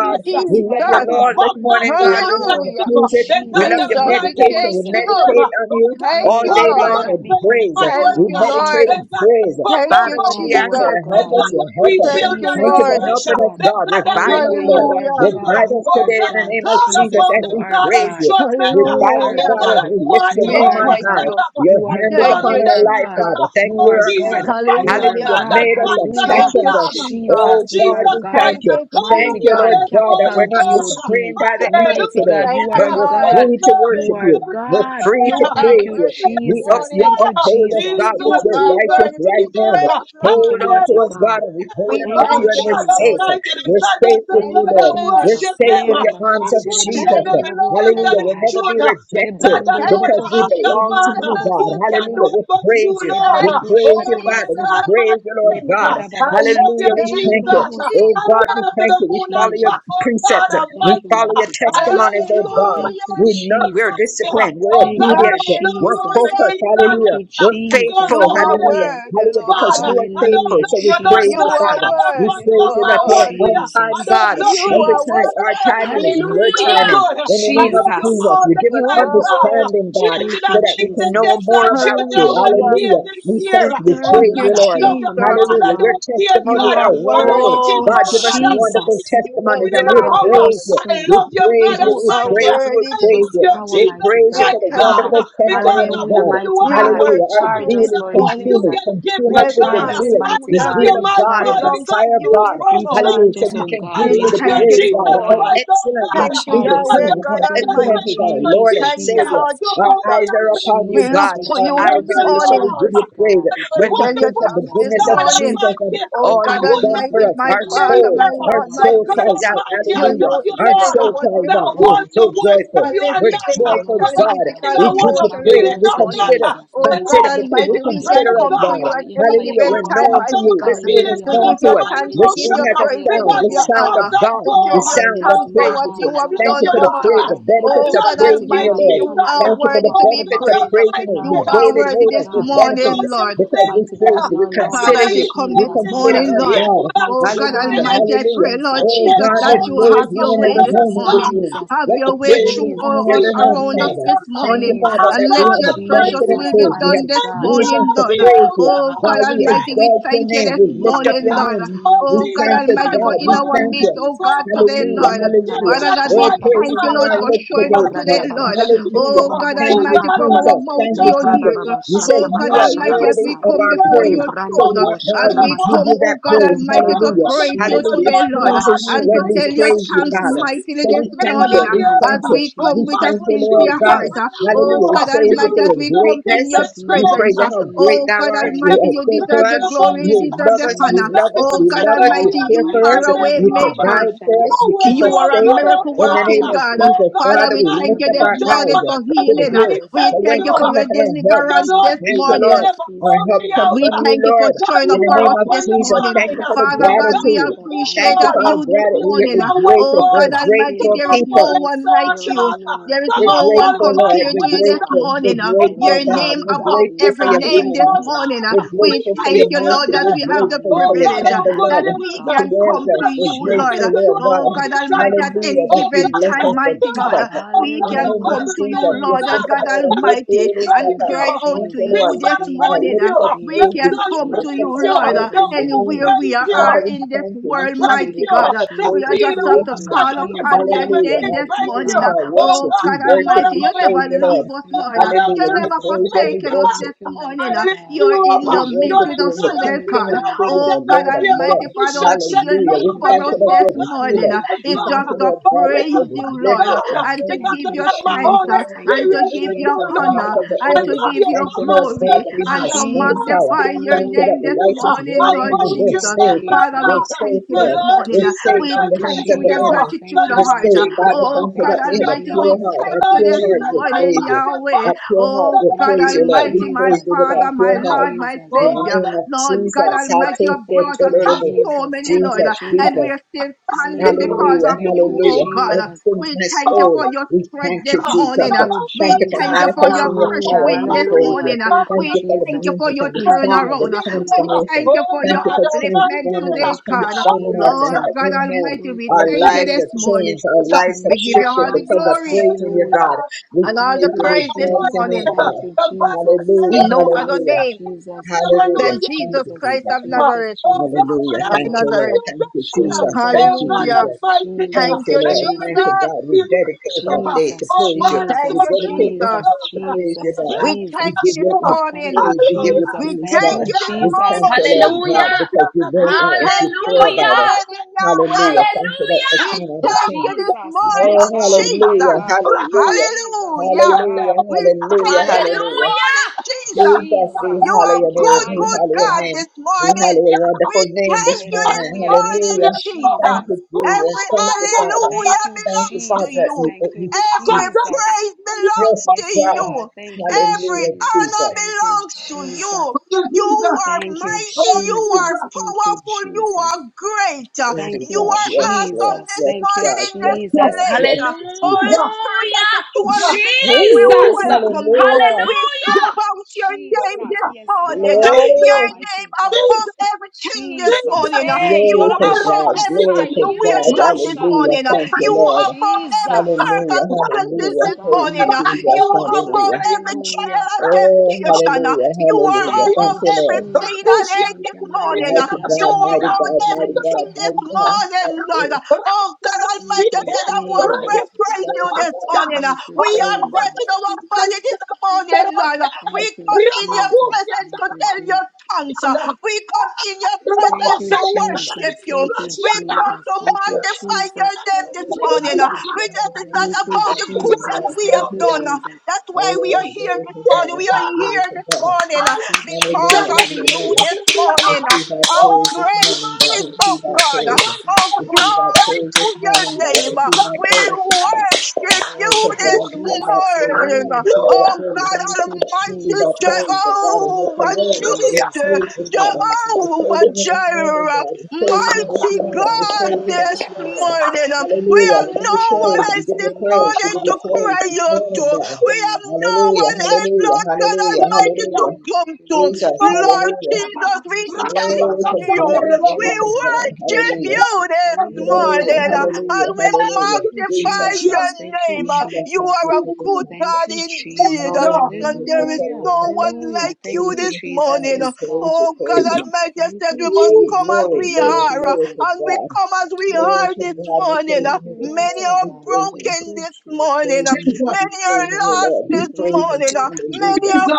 Speaker 1: the
Speaker 2: the
Speaker 1: enemy.
Speaker 3: We
Speaker 2: people.
Speaker 3: love
Speaker 4: my
Speaker 3: you,
Speaker 1: God,
Speaker 5: Jesus.
Speaker 1: they
Speaker 3: Lord,
Speaker 4: God.
Speaker 3: this
Speaker 1: bound our
Speaker 3: morning, God.
Speaker 2: Thank
Speaker 3: We
Speaker 2: you,
Speaker 1: demons and
Speaker 3: won't
Speaker 2: Lord.
Speaker 5: Hallelujah.
Speaker 1: devil.
Speaker 3: refuse it.
Speaker 1: They
Speaker 2: Hallelujah.
Speaker 3: We
Speaker 1: got
Speaker 3: love
Speaker 4: Jesus,
Speaker 1: them
Speaker 2: Thank
Speaker 3: your
Speaker 4: may
Speaker 5: Jesus,
Speaker 4: your
Speaker 2: you.
Speaker 1: blind
Speaker 5: we
Speaker 1: them and
Speaker 3: meditation. We
Speaker 5: thank
Speaker 4: praise.
Speaker 1: sleep
Speaker 2: Oh,
Speaker 5: you.
Speaker 1: them. uh,
Speaker 3: meditate on
Speaker 1: Oh
Speaker 3: you
Speaker 1: God, I
Speaker 4: May
Speaker 5: Thank
Speaker 3: all
Speaker 5: you,
Speaker 4: your
Speaker 1: talk
Speaker 3: day
Speaker 2: thank you,
Speaker 4: praise
Speaker 3: long
Speaker 1: about
Speaker 5: Lord.
Speaker 4: not
Speaker 2: Lord.
Speaker 3: in
Speaker 4: be
Speaker 1: faith,
Speaker 3: praise.
Speaker 1: Emmanuel
Speaker 5: Thank
Speaker 3: We
Speaker 4: conditional,
Speaker 5: you,
Speaker 1: God. uh,
Speaker 5: Lord.
Speaker 3: meditate
Speaker 1: They
Speaker 3: in
Speaker 4: Jesus.
Speaker 1: got to
Speaker 3: praise.
Speaker 1: put
Speaker 5: Thank
Speaker 1: no
Speaker 4: For
Speaker 3: Father,
Speaker 5: you,
Speaker 3: when
Speaker 4: God,
Speaker 3: we
Speaker 4: you
Speaker 1: mountains.
Speaker 3: ask you
Speaker 4: are
Speaker 1: uh,
Speaker 5: Jesus.
Speaker 3: to
Speaker 1: They
Speaker 3: help
Speaker 4: God.
Speaker 1: got
Speaker 3: us,
Speaker 2: Hallelujah.
Speaker 3: you
Speaker 1: to
Speaker 3: help
Speaker 2: Thank you,
Speaker 3: us.
Speaker 5: Thank
Speaker 1: rebuild
Speaker 5: you,
Speaker 2: Jesus.
Speaker 1: and
Speaker 4: Jesus,
Speaker 2: Thank
Speaker 3: Thank you
Speaker 4: you
Speaker 3: for
Speaker 5: Lord.
Speaker 4: are
Speaker 1: refresh. uh,
Speaker 3: helping us,
Speaker 4: God.
Speaker 1: They
Speaker 3: God.
Speaker 1: got to
Speaker 3: Revive us,
Speaker 4: Hallelujah,
Speaker 1: renew and
Speaker 4: you
Speaker 3: Lord.
Speaker 2: you,
Speaker 4: are
Speaker 2: Lord. Thank you.
Speaker 5: Hallelujah.
Speaker 1: rekindle.
Speaker 4: God.
Speaker 1: uh,
Speaker 3: Revive
Speaker 4: You
Speaker 3: us
Speaker 4: are
Speaker 1: Oh
Speaker 3: today in
Speaker 1: God, I
Speaker 3: the
Speaker 4: God.
Speaker 3: name of
Speaker 1: talk
Speaker 4: Jesus,
Speaker 3: Jesus
Speaker 1: about
Speaker 3: as
Speaker 1: the
Speaker 4: you
Speaker 3: we
Speaker 4: are
Speaker 1: God of
Speaker 3: praise
Speaker 4: God.
Speaker 3: you.
Speaker 1: judgment amen.
Speaker 4: You
Speaker 3: Revive us,
Speaker 4: are
Speaker 1: Father
Speaker 5: Hallelujah.
Speaker 3: Father. as
Speaker 1: God,
Speaker 4: God.
Speaker 3: We
Speaker 1: word
Speaker 3: lift your
Speaker 4: You
Speaker 5: We
Speaker 3: name
Speaker 4: are
Speaker 3: on
Speaker 1: Jehovah
Speaker 5: thank
Speaker 3: high.
Speaker 4: God.
Speaker 5: you.
Speaker 1: Sabbath.
Speaker 3: Your
Speaker 4: You
Speaker 1: I
Speaker 4: are
Speaker 3: hand is
Speaker 1: call
Speaker 5: Thank
Speaker 4: God.
Speaker 3: upon
Speaker 1: on
Speaker 5: you,
Speaker 4: You
Speaker 1: the
Speaker 3: our
Speaker 4: are
Speaker 5: Jesus.
Speaker 3: life,
Speaker 1: power
Speaker 4: God.
Speaker 3: Father. Thank
Speaker 4: You
Speaker 3: you,
Speaker 1: of
Speaker 4: are
Speaker 3: your
Speaker 4: God.
Speaker 1: Jesus
Speaker 3: hand.
Speaker 1: Christ,
Speaker 4: You
Speaker 1: oh
Speaker 4: are
Speaker 3: Hallelujah.
Speaker 5: Hallelujah.
Speaker 1: God,
Speaker 3: You've
Speaker 4: God.
Speaker 1: that
Speaker 3: Made us
Speaker 1: fights
Speaker 3: and
Speaker 1: on our
Speaker 4: Hallelujah.
Speaker 5: Thank you,
Speaker 3: fashioned us.
Speaker 1: behalf.
Speaker 5: Jesus.
Speaker 1: Oh
Speaker 4: Jesus,
Speaker 3: Oh
Speaker 4: you
Speaker 3: God,
Speaker 4: are
Speaker 1: Jesus
Speaker 3: we thank
Speaker 4: God.
Speaker 1: Christ,
Speaker 5: Thank
Speaker 1: I
Speaker 3: you.
Speaker 5: you,
Speaker 1: call on
Speaker 3: Thank
Speaker 4: Mighty
Speaker 1: you
Speaker 3: you,
Speaker 5: Jesus.
Speaker 4: God,
Speaker 3: Lord
Speaker 1: this
Speaker 3: God, that
Speaker 1: morning,
Speaker 4: capital
Speaker 3: we're not
Speaker 4: G O
Speaker 1: Lord.
Speaker 4: D.
Speaker 3: restrained by the enemy
Speaker 4: Mighty
Speaker 3: today,
Speaker 4: God, you
Speaker 5: Thank you,
Speaker 3: but
Speaker 4: are
Speaker 1: Hallelujah.
Speaker 3: we're
Speaker 5: Lord.
Speaker 1: Oh
Speaker 4: God.
Speaker 3: free to
Speaker 1: glory,
Speaker 4: You
Speaker 3: worship
Speaker 4: are
Speaker 3: you.
Speaker 1: glory,
Speaker 3: We're
Speaker 1: glory.
Speaker 4: God.
Speaker 3: free
Speaker 5: You
Speaker 3: to
Speaker 5: are
Speaker 4: Thank
Speaker 3: praise
Speaker 4: you,
Speaker 3: you.
Speaker 5: worthy
Speaker 1: Hallelujah.
Speaker 5: this
Speaker 3: We up
Speaker 4: Jesus.
Speaker 3: you
Speaker 5: morning.
Speaker 4: Thank you,
Speaker 3: uphold us,
Speaker 4: Jesus.
Speaker 3: God,
Speaker 1: Jesus,
Speaker 3: with
Speaker 5: You
Speaker 3: your
Speaker 5: are
Speaker 1: Jesus,
Speaker 3: righteous
Speaker 5: worthy to be
Speaker 3: right hand.
Speaker 5: praised,
Speaker 4: Thank you,
Speaker 5: Lord.
Speaker 3: Hold
Speaker 1: Jesus.
Speaker 3: on
Speaker 1: Hallelujah.
Speaker 3: to
Speaker 4: mighty
Speaker 3: us, God,
Speaker 4: God.
Speaker 3: and we're
Speaker 5: We
Speaker 3: holding on
Speaker 4: Thank
Speaker 3: to
Speaker 1: Oh
Speaker 4: you,
Speaker 3: you,
Speaker 5: thank you
Speaker 3: and
Speaker 5: this
Speaker 3: we're
Speaker 1: God
Speaker 4: Jesus.
Speaker 3: safe.
Speaker 5: morning,
Speaker 1: Almighty, the
Speaker 3: We're
Speaker 1: God
Speaker 5: Jesus.
Speaker 1: that
Speaker 3: safe with
Speaker 4: Thank
Speaker 5: Thank
Speaker 3: you,
Speaker 4: you,
Speaker 1: prepared
Speaker 5: you,
Speaker 1: and
Speaker 3: Lord.
Speaker 5: Lord.
Speaker 3: We're
Speaker 1: worship
Speaker 4: Jesus.
Speaker 3: safe
Speaker 1: Him.
Speaker 3: in
Speaker 1: uh,
Speaker 3: the arms
Speaker 1: Must
Speaker 3: of
Speaker 1: worship
Speaker 3: Jesus.
Speaker 5: Thank
Speaker 1: Him
Speaker 5: you,
Speaker 1: in
Speaker 4: Ayarabasheterebiandorobobo
Speaker 1: spirit
Speaker 5: Lord.
Speaker 1: and
Speaker 3: Hallelujah.
Speaker 1: in
Speaker 3: We'll
Speaker 4: sharabahai.
Speaker 3: never be
Speaker 1: truth. uh, The
Speaker 3: rejected
Speaker 1: God that know
Speaker 5: Thank
Speaker 1: the
Speaker 3: because
Speaker 4: Lebrandoroboko
Speaker 5: you,
Speaker 3: we
Speaker 1: heart
Speaker 5: Jesus.
Speaker 1: of
Speaker 3: belong to
Speaker 1: man. uh,
Speaker 3: you,
Speaker 4: sheterebiandorobo
Speaker 3: God.
Speaker 1: Who can do
Speaker 3: Hallelujah.
Speaker 1: it
Speaker 3: We
Speaker 4: satarabahai.
Speaker 1: but you,
Speaker 3: praise you.
Speaker 1: Lord?
Speaker 3: We
Speaker 1: uh,
Speaker 5: Thank
Speaker 3: praise
Speaker 5: you,
Speaker 3: you,
Speaker 1: Oh my
Speaker 3: Father. We
Speaker 1: God,
Speaker 5: Jesus.
Speaker 4: Lebrandushkatamasanda.
Speaker 1: my
Speaker 3: praise you, Lord
Speaker 1: King.
Speaker 3: God.
Speaker 1: uh, I love you,
Speaker 3: Hallelujah. We
Speaker 5: Thank
Speaker 3: thank you.
Speaker 5: you,
Speaker 1: Jesus. uh,
Speaker 4: Lepradababashetebeyondorobobosa.
Speaker 3: Oh
Speaker 1: I
Speaker 5: Jesus.
Speaker 3: God,
Speaker 1: love
Speaker 3: we
Speaker 1: you to
Speaker 3: thank
Speaker 1: the
Speaker 3: you. We
Speaker 1: moon and
Speaker 3: follow your
Speaker 4: Jesus.
Speaker 1: back, oh God
Speaker 3: precepts.
Speaker 4: I
Speaker 3: We
Speaker 4: thank you,
Speaker 1: Almighty.
Speaker 3: follow
Speaker 1: uh,
Speaker 3: your
Speaker 4: mighty
Speaker 1: I
Speaker 4: God.
Speaker 1: love
Speaker 3: testimonies, oh
Speaker 4: I
Speaker 1: you.
Speaker 3: God.
Speaker 5: Hallelujah.
Speaker 4: thank you,
Speaker 3: We know we're
Speaker 4: Jesus.
Speaker 3: disciplined. We're
Speaker 1: Oh God,
Speaker 4: Thank
Speaker 1: I
Speaker 4: you,
Speaker 5: Hallelujah.
Speaker 3: obedient.
Speaker 1: don't love you
Speaker 3: We're
Speaker 1: with
Speaker 4: Jesus.
Speaker 3: focused.
Speaker 1: everything God
Speaker 4: Thank
Speaker 3: Hallelujah.
Speaker 4: you,
Speaker 1: right now.
Speaker 3: We're
Speaker 1: I
Speaker 4: Jesus.
Speaker 1: don't
Speaker 5: You
Speaker 3: faithful.
Speaker 1: love you
Speaker 5: are
Speaker 1: with
Speaker 3: Hallelujah.
Speaker 4: Hallelujah.
Speaker 1: everything
Speaker 5: worthy,
Speaker 3: Hallelujah.
Speaker 1: God.
Speaker 3: Because you
Speaker 5: Lord.
Speaker 3: are
Speaker 1: I don't
Speaker 3: faithful.
Speaker 4: Hallelujah,
Speaker 3: So
Speaker 1: love
Speaker 3: so we
Speaker 1: you, Lord
Speaker 3: praise
Speaker 5: You
Speaker 3: you,
Speaker 1: God,
Speaker 4: Jesus,
Speaker 1: when
Speaker 5: are
Speaker 1: I
Speaker 3: Father.
Speaker 1: have
Speaker 3: We
Speaker 1: gone
Speaker 5: worthy,
Speaker 4: Jesus,
Speaker 1: to
Speaker 3: praise
Speaker 1: on
Speaker 3: you
Speaker 1: my
Speaker 3: that
Speaker 1: own
Speaker 3: you're
Speaker 5: Lord.
Speaker 1: way.
Speaker 3: on
Speaker 1: I
Speaker 3: time,
Speaker 4: Jesus,
Speaker 1: don't
Speaker 3: God.
Speaker 1: love
Speaker 5: You
Speaker 1: you,
Speaker 3: Every
Speaker 1: God,
Speaker 5: are
Speaker 1: when
Speaker 3: time,
Speaker 4: Jesus.
Speaker 1: it's
Speaker 3: our
Speaker 1: so
Speaker 5: worthy,
Speaker 3: timing is
Speaker 1: sweet and
Speaker 3: your
Speaker 4: Hallelujah,
Speaker 1: smell
Speaker 3: timing.
Speaker 5: Jesus.
Speaker 1: good.
Speaker 3: In the
Speaker 1: I
Speaker 3: name of
Speaker 1: love you
Speaker 4: Jesus.
Speaker 3: Jesus,
Speaker 1: all
Speaker 3: you
Speaker 1: the
Speaker 3: give us
Speaker 5: You
Speaker 1: time,
Speaker 5: are
Speaker 1: God.
Speaker 5: worthy.
Speaker 3: understanding, God,
Speaker 1: Children
Speaker 4: Thank
Speaker 3: so
Speaker 1: that
Speaker 4: you,
Speaker 3: that
Speaker 1: six
Speaker 3: we can
Speaker 1: and
Speaker 3: know
Speaker 4: Jesus,
Speaker 1: six
Speaker 3: more
Speaker 1: are
Speaker 3: about you.
Speaker 1: children what
Speaker 5: Hallelujah.
Speaker 3: Hallelujah.
Speaker 1: years
Speaker 4: Jesus,
Speaker 1: in the
Speaker 3: We
Speaker 1: year.
Speaker 3: thank you, we
Speaker 1: Oh
Speaker 5: Thank
Speaker 3: praise
Speaker 1: God,
Speaker 5: you,
Speaker 3: you,
Speaker 4: Jesus.
Speaker 1: I
Speaker 3: Lord.
Speaker 1: love
Speaker 4: Thank
Speaker 1: you
Speaker 4: you,
Speaker 1: from
Speaker 5: Jesus.
Speaker 4: mighty
Speaker 1: all of
Speaker 3: Hallelujah. Your
Speaker 4: God.
Speaker 1: those years,
Speaker 5: You
Speaker 3: testimonies
Speaker 1: God.
Speaker 3: are
Speaker 5: are
Speaker 1: I know what
Speaker 5: worthy,
Speaker 3: wonderful.
Speaker 1: mercy,
Speaker 4: Oh,
Speaker 3: God,
Speaker 1: oh
Speaker 3: give
Speaker 5: Jesus.
Speaker 3: us
Speaker 1: God
Speaker 3: wonderful
Speaker 1: Almighty.
Speaker 4: Jesus,
Speaker 5: You are
Speaker 3: testimonies
Speaker 1: Within
Speaker 4: mighty
Speaker 3: and we
Speaker 1: an
Speaker 5: worthy,
Speaker 4: God,
Speaker 5: Lord.
Speaker 4: give
Speaker 1: hour,
Speaker 4: us
Speaker 3: praise you.
Speaker 1: I
Speaker 4: strength,
Speaker 3: We
Speaker 1: love you, God
Speaker 3: praise
Speaker 4: give
Speaker 3: you.
Speaker 4: us
Speaker 5: You
Speaker 3: We
Speaker 5: are
Speaker 1: Almighty.
Speaker 4: strength,
Speaker 3: praise you. We
Speaker 5: worthy,
Speaker 1: I
Speaker 4: give
Speaker 3: praise
Speaker 1: love
Speaker 4: us
Speaker 3: you.
Speaker 1: you,
Speaker 5: Jesus.
Speaker 4: power,
Speaker 3: We
Speaker 1: Jesus
Speaker 4: mighty
Speaker 3: praise you
Speaker 5: We
Speaker 4: God,
Speaker 1: Christ,
Speaker 3: for the
Speaker 5: thank you
Speaker 4: power.
Speaker 1: God,
Speaker 5: this
Speaker 3: wonderful
Speaker 1: because
Speaker 5: morning.
Speaker 3: testimonies,
Speaker 1: of
Speaker 4: Hallelujah,
Speaker 1: who
Speaker 3: God.
Speaker 1: you
Speaker 4: mighty
Speaker 5: We
Speaker 1: are,
Speaker 4: God.
Speaker 1: not
Speaker 3: Hallelujah. Our
Speaker 5: worship you
Speaker 4: Recharge
Speaker 3: zeal
Speaker 5: this
Speaker 1: because
Speaker 4: us,
Speaker 1: of
Speaker 3: is
Speaker 4: Lord
Speaker 1: what you
Speaker 5: morning.
Speaker 3: consuming.
Speaker 4: Jesus.
Speaker 1: can give
Speaker 3: Consume
Speaker 1: me,
Speaker 3: us
Speaker 5: Every
Speaker 3: with your
Speaker 1: God.
Speaker 4: Recharge us,
Speaker 3: zeal,
Speaker 1: I
Speaker 4: mighty
Speaker 3: the
Speaker 5: hallelujah
Speaker 1: love
Speaker 4: God.
Speaker 3: zeal
Speaker 1: you,
Speaker 3: of
Speaker 1: my
Speaker 3: God
Speaker 4: Recharge
Speaker 3: and
Speaker 1: Father,
Speaker 3: the
Speaker 4: us.
Speaker 5: belongs
Speaker 1: because
Speaker 5: to
Speaker 3: fire of
Speaker 5: you
Speaker 1: you
Speaker 3: God.
Speaker 5: this
Speaker 1: first love
Speaker 5: morning.
Speaker 3: Hallelujah.
Speaker 4: Recharge
Speaker 1: me.
Speaker 3: So
Speaker 4: us,
Speaker 3: we
Speaker 4: O
Speaker 3: can
Speaker 1: I
Speaker 4: God.
Speaker 3: give
Speaker 5: We
Speaker 3: you
Speaker 1: love
Speaker 3: the
Speaker 1: you,
Speaker 5: thank
Speaker 4: Recharge
Speaker 5: you
Speaker 3: praise,
Speaker 4: us,
Speaker 5: this
Speaker 4: O
Speaker 3: God.
Speaker 1: Jesus
Speaker 3: How
Speaker 4: God.
Speaker 5: morning.
Speaker 1: Christ, oh
Speaker 3: excellent
Speaker 5: Thank
Speaker 1: God,
Speaker 5: you,
Speaker 3: is
Speaker 4: Recharge
Speaker 3: the
Speaker 4: us,
Speaker 1: because
Speaker 5: Yahweh
Speaker 1: you
Speaker 3: King. and
Speaker 4: mighty
Speaker 5: God
Speaker 3: How
Speaker 1: take your
Speaker 4: God.
Speaker 3: excellent
Speaker 1: time
Speaker 3: is
Speaker 5: Almighty.
Speaker 1: out
Speaker 3: our
Speaker 1: to
Speaker 4: Recharge us,
Speaker 3: Lord and
Speaker 1: teach
Speaker 5: Thank you,
Speaker 1: me,
Speaker 3: Savior.
Speaker 5: Lord
Speaker 4: Jesus.
Speaker 1: to
Speaker 3: Our
Speaker 1: mold me
Speaker 5: Jesus.
Speaker 3: eyes
Speaker 1: and
Speaker 3: are
Speaker 1: make
Speaker 3: upon
Speaker 1: me.
Speaker 5: We
Speaker 3: you,
Speaker 5: look
Speaker 4: Jesus,
Speaker 3: God.
Speaker 5: to
Speaker 3: Our
Speaker 1: I
Speaker 5: you
Speaker 4: recharge
Speaker 3: eyes
Speaker 1: love
Speaker 5: this
Speaker 4: us.
Speaker 1: you,
Speaker 3: are on you, so
Speaker 5: morning.
Speaker 1: Lord.
Speaker 3: we
Speaker 4: Recharge
Speaker 3: give
Speaker 4: us,
Speaker 3: you praise.
Speaker 4: God.
Speaker 5: We
Speaker 3: When
Speaker 4: Recharge
Speaker 3: we
Speaker 1: What
Speaker 5: tell
Speaker 1: the
Speaker 5: you
Speaker 4: us,
Speaker 3: think of
Speaker 1: fuck,
Speaker 3: the
Speaker 5: thanks
Speaker 4: Jesus.
Speaker 5: this
Speaker 3: goodness of
Speaker 1: God
Speaker 4: Forgive us.
Speaker 5: morning.
Speaker 3: Jesus and
Speaker 1: Almighty?
Speaker 5: Oh
Speaker 3: all
Speaker 1: I
Speaker 5: God
Speaker 3: he's
Speaker 4: Recharge
Speaker 1: would
Speaker 4: us,
Speaker 3: done
Speaker 1: not be
Speaker 5: Almighty,
Speaker 3: for us,
Speaker 4: mighty
Speaker 5: my
Speaker 3: our
Speaker 4: God.
Speaker 1: standing
Speaker 5: Father,
Speaker 3: soul,
Speaker 5: my
Speaker 4: Cleanse
Speaker 1: here.
Speaker 3: our
Speaker 4: and
Speaker 5: Lord,
Speaker 1: So,
Speaker 5: my
Speaker 4: wash and
Speaker 3: soul
Speaker 1: God
Speaker 3: cries
Speaker 5: Savior.
Speaker 3: out,
Speaker 4: sanctify,
Speaker 1: Almighty, I
Speaker 5: You
Speaker 3: hallelujah.
Speaker 1: love
Speaker 5: know
Speaker 1: you,
Speaker 4: Jesus.
Speaker 5: each
Speaker 3: Our
Speaker 5: and
Speaker 4: Oh
Speaker 1: Lord.
Speaker 5: every
Speaker 3: soul
Speaker 5: one
Speaker 4: God, have
Speaker 5: this
Speaker 3: cries
Speaker 1: So I
Speaker 3: out. We are
Speaker 4: mercy,
Speaker 1: want to
Speaker 5: morning.
Speaker 3: so
Speaker 4: Jesus.
Speaker 1: worship
Speaker 3: joyful.
Speaker 1: you or
Speaker 3: We're
Speaker 1: not,
Speaker 4: Have
Speaker 5: Collectively,
Speaker 3: joyful,
Speaker 1: but
Speaker 5: mentally,
Speaker 4: mercy,
Speaker 1: I
Speaker 3: God.
Speaker 4: God.
Speaker 1: still
Speaker 3: We
Speaker 1: I
Speaker 5: physically,
Speaker 3: give
Speaker 1: want to
Speaker 3: you
Speaker 4: Have
Speaker 5: emotionally
Speaker 1: feel
Speaker 5: this
Speaker 3: praise.
Speaker 1: it
Speaker 3: We
Speaker 1: or
Speaker 4: mercy,
Speaker 5: morning.
Speaker 3: consider,
Speaker 1: not.
Speaker 4: Jesus. Let
Speaker 1: I
Speaker 5: Oh
Speaker 4: your
Speaker 5: God
Speaker 3: consider,
Speaker 1: must
Speaker 4: fire
Speaker 3: because
Speaker 1: give
Speaker 3: you
Speaker 5: Almighty,
Speaker 1: you
Speaker 4: erupt
Speaker 5: we
Speaker 4: like
Speaker 5: can
Speaker 3: consider
Speaker 1: praise,
Speaker 3: us,
Speaker 4: flame,
Speaker 5: come
Speaker 4: oh
Speaker 5: to
Speaker 1: God.
Speaker 5: you
Speaker 3: God.
Speaker 4: God.
Speaker 5: at
Speaker 4: Let your
Speaker 1: I
Speaker 5: any
Speaker 4: fire
Speaker 3: Hallelujah.
Speaker 5: given
Speaker 3: We're
Speaker 1: must
Speaker 4: erupt.
Speaker 5: time,
Speaker 4: uh,
Speaker 1: have
Speaker 3: known to
Speaker 1: the
Speaker 5: mighty
Speaker 3: you.
Speaker 1: mighty
Speaker 3: This
Speaker 5: God,
Speaker 3: room
Speaker 1: feeling
Speaker 3: is
Speaker 4: Hallelujah,
Speaker 5: to
Speaker 1: and
Speaker 3: known
Speaker 1: of
Speaker 5: give
Speaker 3: to
Speaker 1: the
Speaker 4: mighty
Speaker 5: your
Speaker 3: us.
Speaker 4: God,
Speaker 1: mighty
Speaker 5: thanks,
Speaker 4: in
Speaker 5: to
Speaker 3: This
Speaker 4: us.
Speaker 5: give
Speaker 4: Let
Speaker 1: emotion
Speaker 3: room
Speaker 4: your
Speaker 5: your
Speaker 3: has a
Speaker 4: fire
Speaker 5: praise, to
Speaker 3: sound,
Speaker 1: because
Speaker 5: give
Speaker 4: erupt,
Speaker 3: the
Speaker 4: oh
Speaker 5: your
Speaker 1: there
Speaker 3: sound
Speaker 4: God,
Speaker 3: of
Speaker 1: comes
Speaker 5: honor,
Speaker 1: and
Speaker 3: God,
Speaker 5: to
Speaker 4: in our
Speaker 3: the
Speaker 1: go.
Speaker 5: tell your
Speaker 3: sound
Speaker 4: bellies,
Speaker 3: that
Speaker 1: Oh
Speaker 5: thanks
Speaker 4: in
Speaker 5: for
Speaker 4: our
Speaker 5: what
Speaker 3: praises
Speaker 1: God,
Speaker 3: you.
Speaker 5: you
Speaker 1: I
Speaker 4: hands, on
Speaker 5: have
Speaker 4: our
Speaker 1: love
Speaker 3: Thank
Speaker 5: done,
Speaker 3: you
Speaker 1: you,
Speaker 3: for the
Speaker 4: feet,
Speaker 5: oh
Speaker 1: Lord.
Speaker 4: upon
Speaker 3: praise,
Speaker 5: God.
Speaker 3: the
Speaker 4: our head.
Speaker 1: I
Speaker 3: benefits
Speaker 5: Oh
Speaker 3: of
Speaker 1: love
Speaker 5: God
Speaker 1: you,
Speaker 4: Mighty
Speaker 3: praising
Speaker 1: King
Speaker 3: you,
Speaker 4: God,
Speaker 5: Almighty,
Speaker 4: put
Speaker 3: Lord.
Speaker 5: you
Speaker 4: on your
Speaker 1: Jesus.
Speaker 5: are
Speaker 4: whole
Speaker 3: Thank you for
Speaker 5: worthy
Speaker 3: the
Speaker 4: armor
Speaker 5: to
Speaker 1: Oh
Speaker 5: be
Speaker 4: upon us,
Speaker 3: benefits
Speaker 1: God
Speaker 3: of
Speaker 4: uh,
Speaker 5: praised.
Speaker 3: praising
Speaker 4: in
Speaker 3: you.
Speaker 1: Almighty.
Speaker 4: our
Speaker 3: You
Speaker 5: You
Speaker 4: backs,
Speaker 5: are
Speaker 3: daily
Speaker 5: worthy
Speaker 4: mighty
Speaker 3: load
Speaker 5: this
Speaker 3: us with
Speaker 4: God, in our
Speaker 3: benefits
Speaker 1: Adore
Speaker 5: morning,
Speaker 4: chest, uh,
Speaker 1: him,
Speaker 5: Lord.
Speaker 3: because
Speaker 1: blame
Speaker 3: we
Speaker 1: me.
Speaker 4: mighty
Speaker 3: praise
Speaker 4: God, in
Speaker 3: you. We
Speaker 4: our
Speaker 5: Father,
Speaker 3: consider
Speaker 1: Adore
Speaker 4: loins,
Speaker 5: as we
Speaker 1: his
Speaker 3: you.
Speaker 5: come
Speaker 3: You
Speaker 5: this
Speaker 1: blame
Speaker 4: Jesus.
Speaker 1: me.
Speaker 3: consider
Speaker 5: morning,
Speaker 3: our
Speaker 4: Hallelujah,
Speaker 5: Lord.
Speaker 1: Yet
Speaker 3: God.
Speaker 1: would I
Speaker 4: mighty
Speaker 5: Oh God
Speaker 1: trust
Speaker 4: God,
Speaker 1: in
Speaker 3: Hallelujah.
Speaker 1: him.
Speaker 4: Lord
Speaker 5: Almighty, I
Speaker 3: Hallelujah.
Speaker 5: pray, Lord
Speaker 4: Jesus,
Speaker 3: Oh
Speaker 1: Then
Speaker 5: Jesus,
Speaker 1: my
Speaker 3: God,
Speaker 5: that
Speaker 3: let
Speaker 1: own
Speaker 5: you
Speaker 1: way
Speaker 3: praise
Speaker 4: Jesus,
Speaker 5: have
Speaker 3: ring
Speaker 5: your
Speaker 3: in
Speaker 5: way
Speaker 1: before
Speaker 3: every
Speaker 5: this
Speaker 1: your
Speaker 3: home
Speaker 4: Jesus,
Speaker 3: in this
Speaker 1: God.
Speaker 5: morning.
Speaker 3: room.
Speaker 4: Jesus.
Speaker 5: Have
Speaker 3: Let the
Speaker 5: your way
Speaker 3: praises
Speaker 5: through
Speaker 3: ring
Speaker 1: Jesus,
Speaker 4: Jesus,
Speaker 5: all
Speaker 3: in
Speaker 5: us
Speaker 3: every
Speaker 1: Jesus,
Speaker 3: home,
Speaker 5: around us
Speaker 3: Father.
Speaker 5: this
Speaker 4: Jesus,
Speaker 1: Jesus.
Speaker 3: Thank you,
Speaker 5: morning.
Speaker 3: Father,
Speaker 1: Our
Speaker 4: Jesus,
Speaker 3: that
Speaker 5: And
Speaker 3: we
Speaker 5: let
Speaker 1: God
Speaker 3: have
Speaker 5: your
Speaker 3: a
Speaker 5: precious
Speaker 3: benefit
Speaker 1: Almighty.
Speaker 3: of
Speaker 4: Jesus,
Speaker 5: will be
Speaker 3: praise. We
Speaker 5: done
Speaker 4: mighty
Speaker 3: have
Speaker 5: this
Speaker 1: Thank
Speaker 4: God.
Speaker 1: you,
Speaker 3: reasons
Speaker 5: morning,
Speaker 1: Lord
Speaker 3: to
Speaker 5: Lord.
Speaker 3: praise you.
Speaker 5: Oh
Speaker 4: Thank you,
Speaker 1: Jehovah.
Speaker 5: God
Speaker 3: God, we
Speaker 5: Almighty,
Speaker 1: Thank
Speaker 4: Jesus.
Speaker 5: we
Speaker 3: exalt
Speaker 1: you.
Speaker 3: your
Speaker 5: thank you
Speaker 3: name.
Speaker 5: this
Speaker 3: We lift up
Speaker 4: Hallelujah.
Speaker 5: morning,
Speaker 3: your
Speaker 4: Not
Speaker 5: Lord.
Speaker 3: name.
Speaker 4: my
Speaker 1: Oh,
Speaker 3: We
Speaker 4: will,
Speaker 5: Oh God
Speaker 1: Jesus
Speaker 3: thank you,
Speaker 4: but
Speaker 5: Almighty,
Speaker 1: Christ,
Speaker 4: your
Speaker 1: the
Speaker 5: for
Speaker 3: God.
Speaker 5: in
Speaker 4: will
Speaker 3: We
Speaker 4: be
Speaker 1: Father
Speaker 5: our
Speaker 1: that
Speaker 3: thank
Speaker 4: done,
Speaker 1: says
Speaker 5: midst,
Speaker 3: you.
Speaker 1: the
Speaker 5: oh
Speaker 4: Jesus.
Speaker 5: God,
Speaker 1: globe,
Speaker 5: today,
Speaker 3: Hallelujah.
Speaker 5: Lord.
Speaker 1: Father,
Speaker 4: Eh,
Speaker 1: them
Speaker 4: kana
Speaker 3: Hallelujah.
Speaker 5: Father God,
Speaker 1: judge
Speaker 5: we
Speaker 3: Oh,
Speaker 4: mashanda
Speaker 1: right at
Speaker 4: baba
Speaker 3: praise
Speaker 5: thank
Speaker 3: is
Speaker 5: you,
Speaker 3: on
Speaker 1: night.
Speaker 5: Lord,
Speaker 3: our
Speaker 5: for
Speaker 3: lips
Speaker 1: The
Speaker 5: showing
Speaker 4: Le
Speaker 5: up
Speaker 3: today,
Speaker 1: Father
Speaker 5: today,
Speaker 4: brada
Speaker 3: God.
Speaker 1: says the
Speaker 4: baba
Speaker 5: Lord.
Speaker 4: sheke
Speaker 3: Hallelujah.
Speaker 4: toro
Speaker 5: Oh
Speaker 1: people
Speaker 5: God
Speaker 3: Thank
Speaker 1: who's
Speaker 4: shana
Speaker 1: the
Speaker 3: you,
Speaker 5: Almighty,
Speaker 4: mahai.
Speaker 5: from
Speaker 1: husband
Speaker 5: our
Speaker 3: Jesus.
Speaker 1: of
Speaker 5: mouth
Speaker 1: finish
Speaker 3: Thank
Speaker 5: to
Speaker 4: Le
Speaker 3: you,
Speaker 1: of
Speaker 5: your
Speaker 1: us
Speaker 4: brada
Speaker 3: Jesus.
Speaker 5: ears.
Speaker 4: baba
Speaker 1: here.
Speaker 3: You said
Speaker 4: shata
Speaker 5: Oh
Speaker 1: The
Speaker 3: you
Speaker 5: God
Speaker 4: baka
Speaker 3: are
Speaker 1: Bible
Speaker 4: shana
Speaker 1: says
Speaker 5: Almighty,
Speaker 1: the
Speaker 5: as
Speaker 3: worthy
Speaker 5: we
Speaker 4: masai.
Speaker 3: of
Speaker 1: country
Speaker 5: come
Speaker 3: our
Speaker 5: before
Speaker 4: Le
Speaker 1: learned
Speaker 5: your
Speaker 3: praise. So,
Speaker 1: of
Speaker 5: throne,
Speaker 4: brandi
Speaker 5: uh,
Speaker 1: what
Speaker 3: Lord
Speaker 4: bosh
Speaker 1: the
Speaker 5: as
Speaker 3: God,
Speaker 4: kanda
Speaker 3: we
Speaker 5: we
Speaker 3: give
Speaker 1: Lord
Speaker 4: masa.
Speaker 5: come,
Speaker 3: you
Speaker 5: oh
Speaker 3: that
Speaker 5: God
Speaker 1: has.
Speaker 4: Oh
Speaker 3: praise.
Speaker 1: For
Speaker 5: Almighty,
Speaker 1: it's
Speaker 5: to
Speaker 4: God,
Speaker 3: Hallelujah.
Speaker 1: coming
Speaker 5: praise
Speaker 1: upon
Speaker 5: you
Speaker 1: the
Speaker 3: Hallelujah. It
Speaker 5: today,
Speaker 4: Jesus,
Speaker 1: Lord
Speaker 5: Lord, uh,
Speaker 3: pleases
Speaker 1: God
Speaker 3: you
Speaker 5: and to
Speaker 3: when we
Speaker 5: tell your
Speaker 3: praise
Speaker 4: Jesus,
Speaker 3: you,
Speaker 5: thanks
Speaker 3: Father.
Speaker 4: Jesus.
Speaker 1: Almighty
Speaker 5: mightily
Speaker 1: in
Speaker 3: So
Speaker 5: this
Speaker 3: we thank
Speaker 1: heaven
Speaker 5: morning,
Speaker 3: you.
Speaker 1: and the
Speaker 3: We
Speaker 5: uh,
Speaker 1: earth.
Speaker 5: as
Speaker 3: thank
Speaker 4: Jesus,
Speaker 3: you.
Speaker 5: we
Speaker 1: When
Speaker 3: We
Speaker 5: come
Speaker 4: Jesus,
Speaker 5: with
Speaker 1: man
Speaker 5: a
Speaker 3: thank you, Lord
Speaker 5: sincere
Speaker 1: refused to
Speaker 5: heart,
Speaker 3: God.
Speaker 4: Jesus,
Speaker 5: uh,
Speaker 1: praise you,
Speaker 5: oh
Speaker 3: Hallelujah. We
Speaker 5: God
Speaker 4: Jesus,
Speaker 1: you
Speaker 3: praise you
Speaker 5: Almighty,
Speaker 3: for
Speaker 5: as
Speaker 4: Jesus,
Speaker 3: your
Speaker 1: rose
Speaker 5: we
Speaker 1: and
Speaker 5: come
Speaker 1: fix
Speaker 5: in
Speaker 3: greatness.
Speaker 5: your
Speaker 1: that
Speaker 4: Jesus,
Speaker 3: We
Speaker 1: stone.
Speaker 5: presence,
Speaker 3: praise
Speaker 4: Jesus,
Speaker 3: you
Speaker 5: uh,
Speaker 3: how
Speaker 1: Oh
Speaker 3: great
Speaker 5: oh
Speaker 3: thou
Speaker 5: God
Speaker 1: God,
Speaker 3: art. You
Speaker 1: can
Speaker 5: Almighty,
Speaker 3: are
Speaker 1: you
Speaker 4: Jesus,
Speaker 5: you
Speaker 3: so
Speaker 1: praise
Speaker 5: deserve
Speaker 3: good.
Speaker 5: the
Speaker 1: you for
Speaker 5: glory,
Speaker 1: me?
Speaker 5: you
Speaker 3: You
Speaker 4: Jesus,
Speaker 5: deserve
Speaker 3: love
Speaker 5: the
Speaker 3: us.
Speaker 1: Oh
Speaker 3: You
Speaker 5: honor,
Speaker 1: God,
Speaker 4: Jesus,
Speaker 3: love us.
Speaker 5: oh
Speaker 1: because
Speaker 3: You
Speaker 1: I
Speaker 5: God
Speaker 4: Jesus.
Speaker 3: love us.
Speaker 1: know
Speaker 3: You
Speaker 1: we
Speaker 4: God, I
Speaker 5: Almighty,
Speaker 1: are
Speaker 3: care
Speaker 5: you
Speaker 3: for
Speaker 4: bind
Speaker 5: are
Speaker 3: us.
Speaker 4: every
Speaker 1: taking
Speaker 5: a
Speaker 1: this
Speaker 5: way
Speaker 4: evil
Speaker 3: You
Speaker 1: from.
Speaker 5: maker,
Speaker 3: provide
Speaker 1: I
Speaker 3: for
Speaker 4: imagination,
Speaker 3: us.
Speaker 1: know
Speaker 3: You
Speaker 4: mighty
Speaker 1: what
Speaker 3: keep
Speaker 5: you
Speaker 1: you
Speaker 3: us
Speaker 4: God.
Speaker 5: are
Speaker 1: have
Speaker 5: a
Speaker 4: Oh
Speaker 3: safe.
Speaker 1: done, oh
Speaker 4: God,
Speaker 5: miracle
Speaker 4: I
Speaker 3: In the
Speaker 4: bind
Speaker 1: God.
Speaker 3: name
Speaker 5: working
Speaker 3: of
Speaker 5: God.
Speaker 4: everything
Speaker 1: Oh
Speaker 3: Jesus,
Speaker 1: God,
Speaker 5: Father,
Speaker 1: I'm
Speaker 3: Father,
Speaker 4: that is
Speaker 5: we
Speaker 3: we
Speaker 1: not
Speaker 4: not
Speaker 5: thank
Speaker 4: of
Speaker 3: lift
Speaker 5: you
Speaker 3: up
Speaker 5: this
Speaker 1: I
Speaker 4: you,
Speaker 3: our
Speaker 1: just
Speaker 4: Jesus.
Speaker 5: morning
Speaker 1: want
Speaker 4: Every
Speaker 3: eyes
Speaker 1: to
Speaker 5: for
Speaker 4: attack
Speaker 1: tell
Speaker 3: to
Speaker 1: you
Speaker 4: upon
Speaker 3: the
Speaker 5: healing.
Speaker 4: our
Speaker 1: that
Speaker 3: hill.
Speaker 1: it
Speaker 4: person,
Speaker 1: thank
Speaker 5: We
Speaker 3: But
Speaker 4: oh
Speaker 3: when
Speaker 5: thank you
Speaker 4: God.
Speaker 5: for
Speaker 1: you.
Speaker 5: your
Speaker 3: cometh our
Speaker 4: The
Speaker 3: help?
Speaker 1: The
Speaker 5: deliverance
Speaker 4: name
Speaker 1: Lord
Speaker 4: of
Speaker 5: this
Speaker 3: Thank you,
Speaker 1: Jesus,
Speaker 5: morning.
Speaker 1: you
Speaker 3: Lord.
Speaker 4: Jesus,
Speaker 1: never
Speaker 4: be
Speaker 3: Our
Speaker 1: called
Speaker 3: help
Speaker 1: me
Speaker 4: still
Speaker 3: comes
Speaker 1: out.
Speaker 4: and
Speaker 5: We
Speaker 3: from
Speaker 4: know
Speaker 3: you,
Speaker 4: that
Speaker 5: thank you
Speaker 4: I am
Speaker 1: Oh
Speaker 5: for
Speaker 3: Lord.
Speaker 1: God,
Speaker 5: showing up
Speaker 3: In
Speaker 1: you
Speaker 3: the
Speaker 1: were
Speaker 5: for
Speaker 3: name
Speaker 5: us
Speaker 1: up
Speaker 3: of
Speaker 5: this
Speaker 1: on your
Speaker 3: Jesus,
Speaker 5: morning.
Speaker 3: thank
Speaker 1: mind.
Speaker 3: you
Speaker 4: be
Speaker 3: for the
Speaker 5: Father
Speaker 4: still
Speaker 1: Oh
Speaker 5: God,
Speaker 4: and
Speaker 1: God,
Speaker 5: we
Speaker 4: know
Speaker 3: gratitude.
Speaker 4: that I
Speaker 1: forget
Speaker 3: Thank
Speaker 5: appreciate
Speaker 4: am
Speaker 3: you
Speaker 5: of
Speaker 1: God.
Speaker 3: for our
Speaker 5: you
Speaker 4: God.
Speaker 5: this
Speaker 1: Many
Speaker 3: gratitude.
Speaker 1: did
Speaker 5: morning.
Speaker 3: You're
Speaker 1: not
Speaker 4: Hallelujah.
Speaker 1: wake
Speaker 3: gracious.
Speaker 5: Oh
Speaker 1: up.
Speaker 4: Be
Speaker 5: God
Speaker 3: We're a
Speaker 5: Almighty,
Speaker 1: Some
Speaker 3: grateful
Speaker 4: still,
Speaker 5: there
Speaker 1: are
Speaker 5: is no
Speaker 3: people.
Speaker 4: be
Speaker 1: falling
Speaker 5: one
Speaker 1: so
Speaker 5: like
Speaker 4: still
Speaker 5: you.
Speaker 1: short.
Speaker 4: and know
Speaker 5: There is
Speaker 1: Some
Speaker 3: We're
Speaker 1: are
Speaker 5: no
Speaker 4: that
Speaker 5: one
Speaker 1: falling
Speaker 3: grateful,
Speaker 4: I
Speaker 1: by
Speaker 3: Lord.
Speaker 1: the
Speaker 5: compared
Speaker 4: am
Speaker 5: to
Speaker 3: We're
Speaker 5: you this
Speaker 4: God.
Speaker 1: wayside.
Speaker 3: grateful. We're
Speaker 5: morning.
Speaker 1: But oh
Speaker 3: grateful,
Speaker 5: Your
Speaker 1: God,
Speaker 3: God.
Speaker 4: Hallelujah.
Speaker 5: name
Speaker 3: We're
Speaker 5: above
Speaker 4: Be
Speaker 1: we
Speaker 3: grateful for
Speaker 5: every
Speaker 1: are
Speaker 3: your
Speaker 4: still
Speaker 1: here,
Speaker 5: name this
Speaker 4: and
Speaker 1: oh
Speaker 3: kindness.
Speaker 4: know.
Speaker 5: morning.
Speaker 1: God.
Speaker 3: We're
Speaker 4: Thank you,
Speaker 5: We
Speaker 1: We
Speaker 3: grateful for
Speaker 5: thank
Speaker 3: your
Speaker 5: you,
Speaker 1: People
Speaker 4: Jesus.
Speaker 1: are
Speaker 5: Lord,
Speaker 3: mercy.
Speaker 5: that
Speaker 3: We're
Speaker 1: dead
Speaker 5: we
Speaker 1: now.
Speaker 5: have
Speaker 4: I
Speaker 5: the
Speaker 3: grateful for
Speaker 1: Oh
Speaker 3: your
Speaker 4: know
Speaker 1: God,
Speaker 5: privilege
Speaker 4: that
Speaker 5: uh,
Speaker 1: oh
Speaker 3: tender
Speaker 4: I
Speaker 1: good
Speaker 5: that
Speaker 1: it
Speaker 3: love
Speaker 4: am
Speaker 1: is.
Speaker 5: we
Speaker 1: Oh
Speaker 4: God.
Speaker 5: can
Speaker 3: towards
Speaker 5: come to
Speaker 3: us.
Speaker 1: God, the
Speaker 5: you,
Speaker 3: We're
Speaker 4: Jesus.
Speaker 5: Lord.
Speaker 1: begging
Speaker 3: grateful,
Speaker 1: to do
Speaker 3: Lord
Speaker 1: it
Speaker 4: Thank
Speaker 5: Oh
Speaker 1: among
Speaker 4: you,
Speaker 3: God.
Speaker 5: God
Speaker 1: each other.
Speaker 5: Almighty, at
Speaker 4: Jesus.
Speaker 3: Hallelujah,
Speaker 5: any
Speaker 3: that
Speaker 1: Oh
Speaker 3: you
Speaker 5: given
Speaker 1: God,
Speaker 3: bless
Speaker 4: Jesus.
Speaker 5: time,
Speaker 3: us
Speaker 1: thank
Speaker 3: and
Speaker 1: you.
Speaker 5: mighty
Speaker 3: keep
Speaker 5: God, uh,
Speaker 3: us.
Speaker 1: Oh
Speaker 5: we
Speaker 3: In
Speaker 1: God,
Speaker 3: the
Speaker 1: the
Speaker 5: can
Speaker 3: name of
Speaker 5: come
Speaker 4: Hallelujah,
Speaker 1: Bible
Speaker 5: to
Speaker 1: said,
Speaker 3: Jesus,
Speaker 5: you,
Speaker 1: oh
Speaker 3: you
Speaker 5: Lord, uh,
Speaker 3: think
Speaker 4: Jesus.
Speaker 1: God,
Speaker 5: God
Speaker 3: about us. Oh, Lord, We
Speaker 5: Almighty,
Speaker 1: everything
Speaker 3: feel this,
Speaker 5: and
Speaker 1: praise
Speaker 4: Thank you,
Speaker 1: you.
Speaker 5: cry out
Speaker 3: Thank
Speaker 5: to
Speaker 3: you,
Speaker 4: Jesus.
Speaker 5: you
Speaker 3: Lord.
Speaker 5: this
Speaker 1: Everybody
Speaker 3: Uh,
Speaker 1: praise
Speaker 4: Jesus.
Speaker 5: morning. uh,
Speaker 3: lift
Speaker 1: you.
Speaker 3: up
Speaker 1: The
Speaker 5: we
Speaker 3: praise.
Speaker 4: Jesus.
Speaker 3: you.
Speaker 5: can
Speaker 1: sun
Speaker 5: come to
Speaker 3: Lift
Speaker 5: you,
Speaker 3: up
Speaker 1: praise
Speaker 4: Jesus.
Speaker 3: our
Speaker 1: you.
Speaker 5: Lord, uh,
Speaker 3: voice
Speaker 1: The
Speaker 4: Jesus.
Speaker 3: in your
Speaker 4: Thank
Speaker 1: moon
Speaker 4: you,
Speaker 3: name.
Speaker 5: anywhere we
Speaker 1: praise
Speaker 5: are
Speaker 4: mighty
Speaker 3: Father,
Speaker 5: are
Speaker 1: you.
Speaker 4: God.
Speaker 3: we
Speaker 5: in this
Speaker 3: thank you.
Speaker 1: I
Speaker 3: We
Speaker 5: world,
Speaker 3: thank
Speaker 1: Thank
Speaker 4: Thank
Speaker 5: mighty
Speaker 3: you. We
Speaker 1: you.
Speaker 4: you,
Speaker 5: God. uh,
Speaker 3: offer
Speaker 1: That
Speaker 5: We are
Speaker 3: praises
Speaker 4: Jesus.
Speaker 3: to
Speaker 1: fear
Speaker 5: just
Speaker 1: the
Speaker 3: you
Speaker 5: have
Speaker 3: this
Speaker 4: Thank
Speaker 5: to
Speaker 1: wash
Speaker 4: you,
Speaker 1: out
Speaker 3: morning.
Speaker 5: call
Speaker 1: the river,
Speaker 4: Jesus.
Speaker 5: upon your
Speaker 4: Thank you,
Speaker 3: Hallelujah.
Speaker 5: name
Speaker 1: everything.
Speaker 3: Our
Speaker 5: this
Speaker 4: mighty
Speaker 1: Thank
Speaker 3: praise
Speaker 1: you.
Speaker 5: morning.
Speaker 3: is
Speaker 4: God.
Speaker 5: uh,
Speaker 3: our
Speaker 1: Oh
Speaker 3: worship.
Speaker 5: Oh,
Speaker 1: God,
Speaker 3: We
Speaker 5: God
Speaker 1: the
Speaker 4: Thank
Speaker 3: worship.
Speaker 1: water
Speaker 5: Almighty,
Speaker 3: We
Speaker 4: you,
Speaker 5: you
Speaker 1: of
Speaker 3: praise
Speaker 5: never
Speaker 1: us.
Speaker 3: you,
Speaker 4: Jesus.
Speaker 3: Lord.
Speaker 5: leave us,
Speaker 4: Thank
Speaker 1: Oh
Speaker 5: Lord. uh,
Speaker 1: God
Speaker 4: you,
Speaker 5: You
Speaker 3: Hallelujah. We
Speaker 5: never
Speaker 1: Almighty,
Speaker 4: Jesus.
Speaker 3: praise you and
Speaker 1: Daddy
Speaker 3: we
Speaker 5: forsaken us
Speaker 3: worship.
Speaker 4: Thank
Speaker 5: this
Speaker 4: you,
Speaker 1: God. I
Speaker 5: morning.
Speaker 4: mighty
Speaker 5: uh,
Speaker 1: lift
Speaker 4: God.
Speaker 1: you
Speaker 5: You're
Speaker 4: Thank
Speaker 5: in
Speaker 4: you,
Speaker 3: We
Speaker 1: up.
Speaker 5: the midst
Speaker 1: You're
Speaker 3: worship
Speaker 1: the
Speaker 5: with
Speaker 3: you
Speaker 4: Jesus.
Speaker 3: in
Speaker 5: us
Speaker 3: the
Speaker 1: God
Speaker 4: Thank
Speaker 1: of
Speaker 3: King,
Speaker 5: today,
Speaker 4: you,
Speaker 3: King
Speaker 5: God.
Speaker 3: of
Speaker 1: Israel,
Speaker 4: Jesus.
Speaker 3: Kings, and
Speaker 1: Isaac,
Speaker 5: Oh,
Speaker 3: the
Speaker 5: God
Speaker 1: and
Speaker 3: Lord of
Speaker 4: Thank
Speaker 1: Jacob,
Speaker 5: Almighty,
Speaker 3: Lords.
Speaker 4: you,
Speaker 5: Father, all
Speaker 1: Ishak,
Speaker 5: the
Speaker 4: Jesus.
Speaker 5: thing you
Speaker 1: Shadrach,
Speaker 3: Hallelujah.
Speaker 1: and
Speaker 4: Thank
Speaker 5: need
Speaker 3: We
Speaker 4: you,
Speaker 5: from
Speaker 3: thank
Speaker 5: us
Speaker 3: you
Speaker 1: Abednego,
Speaker 3: that
Speaker 5: this
Speaker 3: you're
Speaker 4: Jesus.
Speaker 3: the
Speaker 1: God,
Speaker 4: Thank
Speaker 5: morning
Speaker 3: healer.
Speaker 5: uh,
Speaker 4: you,
Speaker 1: Daniel,
Speaker 3: We
Speaker 5: is
Speaker 1: God.
Speaker 3: thank
Speaker 5: just
Speaker 4: Jesus.
Speaker 3: you,
Speaker 5: to
Speaker 3: Lord
Speaker 1: But
Speaker 3: God,
Speaker 1: you
Speaker 3: that
Speaker 1: are
Speaker 3: you're
Speaker 5: praise
Speaker 3: the
Speaker 1: my
Speaker 5: you, Lord, uh,
Speaker 3: deliverer in
Speaker 1: God,
Speaker 3: the
Speaker 5: and to
Speaker 3: name of
Speaker 1: because
Speaker 4: Thank
Speaker 5: give
Speaker 1: I
Speaker 4: you,
Speaker 5: your
Speaker 1: have
Speaker 3: Jesus.
Speaker 1: my
Speaker 5: thanks
Speaker 1: own
Speaker 4: Jesus.
Speaker 5: uh,
Speaker 3: Thank you
Speaker 4: Thank
Speaker 3: for
Speaker 5: and
Speaker 4: you,
Speaker 5: to
Speaker 1: experience
Speaker 5: give
Speaker 1: with
Speaker 3: deliverance
Speaker 1: you,
Speaker 5: your
Speaker 3: from
Speaker 4: Jesus.
Speaker 3: the
Speaker 1: Lord.
Speaker 3: hands
Speaker 4: Thank
Speaker 5: honor
Speaker 3: of
Speaker 4: you,
Speaker 3: the
Speaker 1: I
Speaker 5: and to
Speaker 3: enemy.
Speaker 1: know
Speaker 4: Jesus.
Speaker 5: give
Speaker 1: you
Speaker 5: you
Speaker 3: Thank
Speaker 1: for
Speaker 3: you, Lord God,
Speaker 1: myself,
Speaker 5: glory
Speaker 4: Thank
Speaker 3: that
Speaker 4: you,
Speaker 3: being
Speaker 5: and
Speaker 3: a
Speaker 1: God.
Speaker 5: to
Speaker 3: strong
Speaker 4: Jesus.
Speaker 3: tower.
Speaker 1: Nobody
Speaker 5: magnify your
Speaker 3: Thank you
Speaker 4: Hallelujah.
Speaker 1: understands
Speaker 3: that
Speaker 5: name
Speaker 3: the
Speaker 5: this
Speaker 1: me
Speaker 3: righteous
Speaker 5: morning,
Speaker 3: run in
Speaker 5: Lord
Speaker 3: and
Speaker 1: about
Speaker 3: we're
Speaker 1: you,
Speaker 4: Hallelujah,
Speaker 5: Jesus.
Speaker 1: Lord,
Speaker 3: safe.
Speaker 1: my
Speaker 5: Father,
Speaker 4: Jesus.
Speaker 3: We're
Speaker 5: we
Speaker 1: God.
Speaker 5: thank
Speaker 3: safe,
Speaker 5: you
Speaker 1: The
Speaker 5: this
Speaker 3: Lord.
Speaker 1: Lord
Speaker 5: morning.
Speaker 3: We're
Speaker 5: uh,
Speaker 1: Jesus,
Speaker 3: safe
Speaker 4: Thank
Speaker 1: I
Speaker 5: We
Speaker 3: from the
Speaker 4: you,
Speaker 1: bless
Speaker 3: hands
Speaker 5: thank you
Speaker 3: of
Speaker 5: with
Speaker 3: the
Speaker 5: a
Speaker 1: you.
Speaker 4: Jesus.
Speaker 3: enemy.
Speaker 4: Thank
Speaker 1: The
Speaker 5: gratitude
Speaker 4: you,
Speaker 3: We're
Speaker 1: Lord
Speaker 5: heart. uh,
Speaker 3: safe,
Speaker 4: mighty
Speaker 1: Jesus,
Speaker 3: Father.
Speaker 1: I
Speaker 4: God.
Speaker 5: Oh
Speaker 3: Thank you
Speaker 5: God
Speaker 3: that
Speaker 4: Thank
Speaker 3: we
Speaker 4: you,
Speaker 3: have
Speaker 1: worship
Speaker 3: a
Speaker 5: Almighty,
Speaker 1: you.
Speaker 3: pure
Speaker 4: Jesus.
Speaker 5: we
Speaker 3: heart.
Speaker 1: The
Speaker 3: Our
Speaker 4: Thank
Speaker 5: thank you
Speaker 1: Lord
Speaker 4: you,
Speaker 3: pure
Speaker 5: this
Speaker 3: hearts
Speaker 1: Jesus,
Speaker 4: Jesus.
Speaker 3: will
Speaker 1: I
Speaker 5: morning,
Speaker 3: praise you.
Speaker 1: magnify
Speaker 5: Yahweh.
Speaker 3: Our
Speaker 1: you.
Speaker 3: pure heart
Speaker 1: The
Speaker 5: Oh
Speaker 3: will
Speaker 1: Lord
Speaker 5: God
Speaker 4: Thank
Speaker 3: praise
Speaker 4: you,
Speaker 3: you,
Speaker 1: Jesus,
Speaker 3: Lord. We
Speaker 1: I
Speaker 5: Almighty, my
Speaker 3: praise
Speaker 4: Jesus.
Speaker 1: bless
Speaker 3: you with
Speaker 1: you,
Speaker 3: our
Speaker 5: Father,
Speaker 4: Thank
Speaker 1: oh
Speaker 3: pure
Speaker 5: my
Speaker 4: you,
Speaker 3: heart.
Speaker 5: Lord,
Speaker 1: God.
Speaker 5: my
Speaker 4: Jesus.
Speaker 3: In the
Speaker 1: Oh,
Speaker 5: Savior.
Speaker 3: name of
Speaker 5: Lord
Speaker 3: Jesus,
Speaker 5: God
Speaker 3: I
Speaker 1: the
Speaker 5: Almighty, you
Speaker 3: take
Speaker 5: have
Speaker 3: the
Speaker 4: Thank
Speaker 5: brought us
Speaker 4: you,
Speaker 5: through
Speaker 3: tolerable.
Speaker 5: so
Speaker 4: Jesus.
Speaker 5: many,
Speaker 4: Thank
Speaker 5: Lord,
Speaker 4: you,
Speaker 3: Jesus,
Speaker 5: uh, and
Speaker 4: Jesus.
Speaker 5: we
Speaker 3: Jesus.
Speaker 5: are still standing because
Speaker 4: Hallelujah.
Speaker 3: Hallelujah,
Speaker 5: of
Speaker 4: Thank
Speaker 5: you,
Speaker 4: you,
Speaker 5: oh
Speaker 3: hallelujah.
Speaker 5: God.
Speaker 4: Jesus.
Speaker 3: Everything in
Speaker 5: We
Speaker 3: my
Speaker 5: thank you for
Speaker 3: soul.
Speaker 5: your
Speaker 3: We
Speaker 5: strength
Speaker 3: thank
Speaker 5: this
Speaker 3: you, Jesus.
Speaker 5: morning.
Speaker 4: Thank you,
Speaker 5: We
Speaker 3: Thank you for
Speaker 5: thank
Speaker 4: Jesus.
Speaker 5: you for your
Speaker 3: manifesting your
Speaker 5: fresh
Speaker 4: Hallelujah.
Speaker 3: power as
Speaker 5: wind
Speaker 3: we
Speaker 5: this
Speaker 3: praise you.
Speaker 4: Hallelujah.
Speaker 5: morning. uh.
Speaker 4: Thank you,
Speaker 3: Thank you
Speaker 5: We
Speaker 3: for the
Speaker 5: thank
Speaker 4: Jesus.
Speaker 5: you for
Speaker 3: music
Speaker 5: your
Speaker 3: and the
Speaker 4: Thank
Speaker 3: song, and the
Speaker 5: turnaround.
Speaker 4: you,
Speaker 5: uh.
Speaker 4: Jesus.
Speaker 5: We
Speaker 3: transformation.
Speaker 5: thank you
Speaker 1: Oh
Speaker 5: for your
Speaker 3: Thank you for
Speaker 1: God,
Speaker 5: upliftment
Speaker 1: Almighty,
Speaker 3: transforming
Speaker 5: today,
Speaker 4: Thank
Speaker 3: us,
Speaker 4: you,
Speaker 5: God.
Speaker 3: transforming us
Speaker 4: Jesus.
Speaker 3: in
Speaker 5: Lord
Speaker 3: our
Speaker 5: God
Speaker 3: inner man.
Speaker 5: Almighty,
Speaker 4: Thank
Speaker 5: we
Speaker 3: Our
Speaker 4: you,
Speaker 1: Jehovah,
Speaker 5: thank you
Speaker 3: lives
Speaker 5: this
Speaker 3: have
Speaker 4: Jesus.
Speaker 5: morning.
Speaker 3: changed.
Speaker 1: so,
Speaker 3: Our lives
Speaker 1: oh
Speaker 3: have
Speaker 4: Thank
Speaker 5: We give
Speaker 4: you,
Speaker 5: you
Speaker 1: God,
Speaker 5: all
Speaker 3: shifted
Speaker 5: the
Speaker 1: you
Speaker 3: because
Speaker 4: Jesus.
Speaker 1: have
Speaker 3: of
Speaker 5: glory
Speaker 1: given to
Speaker 3: praising your
Speaker 4: Hallelujah.
Speaker 3: God.
Speaker 1: God.
Speaker 3: We
Speaker 5: and
Speaker 1: Oh
Speaker 5: all
Speaker 4: Thank
Speaker 5: the
Speaker 3: praise you,
Speaker 4: you,
Speaker 1: God
Speaker 3: we
Speaker 5: praise this
Speaker 3: joy in
Speaker 4: Jesus.
Speaker 5: morning
Speaker 3: you,
Speaker 1: Almighty,
Speaker 4: Thank
Speaker 3: God.
Speaker 4: you,
Speaker 1: the Bible
Speaker 4: Jesus.
Speaker 1: says
Speaker 3: Hallelujah,
Speaker 5: in no
Speaker 1: uh,
Speaker 4: Jesus,
Speaker 5: other
Speaker 3: hallelujah.
Speaker 1: that
Speaker 5: name
Speaker 1: they
Speaker 4: Jesus,
Speaker 1: shall never know
Speaker 3: Hallelujah.
Speaker 4: Jesus,
Speaker 5: than
Speaker 1: you as
Speaker 3: Thank
Speaker 1: the
Speaker 5: Jesus
Speaker 3: you,
Speaker 4: Jesus,
Speaker 5: Christ
Speaker 3: Jesus.
Speaker 5: of
Speaker 1: Lord.
Speaker 4: Jesus,
Speaker 5: Nazareth,
Speaker 1: Oh
Speaker 4: Jesus,
Speaker 1: God,
Speaker 3: Hallelujah.
Speaker 1: but I
Speaker 5: of
Speaker 3: Thank
Speaker 4: Jesus,
Speaker 3: you,
Speaker 1: know
Speaker 3: Lord.
Speaker 5: Nazareth.
Speaker 3: Thank
Speaker 1: you,
Speaker 3: you,
Speaker 1: God.
Speaker 3: Jesus.
Speaker 4: Jesus,
Speaker 1: Oh
Speaker 3: Thank you,
Speaker 1: God
Speaker 5: Hallelujah.
Speaker 4: Jesus,
Speaker 3: Jesus.
Speaker 1: Almighty, uh,
Speaker 3: Thank
Speaker 4: Jesus,
Speaker 5: Thank
Speaker 3: you,
Speaker 5: you,
Speaker 3: Lord.
Speaker 1: because
Speaker 3: Thank
Speaker 4: Jesus,
Speaker 1: you
Speaker 3: you,
Speaker 5: Jesus.
Speaker 3: God. We
Speaker 1: reveal
Speaker 3: dedicate
Speaker 1: yourself.
Speaker 3: our
Speaker 1: uh,
Speaker 4: Jesus,
Speaker 3: day to
Speaker 1: Oh
Speaker 3: praise you.
Speaker 1: Father, so
Speaker 3: We
Speaker 5: Thank
Speaker 1: I
Speaker 4: Jesus,
Speaker 5: you,
Speaker 1: bless
Speaker 3: dedicate this
Speaker 1: the
Speaker 5: Jesus.
Speaker 4: Jesus,
Speaker 3: day
Speaker 1: Lord.
Speaker 3: to
Speaker 1: uh,
Speaker 3: praise you,
Speaker 1: I
Speaker 4: Jesus,
Speaker 3: God.
Speaker 5: We
Speaker 3: We
Speaker 4: Jesus.
Speaker 5: thank
Speaker 1: bless
Speaker 5: you
Speaker 3: give
Speaker 1: the
Speaker 5: this
Speaker 3: you
Speaker 1: Lord.
Speaker 3: all
Speaker 4: Thank
Speaker 5: morning.
Speaker 4: you,
Speaker 3: praise. We give you
Speaker 1: Hallelujah.
Speaker 4: Jesus.
Speaker 5: We
Speaker 3: praise,
Speaker 4: Thank
Speaker 1: Oh
Speaker 5: thank
Speaker 4: you,
Speaker 3: God.
Speaker 5: you this
Speaker 1: God, I
Speaker 3: We
Speaker 4: Jesus.
Speaker 5: morning,
Speaker 3: thank
Speaker 1: approach
Speaker 3: you, Lord God,
Speaker 5: Jesus.
Speaker 4: Hallelujah.
Speaker 3: because
Speaker 1: you
Speaker 3: you
Speaker 5: We
Speaker 3: know, God, if
Speaker 5: thank
Speaker 3: you
Speaker 5: you
Speaker 1: Jesus,
Speaker 3: care
Speaker 5: this
Speaker 4: Hallelujah.
Speaker 3: about us.
Speaker 5: morning, Yahweh.
Speaker 3: Hallelujah. Thank you that
Speaker 4: Hallelujah.
Speaker 3: the
Speaker 5: We
Speaker 3: King of the
Speaker 5: thank
Speaker 3: King.
Speaker 5: you this
Speaker 4: Jesus, my
Speaker 5: morning,
Speaker 3: Oh,
Speaker 4: God, my
Speaker 3: hallelujah.
Speaker 5: Jesus.
Speaker 4: God. Thank you,
Speaker 3: Hallelujah.
Speaker 4: Jesus. Yes,
Speaker 5: Hallelujah.
Speaker 3: Hallelujah.
Speaker 4: God.
Speaker 5: We
Speaker 3: Hallelujah.
Speaker 5: thank you this
Speaker 3: Hallelujah.
Speaker 5: morning,
Speaker 4: Hallelujah.
Speaker 5: Jesus.
Speaker 3: Jesus, we
Speaker 5: You
Speaker 4: Jesus.
Speaker 3: hallow
Speaker 5: are
Speaker 3: your
Speaker 4: Thank you,
Speaker 3: name.
Speaker 5: good,
Speaker 3: We
Speaker 5: good
Speaker 4: mighty
Speaker 3: hallow your
Speaker 5: God
Speaker 4: God.
Speaker 3: name.
Speaker 5: this
Speaker 3: We hallow
Speaker 5: morning.
Speaker 3: your
Speaker 5: We
Speaker 3: wonderful name
Speaker 5: thank
Speaker 3: this
Speaker 5: you
Speaker 3: morning.
Speaker 5: this
Speaker 4: Hallelujah. Thank
Speaker 5: morning,
Speaker 4: you,
Speaker 3: Hallelujah.
Speaker 5: Jesus.
Speaker 3: Thank
Speaker 4: Jesus.
Speaker 3: you, Jesus.
Speaker 5: Every
Speaker 3: Thank you, Father.
Speaker 4: Thank
Speaker 5: hallelujah
Speaker 4: you,
Speaker 3: Thank you,
Speaker 5: belongs to
Speaker 3: Father. that
Speaker 4: Jesus.
Speaker 3: We,
Speaker 5: you.
Speaker 3: that
Speaker 4: Thank you,
Speaker 3: we, we
Speaker 5: Every
Speaker 4: Jesus.
Speaker 5: praise belongs
Speaker 3: yes,
Speaker 4: Yes,
Speaker 5: to
Speaker 3: God.
Speaker 4: God.
Speaker 5: you.
Speaker 4: Thank you,
Speaker 5: Every
Speaker 3: Hallelujah,
Speaker 4: Jesus.
Speaker 5: honor
Speaker 3: Jesus.
Speaker 4: Thank you,
Speaker 5: belongs to
Speaker 4: Jesus.
Speaker 5: you. You are
Speaker 4: Thank you,
Speaker 5: mighty. You are
Speaker 4: Jesus. Thank you,
Speaker 5: powerful. You
Speaker 4: Jesus.
Speaker 5: are great.
Speaker 3: Thank you,
Speaker 4: Thank
Speaker 5: You
Speaker 4: you,
Speaker 3: God.
Speaker 5: are
Speaker 3: Yes, Lord.
Speaker 5: awesome
Speaker 4: Jesus.
Speaker 5: this
Speaker 3: Yes,
Speaker 4: Thank you,
Speaker 5: morning
Speaker 3: God.
Speaker 5: in this
Speaker 3: Yes,
Speaker 4: Jesus.
Speaker 3: God.
Speaker 5: place.
Speaker 3: Yes,
Speaker 4: Hallelujah.
Speaker 5: Holy
Speaker 3: Jesus.
Speaker 5: Spirit, as the true and living God, we
Speaker 4: Jesus.
Speaker 3: Ooh,
Speaker 5: welcome you. We
Speaker 3: hallelujah.
Speaker 5: shall
Speaker 4: Hallelujah.
Speaker 5: bow to your name
Speaker 4: Jesus. Yes,
Speaker 5: morning. uh,
Speaker 4: God. Thank you,
Speaker 5: Your
Speaker 3: Glory.
Speaker 4: mighty
Speaker 5: name
Speaker 4: God.
Speaker 5: above everything this
Speaker 4: Jesus.
Speaker 5: morning. uh,
Speaker 4: Hey,
Speaker 5: You
Speaker 3: Glory
Speaker 1: Jesus, Jesus,
Speaker 3: to
Speaker 4: Yoramusha
Speaker 5: above
Speaker 3: God.
Speaker 1: Jesus,
Speaker 5: every
Speaker 3: Glory
Speaker 4: Namasai.
Speaker 3: to God.
Speaker 1: Jesus,
Speaker 5: situation this
Speaker 4: Yoramusha.
Speaker 3: Hallelujah.
Speaker 5: morning. uh,
Speaker 3: Thank
Speaker 4: Thank
Speaker 1: Jesus,
Speaker 3: you,
Speaker 5: You
Speaker 4: you,
Speaker 3: Lord.
Speaker 5: above every
Speaker 1: Rabu
Speaker 4: Jesus.
Speaker 3: Hallelujah,
Speaker 5: circumstances
Speaker 3: hallelujah.
Speaker 4: Yes,
Speaker 5: this
Speaker 3: Praise
Speaker 4: God.
Speaker 3: you,
Speaker 5: morning. uh,
Speaker 4: Thank you,
Speaker 3: Jesus.
Speaker 5: You
Speaker 4: Jesus.
Speaker 5: above
Speaker 3: Hallelujah.
Speaker 5: every trial
Speaker 4: Hallelujah.
Speaker 5: and
Speaker 3: Oh,
Speaker 5: temptation. uh,
Speaker 3: hallelujah,
Speaker 5: You are
Speaker 3: hallelujah.
Speaker 4: Thank
Speaker 5: above
Speaker 3: Thank
Speaker 4: you,
Speaker 3: you,
Speaker 5: every
Speaker 3: Lord.
Speaker 5: pain and
Speaker 4: Jesus.
Speaker 5: hate
Speaker 4: Thank you,
Speaker 5: this morning. uh,
Speaker 4: mighty
Speaker 3: Mighty
Speaker 5: You
Speaker 3: God,
Speaker 4: God.
Speaker 5: are
Speaker 3: mighty
Speaker 4: Thank
Speaker 5: above
Speaker 4: you,
Speaker 3: God, mighty God,
Speaker 5: everything
Speaker 4: Jesus.
Speaker 5: this
Speaker 3: mighty God.
Speaker 5: morning,
Speaker 3: That's
Speaker 5: Lord. uh,
Speaker 3: it.
Speaker 5: Oh God
Speaker 4: Thank
Speaker 5: Almighty, I
Speaker 4: you,
Speaker 5: said that
Speaker 3: Glory
Speaker 5: our
Speaker 3: to
Speaker 4: Jesus.
Speaker 3: the
Speaker 5: breath
Speaker 3: King.
Speaker 5: praise
Speaker 3: Glory
Speaker 5: you
Speaker 3: to
Speaker 5: this
Speaker 3: God.
Speaker 5: morning. uh.
Speaker 4: Thank you,
Speaker 5: We are
Speaker 3: Glory
Speaker 4: Jesus.
Speaker 3: to
Speaker 5: breathing
Speaker 3: God.
Speaker 5: our body this morning, Lord. uh. We
Speaker 4: Thank you,
Speaker 5: come in your
Speaker 4: Jesus.
Speaker 5: presence
Speaker 4: Thank
Speaker 5: to
Speaker 4: you,
Speaker 5: tell
Speaker 4: Jesus.
Speaker 5: your
Speaker 1: God, hallelujah. Jesus. Hallelujah.
Speaker 5: thanks. uh. We come in your
Speaker 4: Thank
Speaker 5: presence
Speaker 4: you,
Speaker 5: to worship
Speaker 4: Jesus.
Speaker 5: you.
Speaker 4: Thank you,
Speaker 5: We come to
Speaker 4: Jesus. Thank you,
Speaker 5: magnify
Speaker 4: Jesus.
Speaker 5: your name this
Speaker 3: Hallelujah,
Speaker 5: morning. uh. We
Speaker 3: hallelujah,
Speaker 5: that is not
Speaker 3: hallelujah.
Speaker 4: Thank you,
Speaker 5: about
Speaker 3: Jesus,
Speaker 5: the
Speaker 3: thank
Speaker 5: good
Speaker 3: you,
Speaker 5: that
Speaker 3: Lord.
Speaker 4: Jesus.
Speaker 5: we have
Speaker 4: Thank
Speaker 3: Thank
Speaker 4: you,
Speaker 3: you,
Speaker 5: done.
Speaker 3: Lord.
Speaker 5: uh.
Speaker 4: Jesus.
Speaker 5: That's why we are
Speaker 3: Oh,
Speaker 5: here
Speaker 3: glory
Speaker 5: this
Speaker 3: to God.
Speaker 5: morning. We are
Speaker 3: Glory
Speaker 5: here
Speaker 3: to
Speaker 5: this
Speaker 3: God.
Speaker 5: morning
Speaker 4: Thank
Speaker 5: uh,
Speaker 4: you,
Speaker 5: because
Speaker 3: Hallelujah,
Speaker 4: Jesus.
Speaker 5: of you
Speaker 3: hallelujah.
Speaker 5: this morning. uh.
Speaker 3: Receive our
Speaker 5: How
Speaker 3: praise this
Speaker 1: Oh my
Speaker 5: great
Speaker 3: morning,
Speaker 1: my
Speaker 3: God.
Speaker 1: my
Speaker 5: is,
Speaker 1: my
Speaker 5: oh
Speaker 3: Receive
Speaker 4: Thank you,
Speaker 3: our
Speaker 5: God.
Speaker 1: my
Speaker 3: praise.
Speaker 5: Oh,
Speaker 4: Jesus.
Speaker 1: my my
Speaker 3: Receive our
Speaker 5: glory
Speaker 3: praise
Speaker 5: to
Speaker 3: this morning,
Speaker 1: Jesus!
Speaker 5: your
Speaker 3: God.
Speaker 5: name.
Speaker 3: Receive
Speaker 1: Jesus!
Speaker 3: our
Speaker 5: We
Speaker 3: praise.
Speaker 4: Jesus.
Speaker 5: worship
Speaker 3: Lord,
Speaker 5: you
Speaker 3: to
Speaker 4: Thank you,
Speaker 5: this
Speaker 3: God, receive
Speaker 1: Hallelujah!
Speaker 3: our
Speaker 4: Jesus.
Speaker 3: praise,
Speaker 5: morning.
Speaker 3: God,
Speaker 4: Hallelujah.
Speaker 3: receive our
Speaker 5: Oh,
Speaker 3: praise,
Speaker 5: God
Speaker 4: Thank you,
Speaker 3: receive
Speaker 5: Almighty,
Speaker 3: our
Speaker 1: Hallelujah!
Speaker 4: Jesus.
Speaker 3: praise, but God, in no
Speaker 4: Thank you,
Speaker 5: Jehovah
Speaker 3: way, we
Speaker 4: Jesus.
Speaker 5: Nissi,
Speaker 4: Thank
Speaker 3: praise you,
Speaker 4: you,
Speaker 3: Father. We
Speaker 4: Jesus.
Speaker 3: praise
Speaker 5: Jehovah
Speaker 3: you this morning,
Speaker 5: Jireh,
Speaker 3: God, we praise
Speaker 4: Thank
Speaker 3: you
Speaker 4: you,
Speaker 3: this
Speaker 5: mighty
Speaker 3: morning, we
Speaker 4: Jesus.
Speaker 5: God
Speaker 3: praise
Speaker 4: Thank
Speaker 3: you
Speaker 4: you,
Speaker 5: this
Speaker 3: this morning.
Speaker 4: Jesus.
Speaker 5: morning. We
Speaker 3: Hallelujah,
Speaker 5: have
Speaker 4: Thank
Speaker 3: we give
Speaker 4: you,
Speaker 3: you
Speaker 5: no one
Speaker 3: praise, we
Speaker 5: else
Speaker 4: Jesus.
Speaker 3: give you
Speaker 5: this
Speaker 4: Thank you,
Speaker 3: praise, we
Speaker 5: morning
Speaker 3: give you
Speaker 5: to
Speaker 4: Jesus.
Speaker 3: praise
Speaker 5: cry
Speaker 3: this
Speaker 5: out
Speaker 3: morning,
Speaker 5: to.
Speaker 3: God.
Speaker 5: We have
Speaker 4: Jesus,
Speaker 5: no
Speaker 3: Hallelujah,
Speaker 4: thank
Speaker 5: one
Speaker 4: you,
Speaker 5: else,
Speaker 3: hallelujah,
Speaker 5: Lord
Speaker 4: Jesus,
Speaker 5: God
Speaker 4: thank
Speaker 3: hallelujah,
Speaker 4: you,
Speaker 5: Almighty,
Speaker 4: Jesus,
Speaker 5: to
Speaker 3: hallelujah.
Speaker 4: thank
Speaker 5: come
Speaker 4: you,
Speaker 5: to.
Speaker 3: Jesus,
Speaker 4: Jesus.
Speaker 5: Lord
Speaker 3: hallelujah.
Speaker 5: Jesus,
Speaker 4: Thank
Speaker 5: we
Speaker 4: you,
Speaker 3: Glory to
Speaker 5: thank
Speaker 4: Jesus. Thank
Speaker 1: Hallelujah!
Speaker 5: you.
Speaker 3: God,
Speaker 4: you,
Speaker 3: glory
Speaker 1: Hallelujah.
Speaker 3: to
Speaker 5: We
Speaker 4: Jesus.
Speaker 3: God,
Speaker 4: Thank you,
Speaker 5: worship
Speaker 3: hallelujah.
Speaker 5: you
Speaker 4: Jesus.
Speaker 5: this
Speaker 4: Hallelujah.
Speaker 3: Hallelujah,
Speaker 5: morning uh,
Speaker 4: Hallelujah.
Speaker 3: hallelujah,
Speaker 5: and we
Speaker 4: Thank
Speaker 3: hallelujah.
Speaker 4: you,
Speaker 3: Jesus,
Speaker 5: magnify
Speaker 4: Jesus.
Speaker 5: your
Speaker 4: Thank you,
Speaker 5: name. uh.
Speaker 3: Jesus,
Speaker 5: You
Speaker 3: has
Speaker 4: Jesus.
Speaker 5: are a
Speaker 3: given
Speaker 5: good
Speaker 3: us
Speaker 4: Thank
Speaker 5: God
Speaker 4: you,
Speaker 5: indeed.
Speaker 4: Jesus.
Speaker 5: uh,
Speaker 3: Hallelujah.
Speaker 5: And
Speaker 3: We praise
Speaker 5: there is
Speaker 4: Hallelujah.
Speaker 3: you
Speaker 5: no
Speaker 3: Father.
Speaker 5: one
Speaker 3: We
Speaker 4: Hallelujah.
Speaker 5: like
Speaker 4: Thank
Speaker 5: you
Speaker 3: praise
Speaker 4: you,
Speaker 3: you
Speaker 5: this
Speaker 3: this
Speaker 4: Jesus.
Speaker 3: morning.
Speaker 5: morning.
Speaker 3: We
Speaker 5: uh.
Speaker 4: Yes,
Speaker 3: praise
Speaker 4: God.
Speaker 3: you,
Speaker 5: Oh God
Speaker 3: praise you.
Speaker 5: Almighty I
Speaker 4: Thank
Speaker 5: said we
Speaker 4: you,
Speaker 5: must
Speaker 3: Woo!
Speaker 5: come
Speaker 4: Jesus.
Speaker 5: as
Speaker 3: Glory,
Speaker 4: Thank
Speaker 5: we
Speaker 4: you,
Speaker 3: glory,
Speaker 5: are. uh,
Speaker 3: glory
Speaker 4: Jesus.
Speaker 3: to
Speaker 5: And we
Speaker 3: God.
Speaker 5: come as we
Speaker 4: Yes,
Speaker 3: Glory
Speaker 5: are
Speaker 3: to
Speaker 5: this
Speaker 3: God.
Speaker 4: Jesus.
Speaker 3: We
Speaker 5: morning.
Speaker 3: praise
Speaker 4: Thank
Speaker 5: uh.
Speaker 3: you
Speaker 4: you,
Speaker 3: this
Speaker 5: Many
Speaker 4: mighty
Speaker 3: morning.
Speaker 5: are
Speaker 3: We
Speaker 4: God.
Speaker 3: praise you.
Speaker 4: Thank
Speaker 5: broken
Speaker 4: you,
Speaker 5: this
Speaker 3: We
Speaker 4: Jesus.
Speaker 5: morning.
Speaker 3: praise
Speaker 5: uh.
Speaker 3: you. We
Speaker 5: Many are
Speaker 3: praise
Speaker 4: Thank
Speaker 3: you,
Speaker 4: you,
Speaker 5: lost
Speaker 3: Lord.
Speaker 5: this
Speaker 3: We
Speaker 4: Jesus.
Speaker 3: praise you.
Speaker 4: Thank
Speaker 5: morning. uh.
Speaker 4: you,
Speaker 5: Many
Speaker 4: Jesus.
Speaker 3: Hallelujah.
Speaker 5: are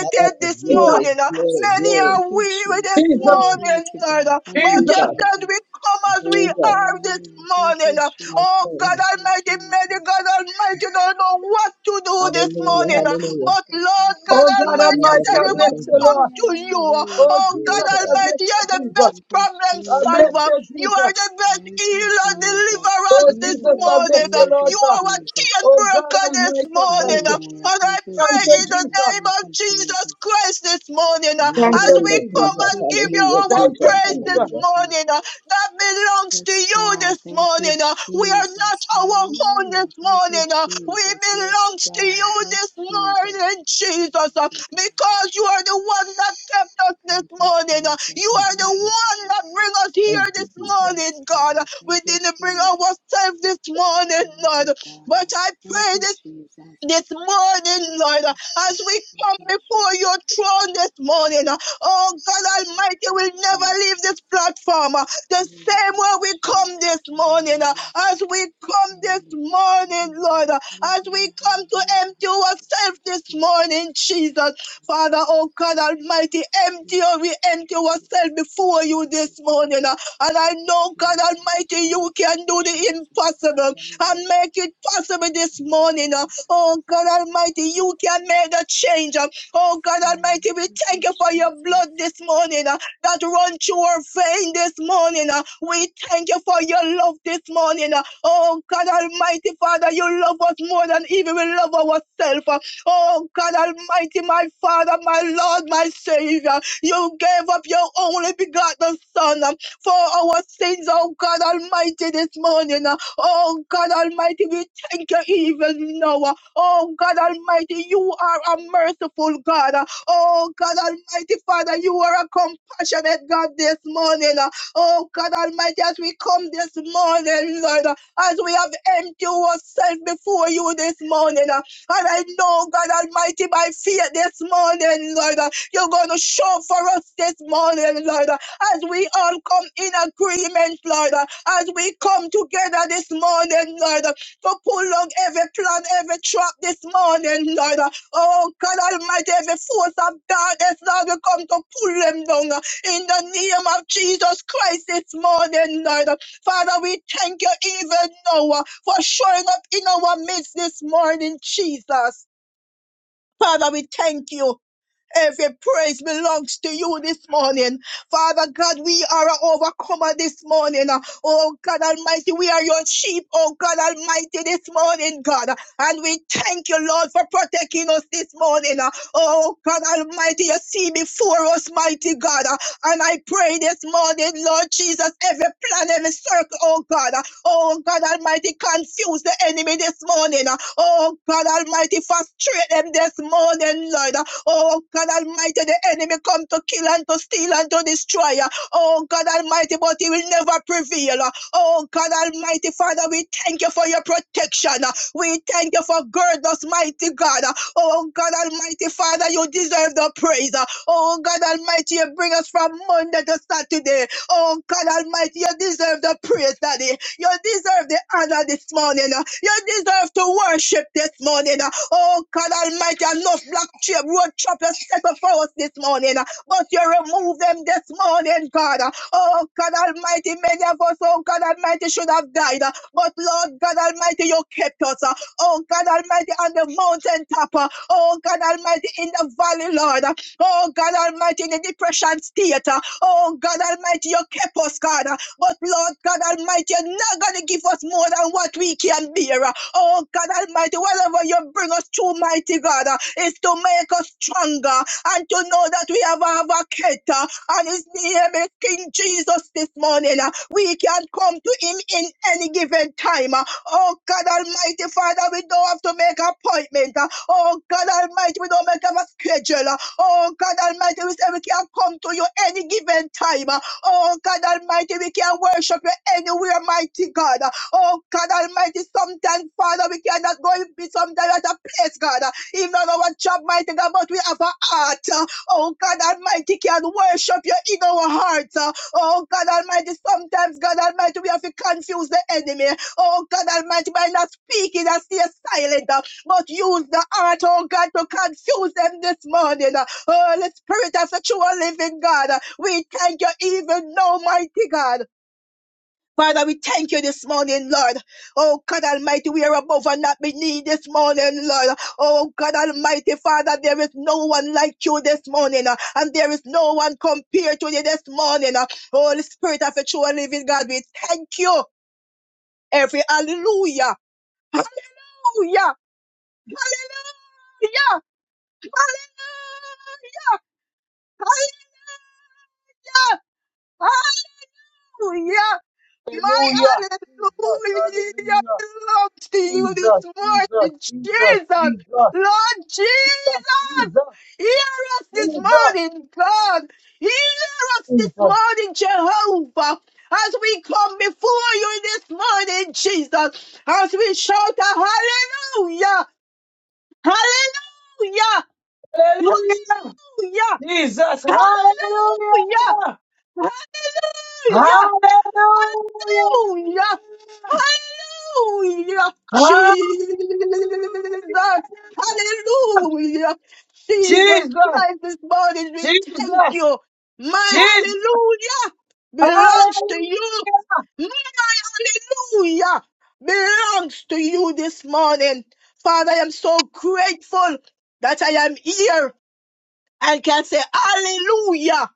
Speaker 3: How about the
Speaker 5: this
Speaker 3: glory,
Speaker 5: morning. uh.
Speaker 3: glory,
Speaker 4: Sorry.
Speaker 5: Many
Speaker 3: glory,
Speaker 4: Thank
Speaker 5: are
Speaker 4: you,
Speaker 5: weary this
Speaker 4: Jesus. Thank you,
Speaker 3: glory,
Speaker 5: morning,
Speaker 4: mighty
Speaker 5: Lord.
Speaker 4: God. Thank you,
Speaker 5: But you
Speaker 3: Jesus,
Speaker 5: said
Speaker 4: Jesus.
Speaker 5: we come as we
Speaker 3: Jesus,
Speaker 5: are this
Speaker 4: Hallelujah. Thank
Speaker 5: morning.
Speaker 4: you,
Speaker 3: my
Speaker 4: Jesus.
Speaker 5: Oh God
Speaker 3: Savior.
Speaker 4: Thank you,
Speaker 5: Almighty, many
Speaker 4: Jesus.
Speaker 5: God Almighty don't know what to do this
Speaker 4: Thank
Speaker 3: Hallelujah,
Speaker 5: morning.
Speaker 4: you,
Speaker 3: hallelujah.
Speaker 4: Jesus.
Speaker 5: But Lord
Speaker 4: Thank you,
Speaker 5: God
Speaker 1: Oh God
Speaker 5: Almighty, you
Speaker 3: Hallelujah.
Speaker 4: Jesus.
Speaker 1: Almighty,
Speaker 5: said
Speaker 1: I
Speaker 5: we must
Speaker 1: bless you,
Speaker 5: come
Speaker 1: Lord.
Speaker 4: Hallelujah.
Speaker 5: to you.
Speaker 1: Oh
Speaker 4: Hallelujah.
Speaker 5: Oh
Speaker 1: Jesus,
Speaker 3: Glory
Speaker 5: God
Speaker 3: to
Speaker 1: I
Speaker 3: God.
Speaker 1: bless
Speaker 5: Almighty, you're
Speaker 1: you,
Speaker 5: the
Speaker 1: Jesus.
Speaker 5: best
Speaker 4: Thank you,
Speaker 5: problem
Speaker 1: I bless
Speaker 4: Jesus.
Speaker 5: solver.
Speaker 1: you,
Speaker 5: You are
Speaker 1: Jesus.
Speaker 5: the best
Speaker 4: Thank you,
Speaker 5: healer,
Speaker 4: Jesus.
Speaker 1: Oh
Speaker 5: deliverance this
Speaker 1: Jesus,
Speaker 4: Jesus,
Speaker 1: I bless
Speaker 5: morning.
Speaker 1: you, Lord
Speaker 4: Jesus,
Speaker 5: You
Speaker 1: God.
Speaker 5: are a
Speaker 4: Jesus.
Speaker 5: chain
Speaker 1: Oh God
Speaker 5: breaker this
Speaker 1: Almighty, I thank
Speaker 5: morning.
Speaker 1: you.
Speaker 4: Hallelujah.
Speaker 5: And I
Speaker 4: Thank you,
Speaker 1: Thank
Speaker 5: pray
Speaker 1: you,
Speaker 5: in
Speaker 4: Jesus.
Speaker 5: the
Speaker 1: Jesus.
Speaker 5: name
Speaker 4: Thank
Speaker 5: of
Speaker 4: you, Jesus.
Speaker 5: Jesus Christ this morning uh,
Speaker 1: Thank
Speaker 5: as
Speaker 1: you,
Speaker 5: we
Speaker 3: Hallelujah,
Speaker 1: Jesus.
Speaker 5: come
Speaker 4: Thank
Speaker 3: Jesus.
Speaker 5: and
Speaker 4: you,
Speaker 5: give you
Speaker 3: Hallelujah,
Speaker 4: Jesus.
Speaker 5: our
Speaker 1: Thank you,
Speaker 3: Jesus.
Speaker 4: Thank
Speaker 5: praise
Speaker 4: you,
Speaker 5: this
Speaker 1: Jesus.
Speaker 3: Hallelujah.
Speaker 4: Jesus.
Speaker 5: morning uh, that belongs to
Speaker 4: Yes,
Speaker 5: you
Speaker 4: God.
Speaker 5: this
Speaker 4: Thank you,
Speaker 5: morning. uh, we are not
Speaker 4: Jesus.
Speaker 5: our own
Speaker 4: Hallelujah.
Speaker 5: this
Speaker 4: Thank you,
Speaker 5: morning. uh, we
Speaker 4: Jesus. Yes,
Speaker 5: belongs to
Speaker 4: God.
Speaker 5: you
Speaker 4: Yes,
Speaker 5: this
Speaker 4: Jesus.
Speaker 5: morning,
Speaker 4: Thank you,
Speaker 5: Jesus, uh,
Speaker 4: mighty God.
Speaker 5: because you are the one that kept us this
Speaker 4: Thank you,
Speaker 5: morning. uh,
Speaker 4: Jesus.
Speaker 5: you are the
Speaker 4: Thank you,
Speaker 5: one that bring
Speaker 4: Jesus.
Speaker 5: us here
Speaker 3: Thank you,
Speaker 5: this
Speaker 3: Jesus.
Speaker 4: Yes,
Speaker 5: morning, God. Uh,
Speaker 4: God.
Speaker 5: we
Speaker 4: Thank you,
Speaker 5: didn't bring
Speaker 4: Jesus.
Speaker 5: ourselves this
Speaker 4: Thank
Speaker 5: morning,
Speaker 4: you,
Speaker 5: Lord.
Speaker 4: mighty
Speaker 5: But
Speaker 4: God.
Speaker 5: I
Speaker 4: Thank
Speaker 5: pray
Speaker 4: you,
Speaker 5: this
Speaker 4: Jesus.
Speaker 5: this morning, Lord, uh,
Speaker 4: Yes, God.
Speaker 5: as we
Speaker 4: Thank
Speaker 5: come
Speaker 4: you, Jesus.
Speaker 5: before your throne this morning. uh, Oh God
Speaker 4: Thank
Speaker 5: Almighty,
Speaker 4: you,
Speaker 5: we'll never
Speaker 4: Jesus.
Speaker 5: leave this platform uh, the same
Speaker 4: Hallelujah,
Speaker 5: way we
Speaker 4: Jesus.
Speaker 5: come this morning. uh,
Speaker 4: Hallelujah,
Speaker 5: As we come this
Speaker 4: Hallelujah,
Speaker 5: morning,
Speaker 4: hallelujah,
Speaker 5: Lord, uh,
Speaker 4: hallelujah,
Speaker 5: as we
Speaker 4: hallelujah,
Speaker 5: come to
Speaker 4: hallelujah.
Speaker 5: empty ourselves this
Speaker 4: Jesus,
Speaker 5: morning, Jesus.
Speaker 4: Jesus,
Speaker 5: Father, oh God Almighty, empty, oh,
Speaker 4: Jesus,
Speaker 5: we empty ourselves
Speaker 4: Jesus,
Speaker 5: before you this
Speaker 4: Jesus,
Speaker 5: morning. uh, And I know, God
Speaker 4: Jesus,
Speaker 5: Almighty, you can do the
Speaker 4: Jesus, Jesus, Jesus.
Speaker 5: impossible and make it
Speaker 4: Hallelujah.
Speaker 5: possible this
Speaker 4: Thank
Speaker 5: morning.
Speaker 4: you, Jesus.
Speaker 5: Oh God Almighty, you can make the change. uh. Oh God
Speaker 4: God,
Speaker 5: Almighty, we
Speaker 4: thank
Speaker 5: thank
Speaker 4: you,
Speaker 5: you for your blood this
Speaker 4: Jesus.
Speaker 5: morning uh, that run through our vein this morning. uh. We thank you for your love this morning. uh. Oh God Almighty, Father, you love us more than even we love ourselves. uh. Oh God Almighty, my Father, my Lord, my Savior, you gave up your only begotten Son um, for our sins, oh God Almighty, this morning. uh. Oh God Almighty, we thank you even now. Uh, Oh God Almighty, you are a merciful God. Oh God Almighty Father, you are a compassionate God this morning. Oh God Almighty, as we come this morning, Lord, as we have emptied ourselves before you this morning. And I know, God Almighty, by fear this morning, Lord, you're going to show for us this morning, Lord, as we all come in agreement, Lord, as we come together this morning, Lord to pull on every plan, every trap this morning, Lord. Oh, God Almighty, every force of darkness, Lord, we come to pull them down uh, in the name of Jesus Christ this morning, Lord. Father, we thank you even now uh, for showing up in our midst this morning, Jesus. Father, we thank you. Every praise belongs to you this morning. Father God, we are an overcomer this morning. Oh God Almighty, we are your sheep, oh God Almighty, this morning, God. And we thank you, Lord, for protecting us this morning. Oh God Almighty, you see before us, mighty God. And I pray this morning, Lord Jesus, every plan, every circle, oh God, oh God Almighty, confuse the enemy this morning. Oh God Almighty, frustrate them this morning, Lord. Oh God Almighty, the enemy come to kill and to steal and to destroy. Oh God Almighty, but he will never prevail. Oh God Almighty, Father, we thank you for your protection. We thank you for gird us, mighty God. Oh God Almighty, Father, you deserve the praise. Oh God Almighty, you bring us from Monday to Saturday. Oh God Almighty, you deserve the praise, Daddy. You deserve the honor this morning. You deserve to worship this morning. Oh God Almighty, and no black tree, road choppers set before us this morning. uh, But you remove them this morning, God. uh. Oh God Almighty, many of us, oh God Almighty, should have died. uh, But Lord God Almighty, you kept us. uh. Oh God Almighty, on the mountaintop. uh, Oh God Almighty, in the valley, Lord. uh, Oh God Almighty, in the depression state. uh, Oh God Almighty, you kept us, God. uh, But Lord God Almighty, you're not going to give us more than what we can bear. Oh God Almighty, whatever you bring us to, mighty God, uh, is to make us stronger and to know that we have a vacator and his name is King Jesus this morning. uh. We can come to him in any given time. uh. Oh God Almighty, Father, we don't have to make appointment. uh. Oh God Almighty, we don't make a schedule. uh. Oh God Almighty, we say we can come to you any given time. uh. Oh God Almighty, we can worship you anywhere, mighty God. uh, Oh God Almighty, sometimes, Father, we cannot go in be sometimes at a place, God. Even on our job, mighty God, but we have a heart. Oh God Almighty, can worship you in our hearts. Oh God Almighty, sometimes, God Almighty, we have to confuse the enemy. Oh God Almighty, by not speaking and stay silent, but use the heart, oh God, to confuse them this morning. Holy Spirit as a true living God, we thank you even now, mighty God. Father, we thank you this morning, Lord. Oh God Almighty, we are above and not beneath this morning, Lord. Oh God Almighty, Father, there is no one like you this morning, uh, and there is no one compared to you this morning. uh. Holy Spirit of a true and living God, we thank you. Every hallelujah, hallelujah, hallelujah, hallelujah, hallelujah, hallelujah. My
Speaker 1: Hallelujah. Jesus,
Speaker 5: hallelujah
Speaker 1: hallelujah.
Speaker 5: belongs to you
Speaker 1: Jesus,
Speaker 5: this
Speaker 1: Jesus,
Speaker 5: morning,
Speaker 1: Jesus,
Speaker 5: Jesus.
Speaker 1: Jesus,
Speaker 5: Lord Jesus,
Speaker 1: Jesus,
Speaker 5: hear us this morning, God. Hear
Speaker 1: Jesus,
Speaker 5: us this
Speaker 1: Jesus.
Speaker 5: morning, Jehovah. As we come before you this morning, Jesus, as we shout a hallelujah, hallelujah, hallelujah,
Speaker 1: Hallelujah. Jesus,
Speaker 5: hallelujah,
Speaker 1: hallelujah. Hallelujah.
Speaker 5: hallelujah. Hallelujah! Hallelujah!
Speaker 1: Ah,
Speaker 5: Jesus! Hallelujah! Jesus
Speaker 1: Jesus,
Speaker 5: Christ, this morning we thank
Speaker 1: Jesus,
Speaker 5: you. My
Speaker 1: Jesus,
Speaker 5: hallelujah belongs to
Speaker 1: hallelujah.
Speaker 5: you. My hallelujah belongs to you this morning. Father, I am so grateful that I am here and can say hallelujah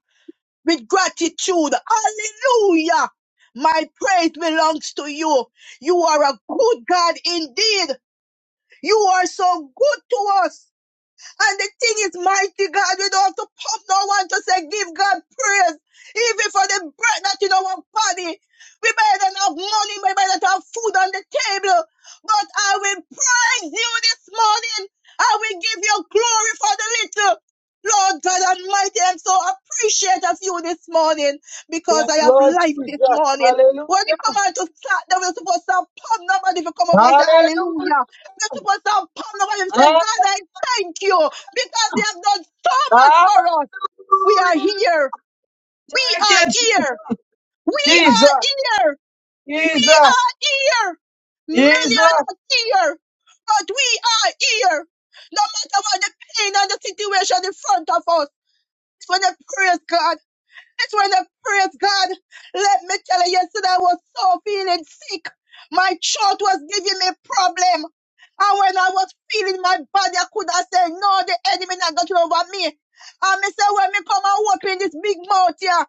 Speaker 5: with gratitude. Hallelujah. My praise belongs to you. You are a good God indeed. You are so good to us. And the thing is, mighty God, we don't have to pump no one to say, give God praise. Even for the bread that in our body. We better than have money, we better than have food on the table. But I will praise you this morning. I will give you glory for the little. Lord God Almighty, I'm so appreciative of you this morning because
Speaker 1: Yes,
Speaker 5: I have
Speaker 1: Lord
Speaker 5: life this
Speaker 1: Jesus,
Speaker 5: morning.
Speaker 1: hallelujah.
Speaker 5: When you come out to start, then we're supposed to pump nobody if you come up and say
Speaker 1: Hallelujah.
Speaker 5: hallelujah. We're supposed to pump nobody if you say,
Speaker 1: hallelujah.
Speaker 5: God, I thank you because they have done so much
Speaker 1: Ah,
Speaker 5: for us. We are here. We
Speaker 1: Thank you,
Speaker 5: are
Speaker 1: Jesus,
Speaker 5: here. We are
Speaker 1: Jesus,
Speaker 5: here. We are
Speaker 1: Jesus,
Speaker 5: here. Many
Speaker 1: Jesus,
Speaker 5: are not here, but we are here. No matter what the pain and the situation in front of us, when they praise God. That's when I praise God. Let me tell you, yesterday I was so feeling sick. My throat was giving me problem. And when I was feeling my body, I could have said, no, the enemy not got over me. And me say, when me come and walk in this big mouth here,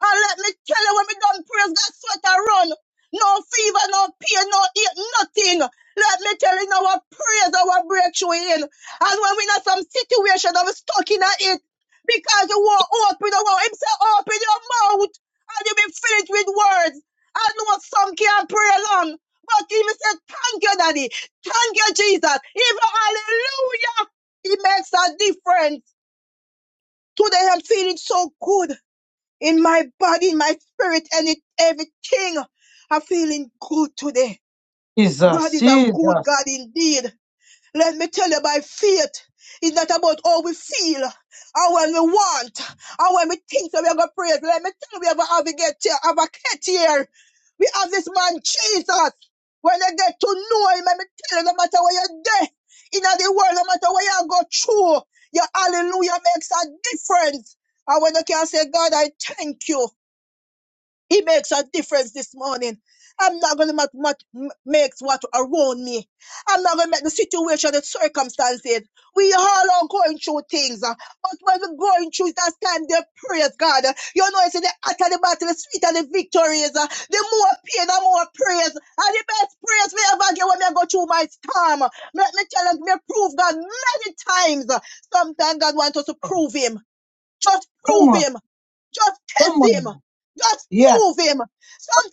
Speaker 5: and let me tell you, when me done praise God, sweat I run. No fever, no pain, no ache, nothing. Let me tell you, now, our praise, our breakthrough in. And when we in some situation, I'm stuck in it because you won't open the mouth. Him say open your mouth and you be filled with words. I know some can't pray long, but he will say thank you, Daddy. Thank you, Jesus. Even hallelujah. It makes a difference. Today I'm feeling so good in my body, in my spirit, and it, everything. I'm feeling good today. God
Speaker 1: Jesus.
Speaker 5: is a
Speaker 1: Jesus.
Speaker 5: good God indeed. Let me tell you, by faith it's not about how we feel or when we want or when we think that we are going to praise. Let me tell you, we have a advocate here. advocate here. We have this man, Jesus. When I get to know him, let me tell you, no matter where you're there, in the world, no matter where you go through, your hallelujah makes a difference. And when you can say, God, I thank you. It makes a difference this morning. I'm not going to make what makes what around me. I'm not going to make the situation, the circumstances. We all are going through things. uh, But when we're going through it, that's time they praise God. You know, it's in the heart of the battle, the sweet of the victories. uh, The more pain, the more praise. And the best praise we ever get when we go through my storm. Let me tell you, me prove God many times. Sometimes God wants us to prove him. Just
Speaker 1: Come
Speaker 5: prove
Speaker 1: on,
Speaker 5: him. Just
Speaker 1: come
Speaker 5: test him.
Speaker 1: on.
Speaker 5: Just
Speaker 1: Yeah,
Speaker 5: prove him.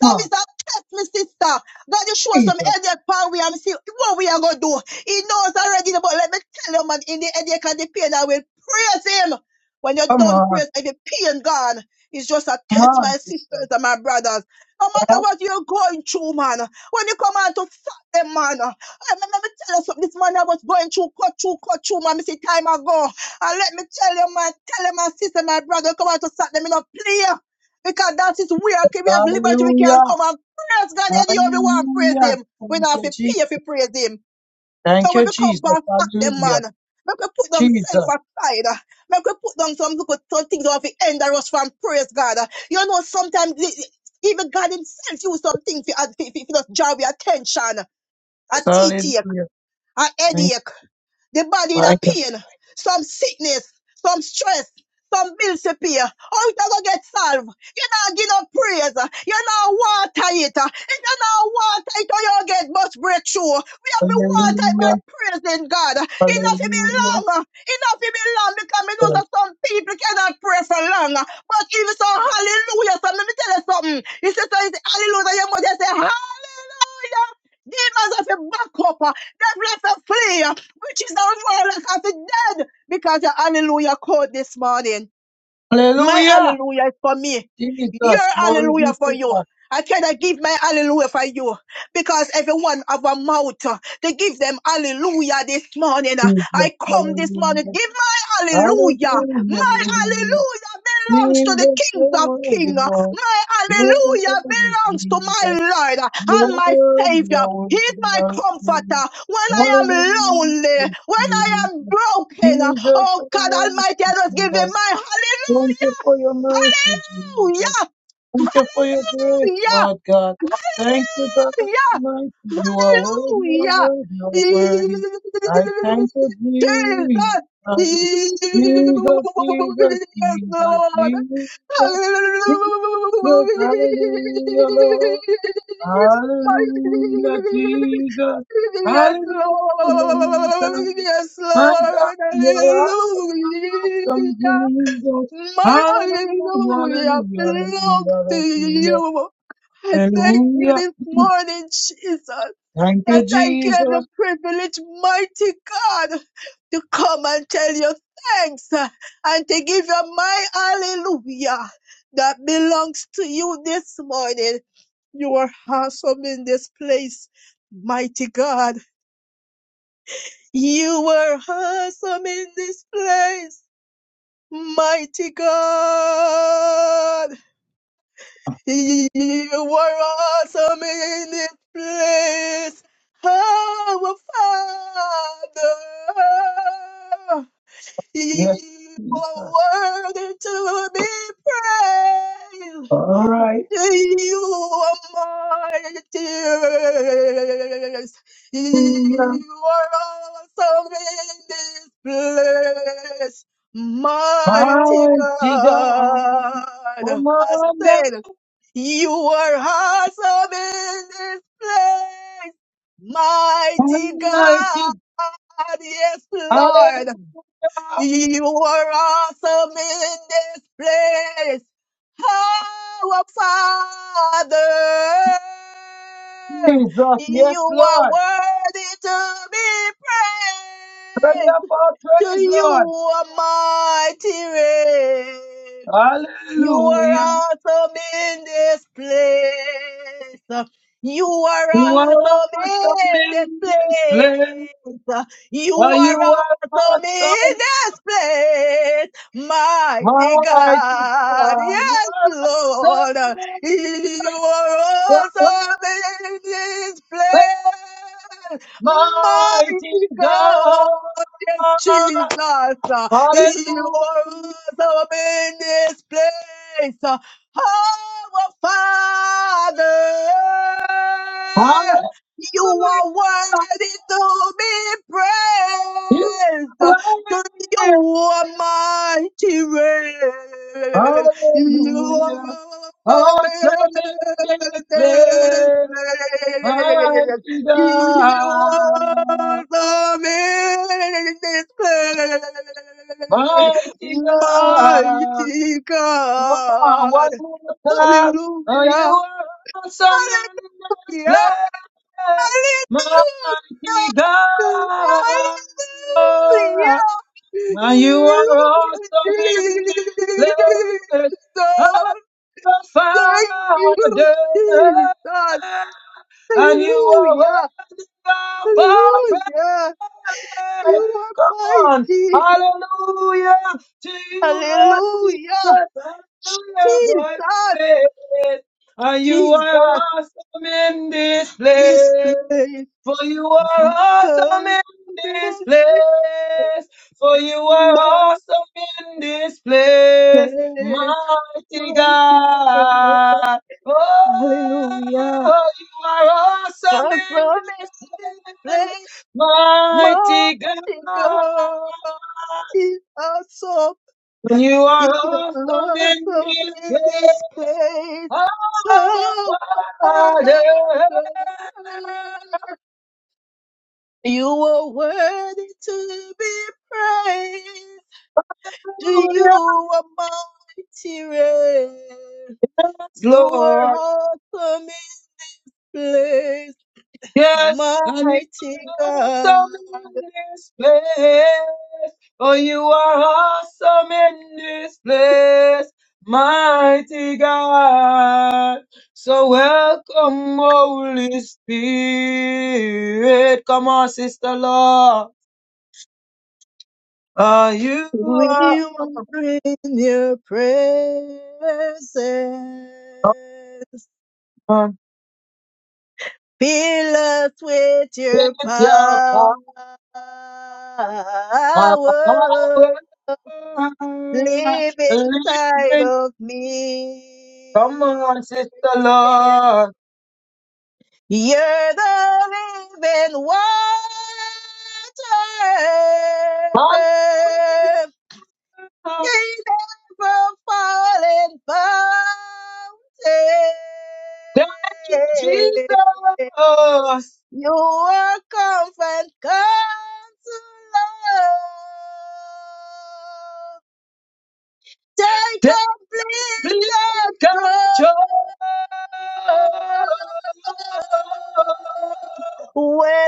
Speaker 1: come
Speaker 5: it's
Speaker 1: on,
Speaker 5: a test, my sister. God, you show some
Speaker 1: Jesus.
Speaker 5: headache power and see what we are going to do. He knows already, but let me tell you, man, in the headache and the pain, I will praise him. When you're
Speaker 1: Come
Speaker 5: done
Speaker 1: on,
Speaker 5: praise, and the pain gone, it's just a
Speaker 1: come
Speaker 5: test, my
Speaker 1: on,
Speaker 5: sisters
Speaker 1: Jesus.
Speaker 5: and my brothers. No matter what you're going through, man, when you come out to stop them, man, I remember me tell you something, this man I was going through, cut through, cut through, man, me see time ago. And let me tell you, man, tell you, my sister, my brother, come out to start them in a play. Because that is where okay, we have liberty, we can
Speaker 1: Hallelujah.
Speaker 5: come and praise God any other one, praise
Speaker 1: Hallelujah.
Speaker 5: Him.
Speaker 1: Thank
Speaker 5: We don't have
Speaker 1: you,
Speaker 5: to pay
Speaker 1: Jesus.
Speaker 5: if we praise Him.
Speaker 1: Thank
Speaker 5: So when
Speaker 1: you,
Speaker 5: we come
Speaker 1: Jesus.
Speaker 5: back at them,
Speaker 1: Hallelujah.
Speaker 5: man, make we put themselves
Speaker 1: Jesus.
Speaker 5: aside. Make we put down some people, some things off the end of us from praise God. You know, sometimes even God Himself use some things for, for, for, for just draw our attention. A TT
Speaker 1: Hallelujah.
Speaker 5: a
Speaker 1: Thank you.
Speaker 5: headache, the body in
Speaker 1: my-
Speaker 5: a pain, some sickness, some stress, some bills to pay. How it a go get solved? You not give no praise. You not water it. If you not water it, how you get much breakthrough. We have to water it by
Speaker 1: Hallelujah.
Speaker 5: praising God. Enough to be
Speaker 1: Hallelujah.
Speaker 5: long. Enough to be long because we know that some people cannot pray for long. But if it's a hallelujah, so let me tell you something. If it's a hallelujah, you must just say hallelujah. Demons have to back up that lot of prayer, which is on word like of the dead, because your hallelujah code this morning. My
Speaker 1: Hallelujah.
Speaker 5: hallelujah is for me.
Speaker 1: Jesus.
Speaker 5: Your
Speaker 1: Glory
Speaker 5: hallelujah
Speaker 1: be
Speaker 5: for
Speaker 1: to
Speaker 5: you.
Speaker 1: God.
Speaker 5: I cannot give my hallelujah for you because everyone have a mouth uh, to give them hallelujah this morning. Uh,
Speaker 1: Jesus.
Speaker 5: I come this morning,
Speaker 1: Hallelujah.
Speaker 5: give my
Speaker 1: Hallelujah.
Speaker 5: hallelujah. My
Speaker 1: Hallelujah.
Speaker 5: hallelujah belongs to the
Speaker 1: Jesus. You
Speaker 5: King of
Speaker 1: are worthy,
Speaker 5: Kings.
Speaker 1: Lord.
Speaker 5: My
Speaker 1: You are
Speaker 5: hallelujah belongs to
Speaker 1: worthy.
Speaker 5: my Lord and
Speaker 1: Lord,
Speaker 5: my Savior.
Speaker 1: Lord,
Speaker 5: He's my
Speaker 1: Lord,
Speaker 5: comforter when I am
Speaker 1: hallelujah,
Speaker 5: lonely, when I am
Speaker 1: Jesus.
Speaker 5: broken.
Speaker 1: Jesus,
Speaker 5: Oh
Speaker 1: I
Speaker 5: God
Speaker 1: worship
Speaker 5: Almighty, I just
Speaker 1: you,
Speaker 5: give him
Speaker 1: Lord.
Speaker 5: my
Speaker 1: Thank you
Speaker 5: hallelujah,
Speaker 1: for your mercy, Jesus.
Speaker 5: hallelujah,
Speaker 1: Thank you for your grace,
Speaker 5: hallelujah.
Speaker 1: Lord God. Thank you, God Almighty.
Speaker 5: Hallelujah!
Speaker 1: You are worthy, you are
Speaker 5: Hallelujah!
Speaker 1: worthy, you are worthy.
Speaker 5: Jesus!
Speaker 1: I thank you, Jesus.
Speaker 5: Yes,
Speaker 1: Jesus, Jesus, Jesus,
Speaker 5: Lord!
Speaker 1: Jesus.
Speaker 5: Yes,
Speaker 1: Jesus, hallelujah, Lord. Hallelujah, Jesus. Hallelujah, my God.
Speaker 5: Lord. Yes,
Speaker 1: My God,
Speaker 5: Lord.
Speaker 1: you're awesome, awesome,
Speaker 5: Hallelujah.
Speaker 1: Jesus.
Speaker 5: My
Speaker 1: Hallelujah, hallelujah, hallelujah, hallelujah,
Speaker 5: I thank you
Speaker 1: hallelujah.
Speaker 5: this morning, Jesus,
Speaker 1: Thank you,
Speaker 5: that I get the
Speaker 1: Jesus.
Speaker 5: privilege, mighty God, to come and tell you thanks uh, and to give you my hallelujah that belongs to you this morning. You are awesome in this place, mighty God. You are awesome in this place. Mighty God, you are awesome in this place. Our Father,
Speaker 1: Yes,
Speaker 5: you are
Speaker 1: Jesus.
Speaker 5: worthy to be praised.
Speaker 1: All right,
Speaker 5: You are mighty. You
Speaker 1: hallelujah.
Speaker 5: are awesome in this place. Mighty
Speaker 1: Mighty God,
Speaker 5: God,
Speaker 1: come
Speaker 5: I
Speaker 1: on now,
Speaker 5: said, you are awesome in this place. Mighty
Speaker 1: Almighty!
Speaker 5: God, yes,
Speaker 1: Hallelujah,
Speaker 5: Lord. You are awesome in this place, Oh, our Father.
Speaker 1: Jesus. Yes,
Speaker 5: You are
Speaker 1: Lord.
Speaker 5: worthy to be
Speaker 1: Ready
Speaker 5: praised.
Speaker 1: up our
Speaker 5: To
Speaker 1: praise,
Speaker 5: you,
Speaker 1: Lord.
Speaker 5: Almighty reign. You are
Speaker 1: Hallelujah.
Speaker 5: awesome in this place. You are
Speaker 1: You are
Speaker 5: awesome in
Speaker 1: awesome in
Speaker 5: this
Speaker 1: this place.
Speaker 5: place. You
Speaker 1: Oh, you
Speaker 5: are
Speaker 1: are
Speaker 5: awesome in
Speaker 1: awesome,
Speaker 5: this place. Mighty
Speaker 1: mighty
Speaker 5: God.
Speaker 1: God. You
Speaker 5: Yes,
Speaker 1: are awesome,
Speaker 5: Lord. You are
Speaker 1: God.
Speaker 5: awesome in this place.
Speaker 1: mighty
Speaker 5: Mighty
Speaker 1: God.
Speaker 5: God. Yes, Jesus. You are
Speaker 1: Hallelujah.
Speaker 5: awesome in this place. Our Father, you are
Speaker 1: Hallelujah.
Speaker 5: worthy to be
Speaker 1: You are
Speaker 5: praised. To
Speaker 1: here.
Speaker 5: you, Almighty reign. You
Speaker 1: Hallelujah.
Speaker 5: are awesome
Speaker 1: Awesome in this
Speaker 5: in this
Speaker 1: place,
Speaker 5: place.
Speaker 1: mighty
Speaker 5: You are
Speaker 1: God.
Speaker 5: the man,
Speaker 1: Mighty God,
Speaker 5: mighty
Speaker 1: come on,
Speaker 5: God.
Speaker 1: one more time. Oh, you
Speaker 5: Hallelujah.
Speaker 1: are awesome in this
Speaker 5: Hallelujah.
Speaker 1: place,
Speaker 5: Hallelujah.
Speaker 1: mighty God.
Speaker 5: Hallelujah.
Speaker 1: Now you are
Speaker 5: You,
Speaker 1: awesome in this place,
Speaker 5: Jesus.
Speaker 1: I'm the of
Speaker 5: Thank you,
Speaker 1: Father,
Speaker 5: Jesus.
Speaker 1: and you are
Speaker 5: Hallelujah.
Speaker 1: worthy of our
Speaker 5: Hallelujah.
Speaker 1: praise.
Speaker 5: You are
Speaker 1: Come on,
Speaker 5: mighty.
Speaker 1: hallelujah to you, Lord
Speaker 5: Hallelujah.
Speaker 1: Jesus, hallelujah, God,
Speaker 5: Jesus,
Speaker 1: praise. and you
Speaker 5: Jesus,
Speaker 1: are awesome in this
Speaker 5: this
Speaker 1: place.
Speaker 5: place,
Speaker 1: For you are
Speaker 5: my
Speaker 1: awesome
Speaker 5: home
Speaker 1: in this place. For you are
Speaker 5: my
Speaker 1: awesome in this place,
Speaker 5: place,
Speaker 1: mighty
Speaker 5: mighty God.
Speaker 1: God.
Speaker 5: Hallelujah.
Speaker 1: Oh, you are awesome
Speaker 5: That's
Speaker 1: in
Speaker 5: the
Speaker 1: this
Speaker 5: place,
Speaker 1: place, mighty
Speaker 5: mighty
Speaker 1: God.
Speaker 5: God. It's awesome.
Speaker 1: You are
Speaker 5: You are
Speaker 1: awesome in this
Speaker 5: awesome in this
Speaker 1: place,
Speaker 5: place.
Speaker 1: our
Speaker 5: Oh,
Speaker 1: Father.
Speaker 5: Father. You are worthy to be praised. To you
Speaker 1: Hallelujah,
Speaker 5: are mighty reign. You are
Speaker 1: Lord.
Speaker 5: awesome in this place.
Speaker 1: Yes, and you
Speaker 5: Mighty
Speaker 1: are
Speaker 5: God,
Speaker 1: awesome in this place. Oh, you are awesome in this place, mighty God. So welcome, Holy Spirit. Come on, Sister Law. Are you are
Speaker 5: we will bring your presence.
Speaker 1: awesome
Speaker 5: Fill us with your
Speaker 1: with
Speaker 5: power.
Speaker 1: your power.
Speaker 5: Live inside
Speaker 1: Living,
Speaker 5: of
Speaker 1: come
Speaker 5: me.
Speaker 1: on, Sister Law.
Speaker 5: You're the living water.
Speaker 1: Hallelujah.
Speaker 5: You never falling
Speaker 1: Thank you,
Speaker 5: fountain.
Speaker 1: Jesus.
Speaker 5: You are comfort, counselor. Take
Speaker 1: Thank you,
Speaker 5: complete control.
Speaker 1: control.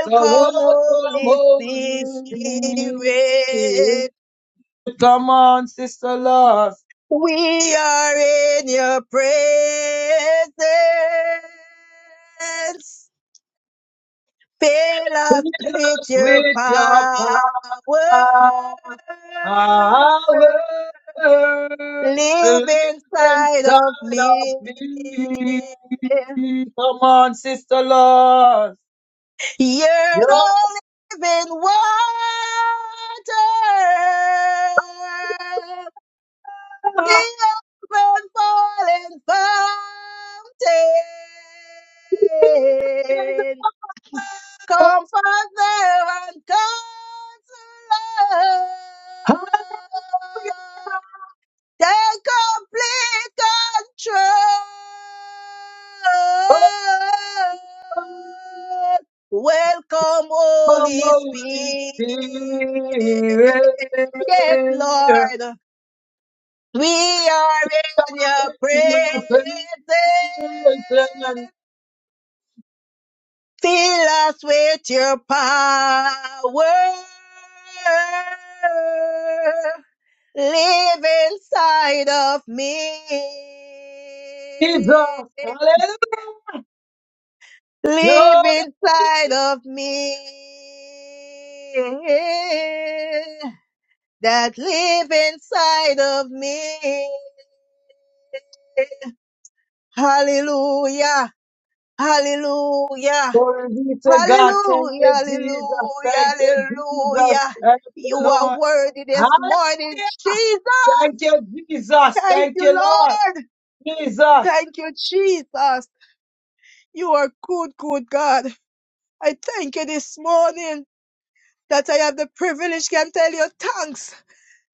Speaker 1: So welcome,
Speaker 5: Holy
Speaker 1: Holy Spirit.
Speaker 5: Spirit.
Speaker 1: Come on, Sister Love.
Speaker 5: We are in your presence. Fill
Speaker 1: Fill
Speaker 5: us with
Speaker 1: us
Speaker 5: your
Speaker 1: with your
Speaker 5: power.
Speaker 1: power. power
Speaker 5: Live
Speaker 1: lives
Speaker 5: inside
Speaker 1: inside
Speaker 5: of
Speaker 1: of
Speaker 5: me.
Speaker 1: me. Come on, Sister Lord.
Speaker 5: You're the
Speaker 1: Your
Speaker 5: living water. The open falling fountain. comforter and consoler.
Speaker 1: Come,
Speaker 5: Take complete control. Welcome, Holy
Speaker 1: Holy
Speaker 5: Spirit.
Speaker 1: Spirit.
Speaker 5: Yes, Lord, we are in your presence.
Speaker 1: Your presence
Speaker 5: Fill us with your power. Live inside of me.
Speaker 1: is us. Hallelujah. You're
Speaker 5: Live
Speaker 1: the
Speaker 5: inside of me. That live inside of me. Hallelujah. Hallelujah.
Speaker 1: glory be to God. Thank
Speaker 5: Hallelujah,
Speaker 1: you,
Speaker 5: hallelujah,
Speaker 1: Jesus. Thank you, Jesus.
Speaker 5: hallelujah.
Speaker 1: Thank you,
Speaker 5: You are
Speaker 1: Lord.
Speaker 5: worthy this morning,
Speaker 1: Hallelujah.
Speaker 5: Jesus.
Speaker 1: Thank you, Jesus.
Speaker 5: Thank
Speaker 1: Thank
Speaker 5: you,
Speaker 1: you, Lord.
Speaker 5: Lord.
Speaker 1: Jesus.
Speaker 5: Thank you, Jesus. You are good, good God. I thank you this morning that I have the privilege can tell you thanks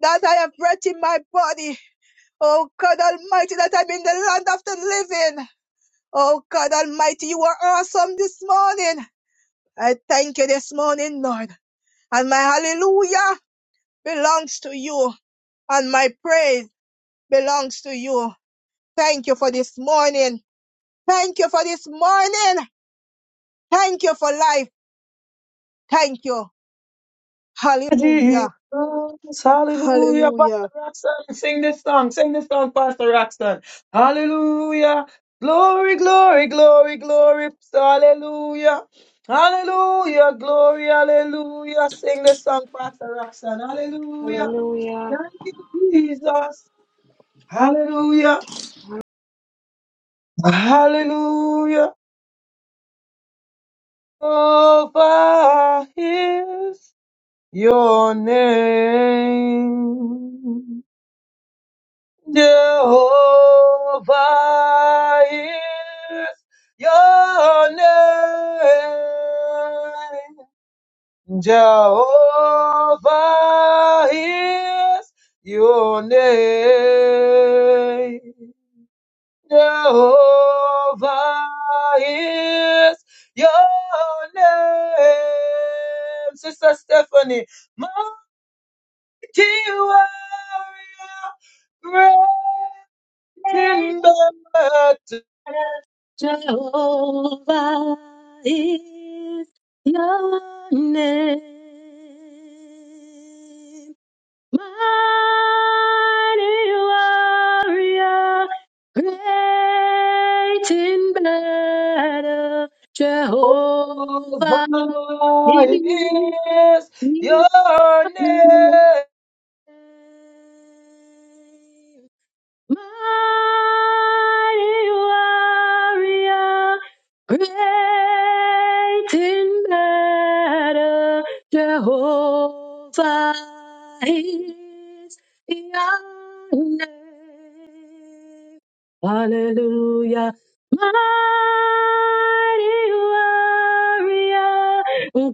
Speaker 5: that I have breath in my body. Oh God Almighty, that I'm in the land of the living. Oh God Almighty, you are awesome this morning. I thank you this morning, Lord. And my hallelujah. belongs to you and my praise belongs to you. Thank you for this morning. Thank you for this morning. Thank you for life. Thank you.
Speaker 1: Jesus.
Speaker 5: Hallelujah.
Speaker 1: Hallelujah.
Speaker 5: Hallelujah.
Speaker 1: Pastor Roxanne, sing this song. Sing this song, Pastor Roxanne. Hallelujah. Glory, glory, glory, glory. Hallelujah. Hallelujah. Glory, hallelujah. Sing this song, Pastor Roxanne. Hallelujah.
Speaker 4: Hallelujah.
Speaker 1: Thank you, Jesus. Hallelujah. Hallelujah. Over His. Your name, Jehovah, is your name. Jehovah is your name. Jehovah is your name. Sister Stephanie. warrior, great in battle.
Speaker 2: Jehovah is your name. Mighty warrior, great in battle,
Speaker 1: Jehovah
Speaker 2: Jehovah is
Speaker 1: is
Speaker 2: your name.
Speaker 1: your name.
Speaker 2: Mighty warrior, great in battle, Jehovah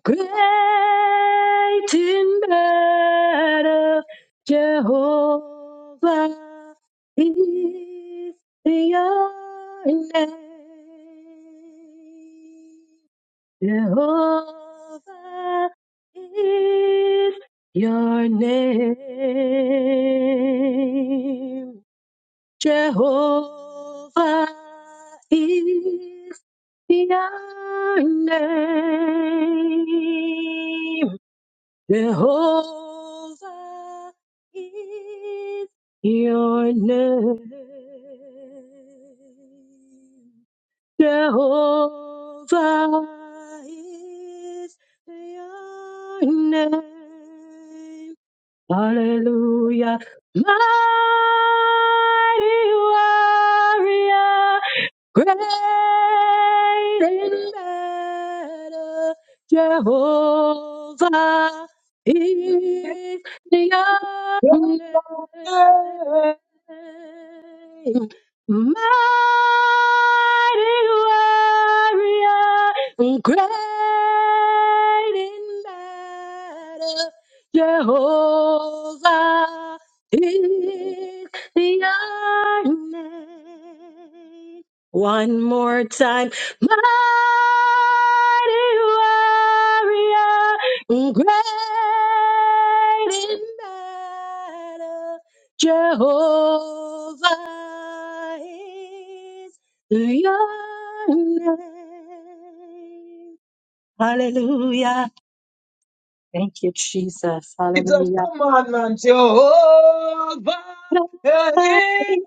Speaker 2: great Jehovah is your name. Hallelujah. Mighty warrior, great in battle. Jehovah is your
Speaker 1: Your
Speaker 2: name.
Speaker 1: name.
Speaker 2: In battle, Jehovah is your name. Hallelujah. Thank you, Jesus.
Speaker 1: Jesus,
Speaker 2: Hallelujah.
Speaker 1: come on, man. Jehovah
Speaker 2: Jehovah
Speaker 1: is
Speaker 2: is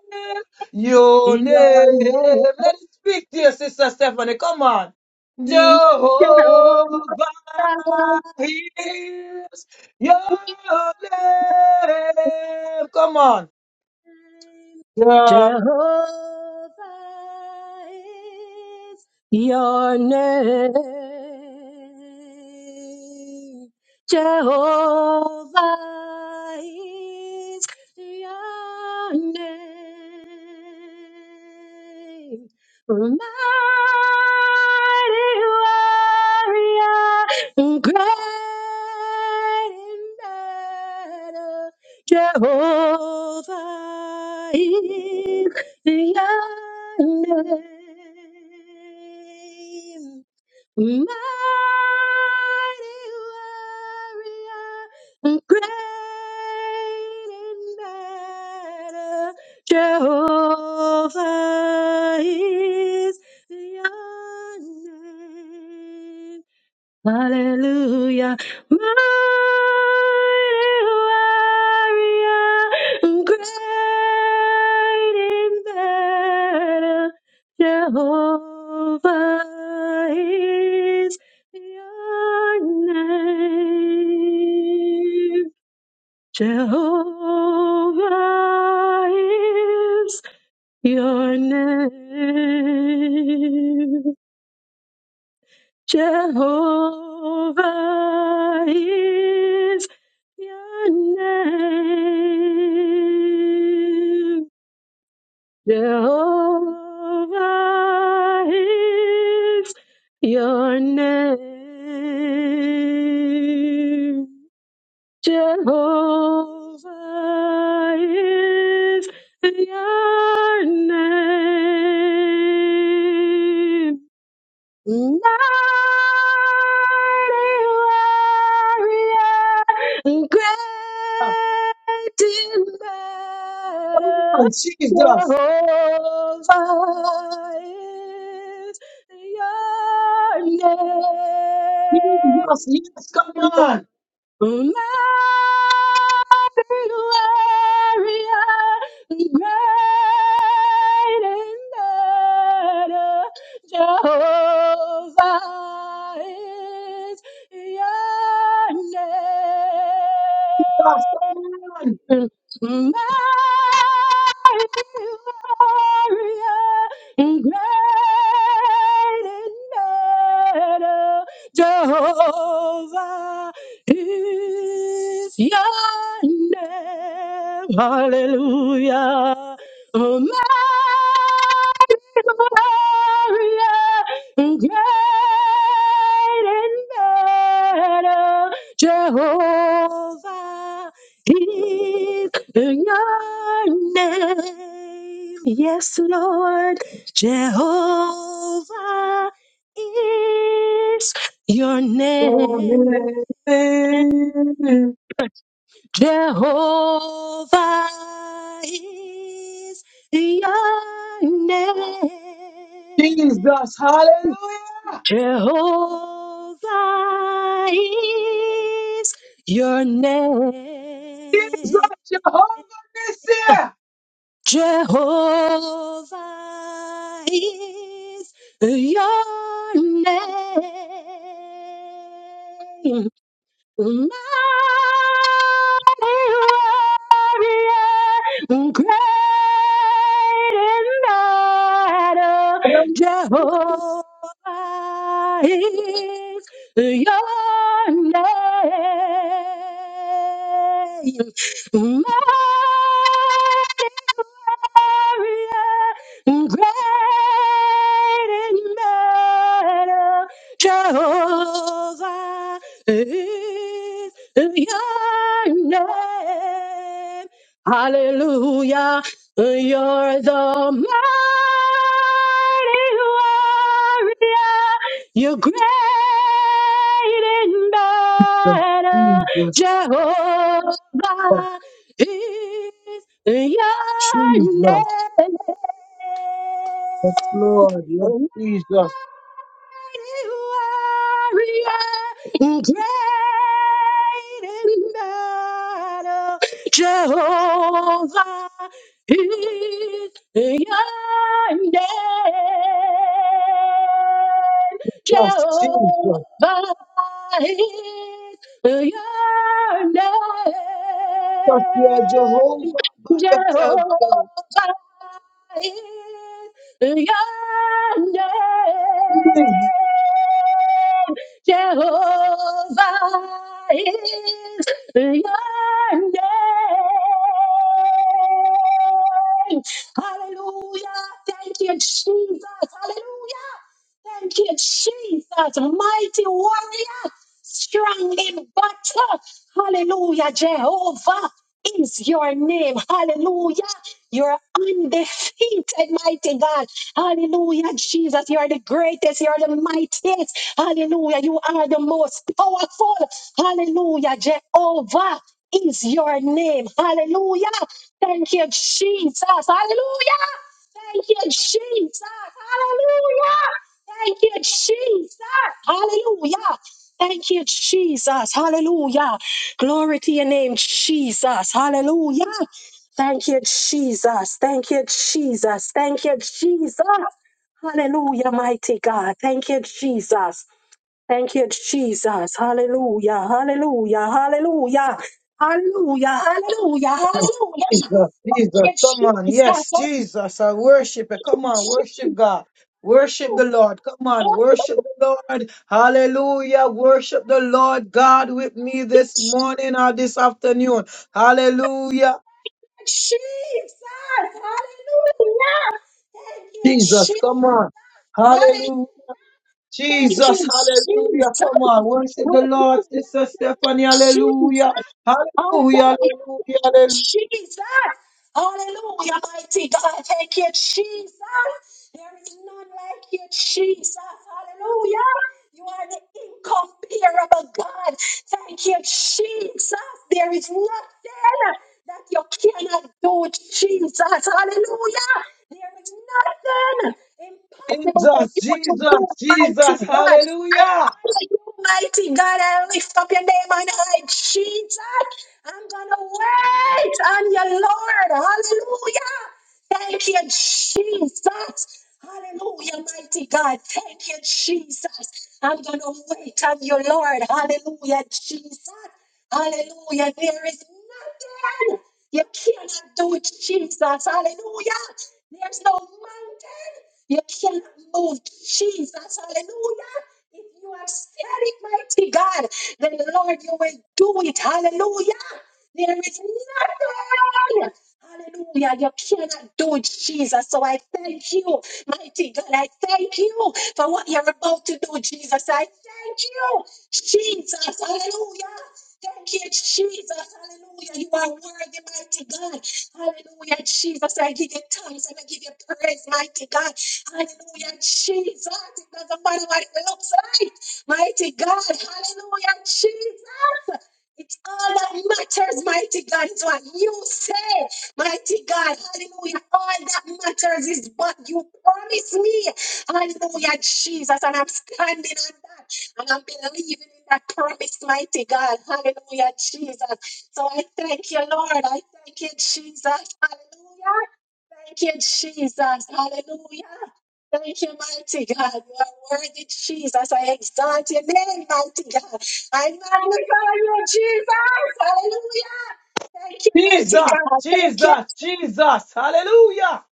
Speaker 1: your name.
Speaker 2: Your
Speaker 1: Let it speak to your sister Stephanie. Come on.
Speaker 2: name.
Speaker 1: Jehovah is your name. Come on.
Speaker 2: Jehovah
Speaker 1: Yeah.
Speaker 2: is Your name. Jehovah. is your name. mighty warrior, great in battle. Jehovah is your name. Mighty warrior, great in battle. Jehovah is. name. Jehovah is your name. Jehovah is your name. Jehovah is. mighty warrior,
Speaker 1: Come
Speaker 2: great in battle,
Speaker 1: on, Jesus.
Speaker 2: Jehovah is your
Speaker 1: Jesus, yes, come
Speaker 2: name.
Speaker 1: on.
Speaker 2: Gloria, great and better Jehovah is
Speaker 1: Yes, come on.
Speaker 2: your name warrior in great in battle. Jehovah is your name. Hallelujah. Gloria, great and better Jehovah is your name. Yes, Lord, Jehovah is your
Speaker 1: Your
Speaker 2: name.
Speaker 1: name.
Speaker 2: Jehovah is your name.
Speaker 1: Jesus, hallelujah.
Speaker 2: Jehovah is your
Speaker 1: Jesus,
Speaker 2: name.
Speaker 1: of Jehovah Nissi.
Speaker 2: Jehovah is your name. Mighty warrior, great in battle, Jehovah is your name. Mighty warrior, great in battle. Jehovah is your name. Hallelujah. You're the mighty warrior. You're great in battle.
Speaker 1: Jesus, oh
Speaker 2: Jehovah is. Your name.
Speaker 1: Jesus, yes Lord, yes
Speaker 2: Mighty
Speaker 1: Jesus,
Speaker 2: warrior, great in battle, Jehovah is your name.
Speaker 1: yes Jesus,
Speaker 2: Jehovah is your
Speaker 1: yes you are
Speaker 2: name.
Speaker 1: Jehovah by yourself,
Speaker 2: Jehovah
Speaker 1: God.
Speaker 2: is your name.
Speaker 1: Jesus,
Speaker 2: Jehovah is your name. Hallelujah. Thank you, Jesus. Hallelujah. Thank you, Jesus. Mighty warrior, strong in battle. Hallelujah, Jehovah is your name. Hallelujah. You're undefeated, mighty God. Hallelujah, Jesus. You are the greatest. You are the mightiest. Hallelujah. You are the most powerful. Hallelujah. Jehovah is your name. Hallelujah. Thank you, Jesus. Hallelujah. Thank you, Jesus. Hallelujah. Thank you, Jesus. Hallelujah. Thank you, Jesus. Hallelujah. Glory to your name, Jesus. Hallelujah. Thank you, Jesus. Thank you, Jesus. Thank you, Jesus. Hallelujah, mighty God. Thank you, Jesus. Thank you, Jesus. Hallelujah. Hallelujah. Hallelujah. Hallelujah. Hallelujah. Hallelujah.
Speaker 1: Jesus,
Speaker 2: Thank
Speaker 1: Jesus,
Speaker 2: you,
Speaker 1: come on,
Speaker 2: Jesus.
Speaker 1: yes
Speaker 2: Hallelujah.
Speaker 1: Jesus, I worship you, come on,
Speaker 2: Jesus.
Speaker 1: worship God. Worship the Lord. Come on, worship
Speaker 2: Hallelujah.
Speaker 1: the Lord. Hallelujah. Worship the Lord God with me this morning or this afternoon. Hallelujah.
Speaker 2: Hallelujah.
Speaker 1: Jesus, come on.
Speaker 2: Hallelujah.
Speaker 1: Hallelujah.
Speaker 2: Thank
Speaker 1: Jesus,
Speaker 2: you,
Speaker 1: hallelujah.
Speaker 2: Jesus.
Speaker 1: Come on. Worship the Lord,
Speaker 2: Hallelujah.
Speaker 1: Sister
Speaker 2: Thank
Speaker 1: Stephanie.
Speaker 2: you, Jesus.
Speaker 1: Hallelujah.
Speaker 2: Oh,
Speaker 1: Hallelujah. Hallelujah. Hallelujah. Jesus, Jesus, Jesus. Hallelujah. Jesus, Jesus, Jesus. Hallelujah.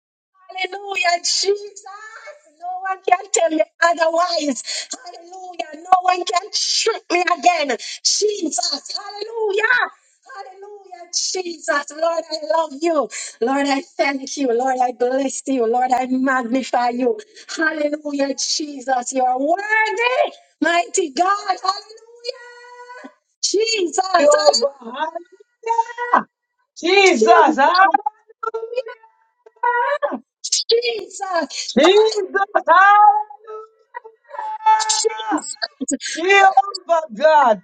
Speaker 1: Jehovah, Hallelujah. Jesus, hallelujah. Jesus, hallelujah. Jehovah God.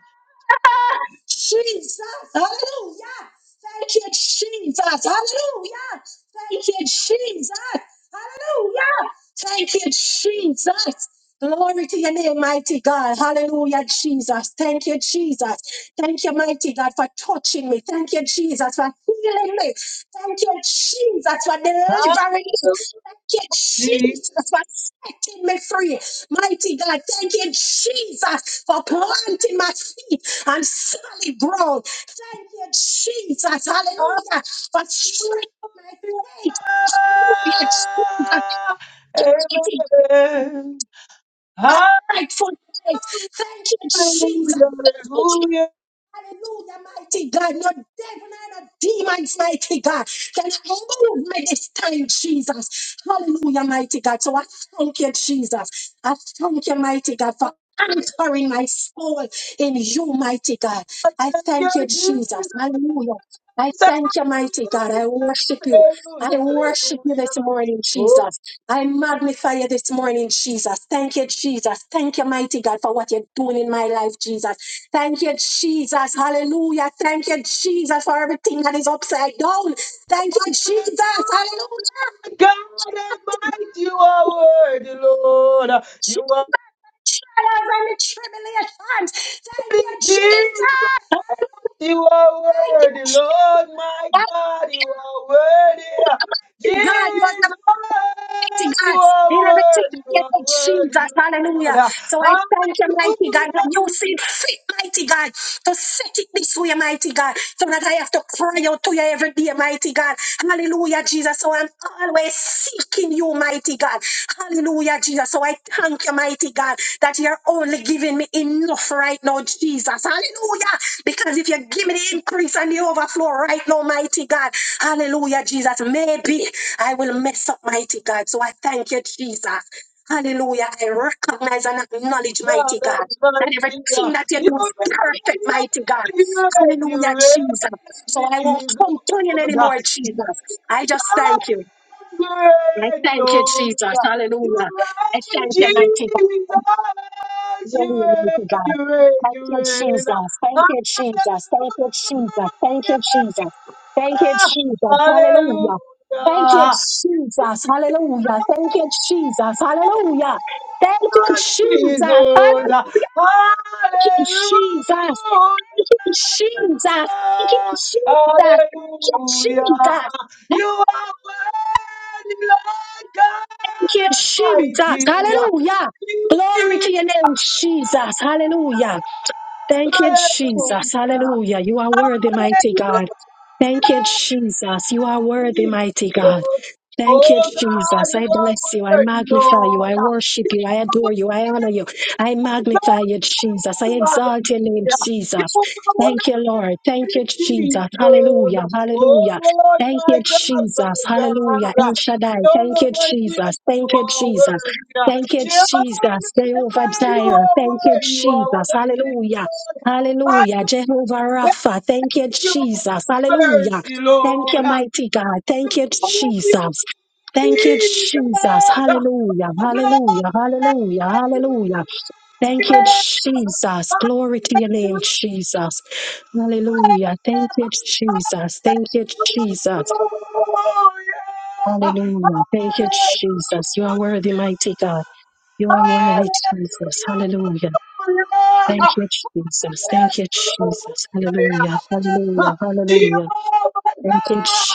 Speaker 1: Hallelujah. Hallelujah. Amen. Hallelujah. Hallelujah. Hallelujah. Hallelujah. Oh, hallelujah. God, I might you are worthy, Lord. You are worthy, Jesus. You are worthy, Lord my God. You are worthy. Jesus, you are worthy. You are worthy, Lord. Hallelujah, God Almighty. You reign, you reign,
Speaker 2: Jesus.
Speaker 1: you
Speaker 2: So I won't
Speaker 1: reign,
Speaker 2: complain
Speaker 1: Jesus.
Speaker 2: anymore, Jesus. I
Speaker 1: You
Speaker 2: just thank you. I
Speaker 1: reign,
Speaker 2: thank you,
Speaker 1: Lord.
Speaker 2: Jesus.
Speaker 1: You
Speaker 2: Hallelujah. I
Speaker 1: reign,
Speaker 2: thank you, mighty
Speaker 1: Jesus.
Speaker 2: God.
Speaker 1: You
Speaker 2: Hallelujah,
Speaker 1: reign,
Speaker 2: mighty
Speaker 1: you
Speaker 2: God.
Speaker 1: reign,
Speaker 2: Thank
Speaker 1: you
Speaker 2: you,
Speaker 1: reign.
Speaker 2: Jesus. Thank you, Jesus. Thank you, Jesus. Thank you, Jesus. Thank you,
Speaker 1: Hallelujah.
Speaker 2: Jesus. Hallelujah. Thank you,
Speaker 1: Hallelujah.
Speaker 2: Jesus. Hallelujah. Thank you, Jesus. Hallelujah. Thank you, Jesus.
Speaker 1: Jesus.
Speaker 2: Hallelujah. you,
Speaker 1: Hallelujah.
Speaker 2: Jesus. Thank you, Jesus. Thank you, Jesus. Thank
Speaker 1: Hallelujah.
Speaker 2: you,
Speaker 1: You are worthy, Lord
Speaker 2: Jesus. Thank
Speaker 1: God
Speaker 2: you, Jesus.
Speaker 1: Almighty.
Speaker 2: Hallelujah. Glory
Speaker 1: Jesus.
Speaker 2: to your name, Jesus. Hallelujah. Thank you, Jesus.
Speaker 1: Hallelujah.
Speaker 2: Hallelujah. You are worthy, mighty
Speaker 1: Hallelujah.
Speaker 2: God. Thank you, Jesus. You are worthy,
Speaker 1: Jesus.
Speaker 2: mighty God. Thank you,
Speaker 1: Oh God,
Speaker 2: Jesus.
Speaker 1: you
Speaker 2: I
Speaker 1: are
Speaker 2: bless you. I
Speaker 1: worthy,
Speaker 2: magnify you. I
Speaker 1: Lord.
Speaker 2: worship you. I adore you. I honor you. I
Speaker 1: Jesus.
Speaker 2: magnify you, Jesus. I exalt your name, Jesus. Thank you, Lord. Thank you, Jesus. Hallelujah.
Speaker 1: Oh
Speaker 2: Hallelujah.
Speaker 1: Lord,
Speaker 2: Thank you,
Speaker 1: my God, my
Speaker 2: Jesus. Hallelujah.
Speaker 1: God.
Speaker 2: El Shaddai. Thank
Speaker 1: Jehovah,
Speaker 2: you,
Speaker 1: my Jesus,
Speaker 2: Jesus.
Speaker 1: you
Speaker 2: Thank you,
Speaker 1: are
Speaker 2: Jesus.
Speaker 1: worthy.
Speaker 2: Thank you,
Speaker 1: Jehovah,
Speaker 2: Jesus. Jehovah
Speaker 1: God, you
Speaker 2: Jireh.
Speaker 1: are
Speaker 2: Thank you,
Speaker 1: worthy. You are
Speaker 2: Jesus.
Speaker 1: worthy,
Speaker 2: Hallelujah.
Speaker 1: Lord. I
Speaker 2: Hallelujah.
Speaker 1: just
Speaker 2: Jehovah
Speaker 1: thank
Speaker 2: Rapha. Thank you,
Speaker 1: you
Speaker 2: Jesus.
Speaker 1: for your
Speaker 2: Hallelujah.
Speaker 1: mercy,
Speaker 2: Thank you,
Speaker 1: Lord.
Speaker 2: mighty God.
Speaker 1: Jesus!
Speaker 2: Thank you, Jesus. Thank you, Jesus. Hallelujah. Hallelujah. Hallelujah. Ask your name, Jesus. Hallelujah. Thank you, Jesus. Hallelujah. Thank you, Jesus. You are
Speaker 1: Hallelujah!
Speaker 2: worthy, mighty God. You are worthy,
Speaker 1: Hallelujah.
Speaker 2: Jesus. Hallelujah. Thank you, Jesus. Thank you, Jesus. Hallelujah.
Speaker 1: Hallelujah!
Speaker 2: Hallelujah. Hallelujah.
Speaker 1: Jehovah God!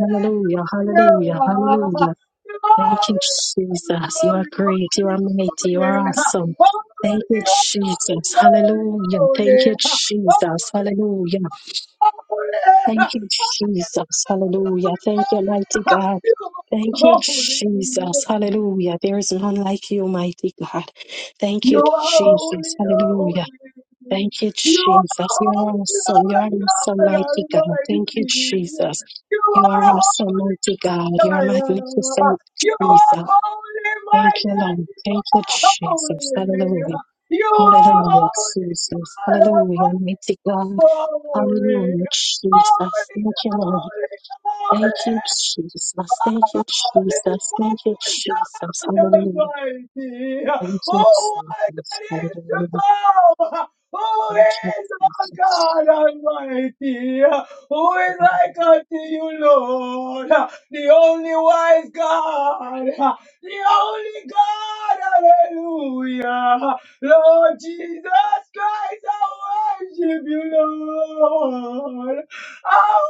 Speaker 2: Hallelujah. Hallelujah. Hallelujah.
Speaker 1: Glory,
Speaker 2: Thank you, Jesus. You are
Speaker 1: glory,
Speaker 2: great. You are
Speaker 1: glory,
Speaker 2: mighty. You are
Speaker 1: glory.
Speaker 2: awesome.
Speaker 1: Holy,
Speaker 2: Thank you, Jesus. Hallelujah. Thank you, Jesus. Hallelujah. Thank you, Jesus. Hallelujah. Thank you, mighty God. Thank
Speaker 1: holy, holy, holy.
Speaker 2: you, Jesus. Hallelujah. There is none like you, mighty God. Thank
Speaker 1: you are holy, You
Speaker 2: you,
Speaker 1: are holy.
Speaker 2: Jesus.
Speaker 1: holy.
Speaker 2: Hallelujah. Thank you,
Speaker 1: You are
Speaker 2: Jesus. You're
Speaker 1: holy,
Speaker 2: awesome. You're
Speaker 1: my
Speaker 2: awesome.
Speaker 1: God Almighty. You are holy, I am. You are holy, my daddy. You are holy. You are holy, God Almighty. You are Holy, holy, holy,
Speaker 2: Thank
Speaker 1: holy.
Speaker 2: you.
Speaker 1: Almighty. Oh, what is to
Speaker 2: Hallelujah.
Speaker 1: come. Who is our God Almighty? Who is like unto you, Lord? The only wise God. The only God. Hallelujah. Lord Jesus Christ, I worship you, Lord. I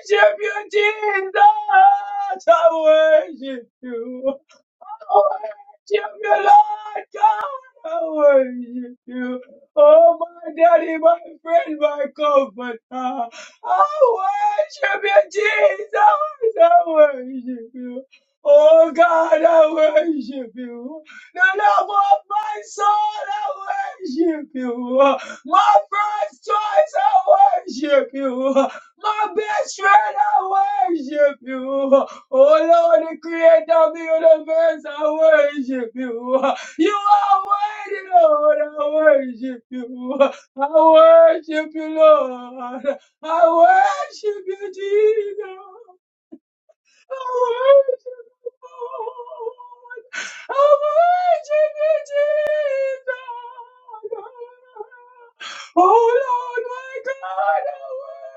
Speaker 1: worship you, Jesus. I worship you. I worship you, Lord God. I worship you. Oh, my daddy, my friend, my comforter. I worship you, Lord. I worship you. Oh, Lord, I worship you. My worship you. My strength, worship you. Oh Lord, the creator of the universe, I worship you. You are worthy, Lord. I worship you. I worship you, Lord. I worship you, Jesus. I worship you, Lord. I worship you, Jesus. Oh Lord, my God,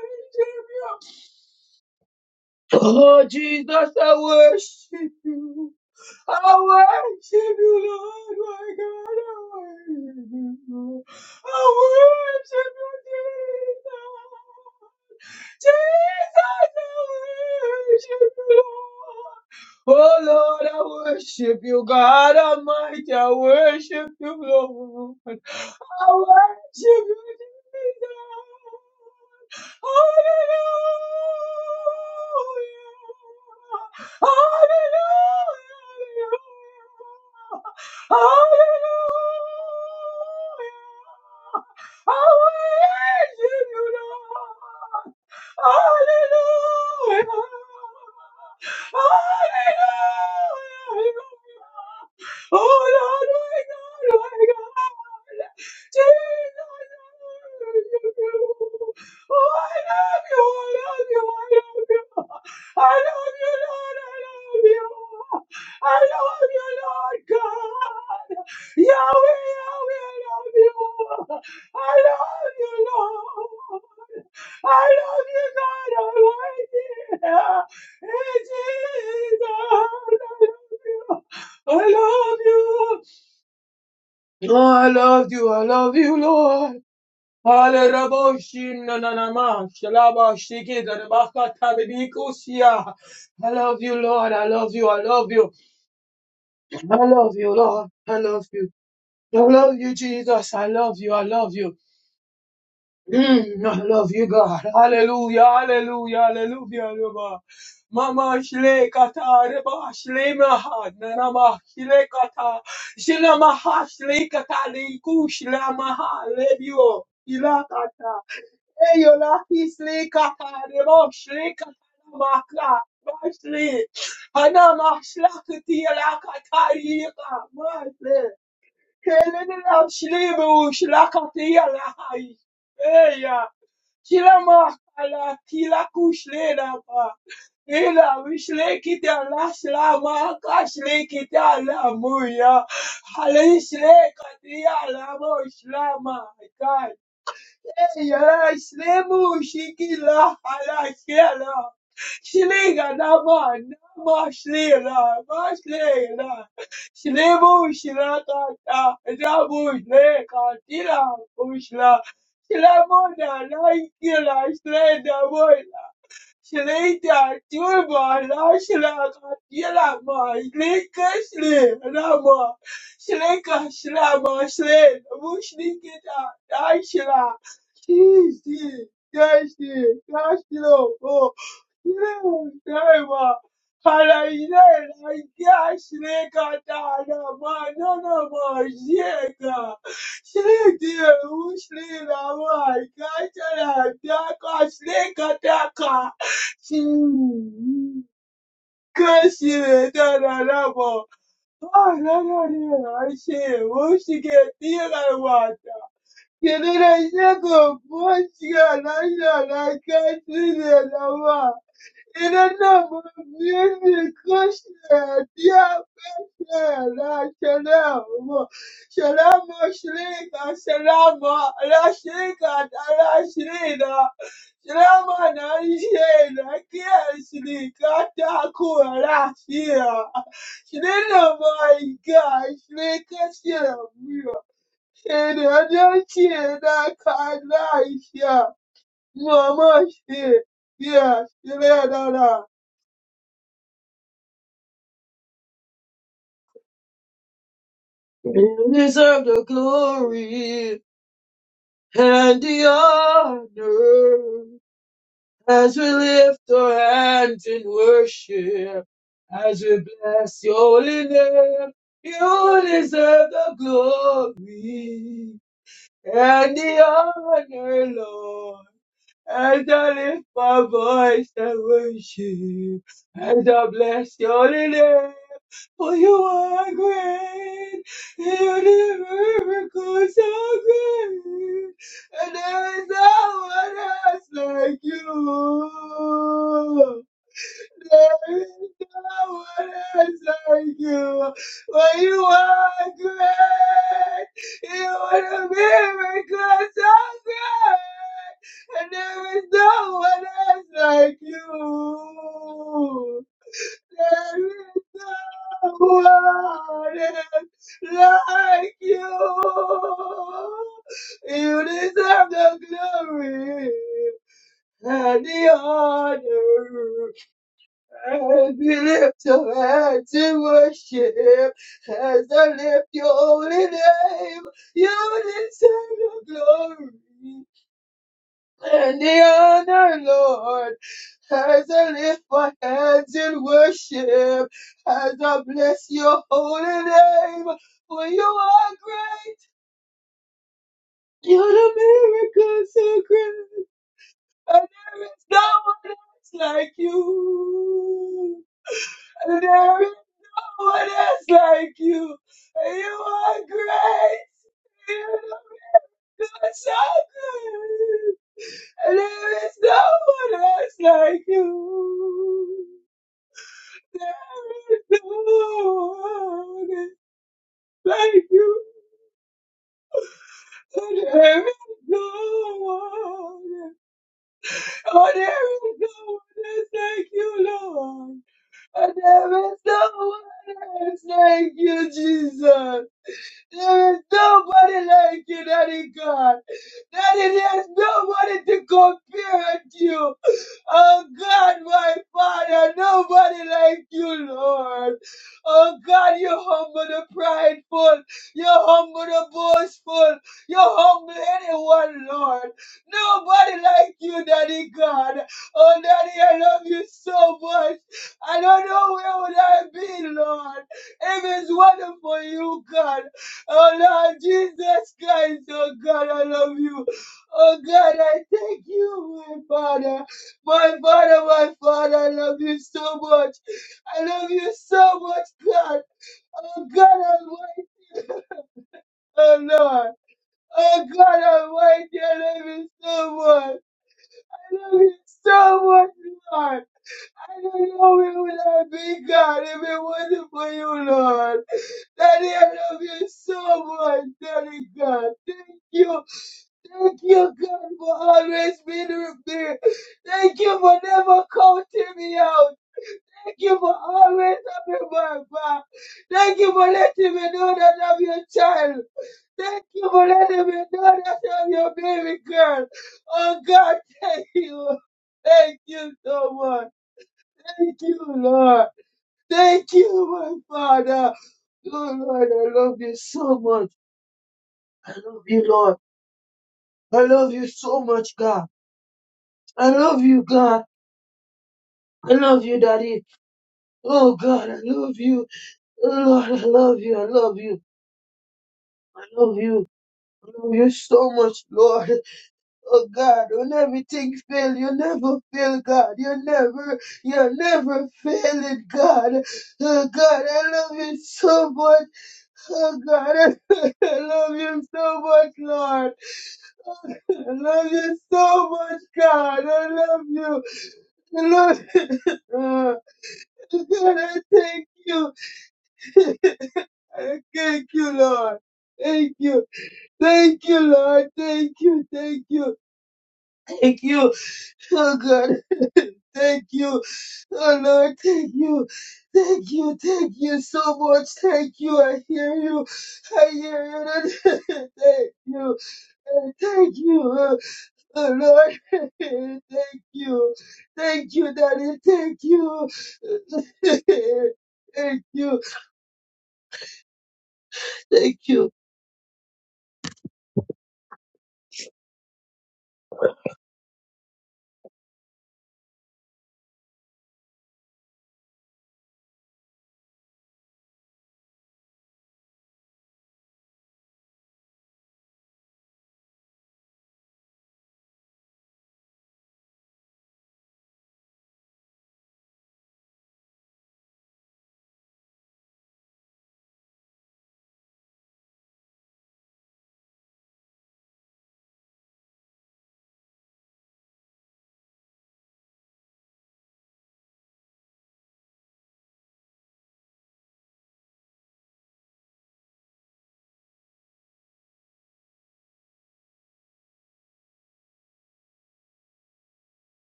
Speaker 1: I worship you. Oh Jesus, I worship you. I worship you, Lord, my God. I worship you, Lord. I worship you, Jesus. Jesus, I worship you, Lord. Oh, Lord, I worship you, God Almighty. I worship you, Lord. I worship you, Jesus. Hallelujah! Hallelujah! Hallelujah! Hallelujah, worship you, Lord. Hallelujah! Hallelujah! Oh Lord, my God, my God! Jesus, I worship you. Oh, I love you, I love you, I love you. I love you, Lord, I love you. I love you, Lord God. Yahweh, Yahweh, I love you. I love you, Lord. I love you, God Almighty. Hey, Jesus, I love you. I love you. Oh, I love you. I love you, Lord. Hale Raboshi Nananama Shalaba Shiki Darabaka Tabibiko Sia. I love you, Lord. I love you. I love you. I love you, Lord. I love you. I love you, Jesus. I love you. I love you. Mm, I love you, God. Hallelujah. Hallelujah. Hallelujah. Hallelujah. Mama Shle Kata Reba Shle Maha Nanama Shle Kata Shle Maha Shle Kata Liku Shle Maha Lebio Ilakata. Eyola kisli katari boşri katana makla başri. Ana maşla kıtiyela katari yıka maşri. Kelini lamşli bu şla katiyela hay. Eya. Kila mahkala kila kuşli lapa. Ila vişle kiti ala şla mahka şli ala muya. Hali şle katiya ala Yala shlemu shikila hala shela shliga nama nama shlela ma shlela shlemu shlaka ta rabu shleka tila ushla shlemu na laikila shleda Boy Shleita Turma Lashlama Yelama Lika Shle Rama Shleka Shlama Shle Mushnikita Dashla Shishi Dashi Dashlo O Yelama Dharma Halayla Laika Shleka Dana Manana Majeka Shleka Ushle Rama Kachala Daka Shleka Daka Kashinetanarabo. Ananarashe. Ushiketiranwata. Yenerashako. Poshiranashana. Kashinerama. Inanamo. Music. Kushne. Diapne. Rashanamo. Shalamo. Shrika. Shalamo. Rashika. Rashida. You deserve the glory and the honor. as we lift our hands in worship, as we bless your holy name, you deserve the glory and the honor, Lord. As I lift my voice and worship, as I bless your holy name, for you are great, and your miracles are great, and there is no one else like you. There is no one else like you. For you are great. You are the miracle so great. And there is no one else like you. There is no one else like you. You deserve the glory and the honor. As we lift your hands in worship, as I lift your holy name, you deserve the glory and the honor, Lord. As I lift my hands in worship, as I bless your holy name, for you are great, you're the miracle so great, and there is no one else like you. There is no one else like you. You are great. You are so good. There is no one else like you. There is no one else like you. There is no one. Oh, there is no one else like you, Lord. Oh, there is no one else like you, Jesus. There is nobody like you, Daddy God. Daddy, there's nobody to compare to you. Oh God, my Father, nobody like you, Lord. Oh God, you humble the prideful, you humble the boastful, you humble anyone, Lord. Nobody like you, Daddy God. Oh Daddy, I love you so much. I don't know where would I be, Lord. If it's wonderful, you, God. Oh Lord Jesus Christ, oh God, I love you. Oh God, I thank you, my Father. My Father, my Father, I love you so much. I love you so much, God. Oh God, i wait. oh Lord. Oh God, i wait. I love you so much. I love you so much, Lord. I don't know where would I be, God, if it wasn't for you, Lord. Daddy, I love you so much, Daddy God. Thank you. Thank you, God, for always being there. Thank you for never counting me out. Thank you for always having my back. Thank you for letting me know that I'm your child. Thank you for letting me know that I'm your baby girl. Oh God, thank you. Thank you so much. Thank you, Lord. Thank you, my Father. Oh, Lord, I love you so much. I love you, Lord. I love you so much, God. I love you, God. I love you, Daddy. Oh, God, I love you. Oh, Lord, I love you. I love you. I love you. I love you so much, Lord. Oh, God, when everything fail, you never fail, God. You never, you never fail it, God. Oh, God, I love you so much. Oh God, I love you so much, Lord. I love you so much, God. I love you. I love uh, God, I thank you. I thank you, Lord. Thank you. Thank you, Lord. Thank you. Thank you. Thank you. Oh God, thank you. Oh Lord, thank you. Thank you. Thank you so much. Thank you. I hear you. I hear you. Thank you. Thank you. Oh, Lord. Thank you. Thank you, Daddy. Thank you. Thank you. Thank you.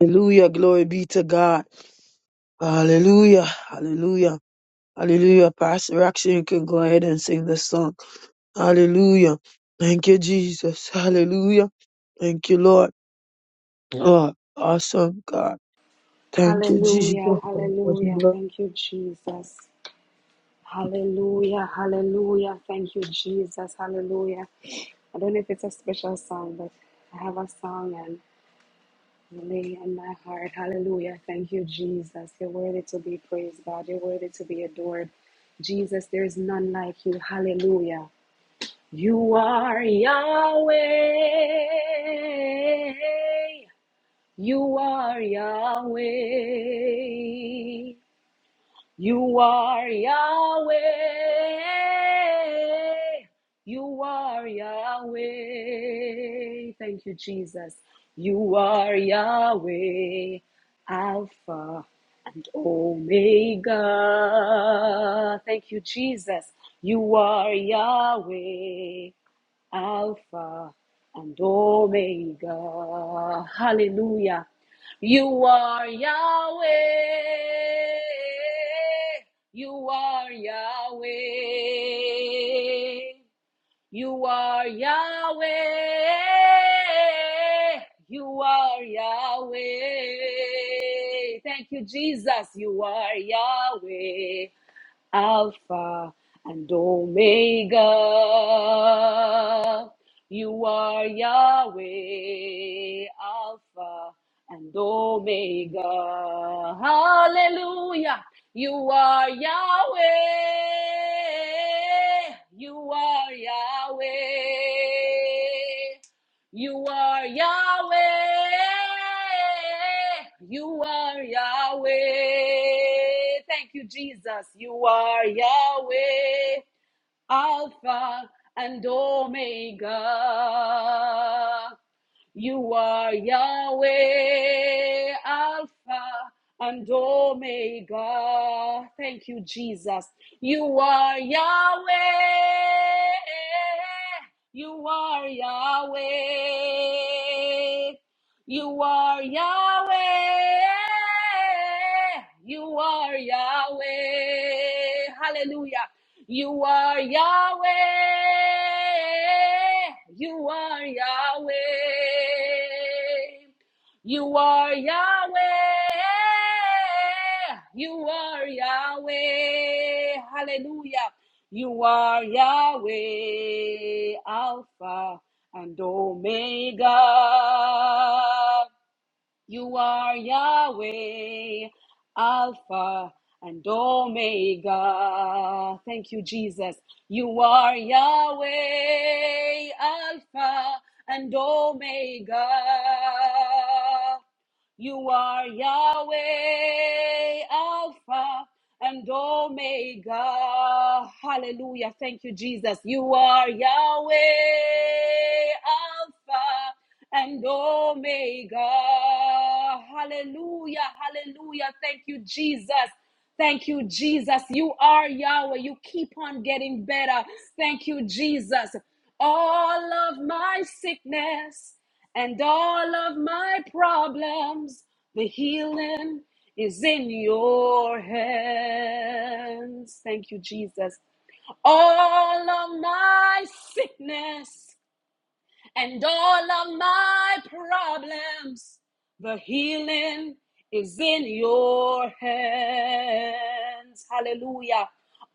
Speaker 1: Hallelujah. Glory be to God. Hallelujah. Hallelujah. Hallelujah. Pastor Action, you can go ahead and sing the song. Hallelujah. Thank you, Jesus. Hallelujah. Thank you, Lord. Oh, awesome God. Thank you, Jesus.
Speaker 4: Hallelujah. Hallelujah. Thank you, Jesus. Hallelujah, hallelujah. Thank you, Jesus. Hallelujah. I don't know if it's a special song, but I have a song and lay in my heart. Hallelujah. Thank you, Jesus. You're worthy to be praised, God. You're worthy to be adored. Jesus, there is none like you. Hallelujah. You are Yahweh. You are Yahweh. You are Yahweh. You are Yahweh. Thank you, Jesus. You are Yahweh, Alpha and Omega. Thank you, Jesus. You are Yahweh. Alpha and Omega. Hallelujah. You are Yahweh. You are Yahweh. You are Yahweh. You are Yahweh. Thank you, Jesus. You are Yahweh. Alpha and Omega. You are Yahweh, Alpha and Omega. Hallelujah. You are Yahweh. You are Yahweh. You are Yahweh. You are Yahweh. Thank you, Jesus. You are Yahweh. Alpha and Omega. You are Yahweh, Alpha and Omega. Thank you, Jesus. You are Yahweh. You are Yahweh. You are Yahweh. You are Yahweh. Hallelujah. You are Yahweh. You are Yahweh. You are Yahweh. You are Yahweh. Hallelujah. You are Yahweh, Alpha and Omega. You are Yahweh, Alpha and Omega. Thank you, Jesus. You are Yahweh, Alpha and Omega. You are Yahweh, Alpha and Omega. Hallelujah. Thank you, Jesus. You are Yahweh, Alpha and Omega. Hallelujah. Hallelujah. Thank you, Jesus. Thank you, Jesus. You are Yahweh. You keep on getting better. Thank you, Jesus. All of my sickness and all of my problems. The healing is in your hands. Thank you, Jesus. All of my sickness and all of my problems. The healing is in your hands. Hallelujah.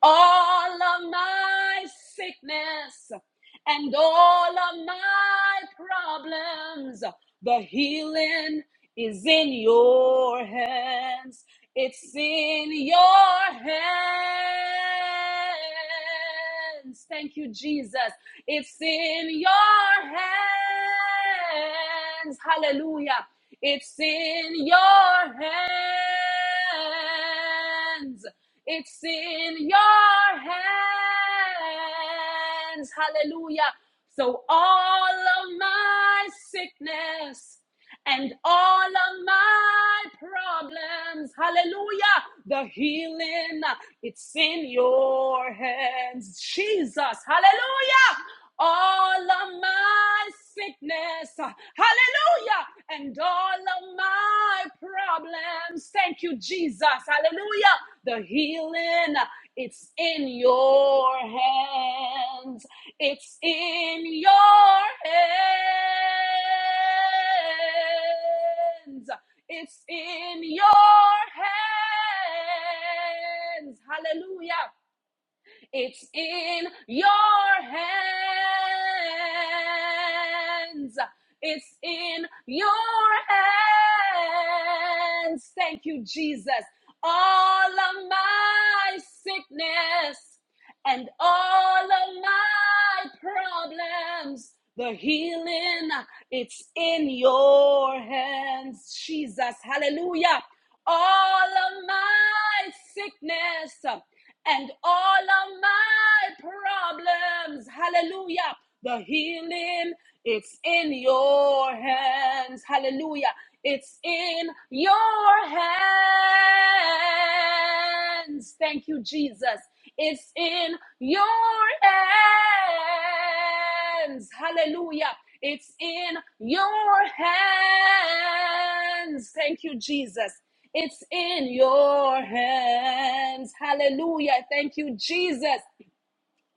Speaker 4: All of my sickness and all of my problems, the healing is in your hands. It's in your hands. Thank you, Jesus. It's in your hands. Hallelujah. It's in your hands. It's in your hands. Hallelujah. So all of my sickness and all of my problems, hallelujah, the healing, it's in your hands. Jesus, hallelujah all of my sickness. Hallelujah. And all of my problems. Thank you, Jesus. Hallelujah. The healing, it's in your hands. It's in your hands. It's in your hands. Hallelujah. It's in your hands. It's in your hands. Thank you, Jesus. All of my sickness and all of my problems, the healing, it's in your hands, Jesus. Hallelujah. All of my sickness and all of my problems. Hallelujah. The healing, it's in your hands. Hallelujah. It's in your hands. Thank you, Jesus. It's in your hands. Hallelujah. It's in your hands. Thank you, Jesus. It's in your hands. Hallelujah. Thank you, Jesus.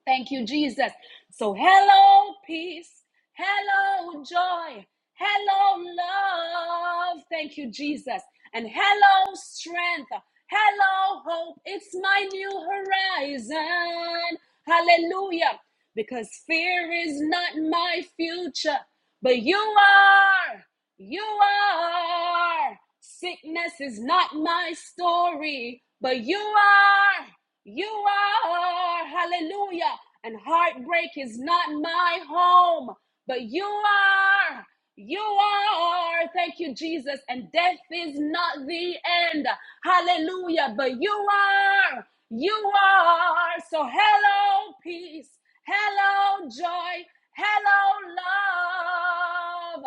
Speaker 4: Thank you, Jesus. So, hello, peace. Hello, joy. Hello, love. Thank you, Jesus. And hello, strength. Hello, hope. It's my new horizon. Hallelujah. Because fear is not my future, but you are. You are. Sickness is not my story, but you are. You are. Hallelujah and heartbreak is not my home, but you are. You are. Thank you, Jesus. And death is not the end. Hallelujah. But you are. You are. So, hello, peace. Hello, joy. Hello,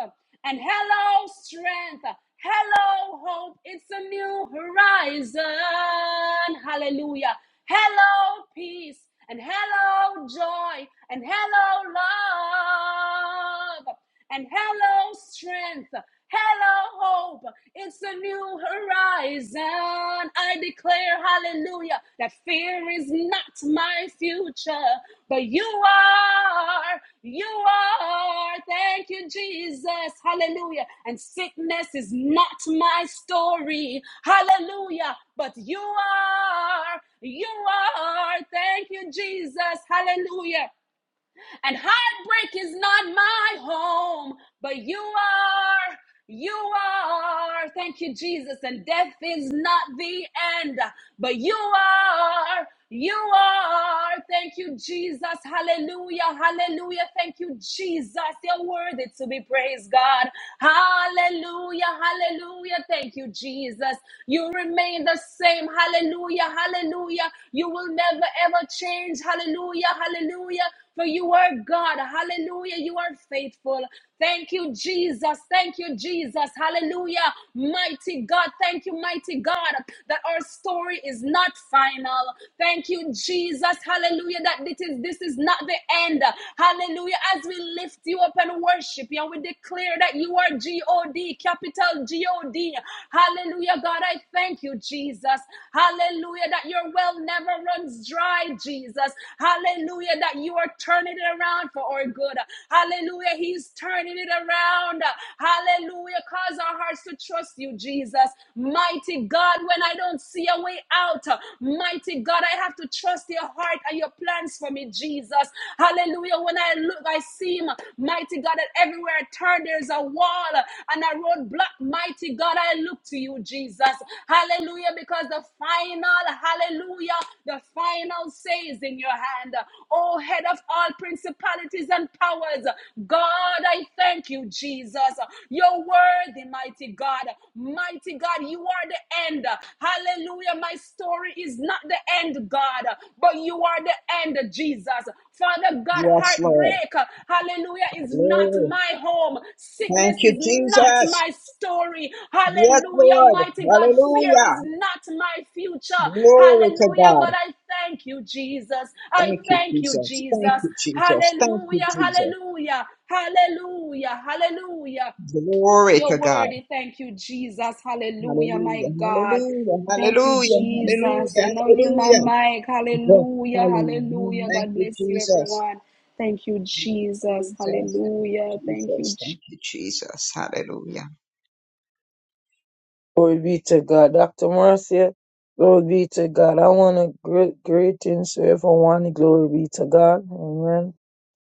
Speaker 4: love. And hello, strength. Hello, hope. It's a new horizon. Hallelujah. Hello, peace, and hello, joy, and hello, love, and hello, strength. Hello, hope. It's a new horizon. I declare, hallelujah, that fear is not my future, but you are. You are. Thank you, Jesus. Hallelujah. And sickness is not my story. Hallelujah. But you are. You are. Thank you, Jesus. Hallelujah. And heartbreak is not my home, but you are. You are. Thank you, Jesus. And death is not the end, but you are. You are. Thank you, Jesus. Hallelujah. Hallelujah. Thank you, Jesus. You're worthy to be praised, God. Hallelujah. Hallelujah. Thank you, Jesus. You remain the same. Hallelujah. Hallelujah. You will never ever change. Hallelujah. Hallelujah for you are God. Hallelujah. You are faithful. Thank you, Jesus. Thank you, Jesus. Hallelujah. Mighty God. Thank you, mighty God, that our story is not final. Thank you, Jesus. Hallelujah. That this is this is not the end. Hallelujah. As we lift you up and worship you, and we declare that you are G-O-D, capital G-O-D. Hallelujah. God, I thank you, Jesus. Hallelujah. That your well never runs dry, Jesus. Hallelujah. That you are turning it around for our good. Hallelujah. He's turning it around. Hallelujah. Cause our hearts to trust you, Jesus. Mighty God, when I don't don't see a way out. Mighty God, I have to trust your heart and your plans for me, Jesus. Hallelujah. When I look, I see him. Mighty God, that everywhere I turn, there's a wall and a roadblock. Mighty God, I look to you, Jesus. Hallelujah. Because the final, hallelujah, the final say is in your hand. Oh, head of all principalities and powers, God, I thank you, Jesus. You're worthy, mighty God. Mighty God, you are the end. Hallelujah. My story is not the end, God, but you are the end, Jesus. Father God,
Speaker 3: Yes, Lord.
Speaker 4: heartbreak, hallelujah, is not
Speaker 3: Glory.
Speaker 4: my home.
Speaker 3: Thank
Speaker 4: Sickness
Speaker 3: you,
Speaker 4: is not
Speaker 3: Jesus.
Speaker 4: my story.
Speaker 3: Yes,
Speaker 4: Hallelujah.
Speaker 3: Lord.
Speaker 4: Mighty God, fear
Speaker 3: Hallelujah.
Speaker 4: is not my future.
Speaker 3: Glory to
Speaker 4: Hallelujah. But
Speaker 3: God.
Speaker 4: I thank you, Jesus. I
Speaker 3: Thank you,
Speaker 4: thank you,
Speaker 3: Jesus.
Speaker 4: Jesus.
Speaker 3: Thank you, Jesus. Thank you,
Speaker 4: Hallelujah.
Speaker 3: Jesus.
Speaker 4: Hallelujah. Hallelujah. Hallelujah.
Speaker 3: Glory
Speaker 4: You're
Speaker 3: to God.
Speaker 4: worthy. Thank you, Jesus. Hallelujah, my
Speaker 3: Hallelujah.
Speaker 4: God.
Speaker 3: Hallelujah.
Speaker 4: Thank you,
Speaker 3: Hallelujah.
Speaker 4: Jesus. I
Speaker 3: Hallelujah.
Speaker 4: know you, my
Speaker 3: Hallelujah.
Speaker 4: mic. Hallelujah.
Speaker 1: Hallelujah.
Speaker 4: Hallelujah.
Speaker 3: Thank
Speaker 4: God
Speaker 3: you,
Speaker 4: bless you,
Speaker 3: Jesus.
Speaker 4: everyone. Thank you, Jesus.
Speaker 3: Jesus. Thank
Speaker 4: Hallelujah.
Speaker 3: you,
Speaker 4: Thank you,
Speaker 3: Jesus.
Speaker 4: Jesus.
Speaker 3: Thank you, Jesus. Hallelujah.
Speaker 1: Glory be to God. Dr. Marcia, glory be to God. I want to great greetings to everyone. Glory be to God. Amen.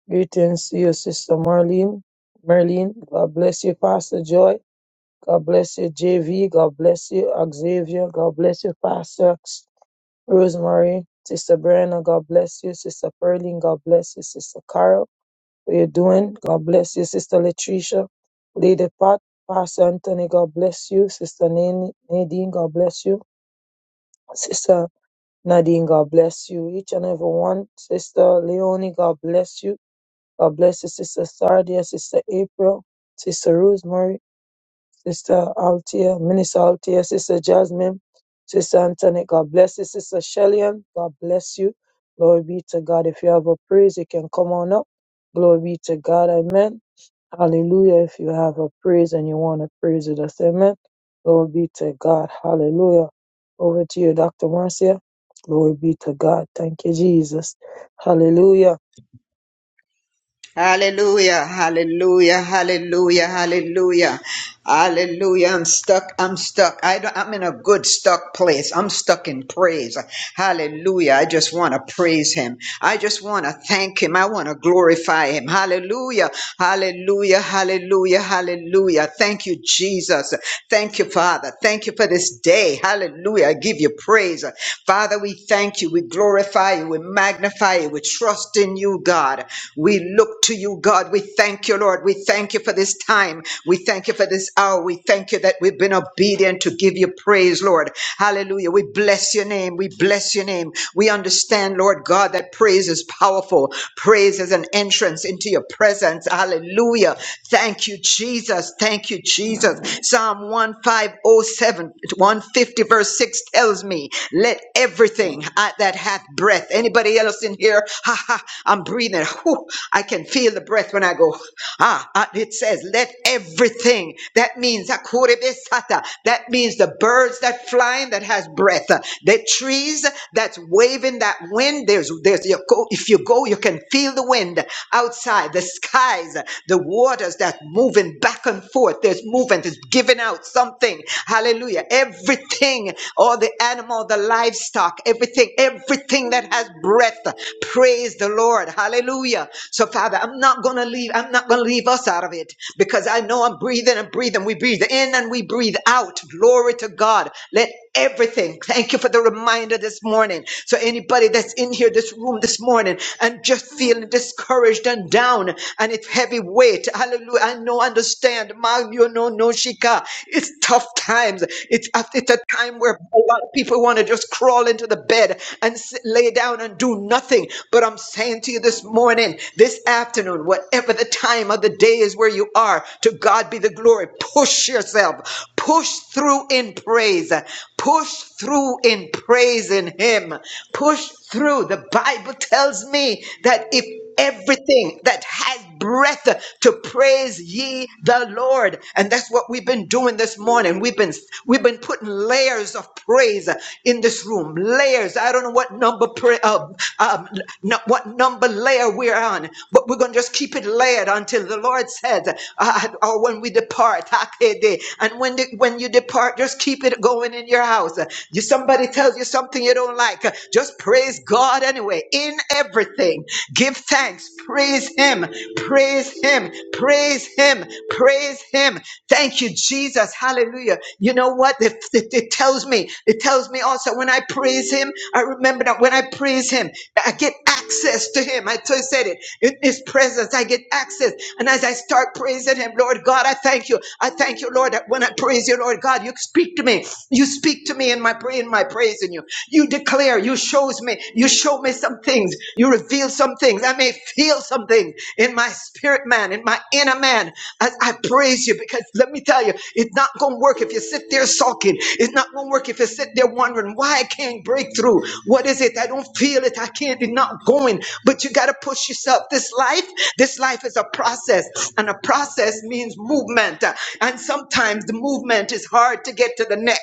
Speaker 1: Greetings to your sister Marlene. Marlene, God bless you, Pastor Joy. God bless you, JV. God bless you, Xavier. God bless you, Pastor Rosemary. Sister Brenna, God bless you. Sister Pearline, God bless you. Sister Carol what you're doing. God bless you, Sister Latricia. Lady Pat, Pastor Anthony, God bless you. Sister Nan- Nadine, God bless you. Sister Nadine, God bless you. Each and every one. Sister Leonie, God bless you. God bless you, Sister Sardia, Sister April, Sister Rosemary, Sister Althea, Minister Althea, Sister Jasmine, Sister Anthony, God bless you. Sister Shellyan, God bless you. Glory be to God. If you have a praise, you can come on up. Glory be to God. Amen. Hallelujah. If you have a praise and you want to praise it, just amen. Glory be to God. Hallelujah. Over to you, Dr. Marcia. Glory be to God. Thank you, Jesus. Hallelujah.
Speaker 3: Hallelujah, hallelujah, hallelujah, hallelujah, hallelujah. I'm stuck, I'm stuck. I don't, I'm in a good stuck place. I'm stuck in praise. Hallelujah. I just want to praise him. I just want to thank him. I want to glorify him. Hallelujah, hallelujah, hallelujah, hallelujah. Thank you, Jesus. Thank you, Father. Thank you for this day. Hallelujah. I give you praise. Father, we thank you. We glorify you. We magnify you. We trust in you, God. We look to you, God. We thank you, Lord. We thank you for this time. We thank you for this hour. We thank you that we've been obedient to give you praise, Lord. Hallelujah. We bless your name. We bless your name. We we understand, Lord God, that praise is powerful. Praise is an entrance into your presence. Hallelujah. Thank you, Jesus. Thank you, Jesus. Psalm one five oh seven, one fifty, verse 6 tells me, Let everything I- that hath breath, anybody else in here, ha ha, I'm breathing. Whew, I can feel the breath when I go. Ah, ah, it says, let everything. That means hakurebesata. That means the birds that flying that has breath, uh, the trees that's waving that wind. There's, there's. You go, if you go, you can feel the wind outside. The skies, uh, the waters that moving back and forth. There's movement. It's giving out something. Hallelujah. Everything, all the animal, the livestock, everything, everything that has breath breath. Praise the Lord. Hallelujah. So, Father, I'm not going to leave. I'm not going to leave us out of it because I know I'm breathing and breathing. We breathe in and we breathe out. Glory to God. Let everything. Thank you for the reminder this morning. So anybody that's in here, this room this morning, and just feeling discouraged and down, and it's heavy weight. Hallelujah. I know, understand. Ma, you know, no shika. It's tough times. It's it's a time where a lot of people want to just crawl into the bed and sit, lay down and do nothing. But I'm saying to you this morning, this afternoon, whatever the time of the day is where you are, to God be the glory. Push yourself, push through in praise, push through in praising Him, push through. The Bible tells me that if everything that has breath to praise ye the Lord. And that's what we've been doing this morning. We've been we've been putting layers of praise in this room. Layers. I don't know what number pra- uh, um, no, what number layer we're on, but we're gonna just keep it layered until the Lord says, uh, or when we depart. Hakede. And when the, when you depart, just keep it going in your house. You somebody tells you something you don't like, just praise God anyway. In everything, give thanks, praise Him. Praise Him. Praise Him. Praise Him. Thank you, Jesus. Hallelujah. You know what? It, it, it tells me. It tells me also when I praise Him, I remember that when I praise Him, I get access to Him. I t- said it. In His presence, I get access. And as I start praising him, Lord God, I thank you. I thank you, Lord, that when I praise you, Lord God, you speak to me. You speak to me in my pra- in my praising you. You declare, you shows me, you show me some things, you reveal some things. I may feel something in my spirit man, in my inner man, as I praise you. Because let me tell you, it's not gonna work if you sit there sulking. It's not gonna work if you sit there wondering why I can't break through. What is it? I don't feel it. I can't. It's not going. But you gotta push yourself. This life life, this life is a process, and a process means movement. And sometimes the movement is hard to get to the next.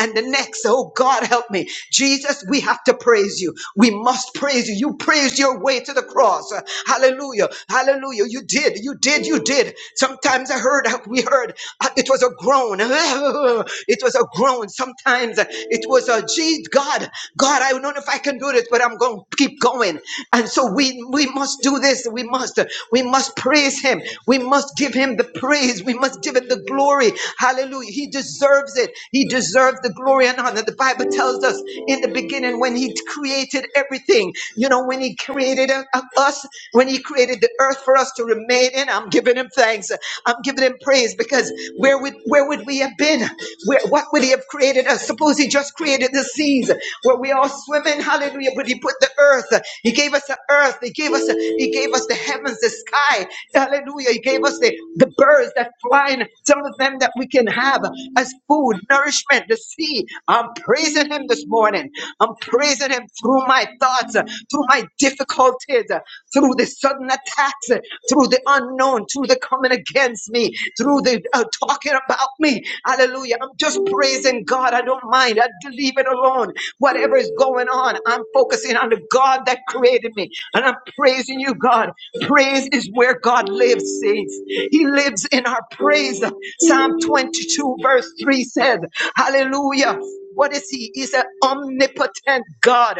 Speaker 3: And the next, oh God, help me. Jesus, we have to praise you. We must praise you. You praised your way to the cross. Hallelujah. Hallelujah. You did. You did. You did. Sometimes I heard, we heard, uh, it was a groan. It was a groan. Sometimes uh, it was a, gee, God, God, I don't know if I can do this, but I'm going to keep going. And so we we, we must do this. We must. We must praise him. We must give him the praise. We must give it the glory. Hallelujah. He deserves it. He deserves the glory and honor. The Bible tells us in the beginning when he created everything, you know, when he created uh, uh, us, when he created the earth for us to remain in, I'm giving him thanks. I'm giving him praise because where would where would we have been? Where what would he have created us? Suppose he just created the seas where we all swim in, hallelujah, but he put the earth earth. He gave us the earth. He gave us, he gave us the heavens, the sky. Hallelujah. He gave us the, the birds that fly and some of them that we can have as food, nourishment, the sea. I'm praising him this morning. I'm praising him through my thoughts, through my difficulties, through the sudden attacks, through the unknown, through the coming against me, through the uh, talking about me. Hallelujah. I'm just praising God. I don't mind. I have leave it alone. Whatever is going on, on. I'm focusing on the God that created me. And I'm praising you, God. Praise is where God lives, saints. He lives in our praise. Psalm 22, verse 3 says, Hallelujah. What is he? He's an omnipotent God.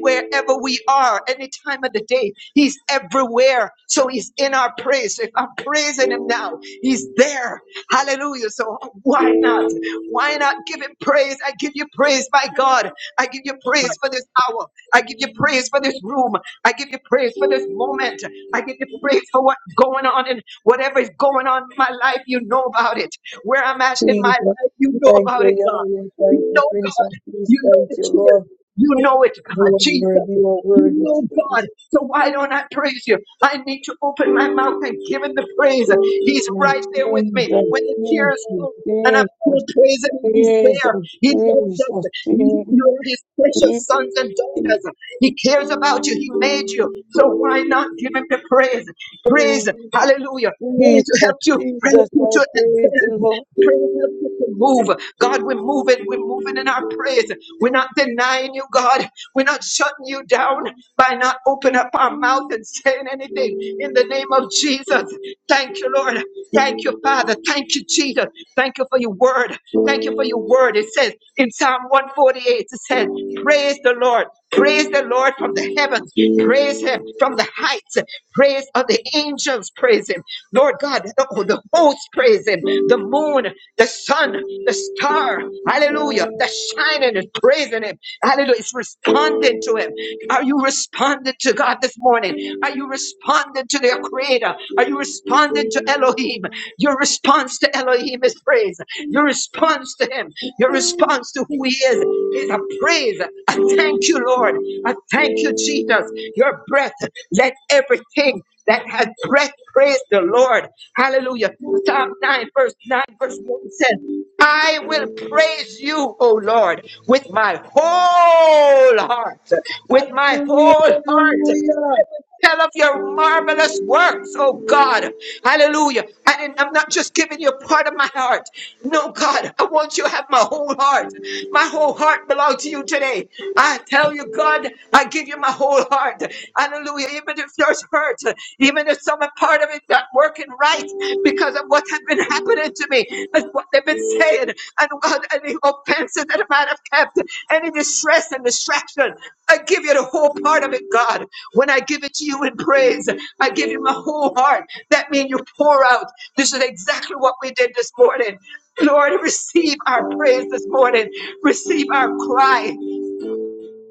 Speaker 3: Wherever we are, any time of the day, he's everywhere. So he's in our praise. So if I'm praising him now, he's there. Hallelujah. So why not? Why not give him praise? I give you praise, my God. I give you praise for this hour. I give you praise for this room. I give you praise for this moment. I give you praise for what's going on and whatever is going on in my life, you know about it. Where I'm at in my
Speaker 1: Jesus,
Speaker 3: life, you know
Speaker 1: thank
Speaker 3: about
Speaker 1: you,
Speaker 3: it, God.
Speaker 1: Yahweh. Thank
Speaker 3: You
Speaker 1: you,
Speaker 3: know,
Speaker 1: Prince of
Speaker 3: God.
Speaker 1: Peace.
Speaker 3: You know
Speaker 1: Thank
Speaker 3: the
Speaker 1: you,
Speaker 3: tears.
Speaker 1: Lord.
Speaker 3: You know it, God.
Speaker 1: You are
Speaker 3: Jesus.
Speaker 1: worthy, you are
Speaker 3: You
Speaker 1: worthy,
Speaker 3: know, God.
Speaker 1: Jesus.
Speaker 3: So why don't I praise you? I need to open my mouth and give him the praise. He's right there with me
Speaker 1: Jesus,
Speaker 3: when the
Speaker 1: Jesus,
Speaker 3: tears come and I'm still praising
Speaker 1: Jesus,
Speaker 3: him. He's there. He loves
Speaker 1: Jesus,
Speaker 3: us.
Speaker 1: Jesus,
Speaker 3: He, you
Speaker 1: Jesus.
Speaker 3: are his precious sons and daughters. He cares about you. He made you. So why not give him the praise?
Speaker 1: Hallelujah.
Speaker 3: Praise. Hallelujah. Praise to
Speaker 1: Jesus,
Speaker 3: help you. Praise
Speaker 1: Jesus, I
Speaker 3: to
Speaker 1: praise the
Speaker 3: advance.
Speaker 1: Lord.
Speaker 3: Praise helps you to move. God, we're moving. We're moving in our praise. We're not denying you, God. We're not shutting you down by not opening up our mouth and saying anything. In the name of Jesus, thank you, Lord. Thank you, Father. Thank you, Jesus. Thank you for your word. Thank you for your word. It says in Psalm 148, it says, Praise the Lord. Praise the Lord from the heavens. Praise him from the heights. Praise of the angels. Praise him. Lord God, the, the hosts praise him. The moon, the sun, the star, hallelujah, the shining is praising him. Hallelujah, it's responding to him. Are you responding to God this morning? Are you responding to their creator? Are you responding to Elohim? Your response to Elohim is praise. Your response to him, your response to who he is, is a praise. I thank you, Lord. I thank you, Jesus. Your breath, let everything that has breath. Praise the Lord. Hallelujah. Psalm 9, verse 9, verse 1 says, I will praise you, O Lord, with my whole heart, with my
Speaker 1: Hallelujah,
Speaker 3: whole heart. Let
Speaker 1: hallelujah,
Speaker 3: me Tell of your marvelous works, oh God. Hallelujah. And I'm not just giving you part of my heart. No, God, I want you to have my whole heart. My whole heart belongs to you today. I tell you, God, I give you my whole heart. Hallelujah. Even if there's hurt, even if some part of it not working right because of what has been happening to me and what they've been saying, and God, any offenses that I might have kept, any distress and distraction, I give you the whole part of it, God. When I give it to you in praise, I give you my whole heart. That means you pour out. This is exactly what we did this morning. Lord, receive our praise this morning. Receive our cry.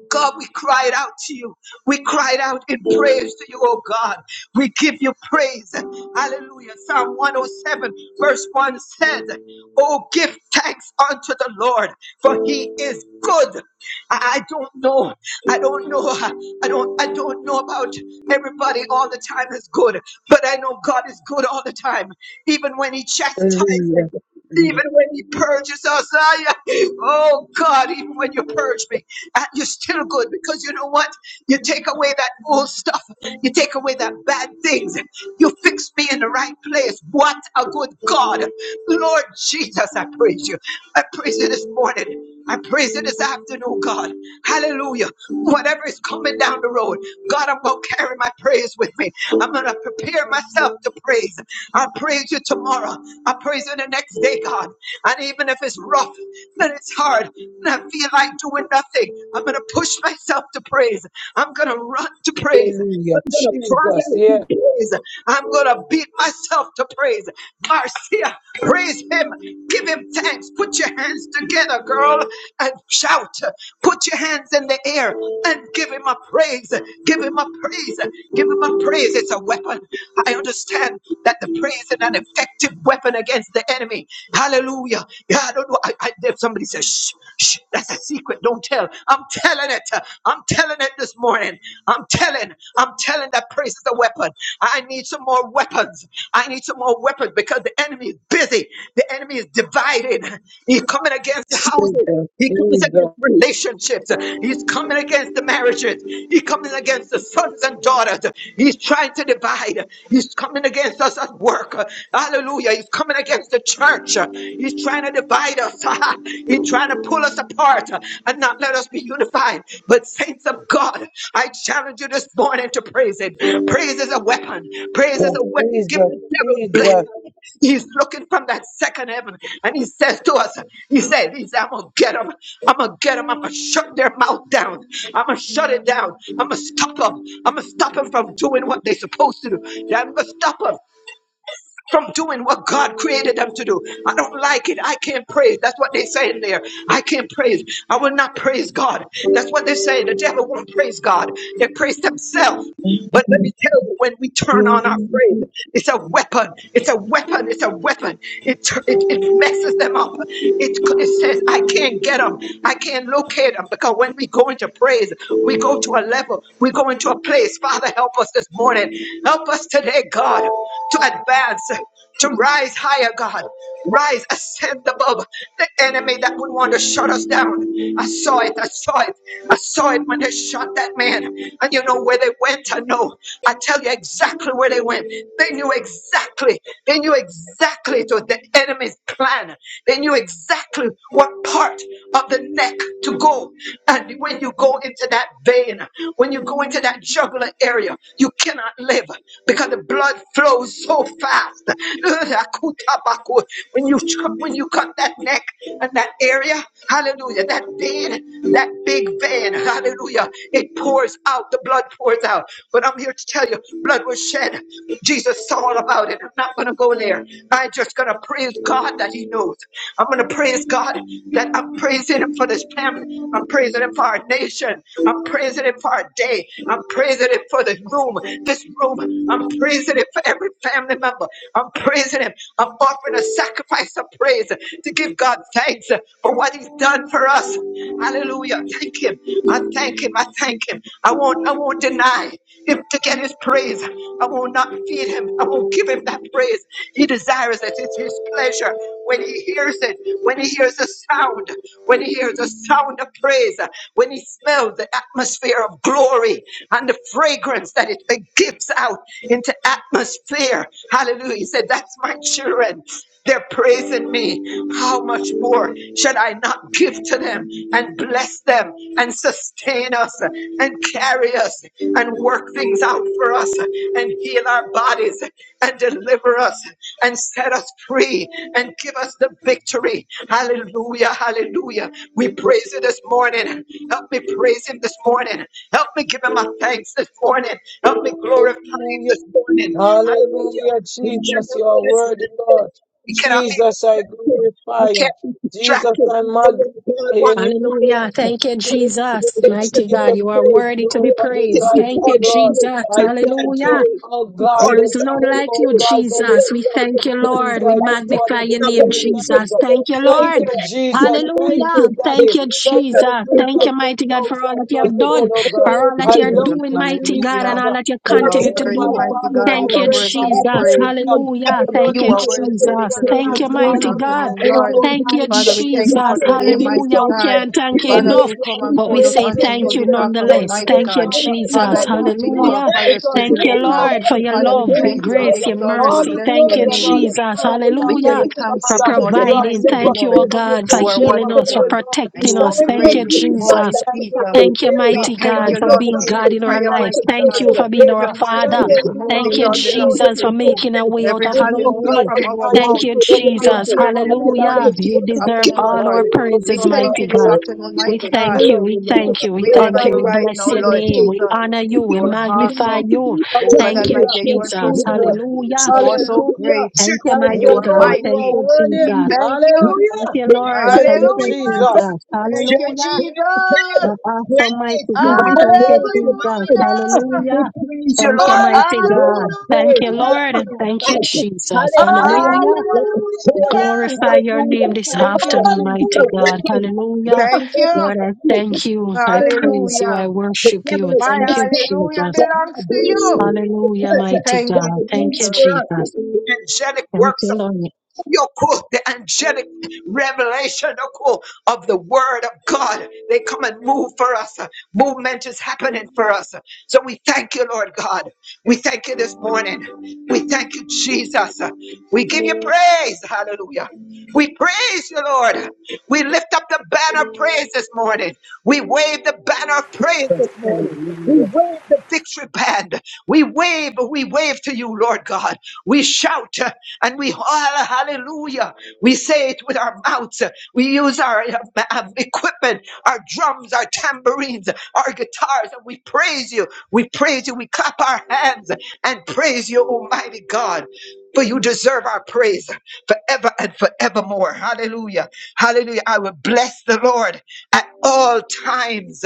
Speaker 3: God, we cried out to you. We cried out in praise to you, oh God. We give you praise. Hallelujah. Psalm 107, verse 1 says, Oh, give thanks unto the Lord, for he is good. I I don't know. I don't know. I don't I don't know about everybody all the time is good, but I know God is good all the time. Even when he
Speaker 1: hallelujah,
Speaker 3: chastises, even when he purges us. I, oh God, even when you purge me uh, you're still good because you know what? You take away that old stuff, you take away that bad things, you fix me in the right place. What a good God, Lord Jesus! I praise you. I praise you this morning. I praise you this afternoon, God. Hallelujah. Whatever is coming down the road, God, I'm going to carry my praise with me. I'm going to prepare myself to praise. I'll praise you tomorrow. I'll praise you the next day, God. And even if it's rough and it's hard, and I feel like doing nothing. I'm going to push myself to praise. I'm going to run to praise
Speaker 1: hallelujah.
Speaker 3: going to cry
Speaker 1: Jesus,
Speaker 3: out
Speaker 1: yes,
Speaker 3: to praise. I'm going to beat myself to praise. Marcia, praise him. Give him thanks. Put your hands together, girl, and shout. Put your hands in the air and give him a praise. Give him a praise. Give him a praise. It's a weapon. I understand that the praise is an effective weapon against the enemy. Hallelujah. Yeah, I don't know. I, I did somebody says, shh, shh, that's a secret. Don't tell. I'm telling it. I'm telling it this morning. I'm telling, I'm telling that praise is a weapon. I need some more weapons. I need some more weapons because the enemy is busy. The enemy is divided. He's coming against houses.
Speaker 1: Jesus,
Speaker 3: He comes
Speaker 1: Jesus,
Speaker 3: against relationships. He's coming against the marriages. He's coming against the sons and daughters. He's trying to divide. He's coming against us at work. Hallelujah. He's coming against the church. He's trying to divide us. He try to pull us apart uh, and not let us be unified. But saints of God, I challenge you this morning to praise Him. Praise is a weapon. Praise is a weapon. Give the devil black.
Speaker 1: Jesus,
Speaker 3: eye. He's looking from that second heaven, and he says to us, He said, he said, I'm gonna get them. I'm gonna get them. I'm gonna shut their mouth down. I'm gonna shut it down. I'm gonna stop them. I'm gonna stop them from doing what they're supposed to do. I'm gonna stop them from doing what God created them to do. I don't like it. I can't praise. That's what they say in there. I can't praise. I will not praise God. That's what they say. The devil won't praise God. They praise themselves. But let me tell you, when we turn on our
Speaker 1: Jesus.
Speaker 3: praise, it's a weapon. It's a weapon. It's a weapon. It tur- it, it messes them up. It, it says, I can't get them. I can't locate them. Because when we go into praise, we go to a level. We go into a place. Father, help us this morning. Help us today, God to advance, to rise higher, God. Rise, ascend above the enemy that would want to shut us down. I saw it, I saw it, I saw it when they shot that man. And you know where they went? I know. I tell you exactly where they went. They knew exactly, they knew exactly to the enemy's plan. They knew exactly what part of the neck to go. And when you go into that vein, when you go into that jugular area, you cannot live because the blood flows so fast. When you when you cut that neck and that area, hallelujah, that vein, that big vein, hallelujah, it pours out. The blood pours out. But I'm here to tell you, blood was shed. Jesus saw all about it. I'm not gonna go there. I'm just gonna praise God that He knows. I'm gonna praise God that I'm praising Him for this family. I'm praising Him for our nation. I'm praising Him for our day. I'm praising Him for the room room, this room. I'm praising Him for every family member. I'm praising Him. I'm offering a sacrifice of praise to give God thanks for what He's done for us. Hallelujah. Thank Him. I thank Him. I thank Him. I won't, I won't deny Him to get His praise. I will not feed Him. I will give Him that praise. He desires it. It's His pleasure when He hears it, when He hears the sound, when He hears the sound of praise, when He smells the atmosphere of glory and the fragrance that it it gives out into atmosphere. Hallelujah. He said, That's my children. They're praising me. How much more should I not give to them and bless them and sustain us and carry us and work things out for us and heal our bodies and deliver us and set us free and give us the victory? Hallelujah. Hallelujah. We praise you this morning. Help me praise him this morning. Help me give him my thanks this morning. Help me glorify him
Speaker 1: Hallelujah,
Speaker 3: this morning. Hallelujah.
Speaker 1: hallelujah,
Speaker 3: We should
Speaker 1: Jesus,
Speaker 3: not
Speaker 1: you are
Speaker 3: be
Speaker 1: worthy, Lord.
Speaker 3: distracted. We cannot be
Speaker 1: Jesus, I
Speaker 3: distracted. We
Speaker 1: glorify you.
Speaker 3: can't be
Speaker 1: Jesus,
Speaker 3: distracted
Speaker 1: I
Speaker 3: from what
Speaker 1: magnify
Speaker 3: God
Speaker 1: you. And
Speaker 3: wants to do for
Speaker 2: Hallelujah.
Speaker 3: us.
Speaker 2: Thank you,
Speaker 3: Hallelujah.
Speaker 2: Jesus.
Speaker 3: This
Speaker 1: worthy
Speaker 3: is the
Speaker 2: Mighty
Speaker 3: day
Speaker 2: God,
Speaker 1: Jesus,
Speaker 3: of
Speaker 2: you are
Speaker 3: praise.
Speaker 1: there's
Speaker 2: worthy to
Speaker 3: We
Speaker 2: be
Speaker 3: are
Speaker 1: nobody
Speaker 3: not to
Speaker 2: praised.
Speaker 3: be
Speaker 1: like
Speaker 2: Thank
Speaker 1: you,
Speaker 2: you,
Speaker 3: called to do
Speaker 1: Lord.
Speaker 3: it.
Speaker 2: Jesus.
Speaker 3: We
Speaker 1: I
Speaker 3: are not
Speaker 1: thank you,
Speaker 2: Hallelujah.
Speaker 3: afraid.
Speaker 1: oh
Speaker 3: We call
Speaker 1: God,
Speaker 2: There
Speaker 3: it
Speaker 2: is
Speaker 1: the
Speaker 3: as a
Speaker 2: none
Speaker 1: God of
Speaker 2: like
Speaker 1: all
Speaker 2: you,
Speaker 3: praise.
Speaker 1: gods and
Speaker 3: we're
Speaker 1: the
Speaker 2: Jesus.
Speaker 1: King
Speaker 2: We
Speaker 1: of
Speaker 2: thank
Speaker 1: all
Speaker 2: you,
Speaker 3: not going to
Speaker 1: things
Speaker 2: Lord.
Speaker 3: turn
Speaker 2: We
Speaker 1: I
Speaker 3: back.
Speaker 1: just want
Speaker 2: magnify
Speaker 1: to
Speaker 3: We're
Speaker 2: your
Speaker 3: not
Speaker 1: tell
Speaker 2: name,
Speaker 3: going
Speaker 1: you.
Speaker 3: to resist.
Speaker 1: Thank
Speaker 2: Jesus.
Speaker 1: you,
Speaker 3: We're going
Speaker 2: Thank
Speaker 3: to
Speaker 2: you,
Speaker 3: praise the
Speaker 2: Lord.
Speaker 3: Lord. We're
Speaker 1: Jesus.
Speaker 3: going to
Speaker 1: Thank
Speaker 3: thank
Speaker 2: Hallelujah.
Speaker 3: you.
Speaker 1: you,
Speaker 3: This
Speaker 2: Thank
Speaker 1: Daddy.
Speaker 2: you,
Speaker 3: is the
Speaker 1: Thank you, the
Speaker 2: Jesus.
Speaker 3: thank
Speaker 1: first
Speaker 2: Thank
Speaker 1: of
Speaker 2: you,
Speaker 3: you.
Speaker 2: mighty God, for
Speaker 1: 10,000
Speaker 2: all that you
Speaker 3: If
Speaker 1: first
Speaker 2: have
Speaker 3: they
Speaker 1: soul,
Speaker 2: done,
Speaker 3: do
Speaker 1: oh
Speaker 3: nothing
Speaker 1: God.
Speaker 2: for
Speaker 3: else,
Speaker 2: all that
Speaker 1: I
Speaker 2: you are
Speaker 3: God,
Speaker 1: love
Speaker 5: Jesus,
Speaker 2: doing,
Speaker 1: you,
Speaker 2: mighty
Speaker 1: Jesus.
Speaker 2: God,
Speaker 1: I
Speaker 2: and
Speaker 5: hallelujah.
Speaker 2: all that you
Speaker 5: You
Speaker 3: our
Speaker 1: love
Speaker 5: are
Speaker 2: continue
Speaker 1: you,
Speaker 2: to
Speaker 3: praise
Speaker 5: worthy,
Speaker 1: my
Speaker 2: do.
Speaker 3: belongs
Speaker 5: mighty
Speaker 3: to
Speaker 1: Father,
Speaker 3: you,
Speaker 5: God.
Speaker 1: my
Speaker 5: You
Speaker 2: Thank
Speaker 5: are
Speaker 2: you,
Speaker 3: Father.
Speaker 1: friend,
Speaker 5: worthy
Speaker 1: my
Speaker 5: to
Speaker 2: Jesus.
Speaker 5: be
Speaker 3: Our
Speaker 5: praised.
Speaker 3: praise, you
Speaker 1: comforter.
Speaker 3: will have
Speaker 2: Hallelujah.
Speaker 3: it.
Speaker 2: Thank
Speaker 5: You
Speaker 1: Adonai,
Speaker 2: you,
Speaker 3: You
Speaker 5: are
Speaker 3: will
Speaker 5: worthy
Speaker 1: I
Speaker 5: to
Speaker 3: have
Speaker 1: give
Speaker 5: be
Speaker 3: it. Our
Speaker 1: you
Speaker 2: Jesus.
Speaker 5: lifted up
Speaker 3: praise
Speaker 5: this,
Speaker 2: Thank
Speaker 3: this
Speaker 1: thanks.
Speaker 2: you,
Speaker 5: this
Speaker 2: mighty
Speaker 3: morning.
Speaker 1: Adonai,
Speaker 2: God.
Speaker 5: afternoon, Lord.
Speaker 3: Anyone,
Speaker 2: Thank
Speaker 1: Rabbonai,
Speaker 2: you,
Speaker 1: El
Speaker 5: Father,
Speaker 3: hallelujah.
Speaker 5: we thank
Speaker 3: You're
Speaker 5: you
Speaker 1: Shaddai,
Speaker 5: for
Speaker 2: Jesus.
Speaker 3: sick,
Speaker 5: today,
Speaker 3: You still coming to the
Speaker 1: Elohim,
Speaker 5: mighty
Speaker 2: Hallelujah. We
Speaker 3: second
Speaker 5: God.
Speaker 3: year?
Speaker 2: can't thank you
Speaker 1: I
Speaker 3: Praise
Speaker 5: Father, as
Speaker 3: Him.
Speaker 2: enough,
Speaker 1: give
Speaker 5: we
Speaker 1: you all
Speaker 5: come
Speaker 1: the
Speaker 5: and
Speaker 2: but we
Speaker 3: Anybody
Speaker 5: pour
Speaker 3: in
Speaker 5: out
Speaker 3: the
Speaker 2: say
Speaker 5: unto
Speaker 1: praises.
Speaker 3: pain
Speaker 5: you
Speaker 2: thank
Speaker 3: in
Speaker 2: you
Speaker 5: this
Speaker 3: here?
Speaker 5: afternoon,
Speaker 3: Praise
Speaker 2: nonetheless.
Speaker 3: Him.
Speaker 5: mighty
Speaker 1: Yes,
Speaker 2: Thank
Speaker 5: God.
Speaker 2: you,
Speaker 1: Lord,
Speaker 3: Anybody
Speaker 1: and
Speaker 5: Father,
Speaker 2: Jesus.
Speaker 5: I
Speaker 1: our
Speaker 5: know
Speaker 3: troubled?
Speaker 1: Lord
Speaker 5: that you hear
Speaker 1: God,
Speaker 3: Praise
Speaker 5: our
Speaker 2: Hallelujah.
Speaker 3: Him.
Speaker 5: prayers to
Speaker 1: because it
Speaker 2: Thank
Speaker 5: you,
Speaker 2: you,
Speaker 5: O
Speaker 3: Praise
Speaker 5: God.
Speaker 1: belongs
Speaker 2: Lord, for
Speaker 1: to
Speaker 3: Him.
Speaker 2: your
Speaker 5: Father,
Speaker 1: you,
Speaker 5: we
Speaker 2: love, your
Speaker 5: thank
Speaker 3: Praise
Speaker 5: you, we
Speaker 3: Him,
Speaker 2: grace,
Speaker 1: Jesus.
Speaker 2: your
Speaker 5: exalt you, we
Speaker 1: All the
Speaker 2: mercy.
Speaker 5: bless
Speaker 2: Thank
Speaker 5: your
Speaker 1: glory
Speaker 2: you,
Speaker 3: Lord.
Speaker 1: and
Speaker 5: name.
Speaker 1: all
Speaker 3: Hallelujah.
Speaker 1: the
Speaker 2: Jesus.
Speaker 1: honor
Speaker 5: We
Speaker 1: belongs
Speaker 5: tell
Speaker 3: Hallelujah.
Speaker 1: to you,
Speaker 2: Hallelujah.
Speaker 5: you
Speaker 3: Give him a
Speaker 5: thanks
Speaker 2: For
Speaker 5: this
Speaker 1: Father.
Speaker 3: shout.
Speaker 1: You
Speaker 5: morning,
Speaker 1: have
Speaker 5: mighty
Speaker 2: providing.
Speaker 5: the
Speaker 1: never
Speaker 3: Shabbat
Speaker 2: Thank you,
Speaker 5: Lord.
Speaker 2: oh
Speaker 3: him.
Speaker 1: failed and you
Speaker 2: God, for
Speaker 1: can
Speaker 5: You are
Speaker 3: Shabbat
Speaker 2: healing
Speaker 1: never
Speaker 3: the
Speaker 2: us, for
Speaker 1: fail,
Speaker 5: wonderful
Speaker 3: Lord.
Speaker 5: and
Speaker 3: We
Speaker 2: protecting
Speaker 5: you
Speaker 1: Lord.
Speaker 5: are
Speaker 2: us.
Speaker 3: shabbat
Speaker 1: Thank
Speaker 2: Thank
Speaker 1: you,
Speaker 3: him.
Speaker 5: great
Speaker 3: We
Speaker 2: you,
Speaker 5: this
Speaker 3: shabbat
Speaker 1: Jesus.
Speaker 5: morning,
Speaker 2: Jesus.
Speaker 3: that
Speaker 1: Thank you,
Speaker 3: shabbat
Speaker 5: Jesus.
Speaker 3: and
Speaker 2: Thank you,
Speaker 1: Waymaker.
Speaker 5: We
Speaker 2: mighty
Speaker 5: thank
Speaker 3: We
Speaker 2: God,
Speaker 1: Thank
Speaker 5: you,
Speaker 3: give
Speaker 2: for
Speaker 1: you,
Speaker 5: Lord,
Speaker 3: him a
Speaker 5: for
Speaker 2: being
Speaker 1: Promise
Speaker 2: God
Speaker 5: every
Speaker 3: shout
Speaker 2: in our
Speaker 5: prayer,
Speaker 1: Keeper.
Speaker 2: lives.
Speaker 3: unto
Speaker 5: mighty
Speaker 1: Thank you,
Speaker 2: Thank
Speaker 3: God
Speaker 5: God.
Speaker 2: you
Speaker 3: with a
Speaker 2: for being
Speaker 3: voice
Speaker 5: Every
Speaker 2: our
Speaker 3: of
Speaker 1: Sustainer.
Speaker 5: worship
Speaker 1: Thank
Speaker 2: Father.
Speaker 5: this
Speaker 3: triumph.
Speaker 1: you, Redeemer of
Speaker 2: Thank
Speaker 5: morning,
Speaker 2: you,
Speaker 1: our
Speaker 5: Lord,
Speaker 3: Hallelujah.
Speaker 1: soul.
Speaker 5: belongs
Speaker 3: Tell
Speaker 2: Jesus,
Speaker 3: him
Speaker 5: to
Speaker 1: Thank
Speaker 2: for
Speaker 1: you,
Speaker 3: what
Speaker 5: you.
Speaker 3: he
Speaker 2: making a
Speaker 3: is.
Speaker 2: way out
Speaker 5: Every
Speaker 2: of no
Speaker 1: for
Speaker 3: Almighty
Speaker 5: hallelujah
Speaker 1: God
Speaker 2: way.
Speaker 3: is
Speaker 5: from
Speaker 3: it.
Speaker 5: our
Speaker 3: What
Speaker 1: Almighty,
Speaker 3: he
Speaker 2: Thank
Speaker 5: mouth
Speaker 2: you,
Speaker 3: wants to
Speaker 1: the
Speaker 5: to
Speaker 1: God
Speaker 5: your
Speaker 1: that
Speaker 2: Jesus.
Speaker 3: represent.
Speaker 5: ears
Speaker 1: never
Speaker 3: The
Speaker 5: this
Speaker 1: fails
Speaker 3: Lord
Speaker 1: and
Speaker 2: Hallelujah.
Speaker 5: morning,
Speaker 3: is to do
Speaker 2: You
Speaker 5: Jesus,
Speaker 3: to work
Speaker 1: never
Speaker 3: out.
Speaker 2: deserve
Speaker 3: Give
Speaker 5: afternoon,
Speaker 3: him a
Speaker 1: fails.
Speaker 2: all our
Speaker 5: Lord.
Speaker 1: Oh,
Speaker 5: We
Speaker 2: praises,
Speaker 1: God, my
Speaker 5: thank you
Speaker 2: mighty
Speaker 5: this
Speaker 2: God.
Speaker 1: Father,
Speaker 3: praise.
Speaker 5: afternoon,
Speaker 3: Give
Speaker 2: We
Speaker 3: him
Speaker 5: mighty
Speaker 3: a
Speaker 1: I
Speaker 2: thank
Speaker 5: God.
Speaker 2: you.
Speaker 3: praise.
Speaker 1: love
Speaker 2: We
Speaker 1: you,
Speaker 3: Give him a praise. Give him
Speaker 1: Lord.
Speaker 2: thank
Speaker 3: a
Speaker 2: you. We
Speaker 5: We
Speaker 1: I
Speaker 3: praise.
Speaker 5: honor
Speaker 2: thank you.
Speaker 5: you
Speaker 1: thank
Speaker 2: We
Speaker 1: you
Speaker 3: saints.
Speaker 1: for
Speaker 5: right now,
Speaker 2: bless
Speaker 3: Give
Speaker 1: your
Speaker 2: your
Speaker 3: him a
Speaker 1: goodness.
Speaker 5: Lord
Speaker 2: name.
Speaker 3: praise. You don't
Speaker 2: We
Speaker 5: Jesus.
Speaker 3: know
Speaker 2: honor
Speaker 3: what to
Speaker 2: you.
Speaker 5: You
Speaker 2: We
Speaker 3: do.
Speaker 5: are
Speaker 3: You don't know
Speaker 2: magnify
Speaker 3: what
Speaker 5: awesome.
Speaker 3: to do.
Speaker 2: you.
Speaker 5: Oh
Speaker 3: Just
Speaker 5: God
Speaker 2: Thank you,
Speaker 1: Hallelujah.
Speaker 3: praise
Speaker 5: Almighty, you
Speaker 3: him.
Speaker 5: are so
Speaker 2: Jesus.
Speaker 3: You don't
Speaker 1: Jesus.
Speaker 5: good.
Speaker 3: you
Speaker 2: Hallelujah.
Speaker 3: show
Speaker 5: You
Speaker 3: up
Speaker 5: are
Speaker 3: to
Speaker 5: so
Speaker 3: do it.
Speaker 1: Hallelujah.
Speaker 5: great
Speaker 2: Thank
Speaker 3: Just
Speaker 2: you,
Speaker 1: Thank
Speaker 5: and you
Speaker 2: mighty
Speaker 1: you,
Speaker 3: praise
Speaker 5: are
Speaker 3: the
Speaker 2: God.
Speaker 1: Lord. You
Speaker 3: Lord.
Speaker 2: Thank
Speaker 1: are
Speaker 5: mighty.
Speaker 2: you,
Speaker 1: worthy.
Speaker 5: We
Speaker 2: Jesus.
Speaker 3: Hallelujah.
Speaker 5: thank
Speaker 3: You don't
Speaker 5: you.
Speaker 2: Thank
Speaker 1: Hallelujah.
Speaker 3: have
Speaker 2: you,
Speaker 3: to
Speaker 2: Lord.
Speaker 3: answer
Speaker 1: Thank
Speaker 3: it
Speaker 2: Thank
Speaker 1: you,
Speaker 2: you,
Speaker 3: right now.
Speaker 5: Hallelujah.
Speaker 1: Jesus.
Speaker 2: Jesus.
Speaker 5: Thank you,
Speaker 3: Just
Speaker 2: Hallelujah.
Speaker 3: praise
Speaker 2: You
Speaker 3: Him.
Speaker 5: Jesus.
Speaker 2: are awesome,
Speaker 3: Praise
Speaker 2: mighty
Speaker 3: you.
Speaker 2: God.
Speaker 3: We
Speaker 2: Thank you,
Speaker 5: Hallelujah.
Speaker 3: praise
Speaker 1: Hallelujah.
Speaker 3: you,
Speaker 2: Jesus.
Speaker 3: Lord.
Speaker 2: Hallelujah.
Speaker 3: We praise you,
Speaker 2: Thank you,
Speaker 3: Lord.
Speaker 2: mighty
Speaker 3: Their
Speaker 1: Hallelujah.
Speaker 2: God.
Speaker 5: Hallelujah.
Speaker 2: Thank
Speaker 3: grace
Speaker 2: you,
Speaker 3: be
Speaker 2: Lord.
Speaker 3: upon our
Speaker 2: Thank you,
Speaker 3: life.
Speaker 2: Jesus.
Speaker 3: Hallelujah.
Speaker 2: Hallelujah
Speaker 5: Hallelujah.
Speaker 3: It's a sword.
Speaker 1: Hallelujah.
Speaker 2: glorify your name
Speaker 3: Hallelujah.
Speaker 2: this
Speaker 5: Thank you,
Speaker 2: afternoon,
Speaker 3: Hallelujah. It's
Speaker 2: mighty
Speaker 3: a
Speaker 5: Jesus.
Speaker 2: God.
Speaker 3: weapon. When
Speaker 2: Hallelujah.
Speaker 3: we
Speaker 5: Thank
Speaker 3: open
Speaker 5: you.
Speaker 2: Lord,
Speaker 3: our
Speaker 2: I
Speaker 3: mouth,
Speaker 2: thank you. I
Speaker 3: hallelujah.
Speaker 2: praise you.
Speaker 5: Hallelujah.
Speaker 2: I
Speaker 3: The
Speaker 2: worship
Speaker 3: devil
Speaker 2: you.
Speaker 5: My
Speaker 3: is
Speaker 2: Thank you,
Speaker 3: messed up,
Speaker 5: hallelujah
Speaker 2: Jesus.
Speaker 3: but we are
Speaker 5: belongs to
Speaker 3: blessed
Speaker 5: you.
Speaker 2: Hallelujah,
Speaker 3: because
Speaker 2: mighty
Speaker 5: Thank you,
Speaker 2: God.
Speaker 3: God
Speaker 2: Thank
Speaker 3: rules
Speaker 2: you,
Speaker 5: Jesus.
Speaker 3: for us.
Speaker 2: Jesus.
Speaker 3: The angelic
Speaker 2: Thank
Speaker 3: works
Speaker 2: you,
Speaker 3: of
Speaker 2: Lord.
Speaker 3: your cool, the angelic revelation oh, cool, of the word of God. They come and move for us. Movement is happening for us. So we thank you, Lord God. We thank you this morning. We thank you, Jesus. We give you praise. Hallelujah. We praise you, Lord. We lift up the banner of praise this morning. We wave the banner of praise this morning. We
Speaker 1: Hallelujah. Hallelujah.
Speaker 3: wave the victory band. We wave, we wave to you, Lord God. We shout. And we, all hallelujah, we say it with our mouths. We use our uh, uh, equipment, our drums, our tambourines, our guitars, and we praise you. We praise you. We clap our hands and praise you, Almighty God. For you deserve our praise forever and forevermore. Hallelujah. Hallelujah. I will bless the Lord at all times.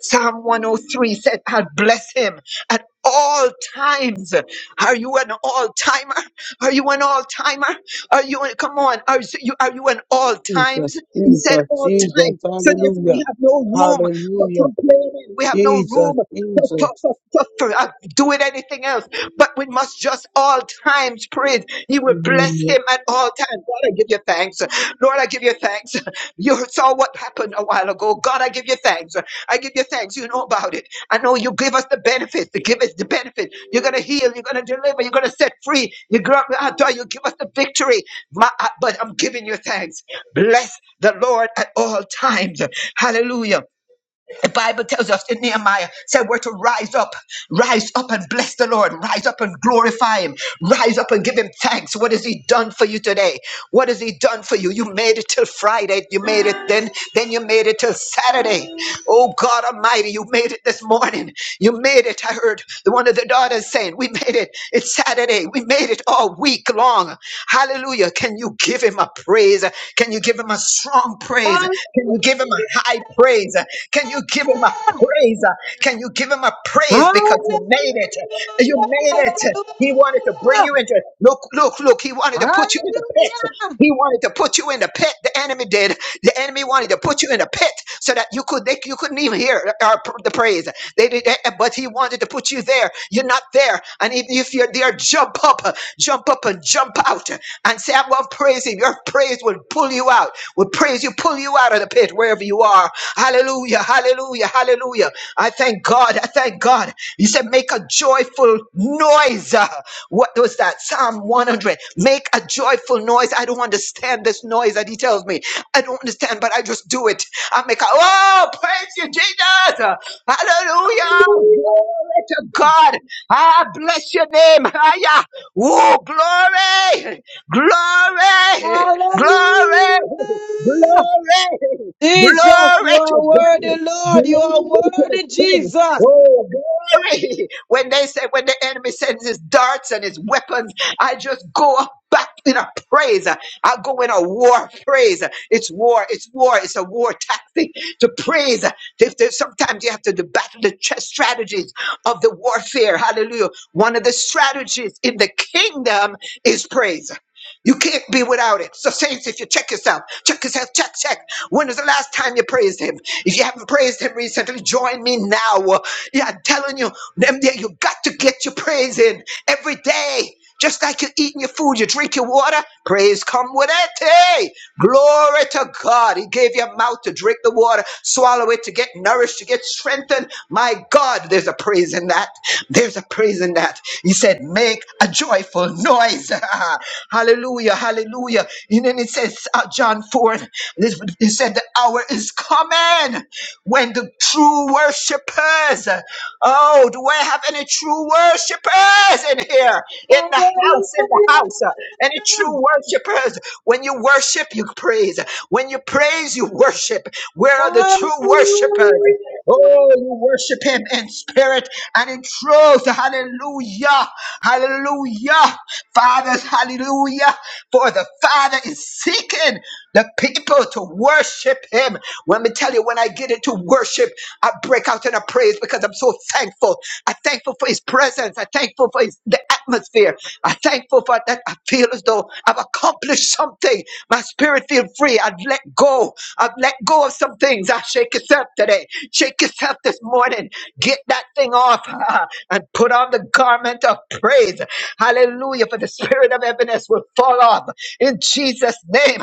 Speaker 3: Psalm 103 said, I'll bless him at all times. Are you an all timer? Are you an all timer? Are you an, come on? Are you are you an all
Speaker 1: Jesus,
Speaker 3: times? He said
Speaker 1: Jesus,
Speaker 3: all
Speaker 1: Jesus.
Speaker 3: time. So therefore, we
Speaker 1: Hallelujah.
Speaker 3: have no room for
Speaker 1: Hallelujah.
Speaker 3: complaining. We have no
Speaker 1: Jesus,
Speaker 3: room for, for,
Speaker 1: Jesus.
Speaker 3: for, for, for uh, doing anything else. But we must just all times praise. You would bless
Speaker 1: Hallelujah.
Speaker 3: him at all times. God, I give you thanks. Lord, I give you thanks. You saw what happened a while ago. God, I give you thanks. I give you thanks. You know about it. I know you give us the benefits. You give us the benefit. You're going to heal. You're going to deliver. You're going to set free. You, gr- ah, God, you give us the victory. My, I- but I'm giving you thanks. Bless the Lord at all times. Hallelujah. The Bible tells us in Nehemiah, said we're to rise up, rise up and bless the Lord, rise up and glorify him, rise up and give him thanks. What has he done for you today? What has he done for you? You made it till Friday, you made it then, then you made it till Saturday. Oh God Almighty, you made it this morning in. You made it. I heard the one of the daughters saying, We made it. It's Saturday. We made it all week long. Hallelujah. Can you give him a praise? Can you give him a strong praise? Can you give him a high praise? Can you give him a praise? Can you give him a praise because you made it?
Speaker 1: Hallelujah.
Speaker 3: You made it. He wanted to bring you into look, look, look. He wanted to put you in the pit. He wanted to put you in the pit. The enemy did. The enemy wanted to put you in a pit so that you could they, you couldn't even hear our, the praise. They did, eh, eh, but he wanted to put you there. You're not there. And if, if you're there, jump up, uh, jump up and jump out uh, and say, I'm going to praise him. Your praise will pull you out. Will praise you, pull you out of the pit wherever you are. Hallelujah, hallelujah, hallelujah. I thank God. I thank God. He said, make a joyful noise. What was that? Psalm 100. Make a joyful noise. I don't understand this noise that he tells me. I don't understand, but I just do it. I make a, oh, praise you, Jesus. Hallelujah. Glory to God. Ah, bless your name. Hallelujah. Oh, glory. Glory.
Speaker 1: Hallelujah.
Speaker 3: Glory. Glory.
Speaker 1: Jesus, you
Speaker 3: Glory to
Speaker 1: are
Speaker 3: God.
Speaker 1: worthy, Lord. You
Speaker 3: Glory
Speaker 1: are
Speaker 3: to the
Speaker 1: worthy,
Speaker 3: King.
Speaker 1: Jesus.
Speaker 3: Oh, glory! When they say when the enemy sends his darts and his weapons, I just go up back in a praise. I go in a war praise. It's war. It's war. It's a war tactic to praise. If there's- Sometimes you have to battle the ch- strategies of the warfare. Hallelujah. One of the strategies in the kingdom is praise. You can't be without it. So, saints, if you check yourself, check yourself, check, check. When was the last time you praised him? If you haven't praised him recently, join me now. Yeah, I'm telling you, them there, you got to get your praise in every day. Just like you're eating your food, you drink your water, praise come with it. Hey, glory to God. He gave your mouth to drink the water, swallow it to get nourished, to get strengthened. My God, there's a praise in that. There's a praise in that. He said, make a joyful noise. hallelujah, hallelujah. And then it says, uh, John 4, this, he said, the hour is coming. When the true worshipers, oh, do I have any true worshipers in here? In the house, in the house.
Speaker 1: Hallelujah.
Speaker 3: Any true worshipers? When you worship, you praise. When you praise, you worship. Where are the
Speaker 1: Hallelujah.
Speaker 3: true worshipers? Oh, you worship him in spirit and in truth. Hallelujah. Hallelujah. Fathers, hallelujah. For the Father is seeking the people to worship him. Let me tell you, when I get into worship, I break out in a praise because I'm so thankful. I'm thankful for his presence. I'm thankful for his, the atmosphere. I'm thankful for that. I feel as though I've accomplished something. My spirit feels free. I've let go. I've let go of some things. I shake yourself today. Shake yourself this morning. Get that thing off and put on the garment of praise. Hallelujah. For the spirit of heaviness will fall off in Jesus' name.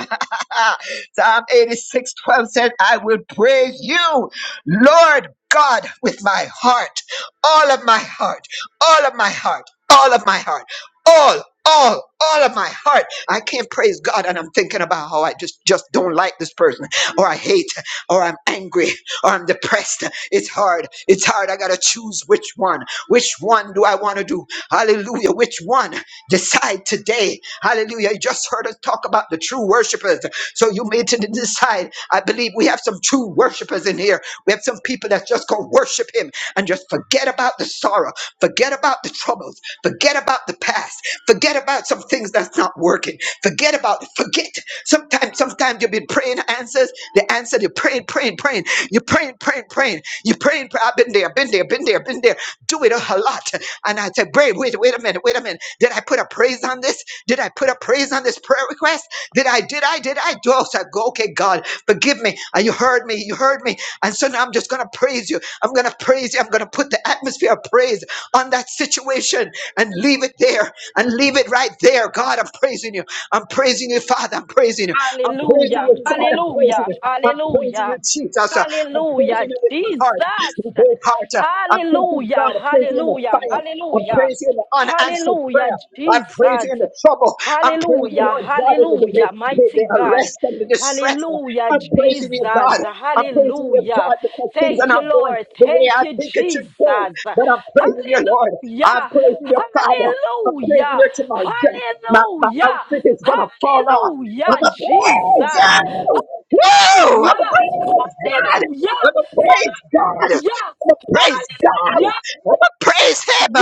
Speaker 3: Psalm eighty-six, twelve 12 said, I will praise you, Lord God, with my heart, all of my heart, all of my heart, all of my heart, all. All, all of my heart. I can't praise God, and I'm thinking about how I just just don't like this person, or I hate, or I'm angry, or I'm depressed. It's hard. It's hard. I gotta choose which one. Which one do I want to do? Hallelujah. Which one? Decide today. Hallelujah. You just heard us talk about the true worshipers. So you need to decide. I believe we have some true worshipers in here. We have some people that's just gonna worship him and just forget about the sorrow, forget about the troubles, forget about the past, forget about some things that's not working, forget about it, forget. Sometimes, sometimes you've been praying answers, the answer you're praying, praying, praying, you're praying, praying, praying, you're praying, pray- I've been there, been there, been there, been there. Do it a lot. And I said, wait, wait, wait a minute, wait a minute. Did I put a praise on this? Did I put a praise on this prayer request? Did I? Did I? Did I? Oh, so I go, okay, God, forgive me. Uh, You heard me. You heard me. And so now I'm just going to praise you. I'm going to praise you. I'm going to put the atmosphere of praise on that situation and leave it there and leave it right there. God, I'm praising you. I'm praising you, Father. I'm praising you. I'm praising
Speaker 6: Hallelujah.
Speaker 3: you, God. I'm praising
Speaker 6: Hallelujah.
Speaker 3: you. I'm praising you,
Speaker 6: Hallelujah.
Speaker 3: Jesus. Uh, I'm
Speaker 6: Hallelujah.
Speaker 3: praising you with my
Speaker 6: Jesus.
Speaker 3: heart, with my whole heart. Uh, I'm thanking God.
Speaker 6: Hallelujah.
Speaker 3: I'm praising you in the
Speaker 6: Hallelujah.
Speaker 3: fire. I'm
Speaker 6: Hallelujah.
Speaker 3: praising you in the unanswered
Speaker 6: Hallelujah.
Speaker 3: prayer. I'm praising
Speaker 6: Jesus.
Speaker 3: you in the trouble. I'm praising you,
Speaker 6: Hallelujah,
Speaker 3: Lord God, in the, the,
Speaker 6: hallelujah,
Speaker 3: the,
Speaker 6: mighty
Speaker 3: the
Speaker 6: God.
Speaker 3: arrest and the distress.
Speaker 6: Hallelujah,
Speaker 3: I'm praising you,
Speaker 6: Jesus.
Speaker 3: God. I'm praising you,
Speaker 6: Hallelujah.
Speaker 3: God, because things are
Speaker 6: Thank you,
Speaker 3: not going
Speaker 6: Lord.
Speaker 3: the way
Speaker 6: Thank
Speaker 3: I
Speaker 6: you,
Speaker 3: think it
Speaker 6: Jesus.
Speaker 3: should go.
Speaker 6: Hallelujah,
Speaker 3: But I'm praising you, Lord. I'm praising you, Father. I'm praising
Speaker 6: hallelujah,
Speaker 3: you to my death. My, my outfit is
Speaker 6: hallelujah,
Speaker 3: gonna fall off. I'm
Speaker 6: Hallelujah,
Speaker 3: gonna
Speaker 6: Jesus.
Speaker 3: praise
Speaker 6: Hallelujah.
Speaker 3: you. Woo! I'm gonna praise God.
Speaker 6: Hallelujah.
Speaker 3: I'm gonna praise God. I'm
Speaker 6: Hallelujah.
Speaker 3: gonna praise God.
Speaker 6: Hallelujah.
Speaker 3: I'm gonna praise Him.
Speaker 6: Yeah,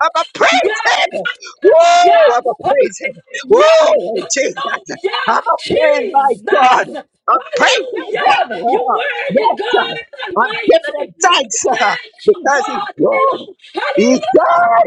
Speaker 3: I'm gonna praise Him.
Speaker 6: yeah,
Speaker 3: Woo! I'm gonna
Speaker 6: yeah,
Speaker 3: praise Him.
Speaker 6: yeah, yeah,
Speaker 3: Woo! Jesus. I'm
Speaker 6: hallelujah,
Speaker 3: gonna praise my God.
Speaker 6: Jesus,
Speaker 3: I'm praising
Speaker 6: hallelujah,
Speaker 3: Him.
Speaker 6: you worthy
Speaker 3: Yes, sir.
Speaker 6: God
Speaker 3: I'm
Speaker 6: Almighty,
Speaker 3: giving
Speaker 6: we
Speaker 3: Him thanks sir,
Speaker 6: thank you
Speaker 3: because He's
Speaker 6: God,
Speaker 3: good.
Speaker 6: hallelujah,
Speaker 3: He's God.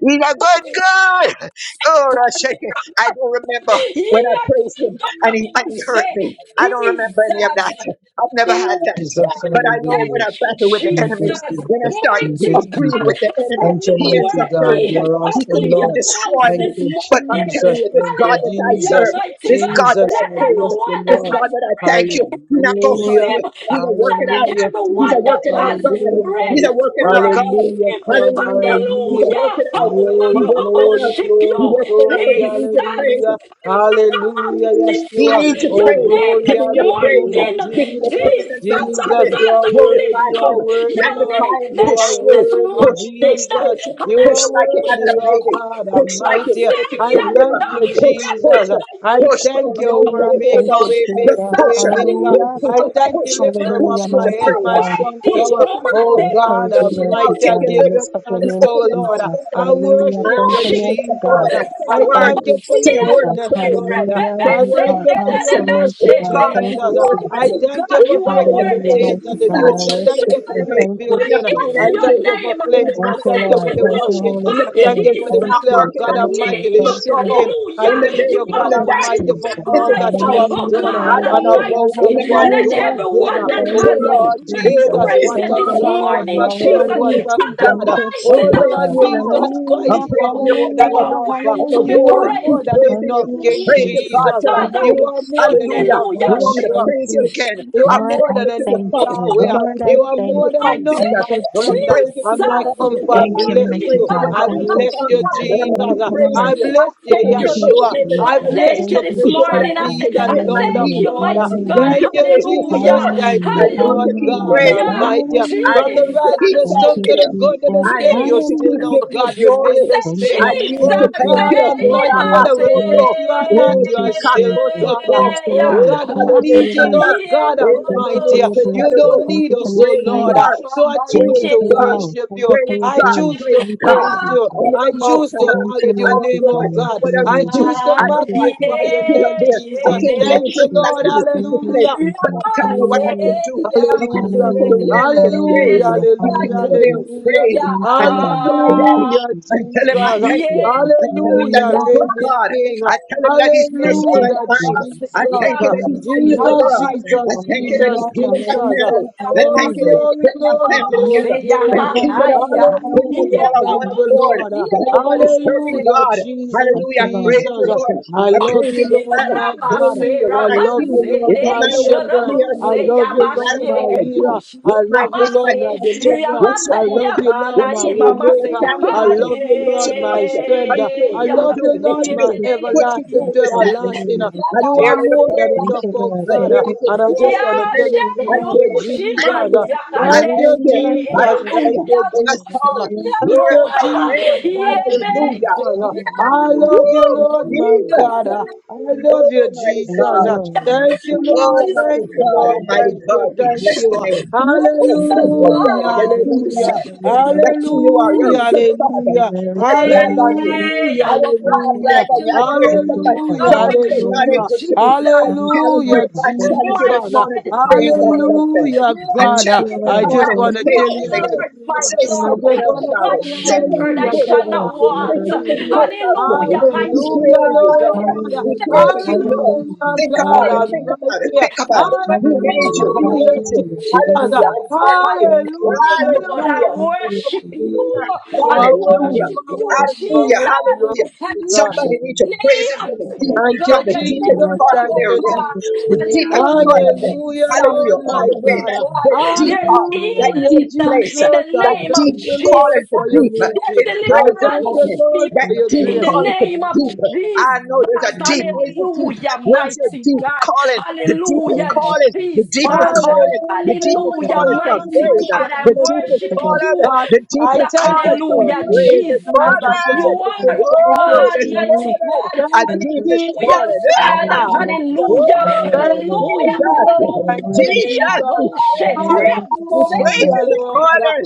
Speaker 3: He's a good God. Oh, that shake I don't
Speaker 6: hallelujah,
Speaker 3: remember when I
Speaker 6: yeah,
Speaker 3: praised
Speaker 6: God,
Speaker 3: him and
Speaker 6: God,
Speaker 3: he, and
Speaker 6: God,
Speaker 3: he hurt
Speaker 6: say,
Speaker 3: me. I don't remember any of that.
Speaker 6: Jesus,
Speaker 3: I've never had
Speaker 6: Hallelujah.
Speaker 3: that.
Speaker 1: Jesus,
Speaker 3: But I know
Speaker 1: hallelujah.
Speaker 6: Thank
Speaker 3: when I
Speaker 6: you,
Speaker 3: battle with the
Speaker 1: Jesus,
Speaker 6: Jesus.
Speaker 3: enemy,
Speaker 1: Jesus,
Speaker 3: when I
Speaker 1: thank
Speaker 3: start
Speaker 1: you,
Speaker 6: Mighty
Speaker 3: agreeing
Speaker 6: God,
Speaker 1: Jesus.
Speaker 3: with the
Speaker 6: I
Speaker 3: enemy,
Speaker 6: said
Speaker 1: Thank you,
Speaker 6: you're
Speaker 3: he ends
Speaker 1: mighty
Speaker 3: up
Speaker 1: God.
Speaker 3: hurting
Speaker 6: worthy.
Speaker 1: You
Speaker 3: me.
Speaker 1: are
Speaker 6: I
Speaker 3: He could
Speaker 1: awesome,
Speaker 6: give you
Speaker 3: even
Speaker 1: Lord.
Speaker 3: destroy
Speaker 6: thanks
Speaker 1: Thank
Speaker 3: me.
Speaker 6: this
Speaker 1: you,
Speaker 3: But I'm
Speaker 6: morning.
Speaker 3: telling
Speaker 1: Jesus.
Speaker 3: you, this
Speaker 1: Thank
Speaker 3: God
Speaker 1: you,
Speaker 3: that I
Speaker 6: Hallelujah,
Speaker 1: Jesus.
Speaker 3: serve,
Speaker 6: mighty
Speaker 3: this
Speaker 6: God.
Speaker 3: God that
Speaker 1: Jesus,
Speaker 3: I
Speaker 6: Let
Speaker 1: I
Speaker 3: praise.
Speaker 1: bless the
Speaker 6: everyone that
Speaker 3: This
Speaker 1: Lord.
Speaker 3: God
Speaker 6: has
Speaker 3: that I
Speaker 6: breath
Speaker 3: thank you. He's not gonna
Speaker 6: Praise
Speaker 3: harm
Speaker 1: Hallelujah.
Speaker 6: him.
Speaker 3: you.
Speaker 6: I
Speaker 3: He's gonna work
Speaker 6: shall
Speaker 3: it out.
Speaker 6: let
Speaker 1: Hallelujah,
Speaker 3: He's a
Speaker 6: everyone
Speaker 1: Jesus.
Speaker 3: work
Speaker 6: that
Speaker 3: it out
Speaker 6: has
Speaker 3: God.
Speaker 1: Hallelujah,
Speaker 3: He's
Speaker 1: Daddy.
Speaker 3: a
Speaker 6: breath
Speaker 3: work it out God.
Speaker 6: praise
Speaker 1: Hallelujah,
Speaker 6: him.
Speaker 1: Father.
Speaker 3: Hallelujah. He's a
Speaker 1: Hallelujah.
Speaker 3: work
Speaker 6: Hallelujah.
Speaker 3: it
Speaker 6: I
Speaker 3: out. He
Speaker 1: Glory,
Speaker 3: works it
Speaker 6: will
Speaker 1: glory,
Speaker 3: out.
Speaker 6: worship
Speaker 3: He
Speaker 6: you.
Speaker 1: glory,
Speaker 3: works it out, but
Speaker 1: glory.
Speaker 3: he
Speaker 6: Jesus.
Speaker 3: needs your
Speaker 6: I
Speaker 3: praise.
Speaker 1: Hallelujah.
Speaker 6: will
Speaker 1: Hallelujah,
Speaker 3: He
Speaker 1: Yeshua.
Speaker 6: magnify
Speaker 3: needs your
Speaker 1: Oh,
Speaker 6: your
Speaker 3: praise.
Speaker 6: name
Speaker 1: glory.
Speaker 3: Give
Speaker 6: this
Speaker 3: him your praise.
Speaker 1: Hallelujah,
Speaker 6: morning.
Speaker 3: Give him your
Speaker 1: Jesus.
Speaker 3: praise and
Speaker 6: Jesus.
Speaker 1: Jesus,
Speaker 3: thanksgiving.
Speaker 1: you
Speaker 6: as
Speaker 1: are
Speaker 6: I
Speaker 1: worthy,
Speaker 3: Glorify
Speaker 1: you
Speaker 6: lift up
Speaker 1: are
Speaker 3: him.
Speaker 1: worthy,
Speaker 6: your
Speaker 1: Lord.
Speaker 6: name.
Speaker 3: Magnify
Speaker 6: The
Speaker 3: him.
Speaker 1: You are
Speaker 3: Push
Speaker 6: name
Speaker 3: through.
Speaker 6: this
Speaker 1: worthy,
Speaker 3: Push,
Speaker 6: morning.
Speaker 3: push,
Speaker 1: Jesus.
Speaker 3: push.
Speaker 1: You
Speaker 3: Push
Speaker 1: are
Speaker 6: Hallelujah.
Speaker 3: like you're
Speaker 1: worthy,
Speaker 3: having a
Speaker 1: you are
Speaker 3: baby.
Speaker 1: God
Speaker 3: Push like you're
Speaker 1: Almighty.
Speaker 3: ready to
Speaker 1: I
Speaker 3: deliver.
Speaker 1: thank you,
Speaker 3: Push, push,
Speaker 1: Jesus.
Speaker 6: Rebecca,
Speaker 1: I
Speaker 6: you
Speaker 3: push.
Speaker 1: thank
Speaker 3: Don't,
Speaker 6: could.
Speaker 1: you,
Speaker 3: don't,
Speaker 2: Hallelujah.
Speaker 1: we
Speaker 3: don't
Speaker 1: make
Speaker 3: hold
Speaker 2: Thank
Speaker 1: a
Speaker 3: on.
Speaker 2: you,
Speaker 6: Jesus,
Speaker 1: way, make
Speaker 3: Just
Speaker 2: Jesus.
Speaker 1: a
Speaker 3: push.
Speaker 1: way, maker.
Speaker 6: hallelujah,
Speaker 2: Hallelujah.
Speaker 3: Don't push.
Speaker 1: I
Speaker 3: Just
Speaker 1: thank you,
Speaker 3: push.
Speaker 6: mighty God.
Speaker 1: lifter
Speaker 3: Push
Speaker 1: above
Speaker 2: Hallelujah,
Speaker 6: You
Speaker 3: with
Speaker 1: my
Speaker 3: the
Speaker 1: head,
Speaker 2: mighty
Speaker 3: praise.
Speaker 1: my
Speaker 6: are
Speaker 2: God.
Speaker 1: strong
Speaker 3: Push.
Speaker 6: worthy.
Speaker 1: tower.
Speaker 3: Open your
Speaker 1: Oh
Speaker 2: I
Speaker 3: mouth.
Speaker 6: Madebo
Speaker 1: God
Speaker 2: praise you,
Speaker 3: Open your mouth.
Speaker 2: mighty
Speaker 1: Almighty,
Speaker 3: Take
Speaker 1: I
Speaker 2: God.
Speaker 3: your
Speaker 2: I
Speaker 1: give
Speaker 2: lift
Speaker 1: you
Speaker 3: lips
Speaker 2: up your
Speaker 3: and
Speaker 1: thanks,
Speaker 2: name,
Speaker 3: open
Speaker 1: oh
Speaker 3: your
Speaker 1: Lord.
Speaker 3: mouth.
Speaker 2: Jesus.
Speaker 3: Open
Speaker 1: I
Speaker 3: up.
Speaker 2: Hallelujah.
Speaker 1: worship
Speaker 2: Thank
Speaker 3: Ah,
Speaker 1: you,
Speaker 3: put
Speaker 6: Shika,
Speaker 2: you,
Speaker 3: your
Speaker 2: mighty
Speaker 3: mouth
Speaker 2: God.
Speaker 1: Jesus.
Speaker 3: open. Say a
Speaker 1: I
Speaker 3: word.
Speaker 2: Thank
Speaker 1: thank
Speaker 2: you,
Speaker 1: you for your
Speaker 3: Say a word of
Speaker 6: Rababasianda,
Speaker 2: Jesus.
Speaker 1: goodness,
Speaker 3: praise.
Speaker 1: Lord.
Speaker 2: Hallelujah.
Speaker 3: Say a
Speaker 1: I
Speaker 2: You
Speaker 3: word of
Speaker 1: thank
Speaker 2: are
Speaker 1: you for
Speaker 3: thanks.
Speaker 1: your
Speaker 2: awesome,
Speaker 1: mercy,
Speaker 2: mighty
Speaker 3: Oh
Speaker 2: God.
Speaker 6: Rebebesendedebeshede.
Speaker 3: God,
Speaker 2: Thank
Speaker 3: we
Speaker 2: you,
Speaker 1: Jesus.
Speaker 3: glorify
Speaker 1: I
Speaker 2: Jesus.
Speaker 6: Mighty
Speaker 3: you.
Speaker 1: thank you
Speaker 6: God,
Speaker 3: Oh
Speaker 1: for
Speaker 6: you
Speaker 3: God,
Speaker 6: are
Speaker 3: in the
Speaker 1: breaking the
Speaker 2: Hallelujah,
Speaker 6: worthy,
Speaker 3: pain,
Speaker 1: chains
Speaker 2: mighty
Speaker 1: and
Speaker 6: Jesus.
Speaker 1: the
Speaker 3: in
Speaker 2: God.
Speaker 3: the
Speaker 2: I
Speaker 1: yokes. I
Speaker 3: trouble of
Speaker 1: thank
Speaker 2: worship
Speaker 3: the
Speaker 1: you for the
Speaker 2: you.
Speaker 3: family,
Speaker 2: Thank you,
Speaker 6: Jehovah
Speaker 3: in the
Speaker 1: rebuilding.
Speaker 6: is
Speaker 1: I
Speaker 2: Jesus.
Speaker 6: your
Speaker 1: thank
Speaker 3: finances,
Speaker 1: you for
Speaker 6: name. I
Speaker 3: in the
Speaker 1: cleansing. I
Speaker 2: Thank you,
Speaker 1: thank
Speaker 6: said,
Speaker 1: you
Speaker 3: unanswered
Speaker 1: for
Speaker 2: Lord.
Speaker 1: the
Speaker 2: Thank
Speaker 3: prayer,
Speaker 2: you,
Speaker 1: washing.
Speaker 2: Holy
Speaker 3: in
Speaker 6: Jehovah
Speaker 3: the
Speaker 1: I thank
Speaker 2: Spirit.
Speaker 1: you
Speaker 3: business
Speaker 1: for
Speaker 6: is
Speaker 1: the
Speaker 3: that's
Speaker 2: Thank
Speaker 3: not
Speaker 1: clear,
Speaker 2: you.
Speaker 3: working
Speaker 1: God
Speaker 2: Thank
Speaker 3: out,
Speaker 6: your
Speaker 2: you.
Speaker 1: Almighty,
Speaker 6: name.
Speaker 1: the
Speaker 3: in the
Speaker 2: Thank you.
Speaker 1: shifting.
Speaker 3: trouble,
Speaker 1: I
Speaker 3: in
Speaker 6: Hallelujah.
Speaker 3: the
Speaker 1: thank
Speaker 3: this
Speaker 6: You
Speaker 1: you,
Speaker 2: Thank
Speaker 3: and
Speaker 6: are
Speaker 1: God
Speaker 3: the
Speaker 2: you,
Speaker 3: that,
Speaker 6: worthy to
Speaker 1: Almighty,
Speaker 6: be
Speaker 1: for
Speaker 3: in
Speaker 2: Jesus.
Speaker 1: all
Speaker 3: the
Speaker 1: that
Speaker 6: praised.
Speaker 1: you have
Speaker 3: spouse,
Speaker 6: Oh
Speaker 2: Hallelujah.
Speaker 1: done
Speaker 6: God
Speaker 1: and
Speaker 3: Adabo,
Speaker 2: Hallelujah.
Speaker 1: about
Speaker 3: in
Speaker 1: to
Speaker 6: Almighty.
Speaker 1: do
Speaker 3: the
Speaker 1: and
Speaker 6: Let
Speaker 1: do
Speaker 3: marriage,
Speaker 2: Hallelujah.
Speaker 3: in
Speaker 1: again.
Speaker 3: the
Speaker 6: everyone that
Speaker 1: Oh
Speaker 2: Thank
Speaker 6: has
Speaker 2: you,
Speaker 3: grandchildren.
Speaker 1: Lord
Speaker 6: read
Speaker 3: Oh,
Speaker 2: Jesus.
Speaker 1: Jesus,
Speaker 3: praise
Speaker 6: praise
Speaker 1: what
Speaker 6: you
Speaker 2: Thank
Speaker 1: a
Speaker 2: you,
Speaker 3: God.
Speaker 6: this
Speaker 1: God,
Speaker 2: Lord.
Speaker 1: what
Speaker 2: You
Speaker 6: morning,
Speaker 1: a
Speaker 3: I'm
Speaker 2: are
Speaker 6: Jesus.
Speaker 1: God,
Speaker 3: praising
Speaker 1: what
Speaker 2: worthy.
Speaker 3: you,
Speaker 1: a
Speaker 6: Father,
Speaker 3: Jesus.
Speaker 2: Thank
Speaker 1: God.
Speaker 2: you,
Speaker 3: I'm
Speaker 6: rising
Speaker 1: Oh
Speaker 6: of the
Speaker 1: Lord
Speaker 3: praising
Speaker 2: Jesus.
Speaker 3: you
Speaker 6: sun to
Speaker 3: now.
Speaker 1: Jesus
Speaker 6: the
Speaker 3: I'm
Speaker 2: Hallelujah.
Speaker 1: Christ,
Speaker 6: coming
Speaker 1: you are
Speaker 6: down.
Speaker 3: praising you
Speaker 1: more
Speaker 6: You
Speaker 1: than
Speaker 3: forever.
Speaker 6: are
Speaker 2: Hallelujah.
Speaker 1: enough.
Speaker 6: worthy
Speaker 3: I'm
Speaker 6: to
Speaker 3: gonna
Speaker 6: be
Speaker 1: You
Speaker 3: go
Speaker 1: are
Speaker 2: Hallelujah.
Speaker 3: and keep
Speaker 1: more
Speaker 6: praised.
Speaker 1: than
Speaker 2: Thank
Speaker 3: praising
Speaker 1: enough,
Speaker 3: you.
Speaker 2: you,
Speaker 6: And
Speaker 1: King
Speaker 6: I
Speaker 3: Praise
Speaker 6: thank
Speaker 3: you,
Speaker 6: you, so
Speaker 1: Jesus.
Speaker 3: God,
Speaker 2: Jesus.
Speaker 3: till I
Speaker 2: Thank
Speaker 6: Father
Speaker 3: know.
Speaker 1: You
Speaker 2: you,
Speaker 1: are
Speaker 6: God.
Speaker 1: more than
Speaker 2: Jesus.
Speaker 3: Hallelujah.
Speaker 1: enough,
Speaker 3: You
Speaker 2: Lord,
Speaker 6: Hallelujah.
Speaker 3: want me to
Speaker 2: I
Speaker 6: It's
Speaker 1: Yeshua.
Speaker 2: thank
Speaker 3: praise you
Speaker 2: you.
Speaker 3: again?
Speaker 1: You
Speaker 3: I
Speaker 1: are
Speaker 2: Lord,
Speaker 1: more
Speaker 3: praise
Speaker 2: I
Speaker 1: than
Speaker 3: you till you
Speaker 1: enough,
Speaker 2: thank
Speaker 3: come.
Speaker 2: you.
Speaker 3: I'm
Speaker 1: Yahweh.
Speaker 3: gonna
Speaker 2: Lord, I
Speaker 1: You
Speaker 3: praise
Speaker 1: are
Speaker 3: you till
Speaker 2: thank
Speaker 1: more
Speaker 3: you
Speaker 1: than
Speaker 2: you.
Speaker 3: come,
Speaker 1: enough,
Speaker 3: Jesus.
Speaker 2: Thank
Speaker 6: mighty.
Speaker 1: my
Speaker 2: you,
Speaker 3: I'm gonna
Speaker 1: friend.
Speaker 2: Jesus.
Speaker 3: praise you till
Speaker 1: And
Speaker 3: you
Speaker 1: my
Speaker 3: come,
Speaker 6: Jesus,
Speaker 1: comfort,
Speaker 3: Jesus.
Speaker 6: you
Speaker 2: Thank
Speaker 6: are
Speaker 2: you,
Speaker 3: I'm
Speaker 1: bless
Speaker 3: gonna
Speaker 6: a
Speaker 2: mighty
Speaker 1: you.
Speaker 3: praise you
Speaker 6: God
Speaker 2: God.
Speaker 3: when the
Speaker 1: I
Speaker 2: Thank
Speaker 3: answer
Speaker 2: you,
Speaker 1: bless
Speaker 6: Almighty
Speaker 3: comes,
Speaker 1: you,
Speaker 2: Jesus.
Speaker 6: Father.
Speaker 2: Thank
Speaker 3: and I'm
Speaker 1: Jesus.
Speaker 3: gonna
Speaker 2: you,
Speaker 3: keep
Speaker 2: Lord.
Speaker 1: I
Speaker 3: praising you
Speaker 6: I
Speaker 1: bless you,
Speaker 3: because
Speaker 6: thank
Speaker 2: Thank
Speaker 6: you,
Speaker 3: you're
Speaker 2: you,
Speaker 3: good. You
Speaker 1: Yeshua.
Speaker 6: Lord.
Speaker 3: gave me the
Speaker 1: I
Speaker 6: I
Speaker 2: Jesus.
Speaker 3: answer
Speaker 1: bless
Speaker 6: thank you
Speaker 2: Thank
Speaker 1: you,
Speaker 6: this
Speaker 2: you,
Speaker 3: to give
Speaker 1: Prince
Speaker 3: it
Speaker 1: of
Speaker 3: an
Speaker 6: morning. I
Speaker 2: Jesus.
Speaker 1: Peace
Speaker 3: answer
Speaker 6: say,
Speaker 3: to
Speaker 1: and
Speaker 6: I
Speaker 3: meet my
Speaker 1: Lord of
Speaker 6: thank
Speaker 2: Hallelujah.
Speaker 3: need.
Speaker 6: you,
Speaker 1: Lord.
Speaker 3: I
Speaker 6: mighty God.
Speaker 3: need
Speaker 2: Hallelujah.
Speaker 3: to
Speaker 1: Thank you,
Speaker 3: praise you some
Speaker 6: Hallelujah.
Speaker 1: Jesus.
Speaker 3: more.
Speaker 1: Thank
Speaker 2: Hallelujah.
Speaker 3: I
Speaker 1: you,
Speaker 3: need
Speaker 1: Lord
Speaker 3: to keep
Speaker 1: God
Speaker 2: Hallelujah.
Speaker 6: Hallelujah.
Speaker 3: praising you.
Speaker 1: Almighty.
Speaker 2: Hallelujah.
Speaker 3: I
Speaker 1: From the
Speaker 3: need to
Speaker 1: rising of
Speaker 3: keep
Speaker 1: the
Speaker 6: Jesus.
Speaker 2: Thank
Speaker 1: sun
Speaker 2: you,
Speaker 1: to
Speaker 3: thanking
Speaker 1: the
Speaker 3: you.
Speaker 1: going to the
Speaker 2: Jesus.
Speaker 3: I
Speaker 1: same, you
Speaker 3: need
Speaker 6: Jesus.
Speaker 3: to
Speaker 1: still,
Speaker 3: keep
Speaker 2: Hallelujah.
Speaker 1: oh
Speaker 3: giving you
Speaker 1: God,
Speaker 6: I
Speaker 1: remain
Speaker 3: glory.
Speaker 6: said,
Speaker 1: the
Speaker 2: Thank
Speaker 1: same.
Speaker 3: I
Speaker 2: you,
Speaker 3: need
Speaker 6: Jesus.
Speaker 3: to
Speaker 1: Oh
Speaker 2: Jesus.
Speaker 3: thank
Speaker 2: Thank
Speaker 1: God
Speaker 3: you.
Speaker 2: you,
Speaker 1: Almighty,
Speaker 3: Ora
Speaker 1: whether we
Speaker 2: mighty God.
Speaker 3: bakoto,
Speaker 1: praise you or
Speaker 3: o
Speaker 1: not,
Speaker 2: Thank
Speaker 1: you are
Speaker 2: you,
Speaker 1: still
Speaker 2: Jesus.
Speaker 1: God.
Speaker 3: zikatoto,
Speaker 2: Thank you,
Speaker 1: Oh
Speaker 6: Yeah.
Speaker 2: Lord.
Speaker 3: o
Speaker 1: God, we
Speaker 2: Thank you for
Speaker 1: need
Speaker 2: your
Speaker 1: you,
Speaker 3: kalebosata.
Speaker 1: Lord
Speaker 2: mercy.
Speaker 6: Yeah.
Speaker 1: God
Speaker 6: mo,
Speaker 3: In the
Speaker 2: Thank you
Speaker 3: name
Speaker 2: for
Speaker 1: Almighty.
Speaker 3: of
Speaker 2: your
Speaker 6: se,
Speaker 1: You
Speaker 3: the
Speaker 6: po,
Speaker 2: blessing.
Speaker 1: don't
Speaker 3: Lord,
Speaker 2: Thank
Speaker 1: need
Speaker 2: you
Speaker 6: mo,
Speaker 2: for
Speaker 1: us,
Speaker 2: your
Speaker 1: oh
Speaker 3: praise
Speaker 6: si,
Speaker 1: Lord.
Speaker 2: kindness.
Speaker 3: God,
Speaker 6: ama,
Speaker 1: So I
Speaker 6: ma,
Speaker 2: Thank
Speaker 1: choose
Speaker 3: praise
Speaker 2: you
Speaker 6: yeah.
Speaker 1: to
Speaker 2: for your love.
Speaker 3: God.
Speaker 1: worship
Speaker 2: Thank
Speaker 1: you.
Speaker 2: you for
Speaker 3: Praise
Speaker 2: your
Speaker 1: I
Speaker 3: God,
Speaker 2: grace.
Speaker 1: choose to
Speaker 3: praise
Speaker 2: Thank you,
Speaker 3: God.
Speaker 1: praise
Speaker 6: Ah,
Speaker 1: you.
Speaker 3: I
Speaker 2: Jesus.
Speaker 6: yeah,
Speaker 1: I
Speaker 3: don't know.
Speaker 6: ma,
Speaker 1: choose
Speaker 6: se,
Speaker 1: to
Speaker 2: Thank
Speaker 1: honor
Speaker 2: you,
Speaker 3: I
Speaker 1: your
Speaker 3: don't
Speaker 2: mighty
Speaker 1: name,
Speaker 3: know.
Speaker 1: oh
Speaker 3: I don't
Speaker 2: God,
Speaker 3: know
Speaker 1: God.
Speaker 2: for
Speaker 3: what
Speaker 2: your
Speaker 3: else
Speaker 1: I
Speaker 3: to do.
Speaker 2: mercy.
Speaker 1: choose to
Speaker 6: ah,
Speaker 3: I
Speaker 2: Thank
Speaker 3: don't know.
Speaker 2: you,
Speaker 3: I
Speaker 6: yeah,
Speaker 3: can't
Speaker 1: magnify
Speaker 3: get,
Speaker 2: Jesus.
Speaker 1: your
Speaker 3: get up
Speaker 1: name,
Speaker 3: there. I
Speaker 6: yeah,
Speaker 1: Jesus.
Speaker 2: Thank
Speaker 6: de,
Speaker 3: can't
Speaker 6: be,
Speaker 2: you,
Speaker 3: get
Speaker 1: Thank
Speaker 3: into
Speaker 1: you,
Speaker 3: this not
Speaker 1: Lord.
Speaker 3: to the
Speaker 2: Jesus. Thank
Speaker 3: secret
Speaker 2: you,
Speaker 1: Hallelujah.
Speaker 3: place.
Speaker 6: se, yeah,
Speaker 3: But
Speaker 2: Jesus.
Speaker 3: I'm
Speaker 6: ma,
Speaker 3: telling you what
Speaker 6: se,
Speaker 3: I
Speaker 2: Hallelujah.
Speaker 3: can do.
Speaker 6: yeah,
Speaker 3: I
Speaker 6: ma,
Speaker 3: can go
Speaker 6: se,
Speaker 1: Hallelujah.
Speaker 3: into the
Speaker 2: Hallelujah.
Speaker 3: realms
Speaker 6: yeah,
Speaker 3: and
Speaker 6: de, be,
Speaker 1: Hallelujah.
Speaker 3: praise.
Speaker 6: se,
Speaker 2: Hallelujah.
Speaker 3: I
Speaker 6: yeah,
Speaker 1: Hallelujah.
Speaker 3: can
Speaker 6: de,
Speaker 3: go
Speaker 6: be,
Speaker 3: there
Speaker 2: Hallelujah.
Speaker 3: and
Speaker 6: se,
Speaker 1: Hallelujah.
Speaker 3: praise
Speaker 2: Thank you,
Speaker 3: and talk
Speaker 2: Lord.
Speaker 3: to my
Speaker 2: Thank you,
Speaker 3: daddy
Speaker 1: Hallelujah,
Speaker 3: and
Speaker 2: Jesus.
Speaker 3: tell him
Speaker 2: Thank
Speaker 3: I
Speaker 1: Jesus.
Speaker 2: you,
Speaker 6: yeah.
Speaker 3: thank you.
Speaker 2: Jesus.
Speaker 3: I tell him that
Speaker 1: Hallelujah,
Speaker 2: Hallelujah.
Speaker 3: it's good
Speaker 6: Yeah.
Speaker 1: reigning
Speaker 3: God.
Speaker 1: King.
Speaker 3: I tell him that he's
Speaker 2: Thank
Speaker 3: merciful
Speaker 2: you,
Speaker 3: and
Speaker 1: Hallelujah,
Speaker 3: kind.
Speaker 2: Jesus.
Speaker 6: Yamase,
Speaker 1: Jesus.
Speaker 3: I
Speaker 2: Thank
Speaker 3: thank
Speaker 2: you,
Speaker 3: you that he's
Speaker 2: Lord.
Speaker 3: my
Speaker 2: Thank you,
Speaker 1: Jesus,
Speaker 3: deliverer.
Speaker 2: Jesus.
Speaker 3: I
Speaker 1: Jesus,
Speaker 3: thank you that
Speaker 1: Jesus,
Speaker 2: Hallelujah.
Speaker 3: he's healing my
Speaker 1: Jesus.
Speaker 2: Hallelujah.
Speaker 3: family. I thank
Speaker 1: Glory,
Speaker 3: you that
Speaker 2: Hallelujah.
Speaker 3: he's
Speaker 1: glory,
Speaker 3: putting my
Speaker 1: glory,
Speaker 3: family
Speaker 1: glory,
Speaker 3: together and
Speaker 1: glory.
Speaker 3: keep it up, uh, putting us
Speaker 1: Hallelujah.
Speaker 3: all on one
Speaker 1: Thank you,
Speaker 3: accord.
Speaker 1: Lord.
Speaker 3: That everybody's serving
Speaker 1: Hallelujah,
Speaker 3: God.
Speaker 1: Jesus,
Speaker 3: Hallelujah. I Praise you,
Speaker 1: Jesus.
Speaker 3: Lord.
Speaker 1: I love
Speaker 3: Appearance,
Speaker 1: you,
Speaker 3: it don't
Speaker 1: Lord,
Speaker 3: matter.
Speaker 1: my God.
Speaker 3: Hallelujah. What
Speaker 1: I
Speaker 3: I
Speaker 1: love
Speaker 3: see,
Speaker 1: you,
Speaker 3: it
Speaker 1: Lord,
Speaker 3: don't
Speaker 1: my
Speaker 3: matter what I
Speaker 1: shepherd.
Speaker 3: see or
Speaker 1: I
Speaker 3: know.
Speaker 1: love
Speaker 3: It
Speaker 1: you, Lord,
Speaker 3: matters
Speaker 1: my
Speaker 3: what I
Speaker 1: healer.
Speaker 3: do.
Speaker 1: I
Speaker 3: What's my
Speaker 1: love you,
Speaker 3: what's my
Speaker 1: Lord, my
Speaker 3: posture?
Speaker 1: deliverer.
Speaker 3: What's your
Speaker 1: I love
Speaker 3: posture?
Speaker 1: you,
Speaker 6: Yamana,
Speaker 1: Lord,
Speaker 3: What's
Speaker 1: my
Speaker 3: your posture
Speaker 6: Yamase,
Speaker 3: this
Speaker 1: waymaker.
Speaker 3: Saturday
Speaker 1: I
Speaker 3: morning?
Speaker 1: love you,
Speaker 3: What's
Speaker 1: Lord,
Speaker 3: your
Speaker 1: my
Speaker 3: posture? How
Speaker 1: strength.
Speaker 3: you doing?
Speaker 1: I
Speaker 6: Yamaya.
Speaker 3: How you
Speaker 1: love you,
Speaker 3: doing? What
Speaker 1: Lord,
Speaker 3: you
Speaker 1: my
Speaker 3: doing? What you
Speaker 1: everlasting
Speaker 3: doing
Speaker 1: to
Speaker 6: Yeah,
Speaker 3: this Saturday
Speaker 1: everlasting.
Speaker 3: morning? I
Speaker 1: You are
Speaker 3: dare you to
Speaker 1: more than
Speaker 3: praise
Speaker 6: Yadabaseya,
Speaker 3: him.
Speaker 1: enough, oh
Speaker 3: I
Speaker 1: God.
Speaker 3: dare
Speaker 6: seya.
Speaker 3: you to
Speaker 1: And I
Speaker 3: call
Speaker 1: just
Speaker 3: on
Speaker 1: want
Speaker 3: his
Speaker 1: to tell
Speaker 3: name.
Speaker 6: Yashe
Speaker 1: you,
Speaker 3: I
Speaker 1: thank
Speaker 2: Hallelujah.
Speaker 1: you,
Speaker 3: dare you to
Speaker 6: yokushima
Speaker 3: thank
Speaker 1: Jesus.
Speaker 3: him. I
Speaker 1: Thank you,
Speaker 3: thank him.
Speaker 2: Hallelujah. Thank
Speaker 6: yakaneshiya.
Speaker 1: Jesus.
Speaker 2: you,
Speaker 1: Thank
Speaker 3: Hallelujah.
Speaker 2: Jesus.
Speaker 1: you,
Speaker 6: Yamo
Speaker 3: Sing a
Speaker 6: se
Speaker 1: Jesus.
Speaker 2: Hallelujah.
Speaker 3: song.
Speaker 1: Thank
Speaker 6: yamo
Speaker 1: you,
Speaker 3: Glorify his
Speaker 1: Jesus.
Speaker 3: name.
Speaker 2: Thank
Speaker 1: Thank
Speaker 2: you,
Speaker 1: you,
Speaker 6: yeme
Speaker 2: Jesus.
Speaker 3: Hallelujah.
Speaker 6: se
Speaker 1: Jesus. I
Speaker 2: Hallelujah.
Speaker 1: love
Speaker 2: Thank
Speaker 1: you,
Speaker 3: Woo!
Speaker 2: you,
Speaker 1: Lord,
Speaker 6: yamo.
Speaker 1: my
Speaker 2: Jesus.
Speaker 3: Jesus!
Speaker 1: God. I love you,
Speaker 3: Almighty
Speaker 2: Thank you,
Speaker 1: Jesus.
Speaker 3: God.
Speaker 2: Lord.
Speaker 1: Thank
Speaker 2: Thank you,
Speaker 1: you, Lord.
Speaker 2: Jesus.
Speaker 6: Jesus,
Speaker 3: Almighty
Speaker 1: Thank you,
Speaker 3: God,
Speaker 1: Lord.
Speaker 2: Hallelujah.
Speaker 3: Almighty
Speaker 1: Thank you.
Speaker 3: God, we
Speaker 1: Thank
Speaker 3: bless the
Speaker 1: you.
Speaker 3: name.
Speaker 6: when
Speaker 3: We're
Speaker 2: Thank
Speaker 6: Jesus
Speaker 2: you,
Speaker 3: good, good
Speaker 2: Lord.
Speaker 1: Hallelujah.
Speaker 3: daddy.
Speaker 2: Lord,
Speaker 3: That's
Speaker 6: was
Speaker 2: I
Speaker 3: who you
Speaker 1: Hallelujah.
Speaker 2: save
Speaker 3: are.
Speaker 2: the Lord, my
Speaker 3: That's who you are.
Speaker 2: people.
Speaker 3: You're a
Speaker 1: Hallelujah.
Speaker 6: sins
Speaker 3: good father.
Speaker 2: You're
Speaker 1: Hallelujah.
Speaker 2: my
Speaker 3: And I
Speaker 6: away,
Speaker 2: redeemer,
Speaker 3: brag on
Speaker 2: you're
Speaker 3: you.
Speaker 2: my
Speaker 1: Hallelujah.
Speaker 3: I
Speaker 2: savior.
Speaker 3: don't brag,
Speaker 2: Thank
Speaker 6: I
Speaker 3: I
Speaker 2: you,
Speaker 1: Hallelujah.
Speaker 3: brag
Speaker 6: thank
Speaker 3: on
Speaker 6: you,
Speaker 3: you. I
Speaker 2: Jesus.
Speaker 3: dare you.
Speaker 2: Holy,
Speaker 6: Lord.
Speaker 3: Somebody,
Speaker 6: I
Speaker 1: Hallelujah.
Speaker 2: miracle,
Speaker 3: somebody say,
Speaker 6: worship
Speaker 3: God
Speaker 6: you,
Speaker 1: Hallelujah.
Speaker 3: ain't
Speaker 2: worker,
Speaker 3: good
Speaker 6: Jesus,
Speaker 3: to me. I
Speaker 6: my
Speaker 2: promise
Speaker 3: challenge
Speaker 1: Hallelujah,
Speaker 3: you.
Speaker 6: friend,
Speaker 2: keeper.
Speaker 3: I challenge you
Speaker 6: my
Speaker 3: this
Speaker 1: Jesus.
Speaker 3: morning to
Speaker 6: friend, my
Speaker 3: change that
Speaker 2: Hallelujah.
Speaker 6: friend.
Speaker 3: something
Speaker 1: Hallelujah,
Speaker 3: a
Speaker 2: Thank
Speaker 6: my
Speaker 1: God.
Speaker 2: you,
Speaker 3: charity this
Speaker 1: I
Speaker 2: Lord.
Speaker 6: My
Speaker 1: just
Speaker 3: morning to
Speaker 2: Thank
Speaker 1: want to
Speaker 2: you,
Speaker 3: say
Speaker 1: tell you,
Speaker 3: something
Speaker 6: Lord,
Speaker 2: Jesus.
Speaker 3: else.
Speaker 6: my
Speaker 1: hallelujah.
Speaker 2: Thank
Speaker 3: Say
Speaker 1: I
Speaker 6: Lord,
Speaker 3: something
Speaker 2: you,
Speaker 1: just
Speaker 3: else
Speaker 1: want
Speaker 2: Lord.
Speaker 1: to
Speaker 3: about
Speaker 6: my
Speaker 1: tell
Speaker 3: it.
Speaker 2: Hallelujah.
Speaker 1: you,
Speaker 3: Say
Speaker 6: shepherd,
Speaker 3: something
Speaker 6: I
Speaker 2: Thank
Speaker 1: hallelujah.
Speaker 3: good
Speaker 2: you,
Speaker 6: shall
Speaker 1: Give
Speaker 3: about
Speaker 6: not
Speaker 2: Lord.
Speaker 3: it.
Speaker 1: you
Speaker 2: Thank
Speaker 3: Say
Speaker 6: want.
Speaker 2: you.
Speaker 3: something
Speaker 1: Hallelujah.
Speaker 3: good about you.
Speaker 2: Thank
Speaker 6: Hallelujah,
Speaker 2: you,
Speaker 3: He
Speaker 6: mighty God.
Speaker 1: Hallelujah,
Speaker 3: created you,
Speaker 2: Jesus.
Speaker 3: daughter.
Speaker 1: Lord.
Speaker 3: He
Speaker 2: Hallelujah.
Speaker 3: created
Speaker 6: Thank you,
Speaker 3: you. son.
Speaker 6: Lord.
Speaker 1: Hallelujah,
Speaker 2: Hallelujah.
Speaker 3: Think
Speaker 1: God,
Speaker 3: about
Speaker 6: Thank
Speaker 3: it.
Speaker 1: I'm
Speaker 3: Think
Speaker 6: you
Speaker 2: Hallelujah.
Speaker 1: right
Speaker 3: about it.
Speaker 1: here.
Speaker 3: Think about
Speaker 6: for
Speaker 3: it.
Speaker 6: the
Speaker 2: Hallelujah.
Speaker 3: He
Speaker 6: burden that you
Speaker 3: made you.
Speaker 6: have
Speaker 3: He
Speaker 2: Hallelujah.
Speaker 1: Hallelujah,
Speaker 6: on
Speaker 3: made
Speaker 6: me.
Speaker 3: you.
Speaker 1: Jesus.
Speaker 2: Hallelujah.
Speaker 3: Hallelujah. I
Speaker 6: Jesus,
Speaker 3: challenge
Speaker 6: I
Speaker 3: you.
Speaker 2: Thank you,
Speaker 6: thank
Speaker 1: Hallelujah,
Speaker 6: you,
Speaker 2: Jesus.
Speaker 6: Lord. I
Speaker 2: Thank you,
Speaker 3: Hallelujah.
Speaker 6: worship
Speaker 1: Lord.
Speaker 2: Jesus.
Speaker 6: you.
Speaker 1: You
Speaker 6: I
Speaker 2: Thank
Speaker 1: are worthy,
Speaker 3: Hallelujah.
Speaker 6: worship
Speaker 1: you are
Speaker 2: you,
Speaker 6: you,
Speaker 1: worthy, you
Speaker 2: Jesus.
Speaker 1: are
Speaker 3: Hallelujah.
Speaker 6: Jesus.
Speaker 1: worthy, you are
Speaker 3: Hallelujah.
Speaker 6: I
Speaker 1: worthy, God.
Speaker 6: worship
Speaker 3: Somebody needs to
Speaker 6: your
Speaker 3: praise him from
Speaker 6: name.
Speaker 3: the deep,
Speaker 6: Oh
Speaker 1: Thank
Speaker 3: from
Speaker 1: you,
Speaker 6: God,
Speaker 3: the
Speaker 6: your
Speaker 3: deepest
Speaker 1: Jesus.
Speaker 6: name,
Speaker 3: part of
Speaker 1: Thank
Speaker 3: their
Speaker 6: oh
Speaker 1: you,
Speaker 3: realm,
Speaker 1: Jesus.
Speaker 6: God.
Speaker 3: the deepest
Speaker 6: Hallelujah.
Speaker 3: part of them.
Speaker 1: Hallelujah,
Speaker 6: Jesus,
Speaker 1: Lord,
Speaker 3: Hallelujah. All
Speaker 1: my
Speaker 3: the way
Speaker 6: mighty
Speaker 3: that,
Speaker 1: God.
Speaker 6: God,
Speaker 3: that deep
Speaker 6: there's
Speaker 3: heart, that
Speaker 6: healing
Speaker 1: Hallelujah,
Speaker 6: in
Speaker 3: deep
Speaker 6: the,
Speaker 3: place,
Speaker 6: in
Speaker 1: Jesus.
Speaker 6: the
Speaker 1: I
Speaker 3: that
Speaker 6: name of
Speaker 3: deep
Speaker 1: thank you,
Speaker 6: Jesus.
Speaker 1: Lord,
Speaker 3: calling to
Speaker 1: for your
Speaker 3: deep uh,
Speaker 1: mercy.
Speaker 6: There's
Speaker 3: in
Speaker 1: I
Speaker 3: praise this
Speaker 1: thank you,
Speaker 3: morning.
Speaker 6: deliverance,
Speaker 1: Lord,
Speaker 3: That
Speaker 6: people,
Speaker 1: for your
Speaker 3: deep
Speaker 6: in
Speaker 1: grace.
Speaker 6: the
Speaker 3: calling to
Speaker 6: name of
Speaker 3: deep.
Speaker 6: Jesus.
Speaker 3: I know there's a deep. Where's the deep?
Speaker 6: Hallelujah,
Speaker 3: Where's your
Speaker 6: mighty
Speaker 3: deep
Speaker 6: God.
Speaker 3: calling? The deepest
Speaker 2: Thank
Speaker 6: Hallelujah,
Speaker 2: you.
Speaker 3: calling calling, the
Speaker 6: Jesus.
Speaker 2: Thank
Speaker 3: deepest
Speaker 2: you, Lord,
Speaker 3: calling, the
Speaker 1: Hallelujah,
Speaker 3: deepest
Speaker 1: Lord
Speaker 6: Hallelujah,
Speaker 3: calling
Speaker 1: God
Speaker 3: for
Speaker 6: mighty
Speaker 3: praise,
Speaker 1: Almighty.
Speaker 3: uh,
Speaker 6: God.
Speaker 1: I
Speaker 6: I
Speaker 3: the
Speaker 1: bless you,
Speaker 3: deepest
Speaker 6: worship
Speaker 1: Lord
Speaker 3: calling,
Speaker 6: you.
Speaker 1: God.
Speaker 3: the
Speaker 6: The
Speaker 1: I
Speaker 3: deepest
Speaker 1: thank you
Speaker 3: calling
Speaker 1: for
Speaker 3: for
Speaker 1: your
Speaker 6: hallelujah,
Speaker 1: love
Speaker 3: praise
Speaker 1: and
Speaker 3: this
Speaker 6: Jesus.
Speaker 1: kindness. I just
Speaker 6: You
Speaker 3: morning.
Speaker 1: want to
Speaker 6: are,
Speaker 1: say
Speaker 6: oh
Speaker 1: thank
Speaker 3: Whoa,
Speaker 1: you,
Speaker 6: God,
Speaker 3: this
Speaker 1: Jesus.
Speaker 6: mighty
Speaker 3: morning,
Speaker 6: God.
Speaker 3: a
Speaker 1: Thank you,
Speaker 3: deepest
Speaker 6: Hallelujah,
Speaker 1: Jesus.
Speaker 3: calling.
Speaker 1: Thank you,
Speaker 6: Father.
Speaker 3: Yeah!
Speaker 1: Jesus.
Speaker 6: Hallelujah.
Speaker 1: Thank
Speaker 3: Whoa,
Speaker 1: you,
Speaker 6: Hallelujah.
Speaker 3: Jesus,
Speaker 1: Jesus.
Speaker 6: Hallelujah.
Speaker 1: Thank you,
Speaker 3: Jesus,
Speaker 1: Jesus.
Speaker 3: we
Speaker 6: Yaboshe,
Speaker 3: praise you. We
Speaker 6: Rabse,
Speaker 3: praise you
Speaker 1: Hallelujah,
Speaker 3: this
Speaker 1: Lord.
Speaker 3: morning.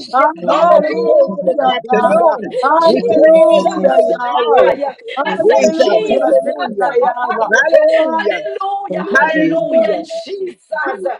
Speaker 3: Oh,
Speaker 6: Mama.
Speaker 3: we praise you this
Speaker 1: Hallelujah, God.
Speaker 3: afternoon. We praise
Speaker 6: Jesus,
Speaker 1: Hallelujah,
Speaker 3: you now.
Speaker 1: Yahweh.
Speaker 6: hallelujah. I said,
Speaker 3: Jesus,
Speaker 1: Hallelujah,
Speaker 6: Jesus,
Speaker 1: great
Speaker 3: hallelujah,
Speaker 1: I am.
Speaker 6: hallelujah.
Speaker 1: Oh,
Speaker 3: hallelujah,
Speaker 6: Hallelujah.
Speaker 1: hallelujah. Jesus,
Speaker 6: Hallelujah,
Speaker 3: hallelujah.
Speaker 6: Jesus.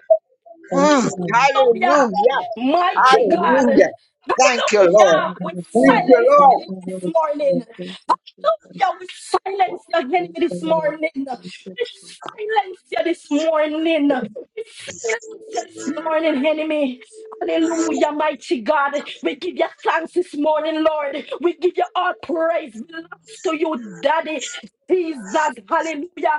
Speaker 3: Mm,
Speaker 6: Hallelujah.
Speaker 3: hallelujah.
Speaker 6: Mighty God.
Speaker 3: Hallelujah. Thank you,
Speaker 2: for
Speaker 3: Lord.
Speaker 6: Hallelujah.
Speaker 2: your
Speaker 6: We
Speaker 3: Thank
Speaker 2: Father.
Speaker 3: you,
Speaker 6: silence the
Speaker 2: Thank
Speaker 3: Lord.
Speaker 6: enemy
Speaker 2: you,
Speaker 6: this
Speaker 2: Holy
Speaker 6: morning.
Speaker 2: Spirit. Thank you, Jesus.
Speaker 6: Hallelujah. We silence the enemy
Speaker 2: Thank you,
Speaker 6: this
Speaker 2: Lord.
Speaker 6: morning.
Speaker 2: Thank you,
Speaker 6: We
Speaker 2: Jesus.
Speaker 6: silence you this morning. We silence you this morning, enemy. Hallelujah, mighty God. We give you thanks this morning, Lord. We give you all praise. Belongs to you, Daddy. Jesus. Hallelujah.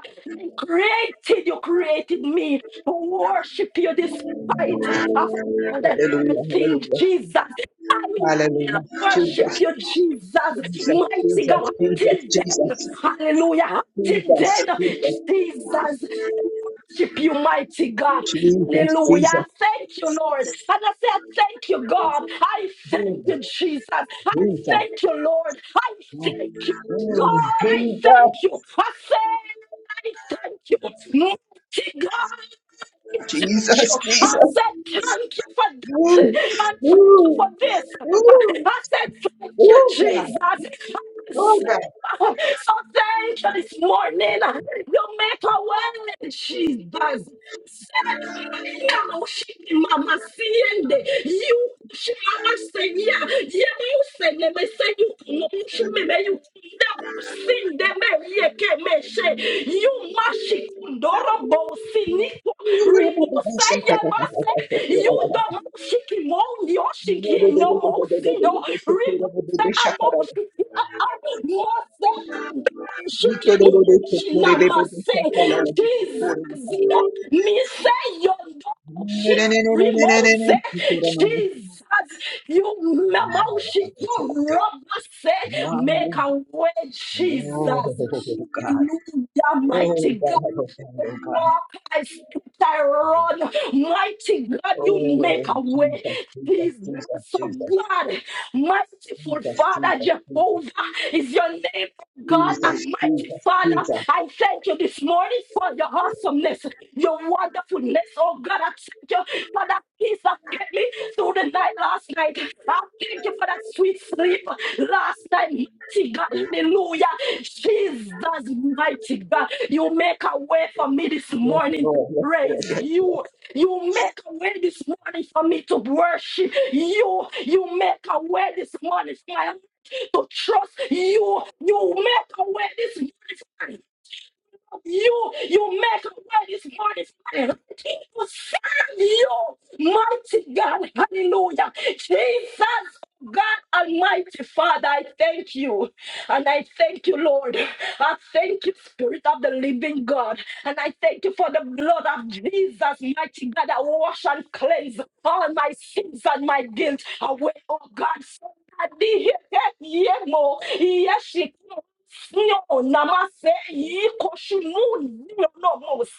Speaker 6: Created, you created me to worship you despite of all that
Speaker 3: Hallelujah.
Speaker 6: everything,
Speaker 3: Hallelujah.
Speaker 6: Jesus. I will
Speaker 3: Hallelujah. Jesus.
Speaker 6: worship you, Jesus,
Speaker 3: Jesus.
Speaker 6: mighty
Speaker 3: Jesus.
Speaker 6: God,
Speaker 3: Jesus.
Speaker 6: until then.
Speaker 3: Jesus.
Speaker 6: Hallelujah, until
Speaker 3: Jesus.
Speaker 6: then, Jesus. I Worship you, mighty God.
Speaker 3: Jesus. Jesus. Jesus.
Speaker 6: Hallelujah.
Speaker 3: Jesus.
Speaker 6: Thank you, Lord. And I said, Thank you, God. I
Speaker 3: Mm, Jesus.
Speaker 6: thank
Speaker 3: Jesus.
Speaker 6: you, Jesus. I
Speaker 3: Jesus.
Speaker 6: thank you, Lord. I
Speaker 3: Oh, God.
Speaker 6: thank you.
Speaker 3: Oh,
Speaker 6: God, I thank you. I I thank you, mighty God. Thank you. I said, thank you for that. And thank you for this. I said, thank you, Jesus. I receive. So thank you this morning. You make a way, Jesus. Said, "Yeah, no, she, Mama, seeing you, she, Mama, say, yeah, yeah, you say, let me say, you, Mama, she, me, me, you, sing, them, me, yeah, me, she, you, mashi, doro, Ribusa yabasa, yuda moshiki mo yoshiki no mosi no. Ribusa amoshiki a mose shiki mu shina mase. Jesus yo mise yondo moshiki rimose. Jesus you moshiki robase make a way Jesus.
Speaker 3: God.
Speaker 6: Hallelujah,
Speaker 3: Oh,
Speaker 6: mighty
Speaker 3: God. Oh, God.
Speaker 6: walk, I sit, I run. Mighty God, you make
Speaker 3: Oh,
Speaker 6: a way.
Speaker 3: Jesus, Jesus, Jesus,
Speaker 6: Jesus
Speaker 3: Jesus,
Speaker 6: of
Speaker 3: Jesus,
Speaker 6: God, merciful
Speaker 3: Jesus,
Speaker 6: Father, Jehovah is your name, God, and
Speaker 3: Jesus,
Speaker 6: mighty
Speaker 3: Jesus,
Speaker 6: Father.
Speaker 3: Jesus.
Speaker 6: I thank you this morning for your awesomeness, your wonderfulness. Oh God, I thank you for that peace that kept me through the night last night. I thank you for that sweet sleep last night. Mighty God, hallelujah. Jesus, mighty God, you make a way for me this
Speaker 3: Yes,
Speaker 6: morning
Speaker 3: Lord,
Speaker 6: to
Speaker 3: yes, Lord.
Speaker 6: praise you. You make a way this morning for me to worship you. You make a way this morning for my heart to trust you. You make a way this morning. You, you make a way this morning, Father. He will serve you, mighty God. Hallelujah. Jesus, God Almighty Father, I thank you. And I thank you, Lord. I thank you, Spirit of the Living God. And I thank you for the blood of Jesus, mighty God, that wash and cleanse all my sins and my guilt away, oh God. So I did hear here, yeah, more. Yes, she can. Namase Yikoshimunose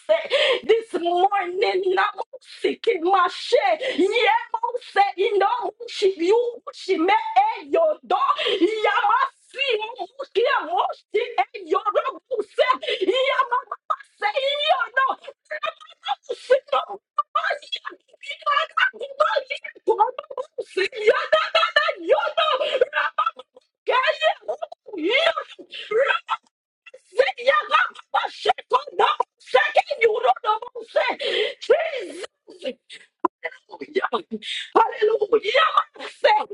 Speaker 6: this morning Namusiki Mashe Yemose Inomushi Yushime Eyodo Yamasi Muki Moshi Eyorobuse Yamamase Yodo Yamamase no Yodo Yodo Yodo Jesus, hallelujah. Jesus. Hallelujah! Thank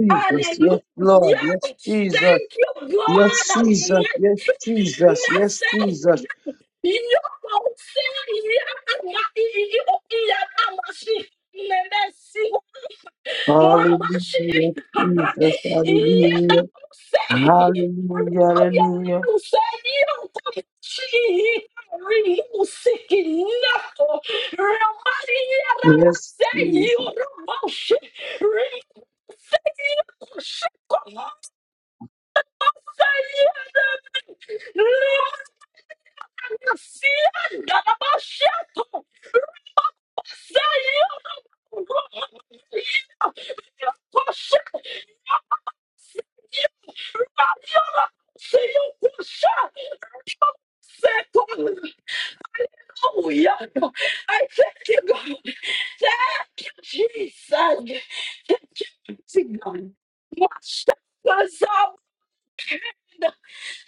Speaker 1: Jesus, yes, Lord, yes, Jesus,
Speaker 6: you, God.
Speaker 1: yes,
Speaker 6: I'm
Speaker 1: Jesus, yes, Jesus, yes,
Speaker 6: Myself,
Speaker 1: Jesus,
Speaker 6: you don't say, yeah, I'm not,
Speaker 1: hallelujah,
Speaker 6: Say
Speaker 1: Jesus, hallelujah, hallelujah, hallelujah, yes, Jesus,
Speaker 6: you Hallelujah. I thank you, God. Thank you, Jesus. Thank you, mighty God. My shackles are broken,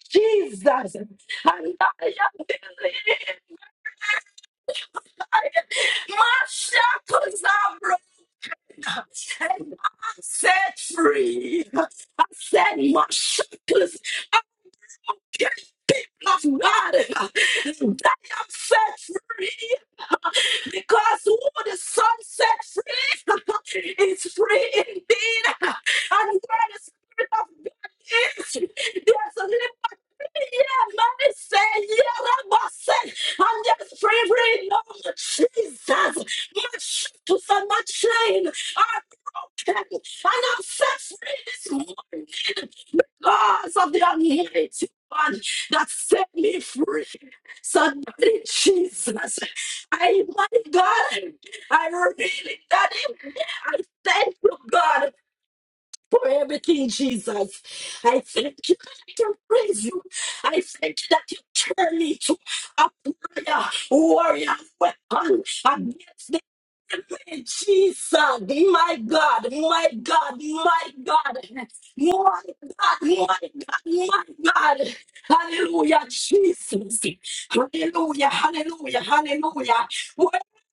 Speaker 6: Jesus. And I am believing. My shackles are broken. And I'm set free. I said, my shackles are broken. of God. And I am set free. Because who the Son set free is free indeed. And where the Spirit of God is, there's liberty. Yeah, man, say, yeah, Rabba say, and there's free freedom. Jesus, my shackles and my chain are broken, and I'm set free this morning because of the Almighty. One that set me free. So, daddy Jesus, I invite God. I really got him. I thank you, God, for everything, Jesus. I thank you that I can praise you. I thank you that you turn me to a warrior, warrior weapon against the enemy, Jesus, my God, my God, my God, my God, my God, my God, hallelujah, Jesus, hallelujah, hallelujah, hallelujah.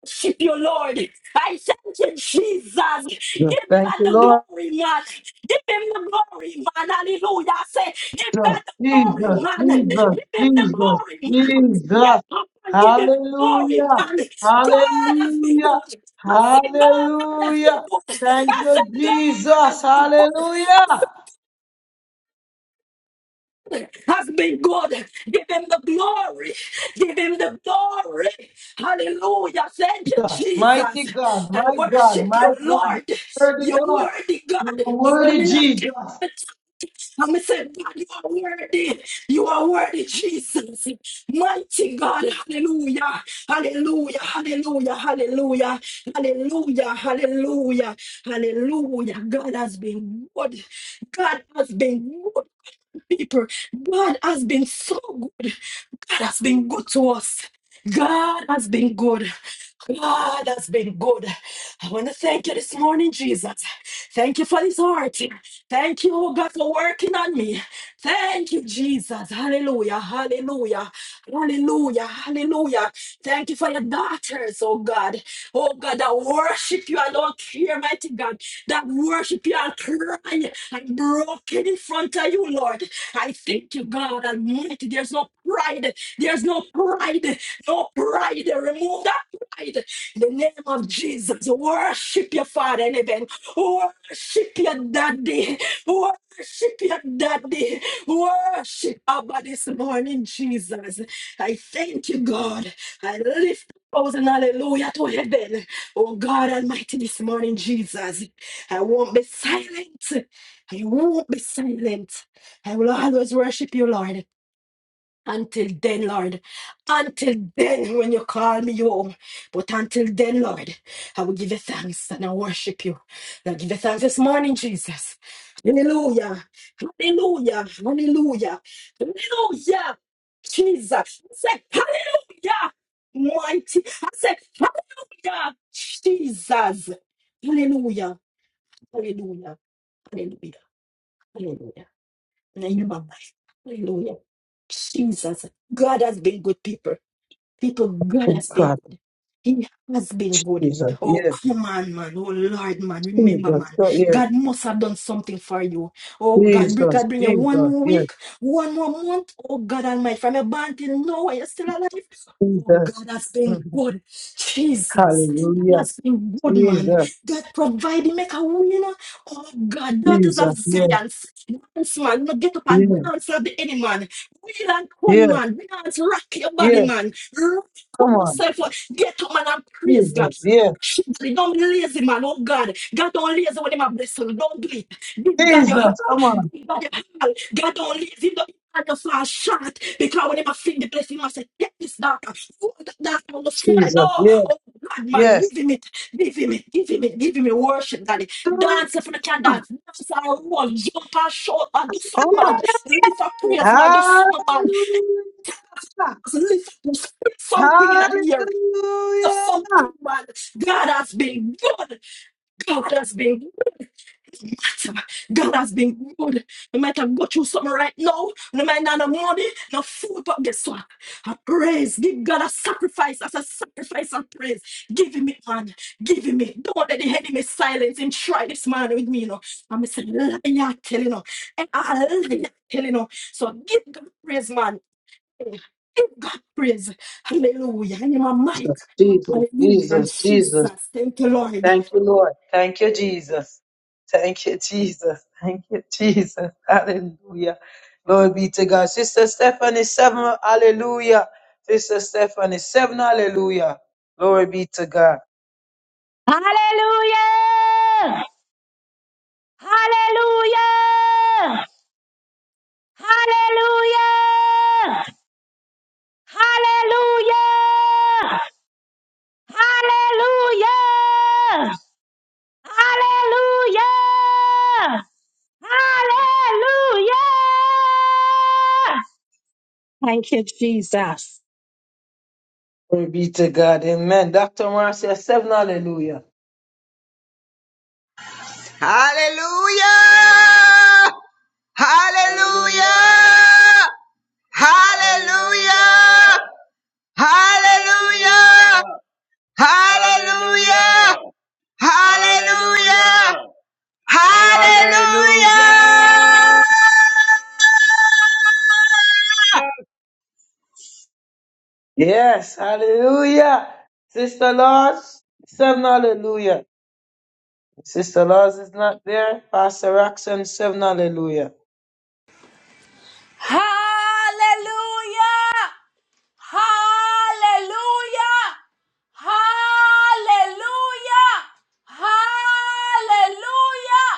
Speaker 6: Worship you, Lord. I thank you, Jesus.
Speaker 1: Yes,
Speaker 6: Give
Speaker 1: thank
Speaker 6: God
Speaker 1: you,
Speaker 6: the
Speaker 1: Lord,
Speaker 6: glory, man. Give him the glory, man. Hallelujah. I say, give
Speaker 1: Yes,
Speaker 6: God the glory,
Speaker 1: Jesus,
Speaker 6: man.
Speaker 1: Jesus,
Speaker 6: Give him the
Speaker 1: Jesus,
Speaker 6: glory, man. Get
Speaker 1: Jesus,
Speaker 6: up and give him the glory,
Speaker 1: hallelujah,
Speaker 6: man. God has been
Speaker 1: hallelujah,
Speaker 6: good. I said, God has been
Speaker 1: hallelujah,
Speaker 6: good.
Speaker 1: thank
Speaker 6: I
Speaker 1: you,
Speaker 6: said, God
Speaker 1: Jesus,
Speaker 6: has been good
Speaker 1: hallelujah,
Speaker 6: has been good. Give him the glory. Give him the glory. Hallelujah. Thank you,
Speaker 1: Jesus,
Speaker 6: Jesus.
Speaker 1: mighty God,
Speaker 6: I
Speaker 1: my God,
Speaker 6: worship
Speaker 1: my
Speaker 6: you,
Speaker 1: God,
Speaker 6: Lord.
Speaker 1: worthy
Speaker 6: You're
Speaker 1: Lord,
Speaker 6: worthy, God.
Speaker 1: you are
Speaker 6: I'm
Speaker 1: worthy
Speaker 6: in
Speaker 1: Jesus.
Speaker 6: a I'm say, God, you are worthy. You are worthy, Jesus. Mighty God, hallelujah, hallelujah, hallelujah, hallelujah, hallelujah, hallelujah, hallelujah. God has been good. God has been good people. God has been so good. God has been good to us. God has been good. God has been good. I want to thank you this morning, Jesus. Thank you for this heart. Thank you, oh God, for working on me. Thank you, Jesus. Hallelujah. Hallelujah. Hallelujah. Hallelujah. Thank you for your daughters, oh God. Oh God, that worship you. and don't care, mighty God. That worship you and crying and broken in front of you, Lord. I thank you, God Almighty. There's no pride. There's no pride. No pride. Remove that pride. In the name of Jesus. Worship your Father in heaven. Worship your daddy. Worship your daddy. Worship Abba this morning, Jesus. I thank you, God. I lift up and hallelujah to heaven. Oh God Almighty, this morning, Jesus. I won't be silent. I won't be silent. I will always worship you, Lord. Until then, Lord, until then, when you call me home. But until then, Lord, I will give you thanks and I worship you. I give you thanks this morning, Jesus. Hallelujah. Hallelujah. Hallelujah. Hallelujah. Jesus. I say, Hallelujah. Mighty. I said, Hallelujah. Jesus. Hallelujah. Hallelujah. Hallelujah. Hallelujah. Name of my- Hallelujah. Jesus. God has been good people. People, God
Speaker 1: Oh,
Speaker 6: has been
Speaker 1: God,
Speaker 6: good. He has been good.
Speaker 1: Jesus,
Speaker 6: Oh,
Speaker 1: yes,
Speaker 6: come on, man. Oh, Lord, man. Remember,
Speaker 1: Jesus,
Speaker 6: man.
Speaker 1: God, yes,
Speaker 6: God must have done something for you. Oh, God, bring-
Speaker 1: Jesus,
Speaker 6: God, bring you one
Speaker 1: Jesus,
Speaker 6: more
Speaker 1: yes,
Speaker 6: week, one more month. Oh, God Almighty, from your born till now, and you're still alive. Oh,
Speaker 1: Jesus,
Speaker 6: God has
Speaker 1: mm,
Speaker 6: been good. Jesus, God
Speaker 1: hallelujah,
Speaker 6: has been good, man.
Speaker 1: Jesus,
Speaker 6: God provided, make a way, you know. Oh, God, daughters
Speaker 1: Jesus,
Speaker 6: of Zion,
Speaker 1: yes,
Speaker 6: dance, man. You know, get up and
Speaker 1: yes,
Speaker 6: dance, like the enemy, man. We do one,
Speaker 1: yes,
Speaker 6: man. We do rock your body,
Speaker 1: yes,
Speaker 6: man.
Speaker 1: come
Speaker 6: Pour
Speaker 1: on,
Speaker 6: yourself up. Get up, man, and praise
Speaker 1: Jesus,
Speaker 6: God.
Speaker 1: yes,
Speaker 6: Worship Don't be lazy, man. Oh, God. God don't lazy when him a blessing. Don't do it. Give God your heart.
Speaker 1: Jesus, come on,
Speaker 6: Give God your heart. God don't lazy. Don't and the fall short because when him a fling the blessing, he must say, Get this daughter, hold that daughter on the floor. No,
Speaker 1: Jesus, yes,
Speaker 6: oh God, man, give
Speaker 1: yes,
Speaker 6: him it, give him it, give him it, give him it. Worship, daddy. Dance if you can dance. Dance and roll, jump and shout and do something, man. Lift up praise, man. Do
Speaker 1: Hallelujah,
Speaker 6: something, man something in here. There's
Speaker 1: hallelujah, hallelujah,
Speaker 6: Something, man. God has been good. God has been good. God has been good. No matter go through something right now, no matter no money, no food, but guess what? I praise. Give God a sacrifice as a sacrifice and praise. Give him it, man. Give him it. Don't let the enemy silence him. Try this man with me, you know. I'm a liar, telling you. know. And I liar, telling you. So give God praise, man. Give God praise. Hallelujah. In my mic.
Speaker 1: Jesus,
Speaker 6: Hallelujah.
Speaker 1: Jesus, Jesus.
Speaker 6: Jesus. Thank you, Lord.
Speaker 1: Thank you, Lord. Thank you, Jesus. Thank you, Jesus. Thank you, Jesus. Hallelujah. Glory be to God. Sister Stephanie, seven. Hallelujah. Sister Stephanie, seven. Hallelujah. Glory be to God.
Speaker 2: Hallelujah! Hallelujah! Hallelujah! Hallelujah! Hallelujah! Hallelujah! Hallelujah! Thank you, Jesus.
Speaker 1: Glory be to God. Amen. Dr. Marcia, seven. Hallelujah.
Speaker 3: Hallelujah! Hallelujah! Hallelujah! Hallelujah! Hallelujah! Hallelujah! Hallelujah!
Speaker 1: Yes. Hallelujah. Sister Laws. seven. Hallelujah. Sister Laws is not there. Pastor Roxanne, seven. Hallelujah.
Speaker 4: Hallelujah! Hallelujah! Hallelujah! Hallelujah!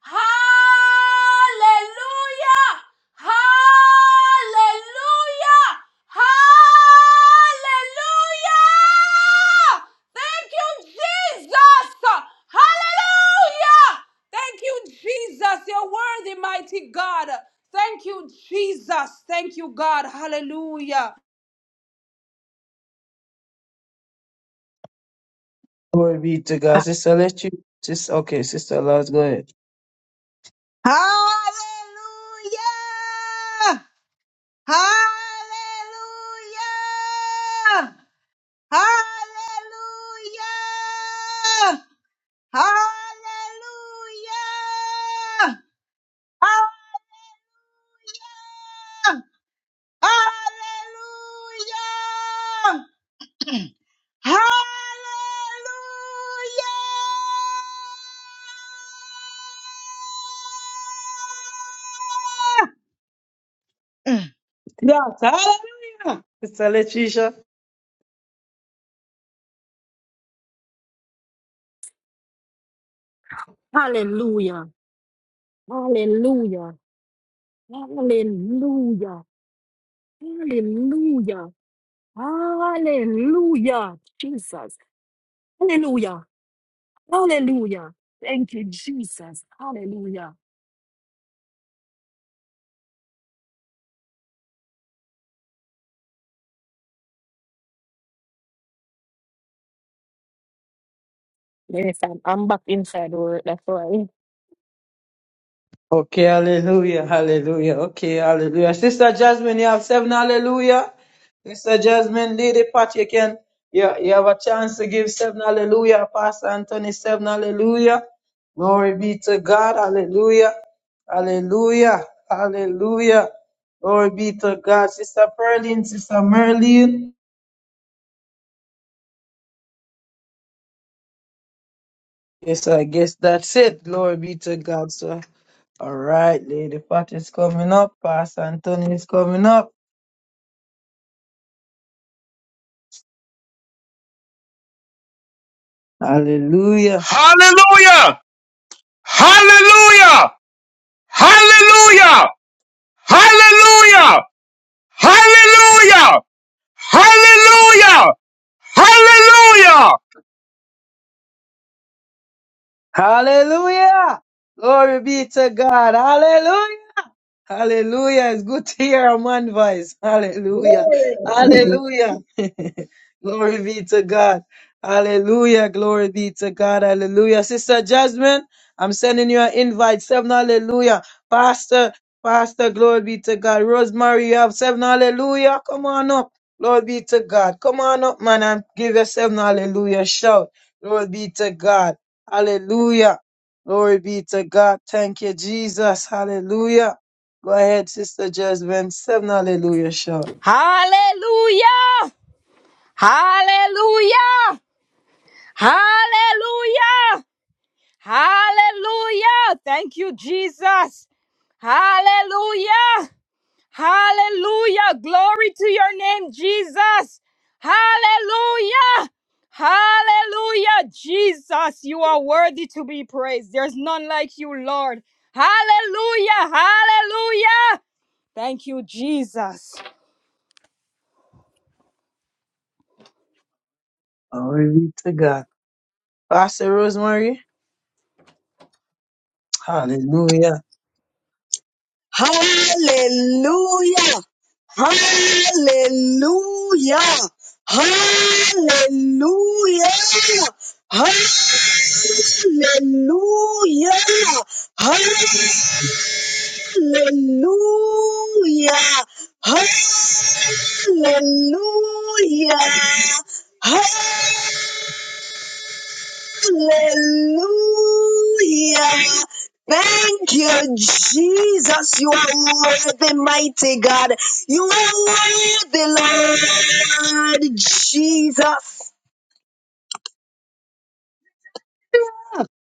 Speaker 4: Hallelujah! Hallelujah! Hallelujah! Thank you, Jesus! Hallelujah! Thank you, Jesus. You're worthy, mighty God. Thank you, Jesus. Thank you, God. Hallelujah.
Speaker 1: Glory be to God. Sister, let you. Sister, okay, Sister Lars, go ahead.
Speaker 5: Hallelujah! Hallelujah! Hallelujah! Hallelujah! Hallelujah!
Speaker 1: Yes, hallelujah. Sister Letitia.
Speaker 6: Hallelujah. Hallelujah. Hallelujah. Hallelujah. Hallelujah. Jesus. Hallelujah. Hallelujah. Thank you, Jesus. Hallelujah. Yes, I'm, I'm back inside work. That's why.
Speaker 1: Okay, hallelujah, hallelujah. Okay, hallelujah. Sister Jasmine, you have seven hallelujah. Sister Jasmine, Lady Pat, you can, you, you have a chance to give seven hallelujah. Pastor Anthony, seven hallelujah. Glory be to God, hallelujah, hallelujah, hallelujah. Glory be to God. Sister Pearline, Sister Merlin. Yes, I guess that's it. Glory be to God, sir. All right, Lady Pat is coming up. Pastor Anthony is coming up. Hallelujah.
Speaker 7: Hallelujah! Hallelujah! Hallelujah! Hallelujah! Hallelujah! Hallelujah! Hallelujah!
Speaker 1: Hallelujah. Glory be to God. Hallelujah. Hallelujah. It's good to hear a man voice. Hallelujah.
Speaker 3: Glory!
Speaker 1: Hallelujah. Glory be to God. Hallelujah. Glory be to God. Hallelujah. Sister Jasmine, I'm sending you an invite. Seven hallelujah. Pastor, Pastor, glory be to God. Rosemary, you have seven hallelujah. Come on up. Glory be to God. Come on up, man, and give yourself an hallelujah shout. Glory be to God. Hallelujah. Glory be to God. Thank you, Jesus. Hallelujah. Go ahead, Sister Jasmine. Seven hallelujah shout.
Speaker 8: Hallelujah! Hallelujah! Hallelujah! Hallelujah! Thank you, Jesus. Hallelujah! Hallelujah! Glory to your name, Jesus. Hallelujah! Hallelujah! Jesus, you are worthy to be praised. There's none like you, Lord. Hallelujah! Hallelujah! Thank you, Jesus.
Speaker 1: Glory be to God. Pastor Rosemary. Hallelujah.
Speaker 9: Hallelujah. Hallelujah. Hallelujah. Hallelujah. Hallelujah. Hallelujah. Hallelujah. Hallelujah. Thank you, Jesus. You are worthy, mighty God. You are worthy, Lord Jesus.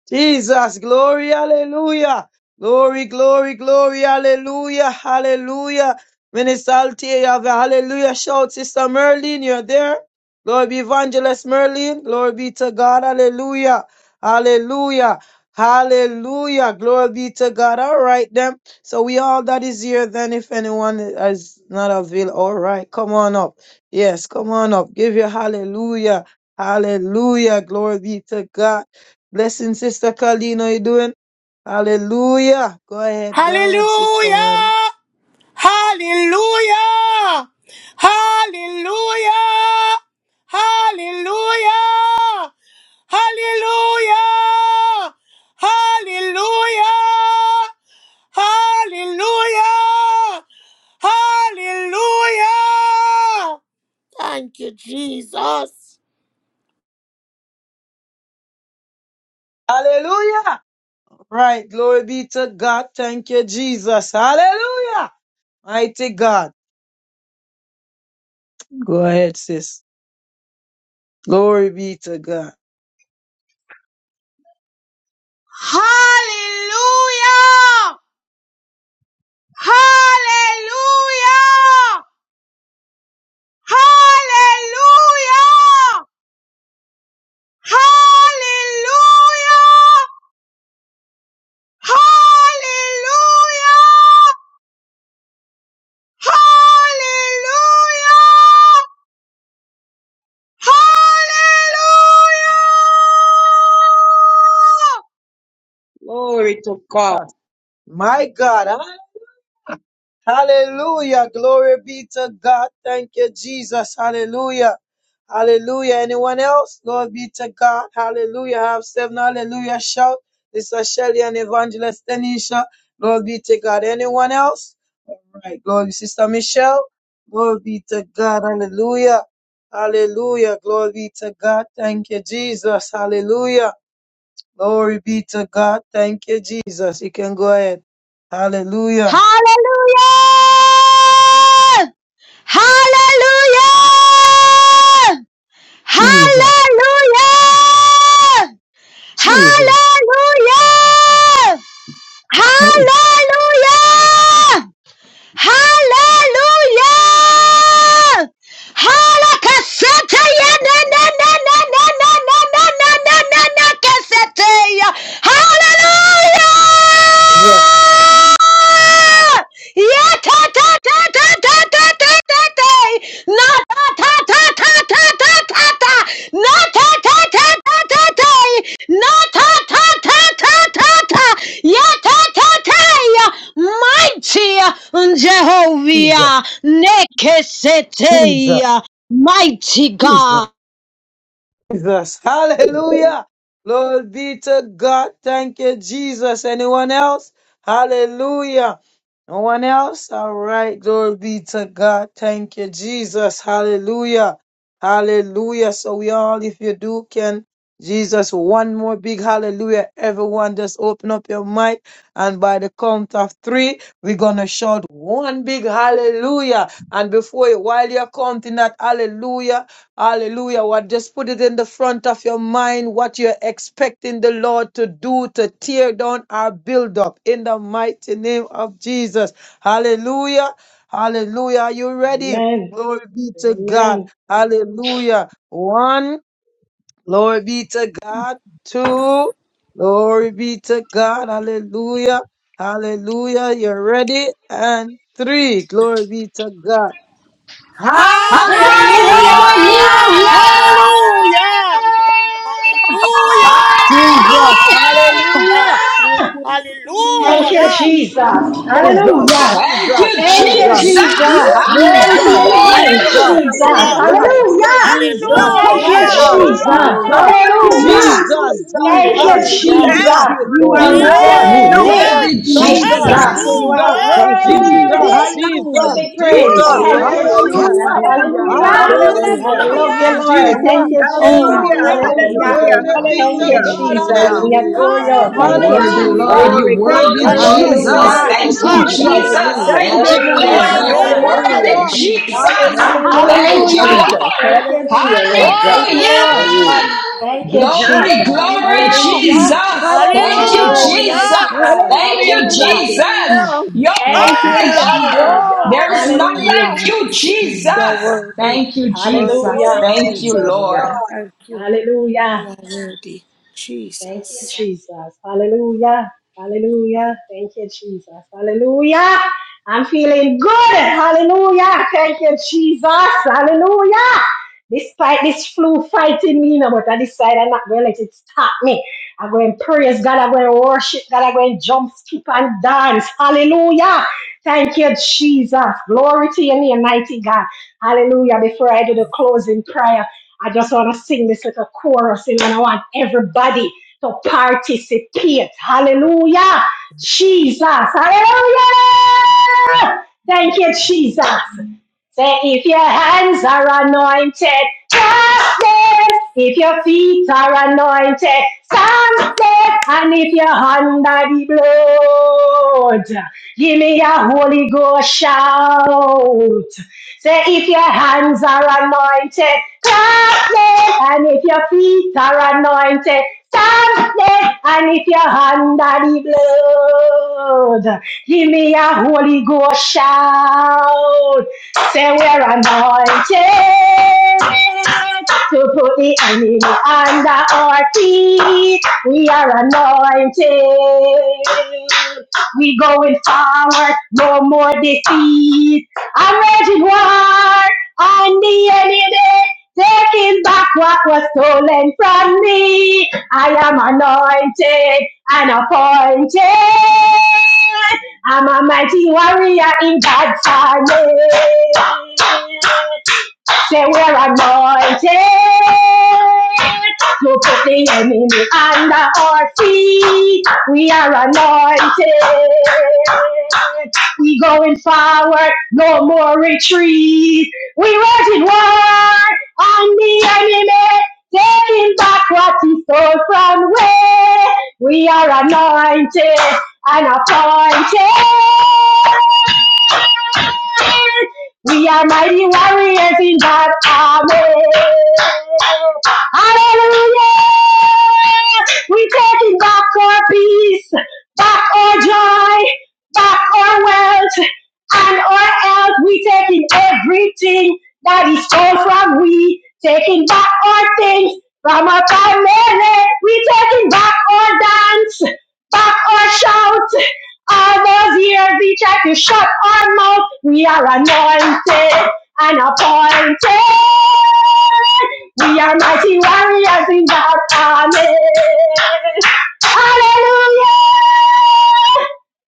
Speaker 1: Jesus, glory, hallelujah. Glory, glory, glory, hallelujah, hallelujah. Minister Althea, you have a hallelujah shout. Sister Merlin, you're there. Glory be Evangelist Merlin. Glory be to God, hallelujah, hallelujah, hallelujah. Glory be to God. All right, then. So we all that is here, then, if anyone is not available, all right, come on up. Yes, come on up. Give your hallelujah, hallelujah. Glory be to God. Blessing, Sister Colleen. How you doing? Hallelujah. Go ahead. Go ahead, Sister
Speaker 10: Hallelujah!
Speaker 1: Marley.
Speaker 10: Hallelujah! Hallelujah! Hallelujah! Hallelujah! Hallelujah! Hallelujah! Hallelujah! Thank you, Jesus.
Speaker 1: Hallelujah. Right. Glory be to God. Thank you, Jesus. Hallelujah. Mighty God. Go ahead, sis. Glory be to God.
Speaker 11: Hallelujah! Hallelujah! Hallelujah! Hallelujah! Hallelujah! Hallelujah! Hallelujah! Glory to God.
Speaker 1: My God. Hallelujah. Glory be to God. Thank you, Jesus. Hallelujah. Hallelujah. Anyone else? Glory be to God. Hallelujah. Have seven. Hallelujah. Shout. This is Shelly and Evangelist Tanisha. Glory be to God. Anyone else? All right. Glory, Sister Michelle. Glory be to God. Hallelujah. Hallelujah. Glory be to God. Thank you, Jesus. Hallelujah. Glory be to God. Thank you, Jesus. You can go ahead. Hallelujah.
Speaker 12: Hallelujah! Hallelujah!
Speaker 1: Jesus.
Speaker 12: Hallelujah!
Speaker 1: Jesus.
Speaker 12: Hallelujah!
Speaker 1: Hey,
Speaker 12: Hallelujah! Hallelujah! Halakasete ya na na na na na na na na na na na na kasete ya. Hallelujah!
Speaker 1: Jesus,
Speaker 12: Ya ta ta ta ta ta ta ta ta ta. Na ta ta ta ta ta ta ta ta. Na ta ta ta ta ta ta. Na ta ta ta ta ta ta. Ya ta ta ta. ya. Mighty
Speaker 1: Jesus,
Speaker 12: Jehovah,
Speaker 1: Jesus,
Speaker 12: Nekesetea, mighty
Speaker 1: Jesus.
Speaker 12: God.
Speaker 1: Jesus. Hallelujah. Glory be to God. Thank you, Jesus. Anyone else? Hallelujah. No one else? All right. Glory be to God. Thank you, Jesus. Hallelujah. Hallelujah. So we all, if you do, can Jesus, one more big hallelujah. Everyone, just open up your mic. And by the count of three, we're going to shout one big hallelujah. And before you, while you're counting that hallelujah, hallelujah, what just put it in the front of your mind what you're expecting the Lord to do to tear down our build up in the mighty name of Jesus. Hallelujah. Hallelujah. Are you ready?
Speaker 2: Amen.
Speaker 1: Glory be to God.
Speaker 2: Amen.
Speaker 1: Hallelujah. One. Glory be to God. Two. Glory be to God. Hallelujah. Hallelujah. You're ready. And three. Glory be to God. Hi,
Speaker 3: Hallelujah!
Speaker 8: Hallelujah!
Speaker 10: Hallelujah!
Speaker 2: Hallelujah!
Speaker 10: Hallelujah! Hallelujah!
Speaker 8: Hallelujah!
Speaker 1: Jesus. Hallelujah.
Speaker 10: Hallelujah!
Speaker 4: Hallelujah!
Speaker 2: Thank you,
Speaker 10: Hallelujah.
Speaker 2: Jesus.
Speaker 5: Hallelujah!
Speaker 1: Jesus.
Speaker 10: Hallelujah.
Speaker 2: Hallelujah.
Speaker 8: Thank
Speaker 1: Jesus.
Speaker 8: you,
Speaker 5: Thank
Speaker 2: Thank
Speaker 5: you.
Speaker 1: Jesus.
Speaker 2: you,
Speaker 8: Jesus!
Speaker 9: Hallelujah,
Speaker 10: Hallelujah,
Speaker 2: Jesus.
Speaker 10: Jesus.
Speaker 1: Jesus, Jesus, Jesus, Jesus, Jesus, Jesus, Jesus, Jesus, Jesus, Jesus, Jesus, Jesus,
Speaker 2: Glory to your
Speaker 3: Hallelujah,
Speaker 8: Hallelujah!
Speaker 5: Thank
Speaker 2: name,
Speaker 5: you.
Speaker 3: hallelujah,
Speaker 2: Jesus.
Speaker 10: Hallelujah.
Speaker 3: hallelujah.
Speaker 2: Hallelujah.
Speaker 3: Glory,
Speaker 2: Thank you,
Speaker 10: Hallelujah.
Speaker 3: hallelujah,
Speaker 2: Jesus.
Speaker 4: Hallelujah!
Speaker 3: hallelujah.
Speaker 2: Hallelujah.
Speaker 9: Jesus.
Speaker 2: Thank you,
Speaker 10: Hallelujah.
Speaker 9: Hallelujah.
Speaker 3: Thank
Speaker 2: Jesus.
Speaker 3: you,
Speaker 2: You
Speaker 10: Hallelujah.
Speaker 3: Lord.
Speaker 2: are
Speaker 8: You're
Speaker 2: worthy,
Speaker 3: Hallelujah.
Speaker 10: Hallelujah.
Speaker 8: worthy,
Speaker 9: Glory
Speaker 2: mighty God.
Speaker 9: to
Speaker 8: Jesus.
Speaker 2: You are
Speaker 9: God.
Speaker 10: Hallelujah.
Speaker 3: Thank you,
Speaker 9: in
Speaker 1: Jesus,
Speaker 3: Jesus.
Speaker 2: worthy
Speaker 1: Jesus,
Speaker 9: highest.
Speaker 5: Hallelujah.
Speaker 2: to
Speaker 1: Jesus,
Speaker 2: be praised.
Speaker 3: Woo,
Speaker 9: Hallelujah.
Speaker 1: Jesus,
Speaker 2: Thank you,
Speaker 10: Hallelujah,
Speaker 3: hallelujah,
Speaker 10: Jesus.
Speaker 2: Jesus.
Speaker 1: hallelujah,
Speaker 3: hallelujah,
Speaker 2: Hallelujah.
Speaker 10: Glory.
Speaker 3: hallelujah,
Speaker 2: I
Speaker 1: hallelujah,
Speaker 2: love
Speaker 10: Hallelujah.
Speaker 2: you,
Speaker 5: Thank
Speaker 4: Hallelujah!
Speaker 2: Lord.
Speaker 5: you.
Speaker 2: Thank
Speaker 1: Jesus,
Speaker 2: you,
Speaker 10: Oh,
Speaker 2: Jesus.
Speaker 3: hallelujah,
Speaker 1: hallelujah,
Speaker 5: Thank
Speaker 10: glory.
Speaker 5: you,
Speaker 2: Hallelujah.
Speaker 3: hallelujah,
Speaker 1: glory be
Speaker 5: Jesus.
Speaker 2: Thank
Speaker 1: to
Speaker 2: you,
Speaker 3: hallelujah.
Speaker 10: Hallelujah.
Speaker 1: God,
Speaker 2: Jesus. We
Speaker 1: hallelujah,
Speaker 2: adore you.
Speaker 8: You're
Speaker 2: Thank
Speaker 10: Hallelujah,
Speaker 2: you,
Speaker 4: Hallelujah!
Speaker 8: worthy,
Speaker 10: Jesus.
Speaker 1: hallelujah,
Speaker 8: Lord.
Speaker 2: Jesus.
Speaker 3: Glory,
Speaker 8: You're
Speaker 1: thank
Speaker 3: glory,
Speaker 8: worthy,
Speaker 1: you,
Speaker 3: glory,
Speaker 1: Lord, thank
Speaker 8: Jesus.
Speaker 10: Hallelujah.
Speaker 3: glory
Speaker 2: Hallelujah.
Speaker 1: you,
Speaker 3: to
Speaker 8: Thank you,
Speaker 3: God.
Speaker 1: Jesus.
Speaker 8: Jesus.
Speaker 4: Hallelujah!
Speaker 10: Hallelujah.
Speaker 3: Hallelujah,
Speaker 1: Thank
Speaker 8: Thank
Speaker 1: you,
Speaker 8: you,
Speaker 2: Hallelujah,
Speaker 3: hallelujah,
Speaker 8: Lord.
Speaker 1: Jesus.
Speaker 10: Glory.
Speaker 2: Jesus.
Speaker 8: You're
Speaker 1: Thank you,
Speaker 4: Hallelujah!
Speaker 3: hallelujah.
Speaker 8: worthy,
Speaker 1: Lord.
Speaker 4: Thank
Speaker 8: Jesus.
Speaker 10: Hallelujah.
Speaker 4: you,
Speaker 1: Hallelujah.
Speaker 4: Jesus.
Speaker 3: Hallelujah,
Speaker 8: Thank you,
Speaker 10: Hallelujah.
Speaker 2: Hallelujah.
Speaker 3: Jesus.
Speaker 2: Thank you,
Speaker 8: Lord.
Speaker 3: Hallelujah,
Speaker 2: Jesus.
Speaker 3: Lord
Speaker 2: Thank
Speaker 3: God.
Speaker 2: you,
Speaker 8: Hallelujah!
Speaker 10: Glory.
Speaker 2: Lord.
Speaker 3: Hallelujah.
Speaker 2: Thank
Speaker 10: Hallelujah.
Speaker 2: you,
Speaker 8: Glory,
Speaker 2: Jesus.
Speaker 8: glory,
Speaker 10: Hallelujah.
Speaker 3: Hallelujah!
Speaker 8: Jesus.
Speaker 2: Hallelujah. You
Speaker 8: Thank
Speaker 2: are
Speaker 8: you,
Speaker 3: Hallelujah!
Speaker 2: worthy,
Speaker 8: Jesus.
Speaker 10: Hallelujah.
Speaker 2: mighty God.
Speaker 8: Thank
Speaker 3: Hallelujah!
Speaker 8: you,
Speaker 10: Glory.
Speaker 2: Hallelujah.
Speaker 10: Hallelujah.
Speaker 8: Jesus.
Speaker 3: Hallelujah!
Speaker 8: You're
Speaker 2: Thank you,
Speaker 8: worthy,
Speaker 10: Glory.
Speaker 8: Lord.
Speaker 2: Jesus.
Speaker 3: Oh,
Speaker 10: Hallelujah.
Speaker 8: There's none
Speaker 2: Hallelujah.
Speaker 3: hallelujah!
Speaker 8: like you, Jesus.
Speaker 10: You're worthy.
Speaker 8: Thank you,
Speaker 10: Worthy to
Speaker 8: Jesus.
Speaker 10: be
Speaker 2: Hallelujah.
Speaker 9: Glory
Speaker 8: Thank
Speaker 10: praised.
Speaker 8: you,
Speaker 9: to
Speaker 8: Lord.
Speaker 9: God.
Speaker 2: Hallelujah. Thank you,
Speaker 10: Jesus.
Speaker 2: Jesus. Hallelujah. Hallelujah. Thank you, Jesus. Hallelujah. I'm feeling good. Hallelujah. Thank you, Jesus. Hallelujah. Despite this flu fighting me, you know, but I decide I'm not going to let it stop me. I'm going to praise God. I'm going to worship God. I'm going to jump, skip, and dance. Hallelujah. Thank you, Jesus. Glory to your name, mighty God. Hallelujah. Before I do the closing prayer, I just want to sing this little chorus, and I want everybody to participate. Hallelujah. Jesus. Hallelujah. Thank you, Jesus. Say, if your hands are anointed, trust them. If your feet are anointed, stamp them. And if you're under the blood, give me a Holy Ghost shout. Say, if your hands are anointed, trust them. And if your feet are anointed, stamp them. And if you're under the blood, give me a Holy Ghost shout. Say we're anointed to put the enemy under our feet. We are anointed. We going forward, no more defeat. I'm raging war on the enemy, taking back what was stolen from me. I am anointed and appointed I'm a mighty warrior in God's army. Say we're anointed to put the enemy under our feet. We are anointed. We going forward, no more retreat. We rising war on the enemy, taking back what he stole from we. We are anointed and appointed we are mighty warriors in God army. Hallelujah! We taking back our peace, back our joy, back our wealth, and our health. We taking everything that is stolen from we. Taking back our things from our family. We taking back our dance, back our shout. All those years we tried to shut our mouth, we are anointed and appointed. We are mighty warriors in God. Amen. Hallelujah.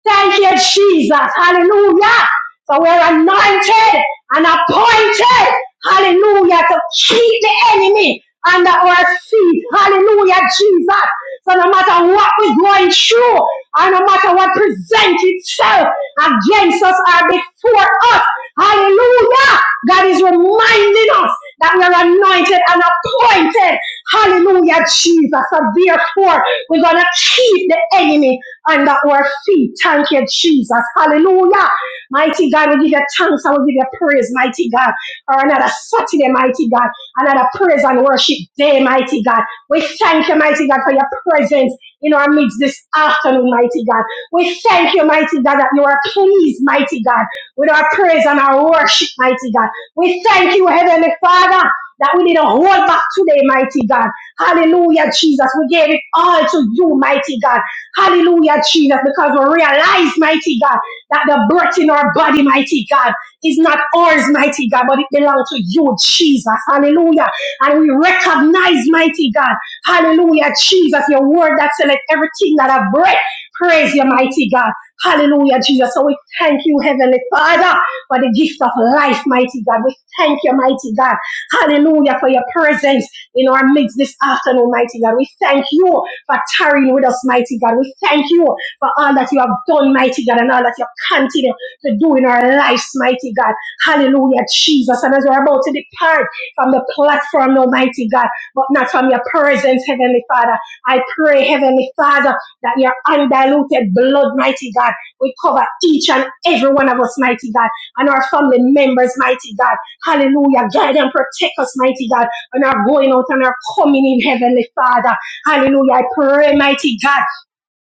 Speaker 2: Thank you, Jesus. Hallelujah. So we're anointed and appointed. Hallelujah. To keep the enemy under our feet. Hallelujah, Jesus. So no matter what we're going through, and no matter what presents itself against us or before us, hallelujah, God is reminding us that we are anointed and appointed, hallelujah, Jesus. So therefore, we're going to keep the enemy under our feet. Thank you, Jesus. Hallelujah. Mighty God, we give you thanks and we give you praise, mighty God, for another Saturday, mighty God, another praise and worship day, mighty God. We thank you, mighty God, for your presence in our midst this afternoon, mighty God. We thank you, mighty God, that you are pleased, mighty God, with our praise and our worship, mighty God. We thank you, Heavenly Father. That we didn't hold back today, mighty God. Hallelujah, Jesus. We gave it all to you, mighty God. Hallelujah, Jesus, because we realize, mighty God, that the breath in our body, mighty God, is not ours, mighty God, but it belongs to you, Jesus. Hallelujah. And we recognize, mighty God. Hallelujah. Jesus, your word that said, let everything that I breath praise your mighty God. Hallelujah, Jesus. So we thank you, Heavenly Father, for the gift of life, mighty God. We thank you, mighty God. Hallelujah, for your presence in our midst this afternoon, mighty God. We thank you for tarrying with us, mighty God. We thank you for all that you have done, mighty God, and all that you continue to do in our lives, mighty God. Hallelujah, Jesus. And as we're about to depart from the platform, Almighty God, but not from your presence, Heavenly Father. I pray, Heavenly Father, that your undiluted blood, mighty God, will cover each and every one of us, mighty God, and our family members, mighty God. Hallelujah. Guide and protect us, mighty God, and our going out and our coming in, Heavenly Father. Hallelujah. I pray, mighty God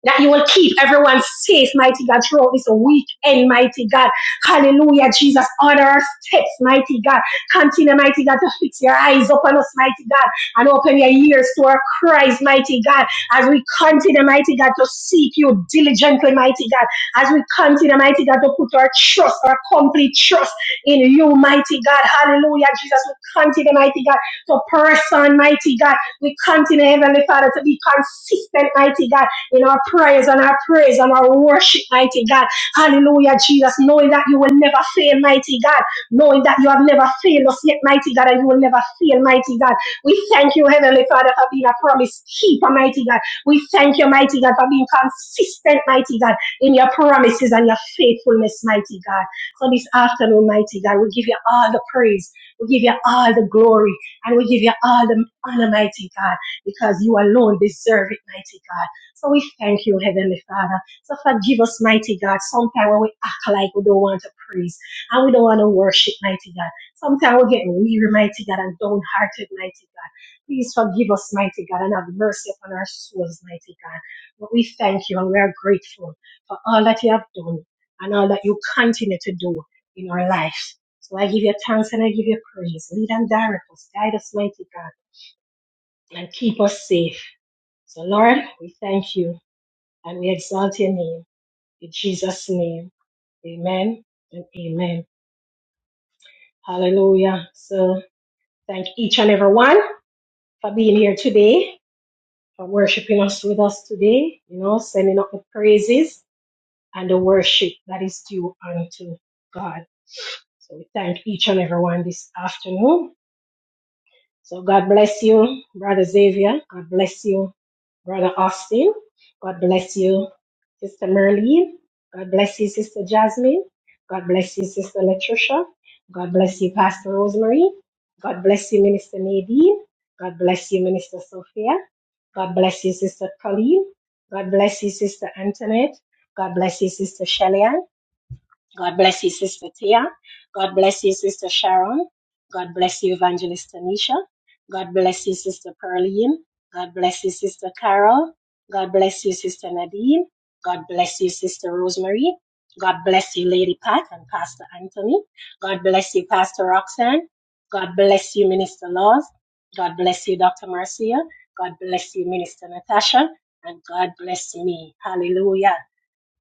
Speaker 2: that you will keep everyone safe, mighty God, throughout this weekend, mighty God. Hallelujah, Jesus. Order our steps, mighty God. Continue, mighty God, to fix your eyes upon us, mighty God, and open your ears to our cries, mighty God, as we continue, mighty God, to seek you diligently, mighty God, as we continue, mighty God, to put our trust, our complete trust in you, mighty God. Hallelujah, Jesus. We continue, mighty God, to press on, mighty God. We continue, Heavenly Father, to be consistent, mighty God in our prayers and our praise and our worship, mighty God. Hallelujah, Jesus, knowing that you will never fail, mighty God, knowing that you have never failed us yet, mighty God, and you will never fail, mighty God. We thank you, Heavenly Father, for being a promise keeper, mighty God. We thank you, mighty God, for being consistent, mighty God, in your promises and your faithfulness, mighty God. So this afternoon, mighty God, we give you all the praise, we give you all the glory, and we give you all the honor, mighty God, because you alone deserve it, mighty God. So we thank you, Heavenly Father. So forgive us, mighty God. Sometimes when we act like we don't want to praise and we don't want to worship, mighty God. Sometimes we get weary, mighty God, and downhearted, mighty God. Please forgive us, mighty God, and have mercy upon our souls, mighty God. But we thank you and we are grateful for all that you have done and all that you continue to do in our lives. So I give you thanks and I give you praise. Lead and direct us, guide us, mighty God, and keep us safe. So Lord, we thank you and we exalt your name. In Jesus' name, amen and amen. Hallelujah. So thank each and every one for being here today, for worshiping us with us today, you know, sending up the praises and the worship that is due unto God. So we thank each and every one this afternoon. So God bless you, Brother Xavier. God bless you Brother Austin. God bless you, Sister Merlene. God bless you, Sister Jasmine. God bless you, Sister Latricia. God bless you, Pastor Rosemary. God bless you, Minister Nadine. God bless you, Minister Sophia. God bless you, Sister Colleen. God bless you, Sister Antoinette. God bless you, Sister Shelley. God bless you, Sister Tia. God bless you, Sister Sharon. God bless you, Evangelist Tanisha. God bless you, Sister Pearline. God bless you, Sister Carol. God bless you, Sister Nadine. God bless you, Sister Rosemary. God bless you, Lady Pat and Pastor Anthony. God bless you, Pastor Roxanne. God bless you, Minister Laws. God bless you, Dr. Marcia. God bless you, Minister Natasha. And God bless me. Hallelujah.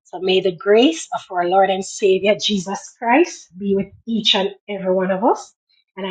Speaker 2: So may the grace of our Lord and Savior Jesus Christ be with each and every one of us. And